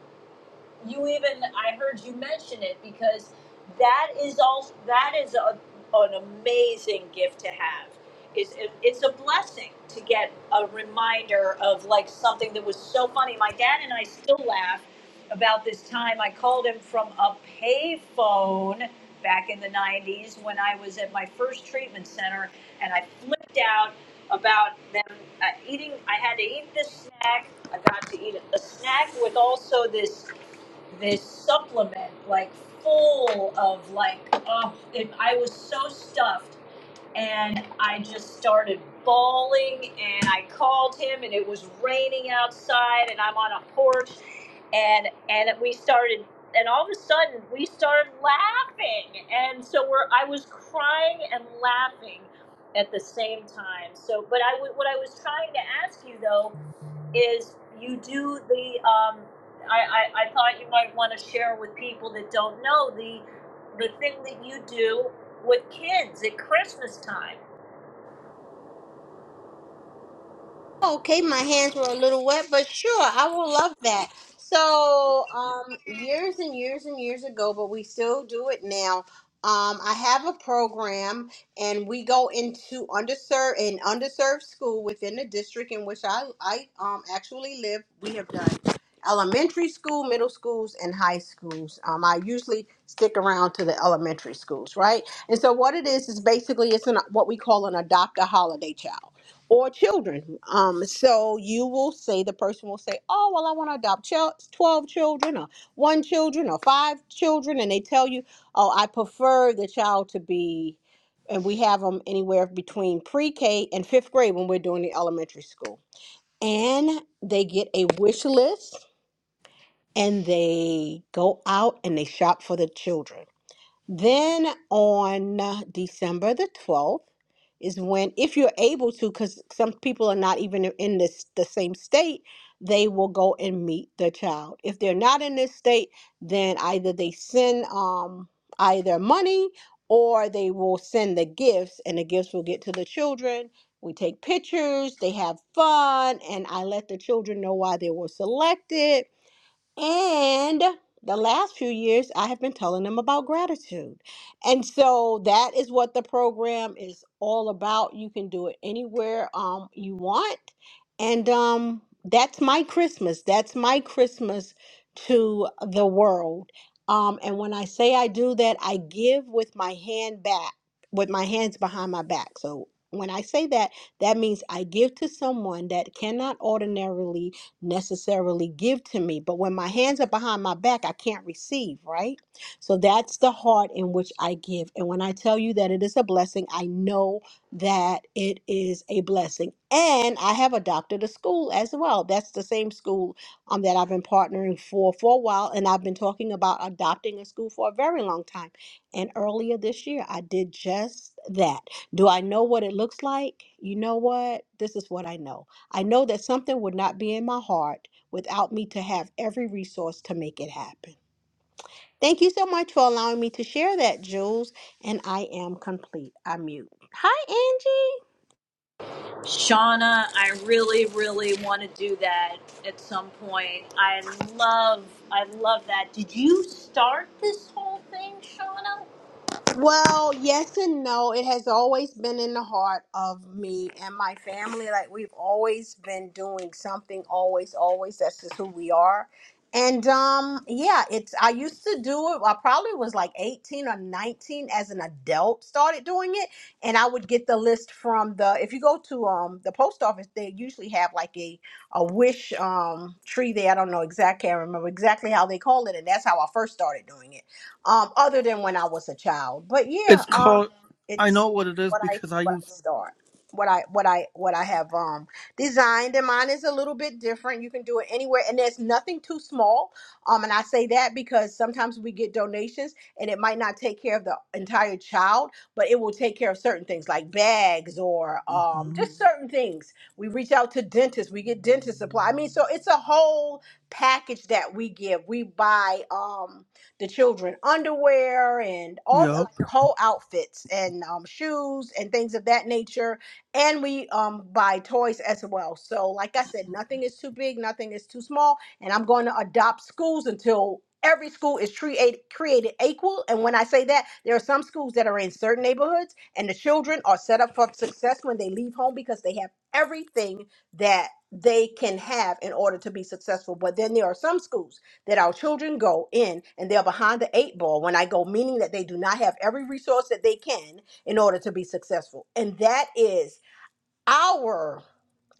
you even I heard you mention it because that is also that is a, an amazing gift to have. It's it, it's a blessing to get a reminder of like something that was so funny. My dad and I still laugh about this time I called him from a payphone back in the 90s when I was at my first treatment center and I flipped out about them uh, eating I had to eat this snack I got to eat a snack with also this this supplement like full of like oh it, i was so stuffed and i just started bawling and i called him and it was raining outside and i'm on a porch and and we started and all of a sudden we started laughing and so we're i was crying and laughing at the same time so but i w- what i was trying to ask you though is you do the um, I, I, I thought you might want to share with people that don't know the the thing that you do with kids at Christmas time. Okay, my hands were a little wet, but sure, I will love that. So, um, years and years and years ago, but we still do it now. Um, I have a program, and we go into underserved and underserved school within the district in which I I um actually live. We have done elementary school, middle schools, and high schools. Um, I usually stick around to the elementary schools, right? And so, what it is is basically it's an what we call an adopt a holiday child or children. Um, so you will say the person will say, "Oh, well, I want to adopt chil- twelve children, or one children, or five children," and they tell you, "Oh, I prefer the child to be," and we have them anywhere between pre-K and fifth grade when we're doing the elementary school, and they get a wish list and they go out and they shop for the children then on uh, December the 12th is when, if you're able to, because some people are not even in this the same state, they will go and meet the child. If they're not in this state, then either they send um either money or they will send the gifts, and the gifts will get to the children. We take pictures, they have fun, and I let the children know why they were selected and the last few years, I have been telling them about gratitude. And so that is what the program is all about. You can do it anywhere um, you want. And um, that's my Christmas. That's my Christmas to the world. Um, and when I say I do that, I give with my hand back, with my hands behind my back. So when I say that, that means I give to someone that cannot ordinarily necessarily give to me. But when my hands are behind my back, I can't receive, right? So that's the heart in which I give. And when I tell you that it is a blessing, I know that it is a blessing. And I have adopted a school as well. That's the same school um, that I've been partnering for for a while. And I've been talking about adopting a school for a very long time. And earlier this year, I did just that. Do I know what it looks like? You know what? This is what I know. I know that something would not be in my heart without me to have every resource to make it happen. Thank you so much for allowing me to share that, Jules. And I am complete. I mute. Hi, Angie. Shauna, I really, really want to do that at some point. I love I love that. Did you start this whole thing, Shauna? Well, yes and no. It has always been in the heart of me and my family. Like we've always been doing something, always, always. That's just who we are. And um, yeah, it's I used to do it. I probably was like 18 or 19 as an adult, started doing it. And I would get the list from the if you go to um the post office, they usually have like a a wish um tree there. I don't know exactly, I can't remember exactly how they call it, and that's how I first started doing it um, other than when I was a child. But yeah, It's um, called. I it's know what it is what I because I what I use. start, what I what I what I have um designed, and mine is a little bit different. You can do it anywhere, and there's nothing too small. Um, and I say that because sometimes we get donations, and it might not take care of the entire child, but it will take care of certain things like bags or um Mhm. just certain things. We reach out to dentists, we get dentist supply. I mean, so it's a whole package that we give. We buy um the children underwear and all the Yup. like the whole outfits and um, shoes and things of that nature. And we um, buy toys as well. So, like I said, nothing is too big, nothing is too small. And I'm going to adopt schools until every school is created created equal. And when I say that, there are some schools that are in certain neighborhoods, and the children are set up for success when they leave home because they have everything that they can have in order to be successful. But then there are some schools that our children go in and they're behind the eight ball when I go, meaning that they do not have every resource that they can in order to be successful. And that is our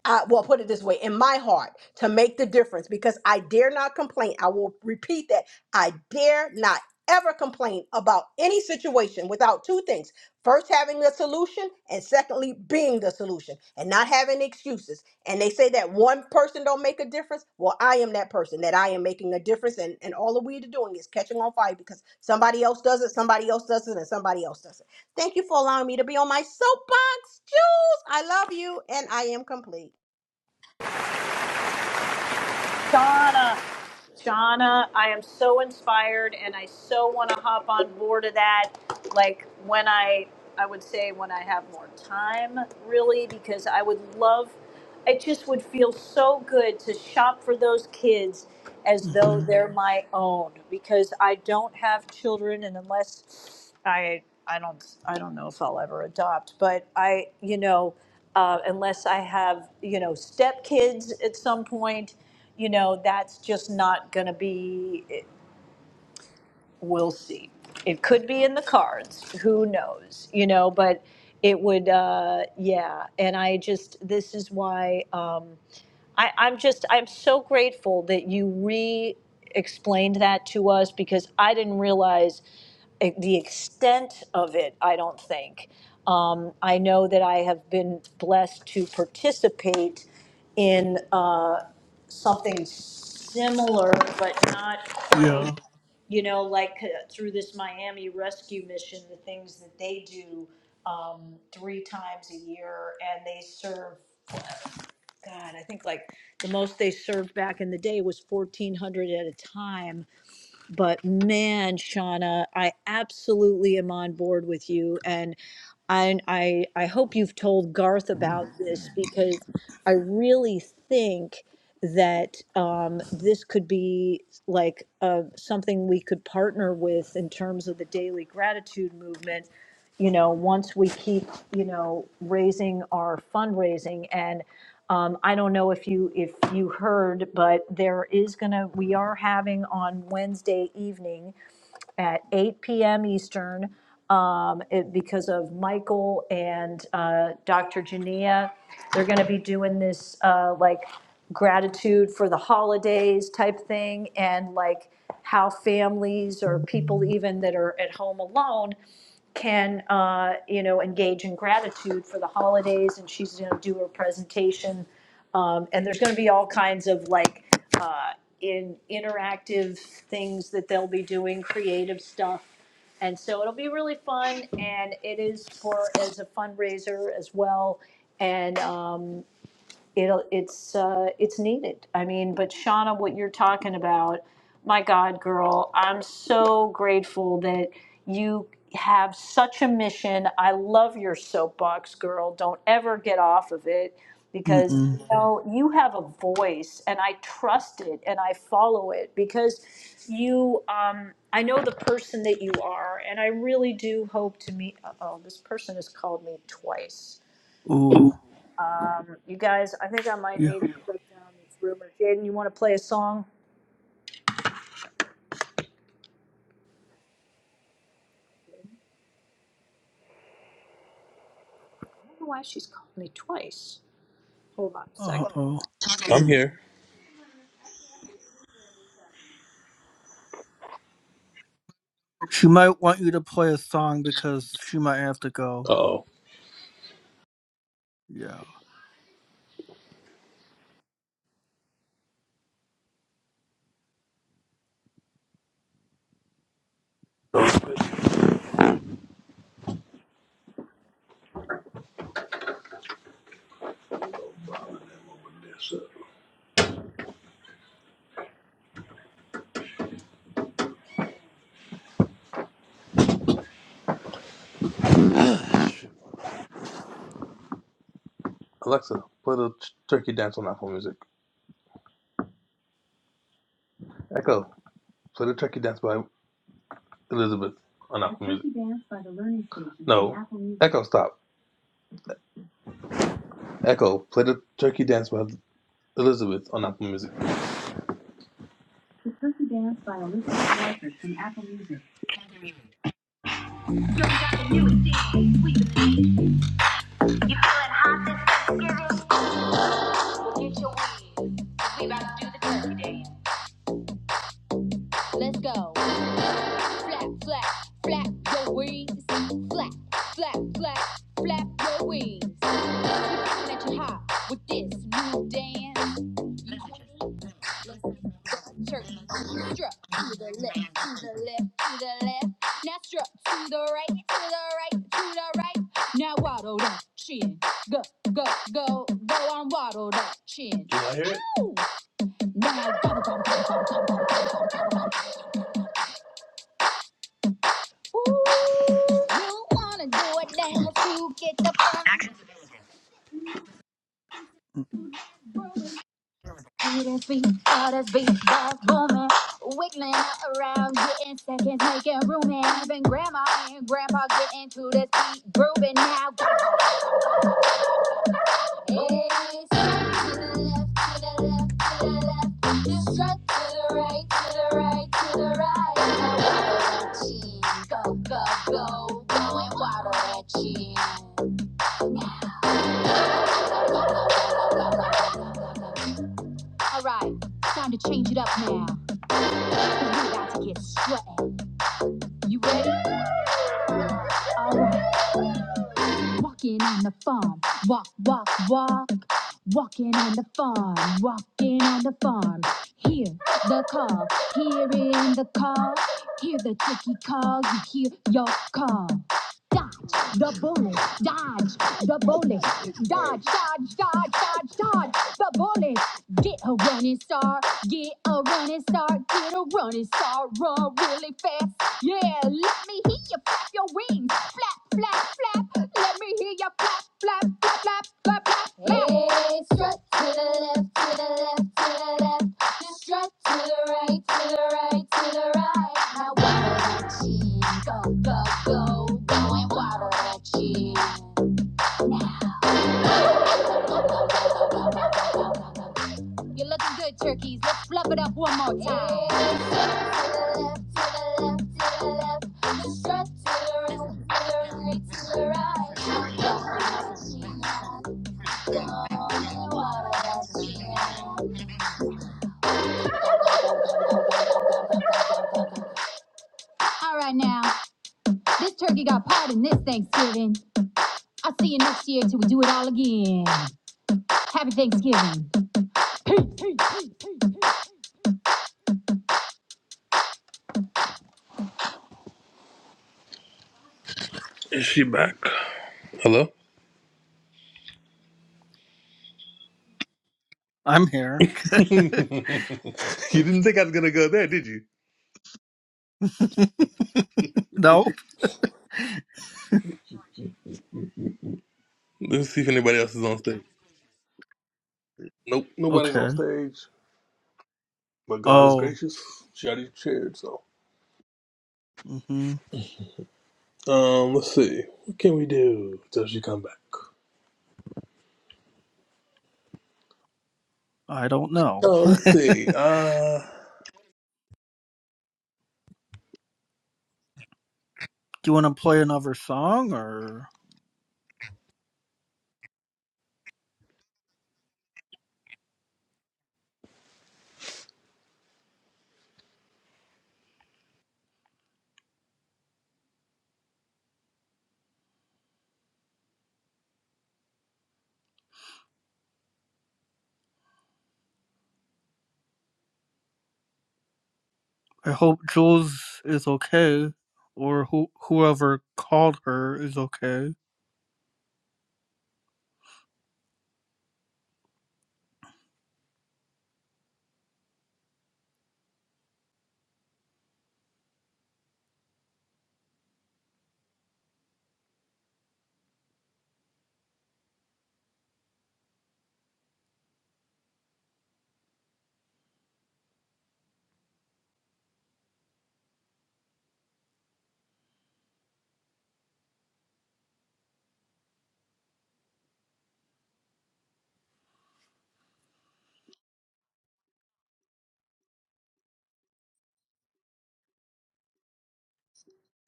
I, well, put it this way, in my heart to make the difference because I dare not complain. I will repeat that. I dare not ever complain about any situation without two things. First, having the solution, and secondly, being the solution and not having excuses. And they say that one person don't make a difference. Well, I am that person that I am making a difference. And, and all that we are doing is catching on fire because somebody else does it, somebody else does it, and somebody else does it. Thank you for allowing me to be on my soapbox. Jules, I love you, and I am complete. Shauna. Shauna, I am so inspired and I so want to hop on board of that. Like when I, I would say when I have more time, really, because I would love, it just would feel so good to shop for those kids as though Mhm. they're my own because I don't have children and unless I, I don't, I don't know if I'll ever adopt, but I, you know, uh, unless I have, you know, stepkids at some point you know, that's just not going to be, it- we'll see. It could be in the cards, who knows, you know, but it would, uh, yeah. And I just, this is why, um, I, I'm just, I'm so grateful that you re explained that to us because I didn't realize e- the extent of it, I don't think. Um, I know that I have been blessed to participate in uh, something similar, but not Yeah. quite, you know, like uh, through this Miami rescue mission, the things that they do um, three times a year, and they serve God, I think like the most they served back in the day was 1400 at a time. But man, Shauna, I absolutely am on board with you. And I, I, I hope you've told Garth about this because I really think that um, this could be like uh, something we could partner with in terms of the daily gratitude movement you know, once we keep, you know, raising our fundraising and um, I don't know if you if you heard, but there is gonna we are having on Wednesday evening at 8 p.m. Eastern um, it, because of Michael and uh, Dr. Jania. They're gonna be doing this uh, like gratitude for the holidays type thing and like how families or people even that are at home alone can, uh, you know, engage in gratitude for the holidays, and she's going to do her presentation. Um, and there's going to be all kinds of like uh, in interactive things that they'll be doing, creative stuff. And so it'll be really fun, and it is for as a fundraiser as well. And um, it'll it's uh, it's needed. I mean, but Shauna, what you're talking about, my God, girl, I'm so grateful that you have such a mission. I love your soapbox, girl. Don't ever get off of it because Mm. you know you have a voice, and I trust it and I follow it because you. Um, I know the person that you are, and I really do hope to meet. Uh Oh, this person has called me twice. Ooh. Um, you guys, I think I might Yeah. need to break down this rumor. Jaden, you want to play a song? I don't know why she's called me twice. Hold on a Uh second. oh. I'm here. She might want you to play a song because she might have to go. Oh, Yeah. Alexa, play the t- Turkey Dance on Apple Music. Echo, play the Turkey Dance by Elizabeth on The Apple Turkey Music. Dance by the Learning Station no, on Apple Music. Echo, stop. Echo, play the Turkey Dance by Elizabeth on Apple Music. The Turkey Dance by Alyssa Walters from Apple Music. We about to do the turkey dance. Let's go. Flap, flap, flap your wings. Flap, flap, flap, flap your wings. Let you hop with this new dance. Listen, Turkey strut to the left, to the left, to the left. Now strut to the right, to the right, to the right. Now waddle that chin. Go, go, go, go on waddle that chin. Do I hear it? Ow! Now you wanna do it dance? You get the funk grooving. See this beat, all this beat that's booming, wiggling around, getting seconds, making room. And even grandma and grandpa getting to this beat, grooving now. Alright, time to change it up now. 'cause we are about to get sweaty. You ready? Alright. Walking on the farm, walk, walk, walk. Walking on the farm, walking on the farm. Hear the call, hearing the call. Hear the turkey call, you hear your call. Dodge the bullet, dodge the bullet, dodge, dodge, dodge, dodge, dodge the bullet. Get a running start, get a running start, get a running start, run really fast. Yeah, let me hear you flap your wings flap, flap, flap. Let me hear you flap, flap, flap, flap, flap, flap, Hey, strut to the left, to the left, to the left. Just strut to the right, to the right, to the right. Now wobble that chin, go, go, go, go and wobble that chin. Now. You're looking good, turkeys. Let's flub it up one more time. Hey, to the left, to the left, to the left. The strut to the right, to the right, to the right. All right now, this turkey got part in this Thanksgiving. I'll see you next year till we do it all again. Happy Thanksgiving. Is she back? Hello? I'm here. you didn't think I was gonna go there, did you? Nope. Let's see if anybody else is on stage. Nope, nobody's on Okay. stage. But God is Oh. gracious. She already shared, so. Mhm. Um, let's see. What can we do till she come back? I don't know. Oh, let's see. Uh, Do you want to play another song, or I hope Jules is okay, or who whoever called her is okay.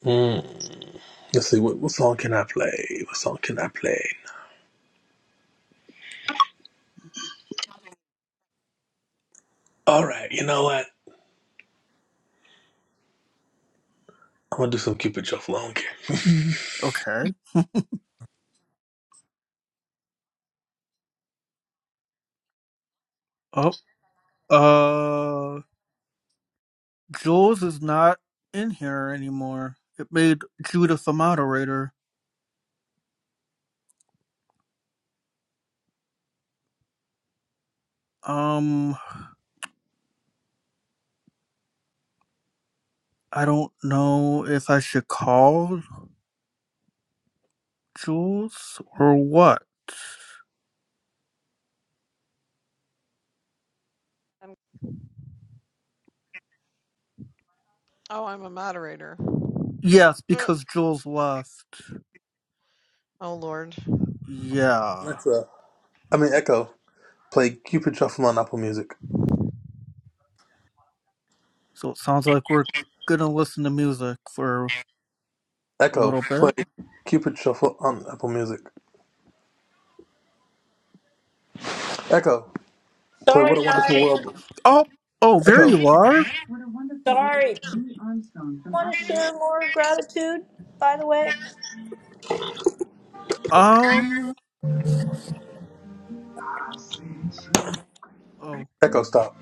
mm, let's see. What, what song can I play? What song can I play? All right, you know what? I'm gonna do some Cupid Shuffle. I don't care. Okay. Oh, uh, Jules is not in here anymore. It made Judith the moderator. Um, I don't know if I should call Jules or what. Oh, I'm a moderator. Yes, because Jules left. Oh Lord. Yeah. Alexa, I mean Echo, play Cupid Shuffle on Apple Music. So it sounds like we're gonna listen to music for a Echo, little play bit. Cupid Shuffle on Apple Music. Echo, play What Sorry, a Wonderful guys. World. Oh, oh, there Echo. you are. What a wonderful world. Sorry. Do you Louis Armstrong from want to Appalachia. share more gratitude, by the way? Um, oh, Echo stop.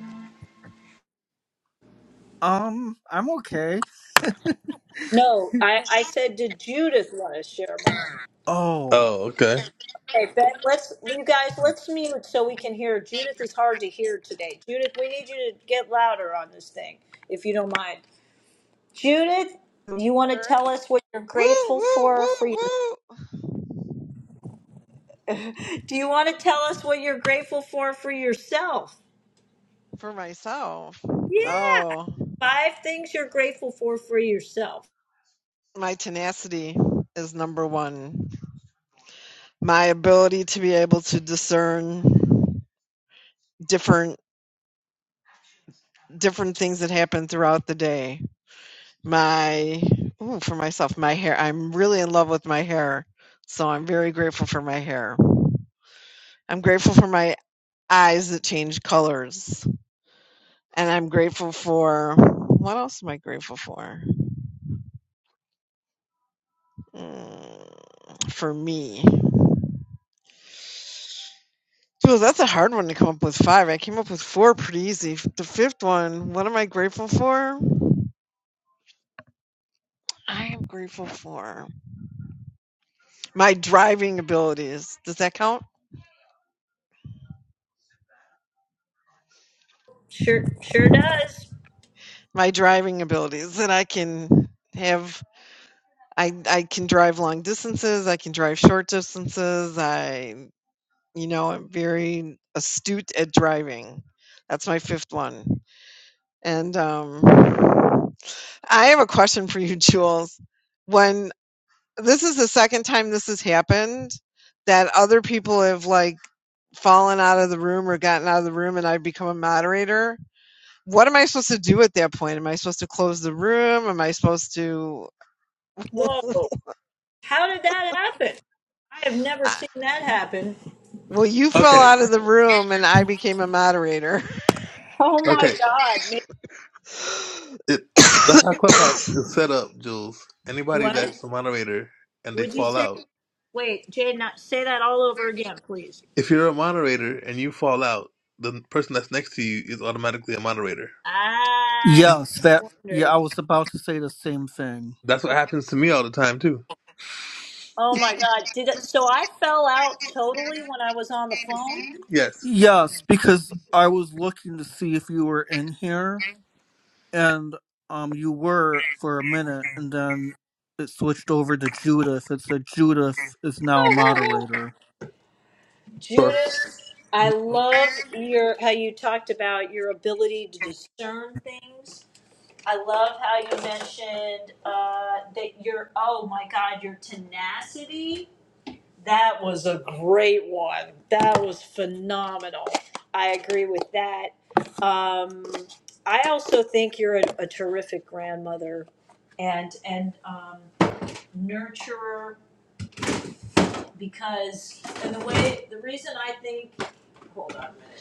um, I'm okay. No, I, I said, did Judith want to share more? Oh, Oh, okay. Okay, Ben, let's, you guys, let's mute so we can hear. Judith is hard to hear today. Judith, we need you to get louder on this thing, if you don't mind. Judith, you want to tell us what you're Woo! grateful for for Do you want to tell us what you're grateful for for yourself? For myself. Yeah, Oh, five things you're grateful for for yourself. my tenacity is number one. My ability to be able to discern different different things that happen throughout the day. My ooh, for myself, my hair. I'm really in love with my hair. So I'm very grateful for my hair. I'm grateful for my eyes that change colors. And I'm grateful for what else am I grateful for? Mm, for me. Dude, that's a hard one to come up with 5. I came up with 4 pretty easy. F- The 5th one, what am I grateful for? I am grateful for my driving abilities. Does that count? Sure, sure does. My driving abilities that I can have I I can drive long distances, I can drive short distances. I you know, I'm very astute at driving. That's my 5th one. And um I have a question for you, Jules. When this is the second time this has happened that other people have like fallen out of the room or gotten out of the room and I've become a moderator. What am I supposed to do at that point? Am I supposed to close the room? Am I supposed to I have never. Well, you fell Okay. out of the room and I became a moderator. Oh my Okay. God! ma- It that's how Clubhouse is set up, Jules. Anybody What that's a moderator and they would you fall say? out. Wait, Jay, not say that all over again, please. If you're a moderator and you fall out, the person that's next to you is automatically a moderator. Ah, yes, that, that yeah, nerd. I was about to say the same thing. That's what happens to me all the time too. Oh my God! Did it? So I fell out totally when I was on the phone. Yes. Yes, because I was looking to see if you were in here, and, um, you were for a minute, and then it switched over to Judith. It said Judith is now a moderator. So Judith, I love your how you talked about your ability to discern things I love how you mentioned uh, that your oh my god your tenacity. That was a great one. That was phenomenal. I agree with that. Um, I also think you're a, a terrific grandmother and and um, nurturer because and the way the reason I think hold on a minute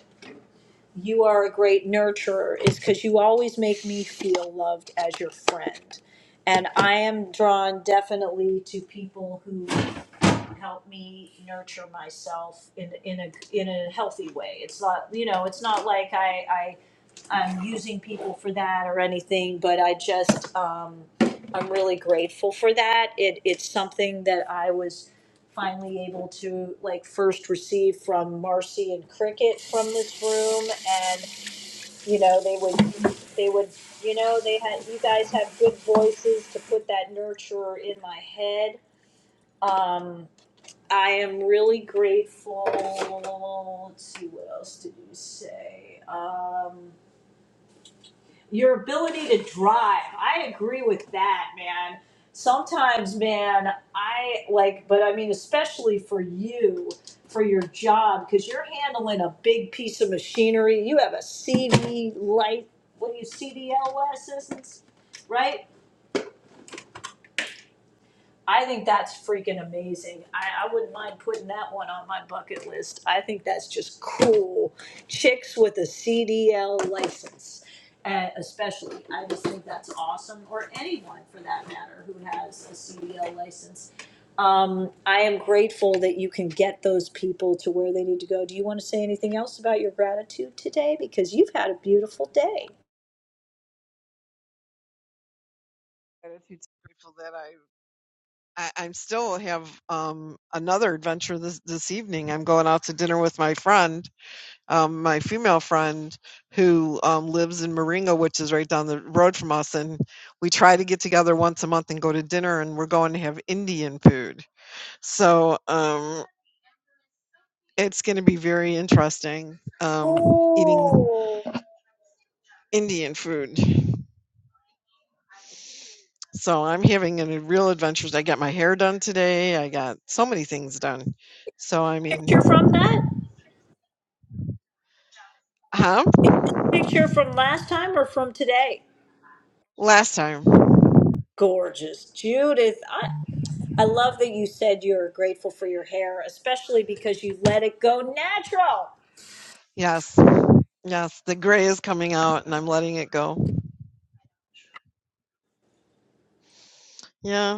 you are a great nurturer is because you always make me feel loved as your friend. And I am drawn definitely to people who help me nurture myself in, in a in a healthy way. It's not you know it's not like I, I I'm using people for that or anything, but I just um, I'm really grateful for that. It it's something that I was finally able to like first receive from Marcy and Cricket from this room and you know they would they would you know they had you guys have good voices to put that nurturer in my head um i am really grateful let's see what else did you say um your ability to drive. I agree with that, man. Sometimes, man, I like, but I mean, especially for you, for your job, because you're handling a big piece of machinery. You have a CD light, what do you, CDL license, right? I think that's freaking amazing. I, I wouldn't mind putting that one on my bucket list. I think that's just cool. Chicks with a CDL license, uh, especially. I just think that's awesome, or anyone for that matter who has a CDL license. Um, I am grateful that you can get those people to where they need to go. Do you want to say anything else about your gratitude today? Because you've had a beautiful day. Gratitude's grateful that I I, I'm still have um, another adventure this this evening. I'm going out to dinner with my friend um, my female friend who um, lives in Moringa, which is right down the road from us, and we try to get together once a month and go to dinner, and we're going to have Indian food. So um, it's going to be very interesting um, eating Oh. Indian food. So I'm having a real adventure. I got my hair done today. I got so many things done. So I mean, picture from that? huh? Picture from last time or from today? Last time, Gorgeous. Judith, I, I love that you said you're grateful for your hair, especially because you let it go natural. yes, yes, the gray is coming out, and I'm letting it go. Yeah.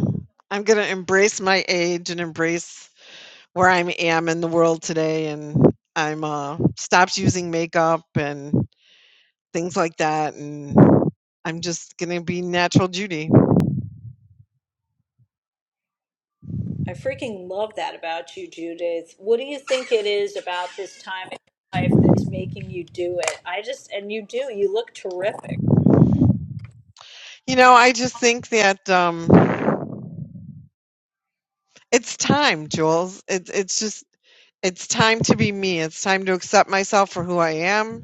I'm gonna embrace my age and embrace where I am in the world today, and I'm, uh, stopped using makeup and things like that, and I'm just gonna be natural Judy. I freaking love that about you, Judith. What do you think it is about this time in your life that's making you do it? I just, and you do, you look terrific. You know, I just think that, um, it's time, Jules. It's it's just it's time to be me. It's time to accept myself for who I am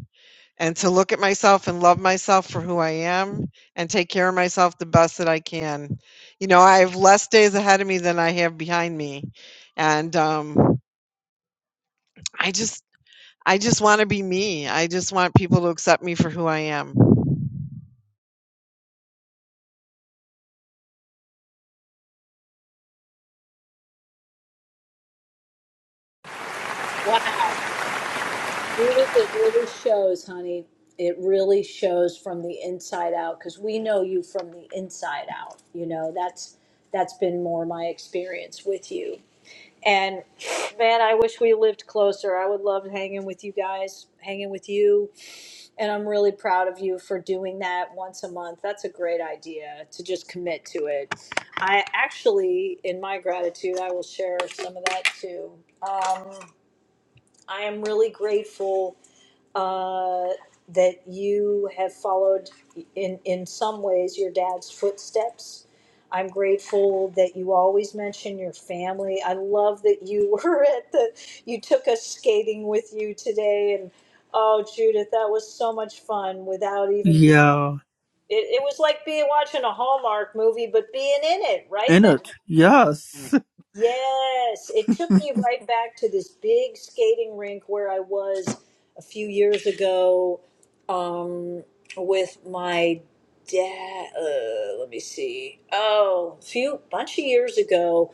and to look at myself and love myself for who I am and take care of myself the best that I can. You know, I have less days ahead of me than I have behind me. And um, I just, I just want to be me. I just want people to accept me for who I am. Wow. Judith, it really shows, honey. It really shows from the inside out because we know you from the inside out. You know that's that's been more my experience with you. And man, I wish we lived closer. I would love hanging with you guys, hanging with you. And I'm really proud of you for doing that once a month. That's a great idea to just commit to it. I actually, in my gratitude, I will share some of that too. Um, I am really grateful uh, that you have followed in in some ways your dad's footsteps. I'm grateful that you always mention your family. I love that you were at the you took us skating with you today and oh Judith, that was so much fun without even being Yeah, it, it was like being watching a Hallmark movie but being in it, right in it, yes. Yes, it took me right back to this big skating rink where I was a few years ago um, with my dad. Uh, let me see. Oh, a few bunch of years ago,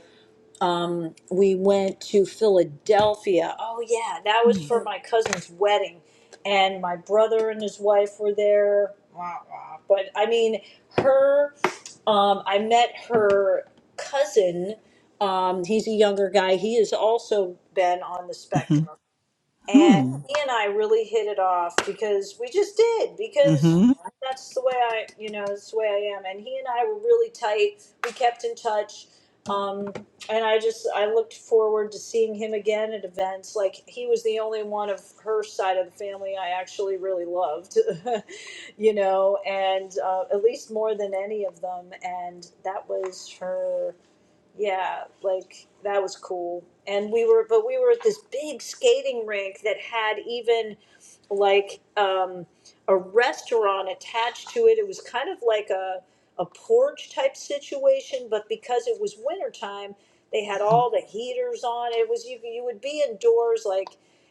um, we went to Philadelphia. Oh yeah, that was hmm for my cousin's wedding, and my brother and his wife were there. Wah, wah. But I mean, her. Um, I met her cousin. Um, he's a younger guy. He has also been on the spectrum and hmm he and I really hit it off because we just did because that's the way I you know it's the way I am and he and I were really tight we kept in touch um, and I just I looked forward to seeing him again at events like he was the only one of her side of the family I actually really loved you know and uh, at least more than any of them and that was her yeah, like that was cool. And we were, but we were at this big skating rink that had even like um, a restaurant attached to it. It was kind of like a a porch type situation, but because it was wintertime, they had all the heaters on. It was you you would be indoors like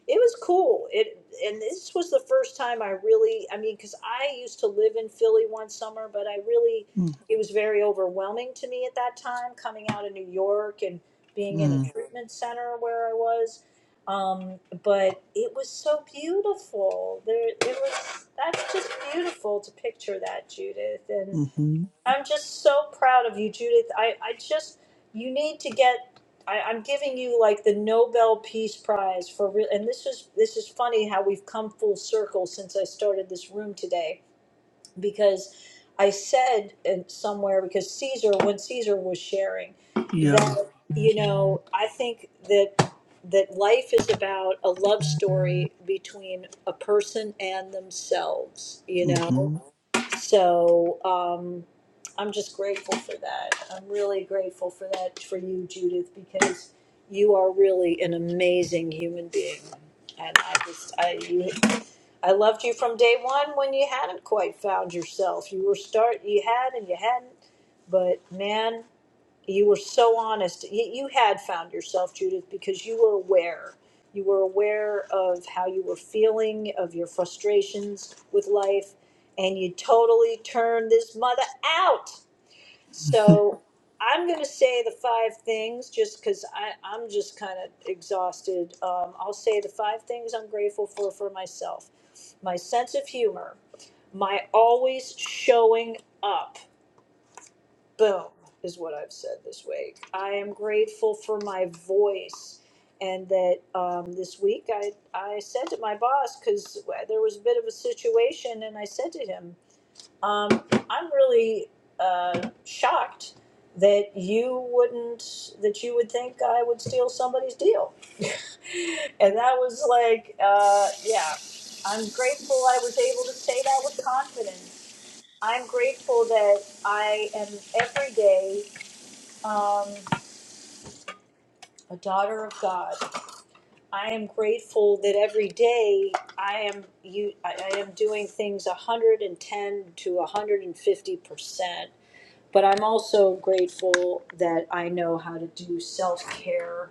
it was cool. It and this was the first time I really, I mean, because I used to live in Philly one summer, but I really it was very overwhelming to me at that time coming out of New York and being in hmm a treatment center where I was. Um, but it was so beautiful. There, it was that's just beautiful to picture that, Judith. And Mm-hmm. I'm just so proud of you, Judith. I, I just you need to get. I, I'm giving you like the Nobel Peace Prize for real. And this is this is funny how we've come full circle since I started this room today because I said in somewhere because Caesar when Caesar was sharing Yeah. that you know I think that that life is about a love story between a person and themselves you know Mm-hmm. so um I'm just grateful for that I'm really grateful for that for you Judith because you are really an amazing human being and I just I you I loved you from day one when you hadn't quite found yourself. You were start you had and you hadn't, but man, you were so honest. You, you had found yourself, Judith, because you were aware. You were aware of how you were feeling, of your frustrations with life, and you totally turned this mother out. So I'm going to say the five things just because I'm just kind of exhausted. Um, I'll say the five things I'm grateful for for myself my sense of humor, my always showing up. Boom, is what I've said this week. I am grateful for my voice. And that um, this week I, I said to my boss, because there was a bit of a situation, and I said to him, um, I'm really uh, shocked that you wouldn't, that you would think I would steal somebody's deal. and that was like, uh, yeah, I'm grateful I was able to say that with confidence. I'm grateful that I am every day um, a daughter of God. I am grateful that every day I am you. I, I am doing things 110 to 150 percent But I'm also grateful that I know how to do self care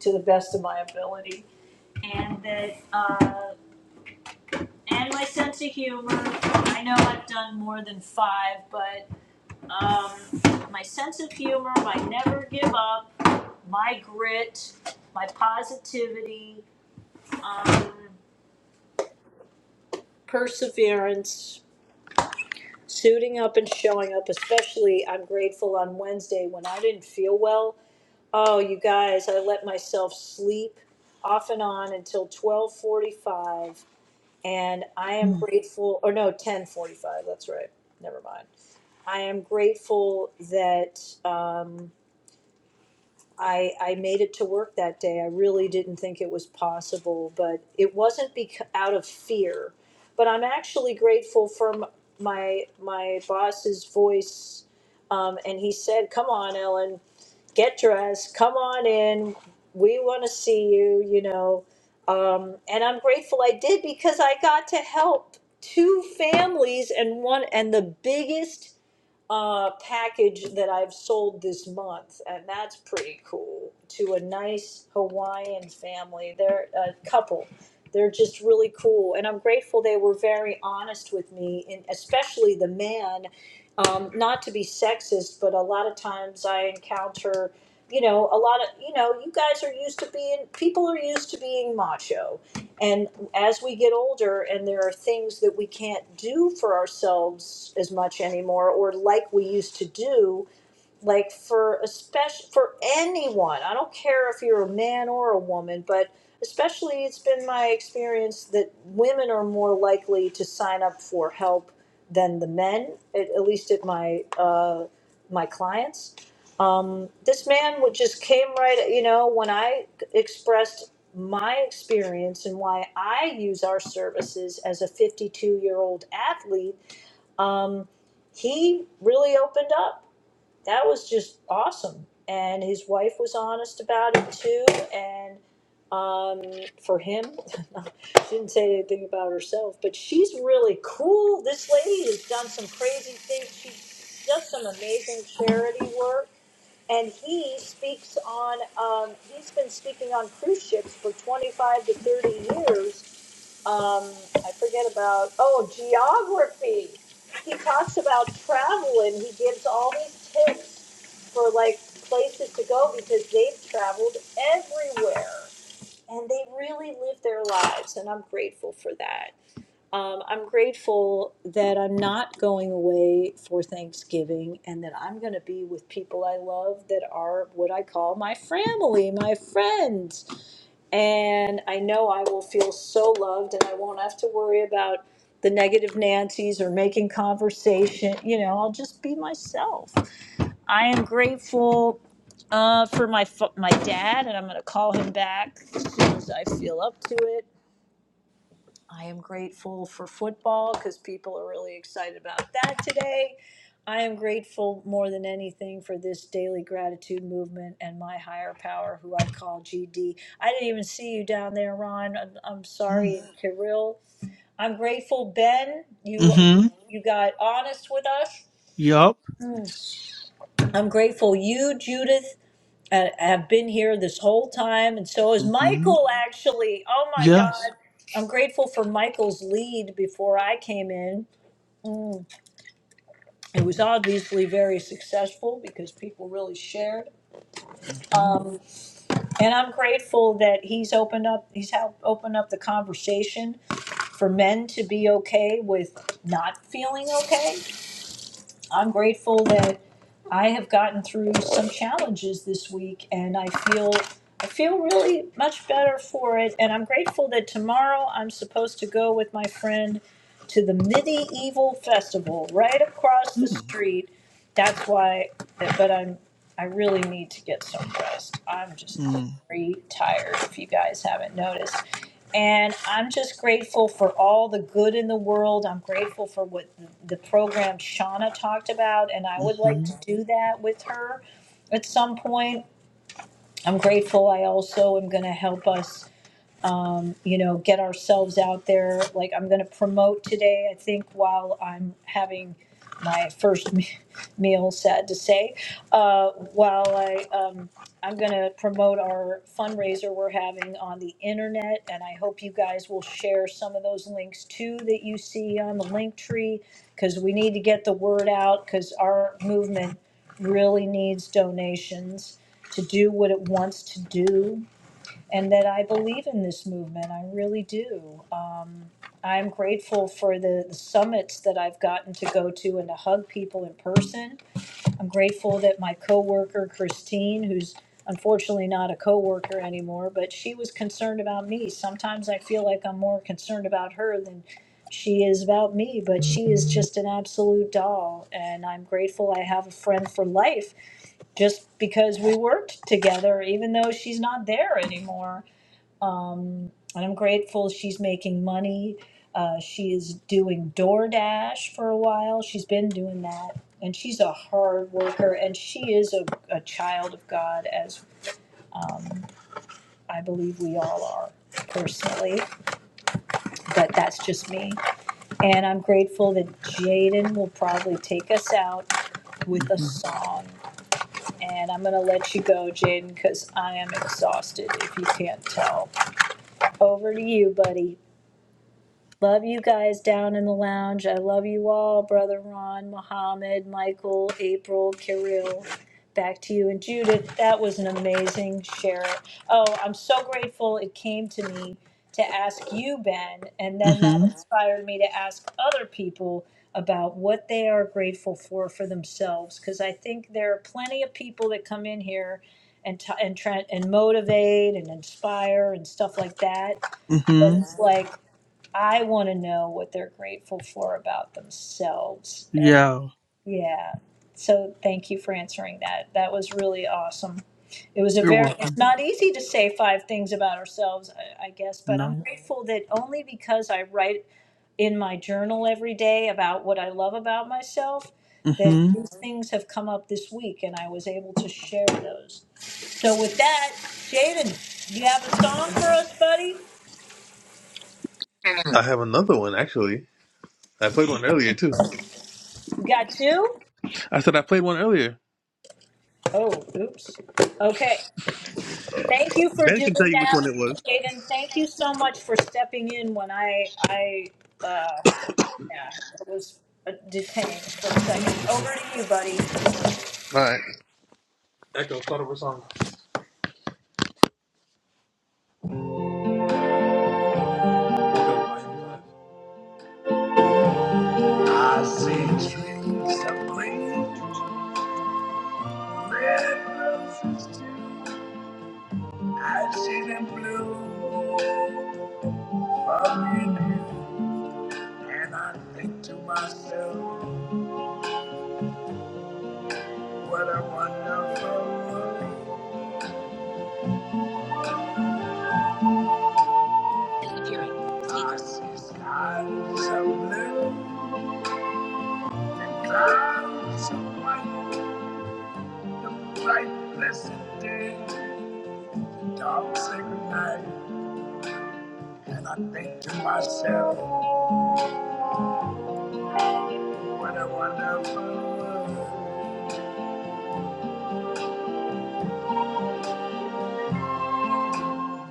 to the best of my ability, and that uh, and my sense of humor. I know I've done more than five, but um, my sense of humor, my never give up, my grit, my positivity, um, perseverance. Suiting up and showing up, especially I'm grateful on Wednesday when I didn't feel well Oh, you guys, I let myself sleep off and on until 12:45 and I am grateful or no, 10:45, that's right. Never mind. I am grateful that um, I, I made it to work that day. I really didn't think it was possible, but it wasn't bec- out of fear. But I'm actually grateful for m- my my boss's voice, um, and he said, "Come on, Ellen, get dressed. Come on in. We want to see you." You know, um, and I'm grateful I did because I got to help two families and one and the biggest uh, package that I've sold this month, and that's pretty cool. To a nice Hawaiian family, they're a couple. They're just really cool, and I'm grateful they were very honest with me, and especially the man. Um, not to be sexist, but a lot of times I encounter, you know, a lot of, you know, you guys are used to being, people are used to being macho and as we get older and there are things that we can't do for ourselves as much anymore or like we used to do, like for especially for anyone i don't care if you're a man or a woman but especially it's been my experience that women are more likely to sign up for help than the men at, at least at my uh, my clients um, this man would just came right you know when i expressed my experience and why i use our services as a 52 year old athlete um, he really opened up that was just awesome. And his wife was honest about it too. And um, for him, she didn't say anything about herself, but she's really cool. This lady has done some crazy things. She does some amazing charity work. And he speaks on, um, he's been speaking on cruise ships for 25 to 30 years um, I forget about, oh, geography. He talks about travel and he gives all these tips for like places to go because they've traveled everywhere and they really live their lives. And I'm grateful for that. Um, I'm grateful that I'm not going away for Thanksgiving and that I'm going to be with people I love that are what I call my family, my friends. And I know I will feel so loved and I won't have to worry about the negative Nancy's or making conversation. You know, I'll just be myself. I am grateful uh, for my fa- my dad, and I'm going to call him back as soon as I feel up to it. I am grateful for football because people are really excited about that today. I am grateful more than anything for this daily gratitude movement and my higher power, who I call GD. I didn't even see you down there, Ron. I'm, I'm Mm-hmm. sorry, and Kirill. I'm grateful, Ben. You Mm-hmm. you got honest with us. Yup. Mm. I'm grateful you, Judith and have been here this whole time, and so is Mm-hmm. Michael, actually. Oh my God. Yes. I'm grateful for Michael's lead before I came in. Mm. It was obviously very successful because people really shared. Mm-hmm. Um, and I'm grateful that he's opened up, he's helped open up the conversation for men to be okay with not feeling okay. I'm grateful that I have gotten through some challenges this week and I feel I feel really much better for it and I'm grateful that tomorrow I'm supposed to go with my friend to the medieval festival right across the street. That's why but I'm I really need to get some rest. I'm just Mm-hmm. very tired if you guys haven't noticed. And I'm just grateful for all the good in the world. I'm grateful for what the program Shauna talked about, and I would like Mm-hmm. to do that with her at some point. I'm grateful. I also am going to help us um, you know, get ourselves out there. Like I'm going to promote today, I think, while I'm having my first me- meal, sad to say, uh, while I, um, I'm going to promote our fundraiser we're having on the internet. And I hope you guys will share some of those links too that you see on the link tree because we need to get the word out because our movement really needs donations to do what it wants to do and that I believe in this movement. I really do. Um, I'm grateful for the, the summits that I've gotten to go to and to hug people in person. I'm grateful that my coworker Christine, who's unfortunately not a coworker anymore, but she was concerned about me. Sometimes I feel like I'm more concerned about her than she is about me, but she is just an absolute doll, and I'm grateful I have a friend for life just because we worked together, even though she's not there anymore. Um, and I'm grateful she's making money. Uh, she is doing DoorDash for a while. She's been doing that. And she's a hard worker. And she is a, a child of God, as um, I believe we all are personally. But that's just me. And I'm grateful that Jaden will probably take us out with a Mm-hmm. song. And I'm going to let you go, Jaden, because I am exhausted, if you can't tell. Over to you, buddy. Love you guys down in the lounge. I love you all, Brother Ron, Muhammad, Michael, April, Kirill. Back to you and Judith. That was an amazing share. Oh, I'm so grateful it came to me to ask you, Ben, and then that Mm-hmm. inspired me to ask other people about what they are grateful for for themselves because I think there are plenty of people that come in here and t- and try and motivate and inspire and stuff like that. But Mm-hmm. it's like I want to know what they're grateful for about themselves. And Yeah. yeah, so thank you for answering that. That was really awesome. It was a You're very, it's welcome. not easy to say five things about ourselves, I, I guess, but I'm No. grateful that only because I write in my journal every day about what I love about myself, that Mm-hmm. these things have come up this week and I was able to share those. So with that, Jaden, you have a song for us, buddy? I have another one actually. I played one earlier too. You got two? I said I played one earlier. Oh, oops. Okay. Thank you for Ben doing can tell you which one that, it was. Jaden. Thank you so much for stepping in when I, I, uh, yeah, it was uh, detained for a second. Over to you, buddy. All These dreams come true. right. in blue from your And I think to myself, what a wonderful world. I see skies so blue and clouds so white, the bright, blessed day, the dark, sacred night. And I think to myself, what a wonderful world.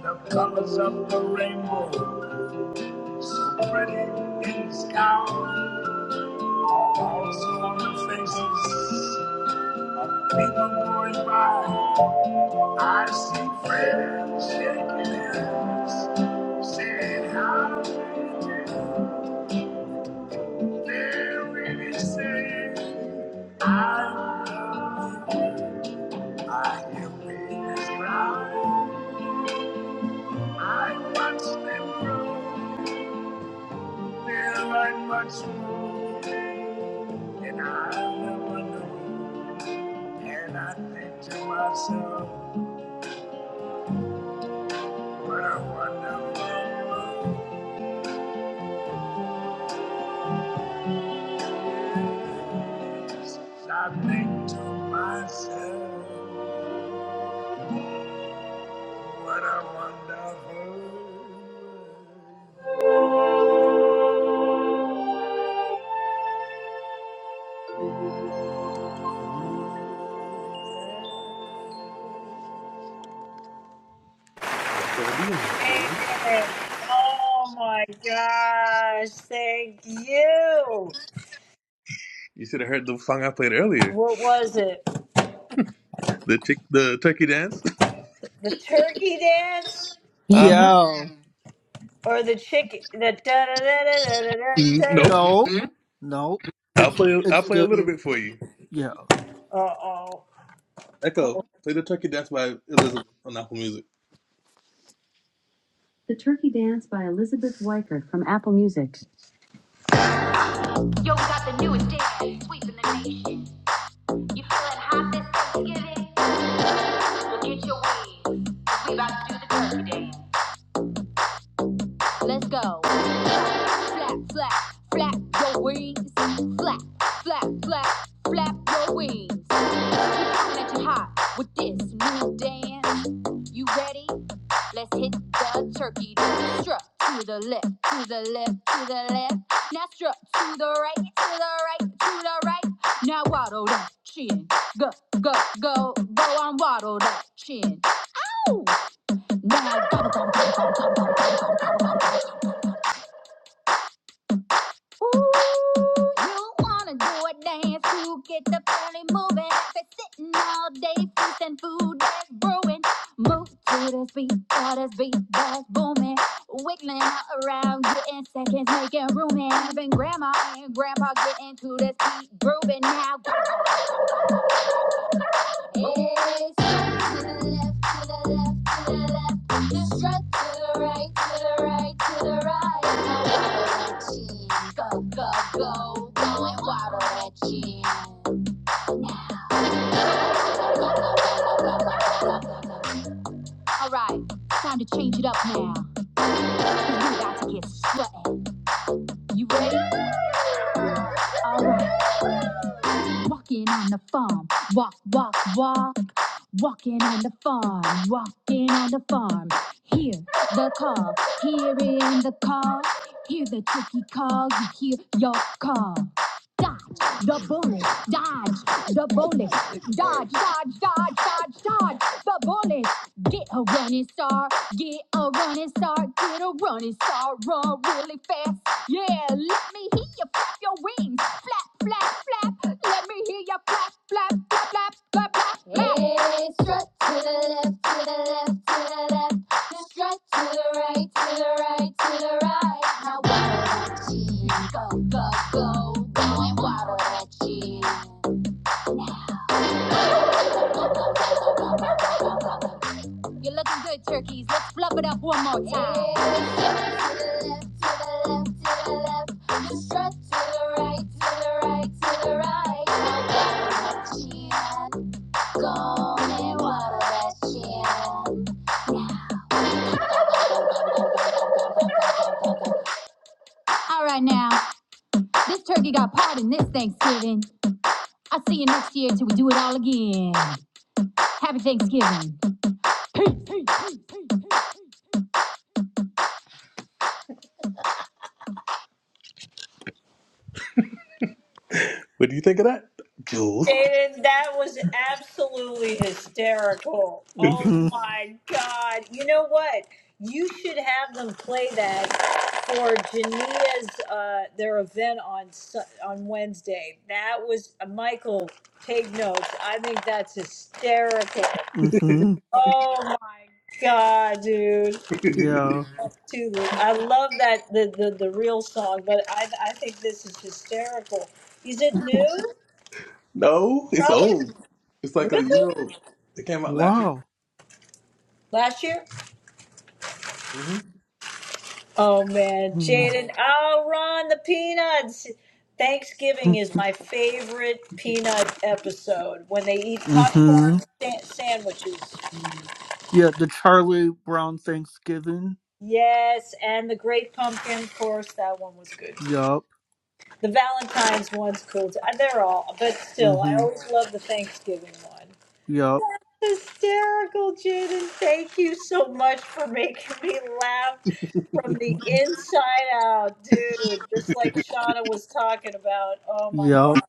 The colors of the rainbow, so pretty in the sky. Balls on the faces of people going by. I see friends shaking hands, saying how do you do?" They're really saying, I love you. I hear babies cry. I watch them grow. They're like much more and I ever knew. And I think to myself, what a wonderful world. Yes, I think to myself, what a wonderful world. Back over to you, Miss Jules. Amen. Oh my gosh. Thank you. You should have heard the song I played earlier, What was it? the chick, the turkey dance. The turkey dance Uh huh. Yeah. or the chicken? The da da da da da da Nope. da. No. No. I'll It's play. I'll it's play a the little bit for you. yeah. Uh oh. Echo, play the turkey dance by Elizabeth on Apple Music. The turkey dance by Elizabeth Weicker from Apple Music. Yo, we got the newest dance, sweeping the nation. You feeling hot this Thanksgiving? Well, get your wings, 'cause we about to do the turkey dance. Let's go. Flap, flap, flap your wings. Flap, flap, flap, flap your wings. Set you hot with this new dance. You ready? Let's hit the turkey dance. Strut to the left, to the left, to the left. Now strut to the right, to the right, to the right. Now waddle that chin. Go, go, go, go on waddle that chin. Ooh. Now gobble, gobble, gobble, gobble, gobble, gobble, gobble, Ooh, you wanna do a dance to get the belly moving. If it's sitting all day feasting food that's brewing. Move to this beat, for this beat that's booming. Wiggling around, getting seconds, making room. And even grandma and grandpa getting to this beat, grooving now. Alright, time to change it up now. we got to get sweaty. You ready? Alright. Walking on the farm, walk, walk, walk. Walking on the farm, walking on the farm. Hear the call, hearing the call. Hear the turkey call, you hear your call. Dodge the bullet, dodge the bullet, dodge, dodge, dodge, dodge, dodge the bullet. Get a running star, get a running star, get a running star, run really fast. Yeah, let me hear you flap your wings flap, flap, flap. Let me hear your flap, flap, flap, flap, flap, flap. Hey, strut to the left, to the left, to the left. Strut to the right, to the right, to the right. Now waddle that cheese, go, go, go. Go and waddle that cheese. You're looking good, turkeys. Let's flub it up one more time. Yeah. To the left, to the left, to the left. You strut to the right, to the right, to the right. Now that's chin. Go and waddle that chin. Yeah. All right now, this turkey got part this Thanksgiving. I'll see you next year till we do it all again. Happy Thanksgiving. Peace. peace, peace, peace, peace. What do you think of that, Jules? Jaden, that was absolutely hysterical. Oh Mm-hmm. my God. You know what? You should have them play that for Jania's, uh, their event on Su- on Wednesday. That was, uh, Michael, take notes. I think that's hysterical. Mm-hmm. Oh my God, dude. Yeah. That's too, I love that, the, the, the real song, but I, I think this is hysterical. Is it new? No, it's Probably. old. It's like a Really? year old. It came out last year. Wow. Last year? hmm Oh man, Mm-hmm. Jaden. Oh, Ron, the peanuts. Thanksgiving is my favorite peanut episode when they eat Mm-hmm. popcorn sa- sandwiches. Yeah, the Charlie Brown Thanksgiving. Yes, and the great pumpkin, of course, that one was good too. Yup. The Valentine's one's cool too. Uh, They're all, but still, I Mm-hmm. always love the Thanksgiving one. Yup. hysterical, Jaden. Thank you so much for making me laugh from Mm-hmm. the inside out, dude. Just like Shauna was talking about. Oh my Yup. god.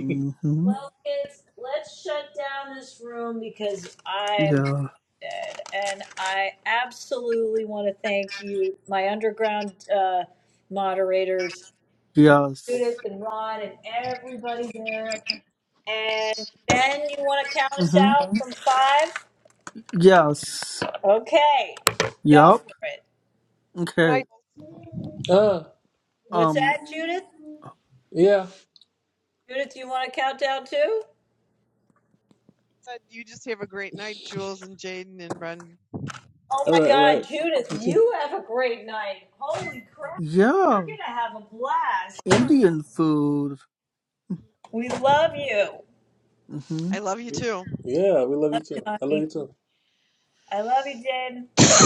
Mm-hmm. Well, kids, let's shut down this room because I'm Yeah. dead. And I absolutely want to thank you, my underground uh, moderators, Judith Yes. and Ron, and everybody there. And Ben, you want to count us Mm-hmm. out Mhm. from five? Yes. Okay, go for Yup. it. And Okay. I Ah, What's Um. that, Judith? yeah. Judith, you want to count down too? You just have a great night, Jules and Jaden and Brendan. Oh All my right, all right. God, You Judith, too. you have a great night. Holy crap, Yeah. you're going to have a blast. Indian food. We love you, Mm-hmm. I love you too. Yeah, we love you too. I love you honey. too. I love you, Jen.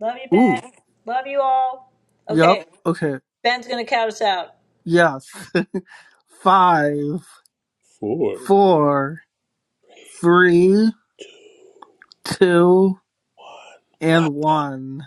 Love you, Ooh. Ben. Love you all. Yup. Okay, Okay. Ben's going to count us out. Yes. Five, four, three, two, and one.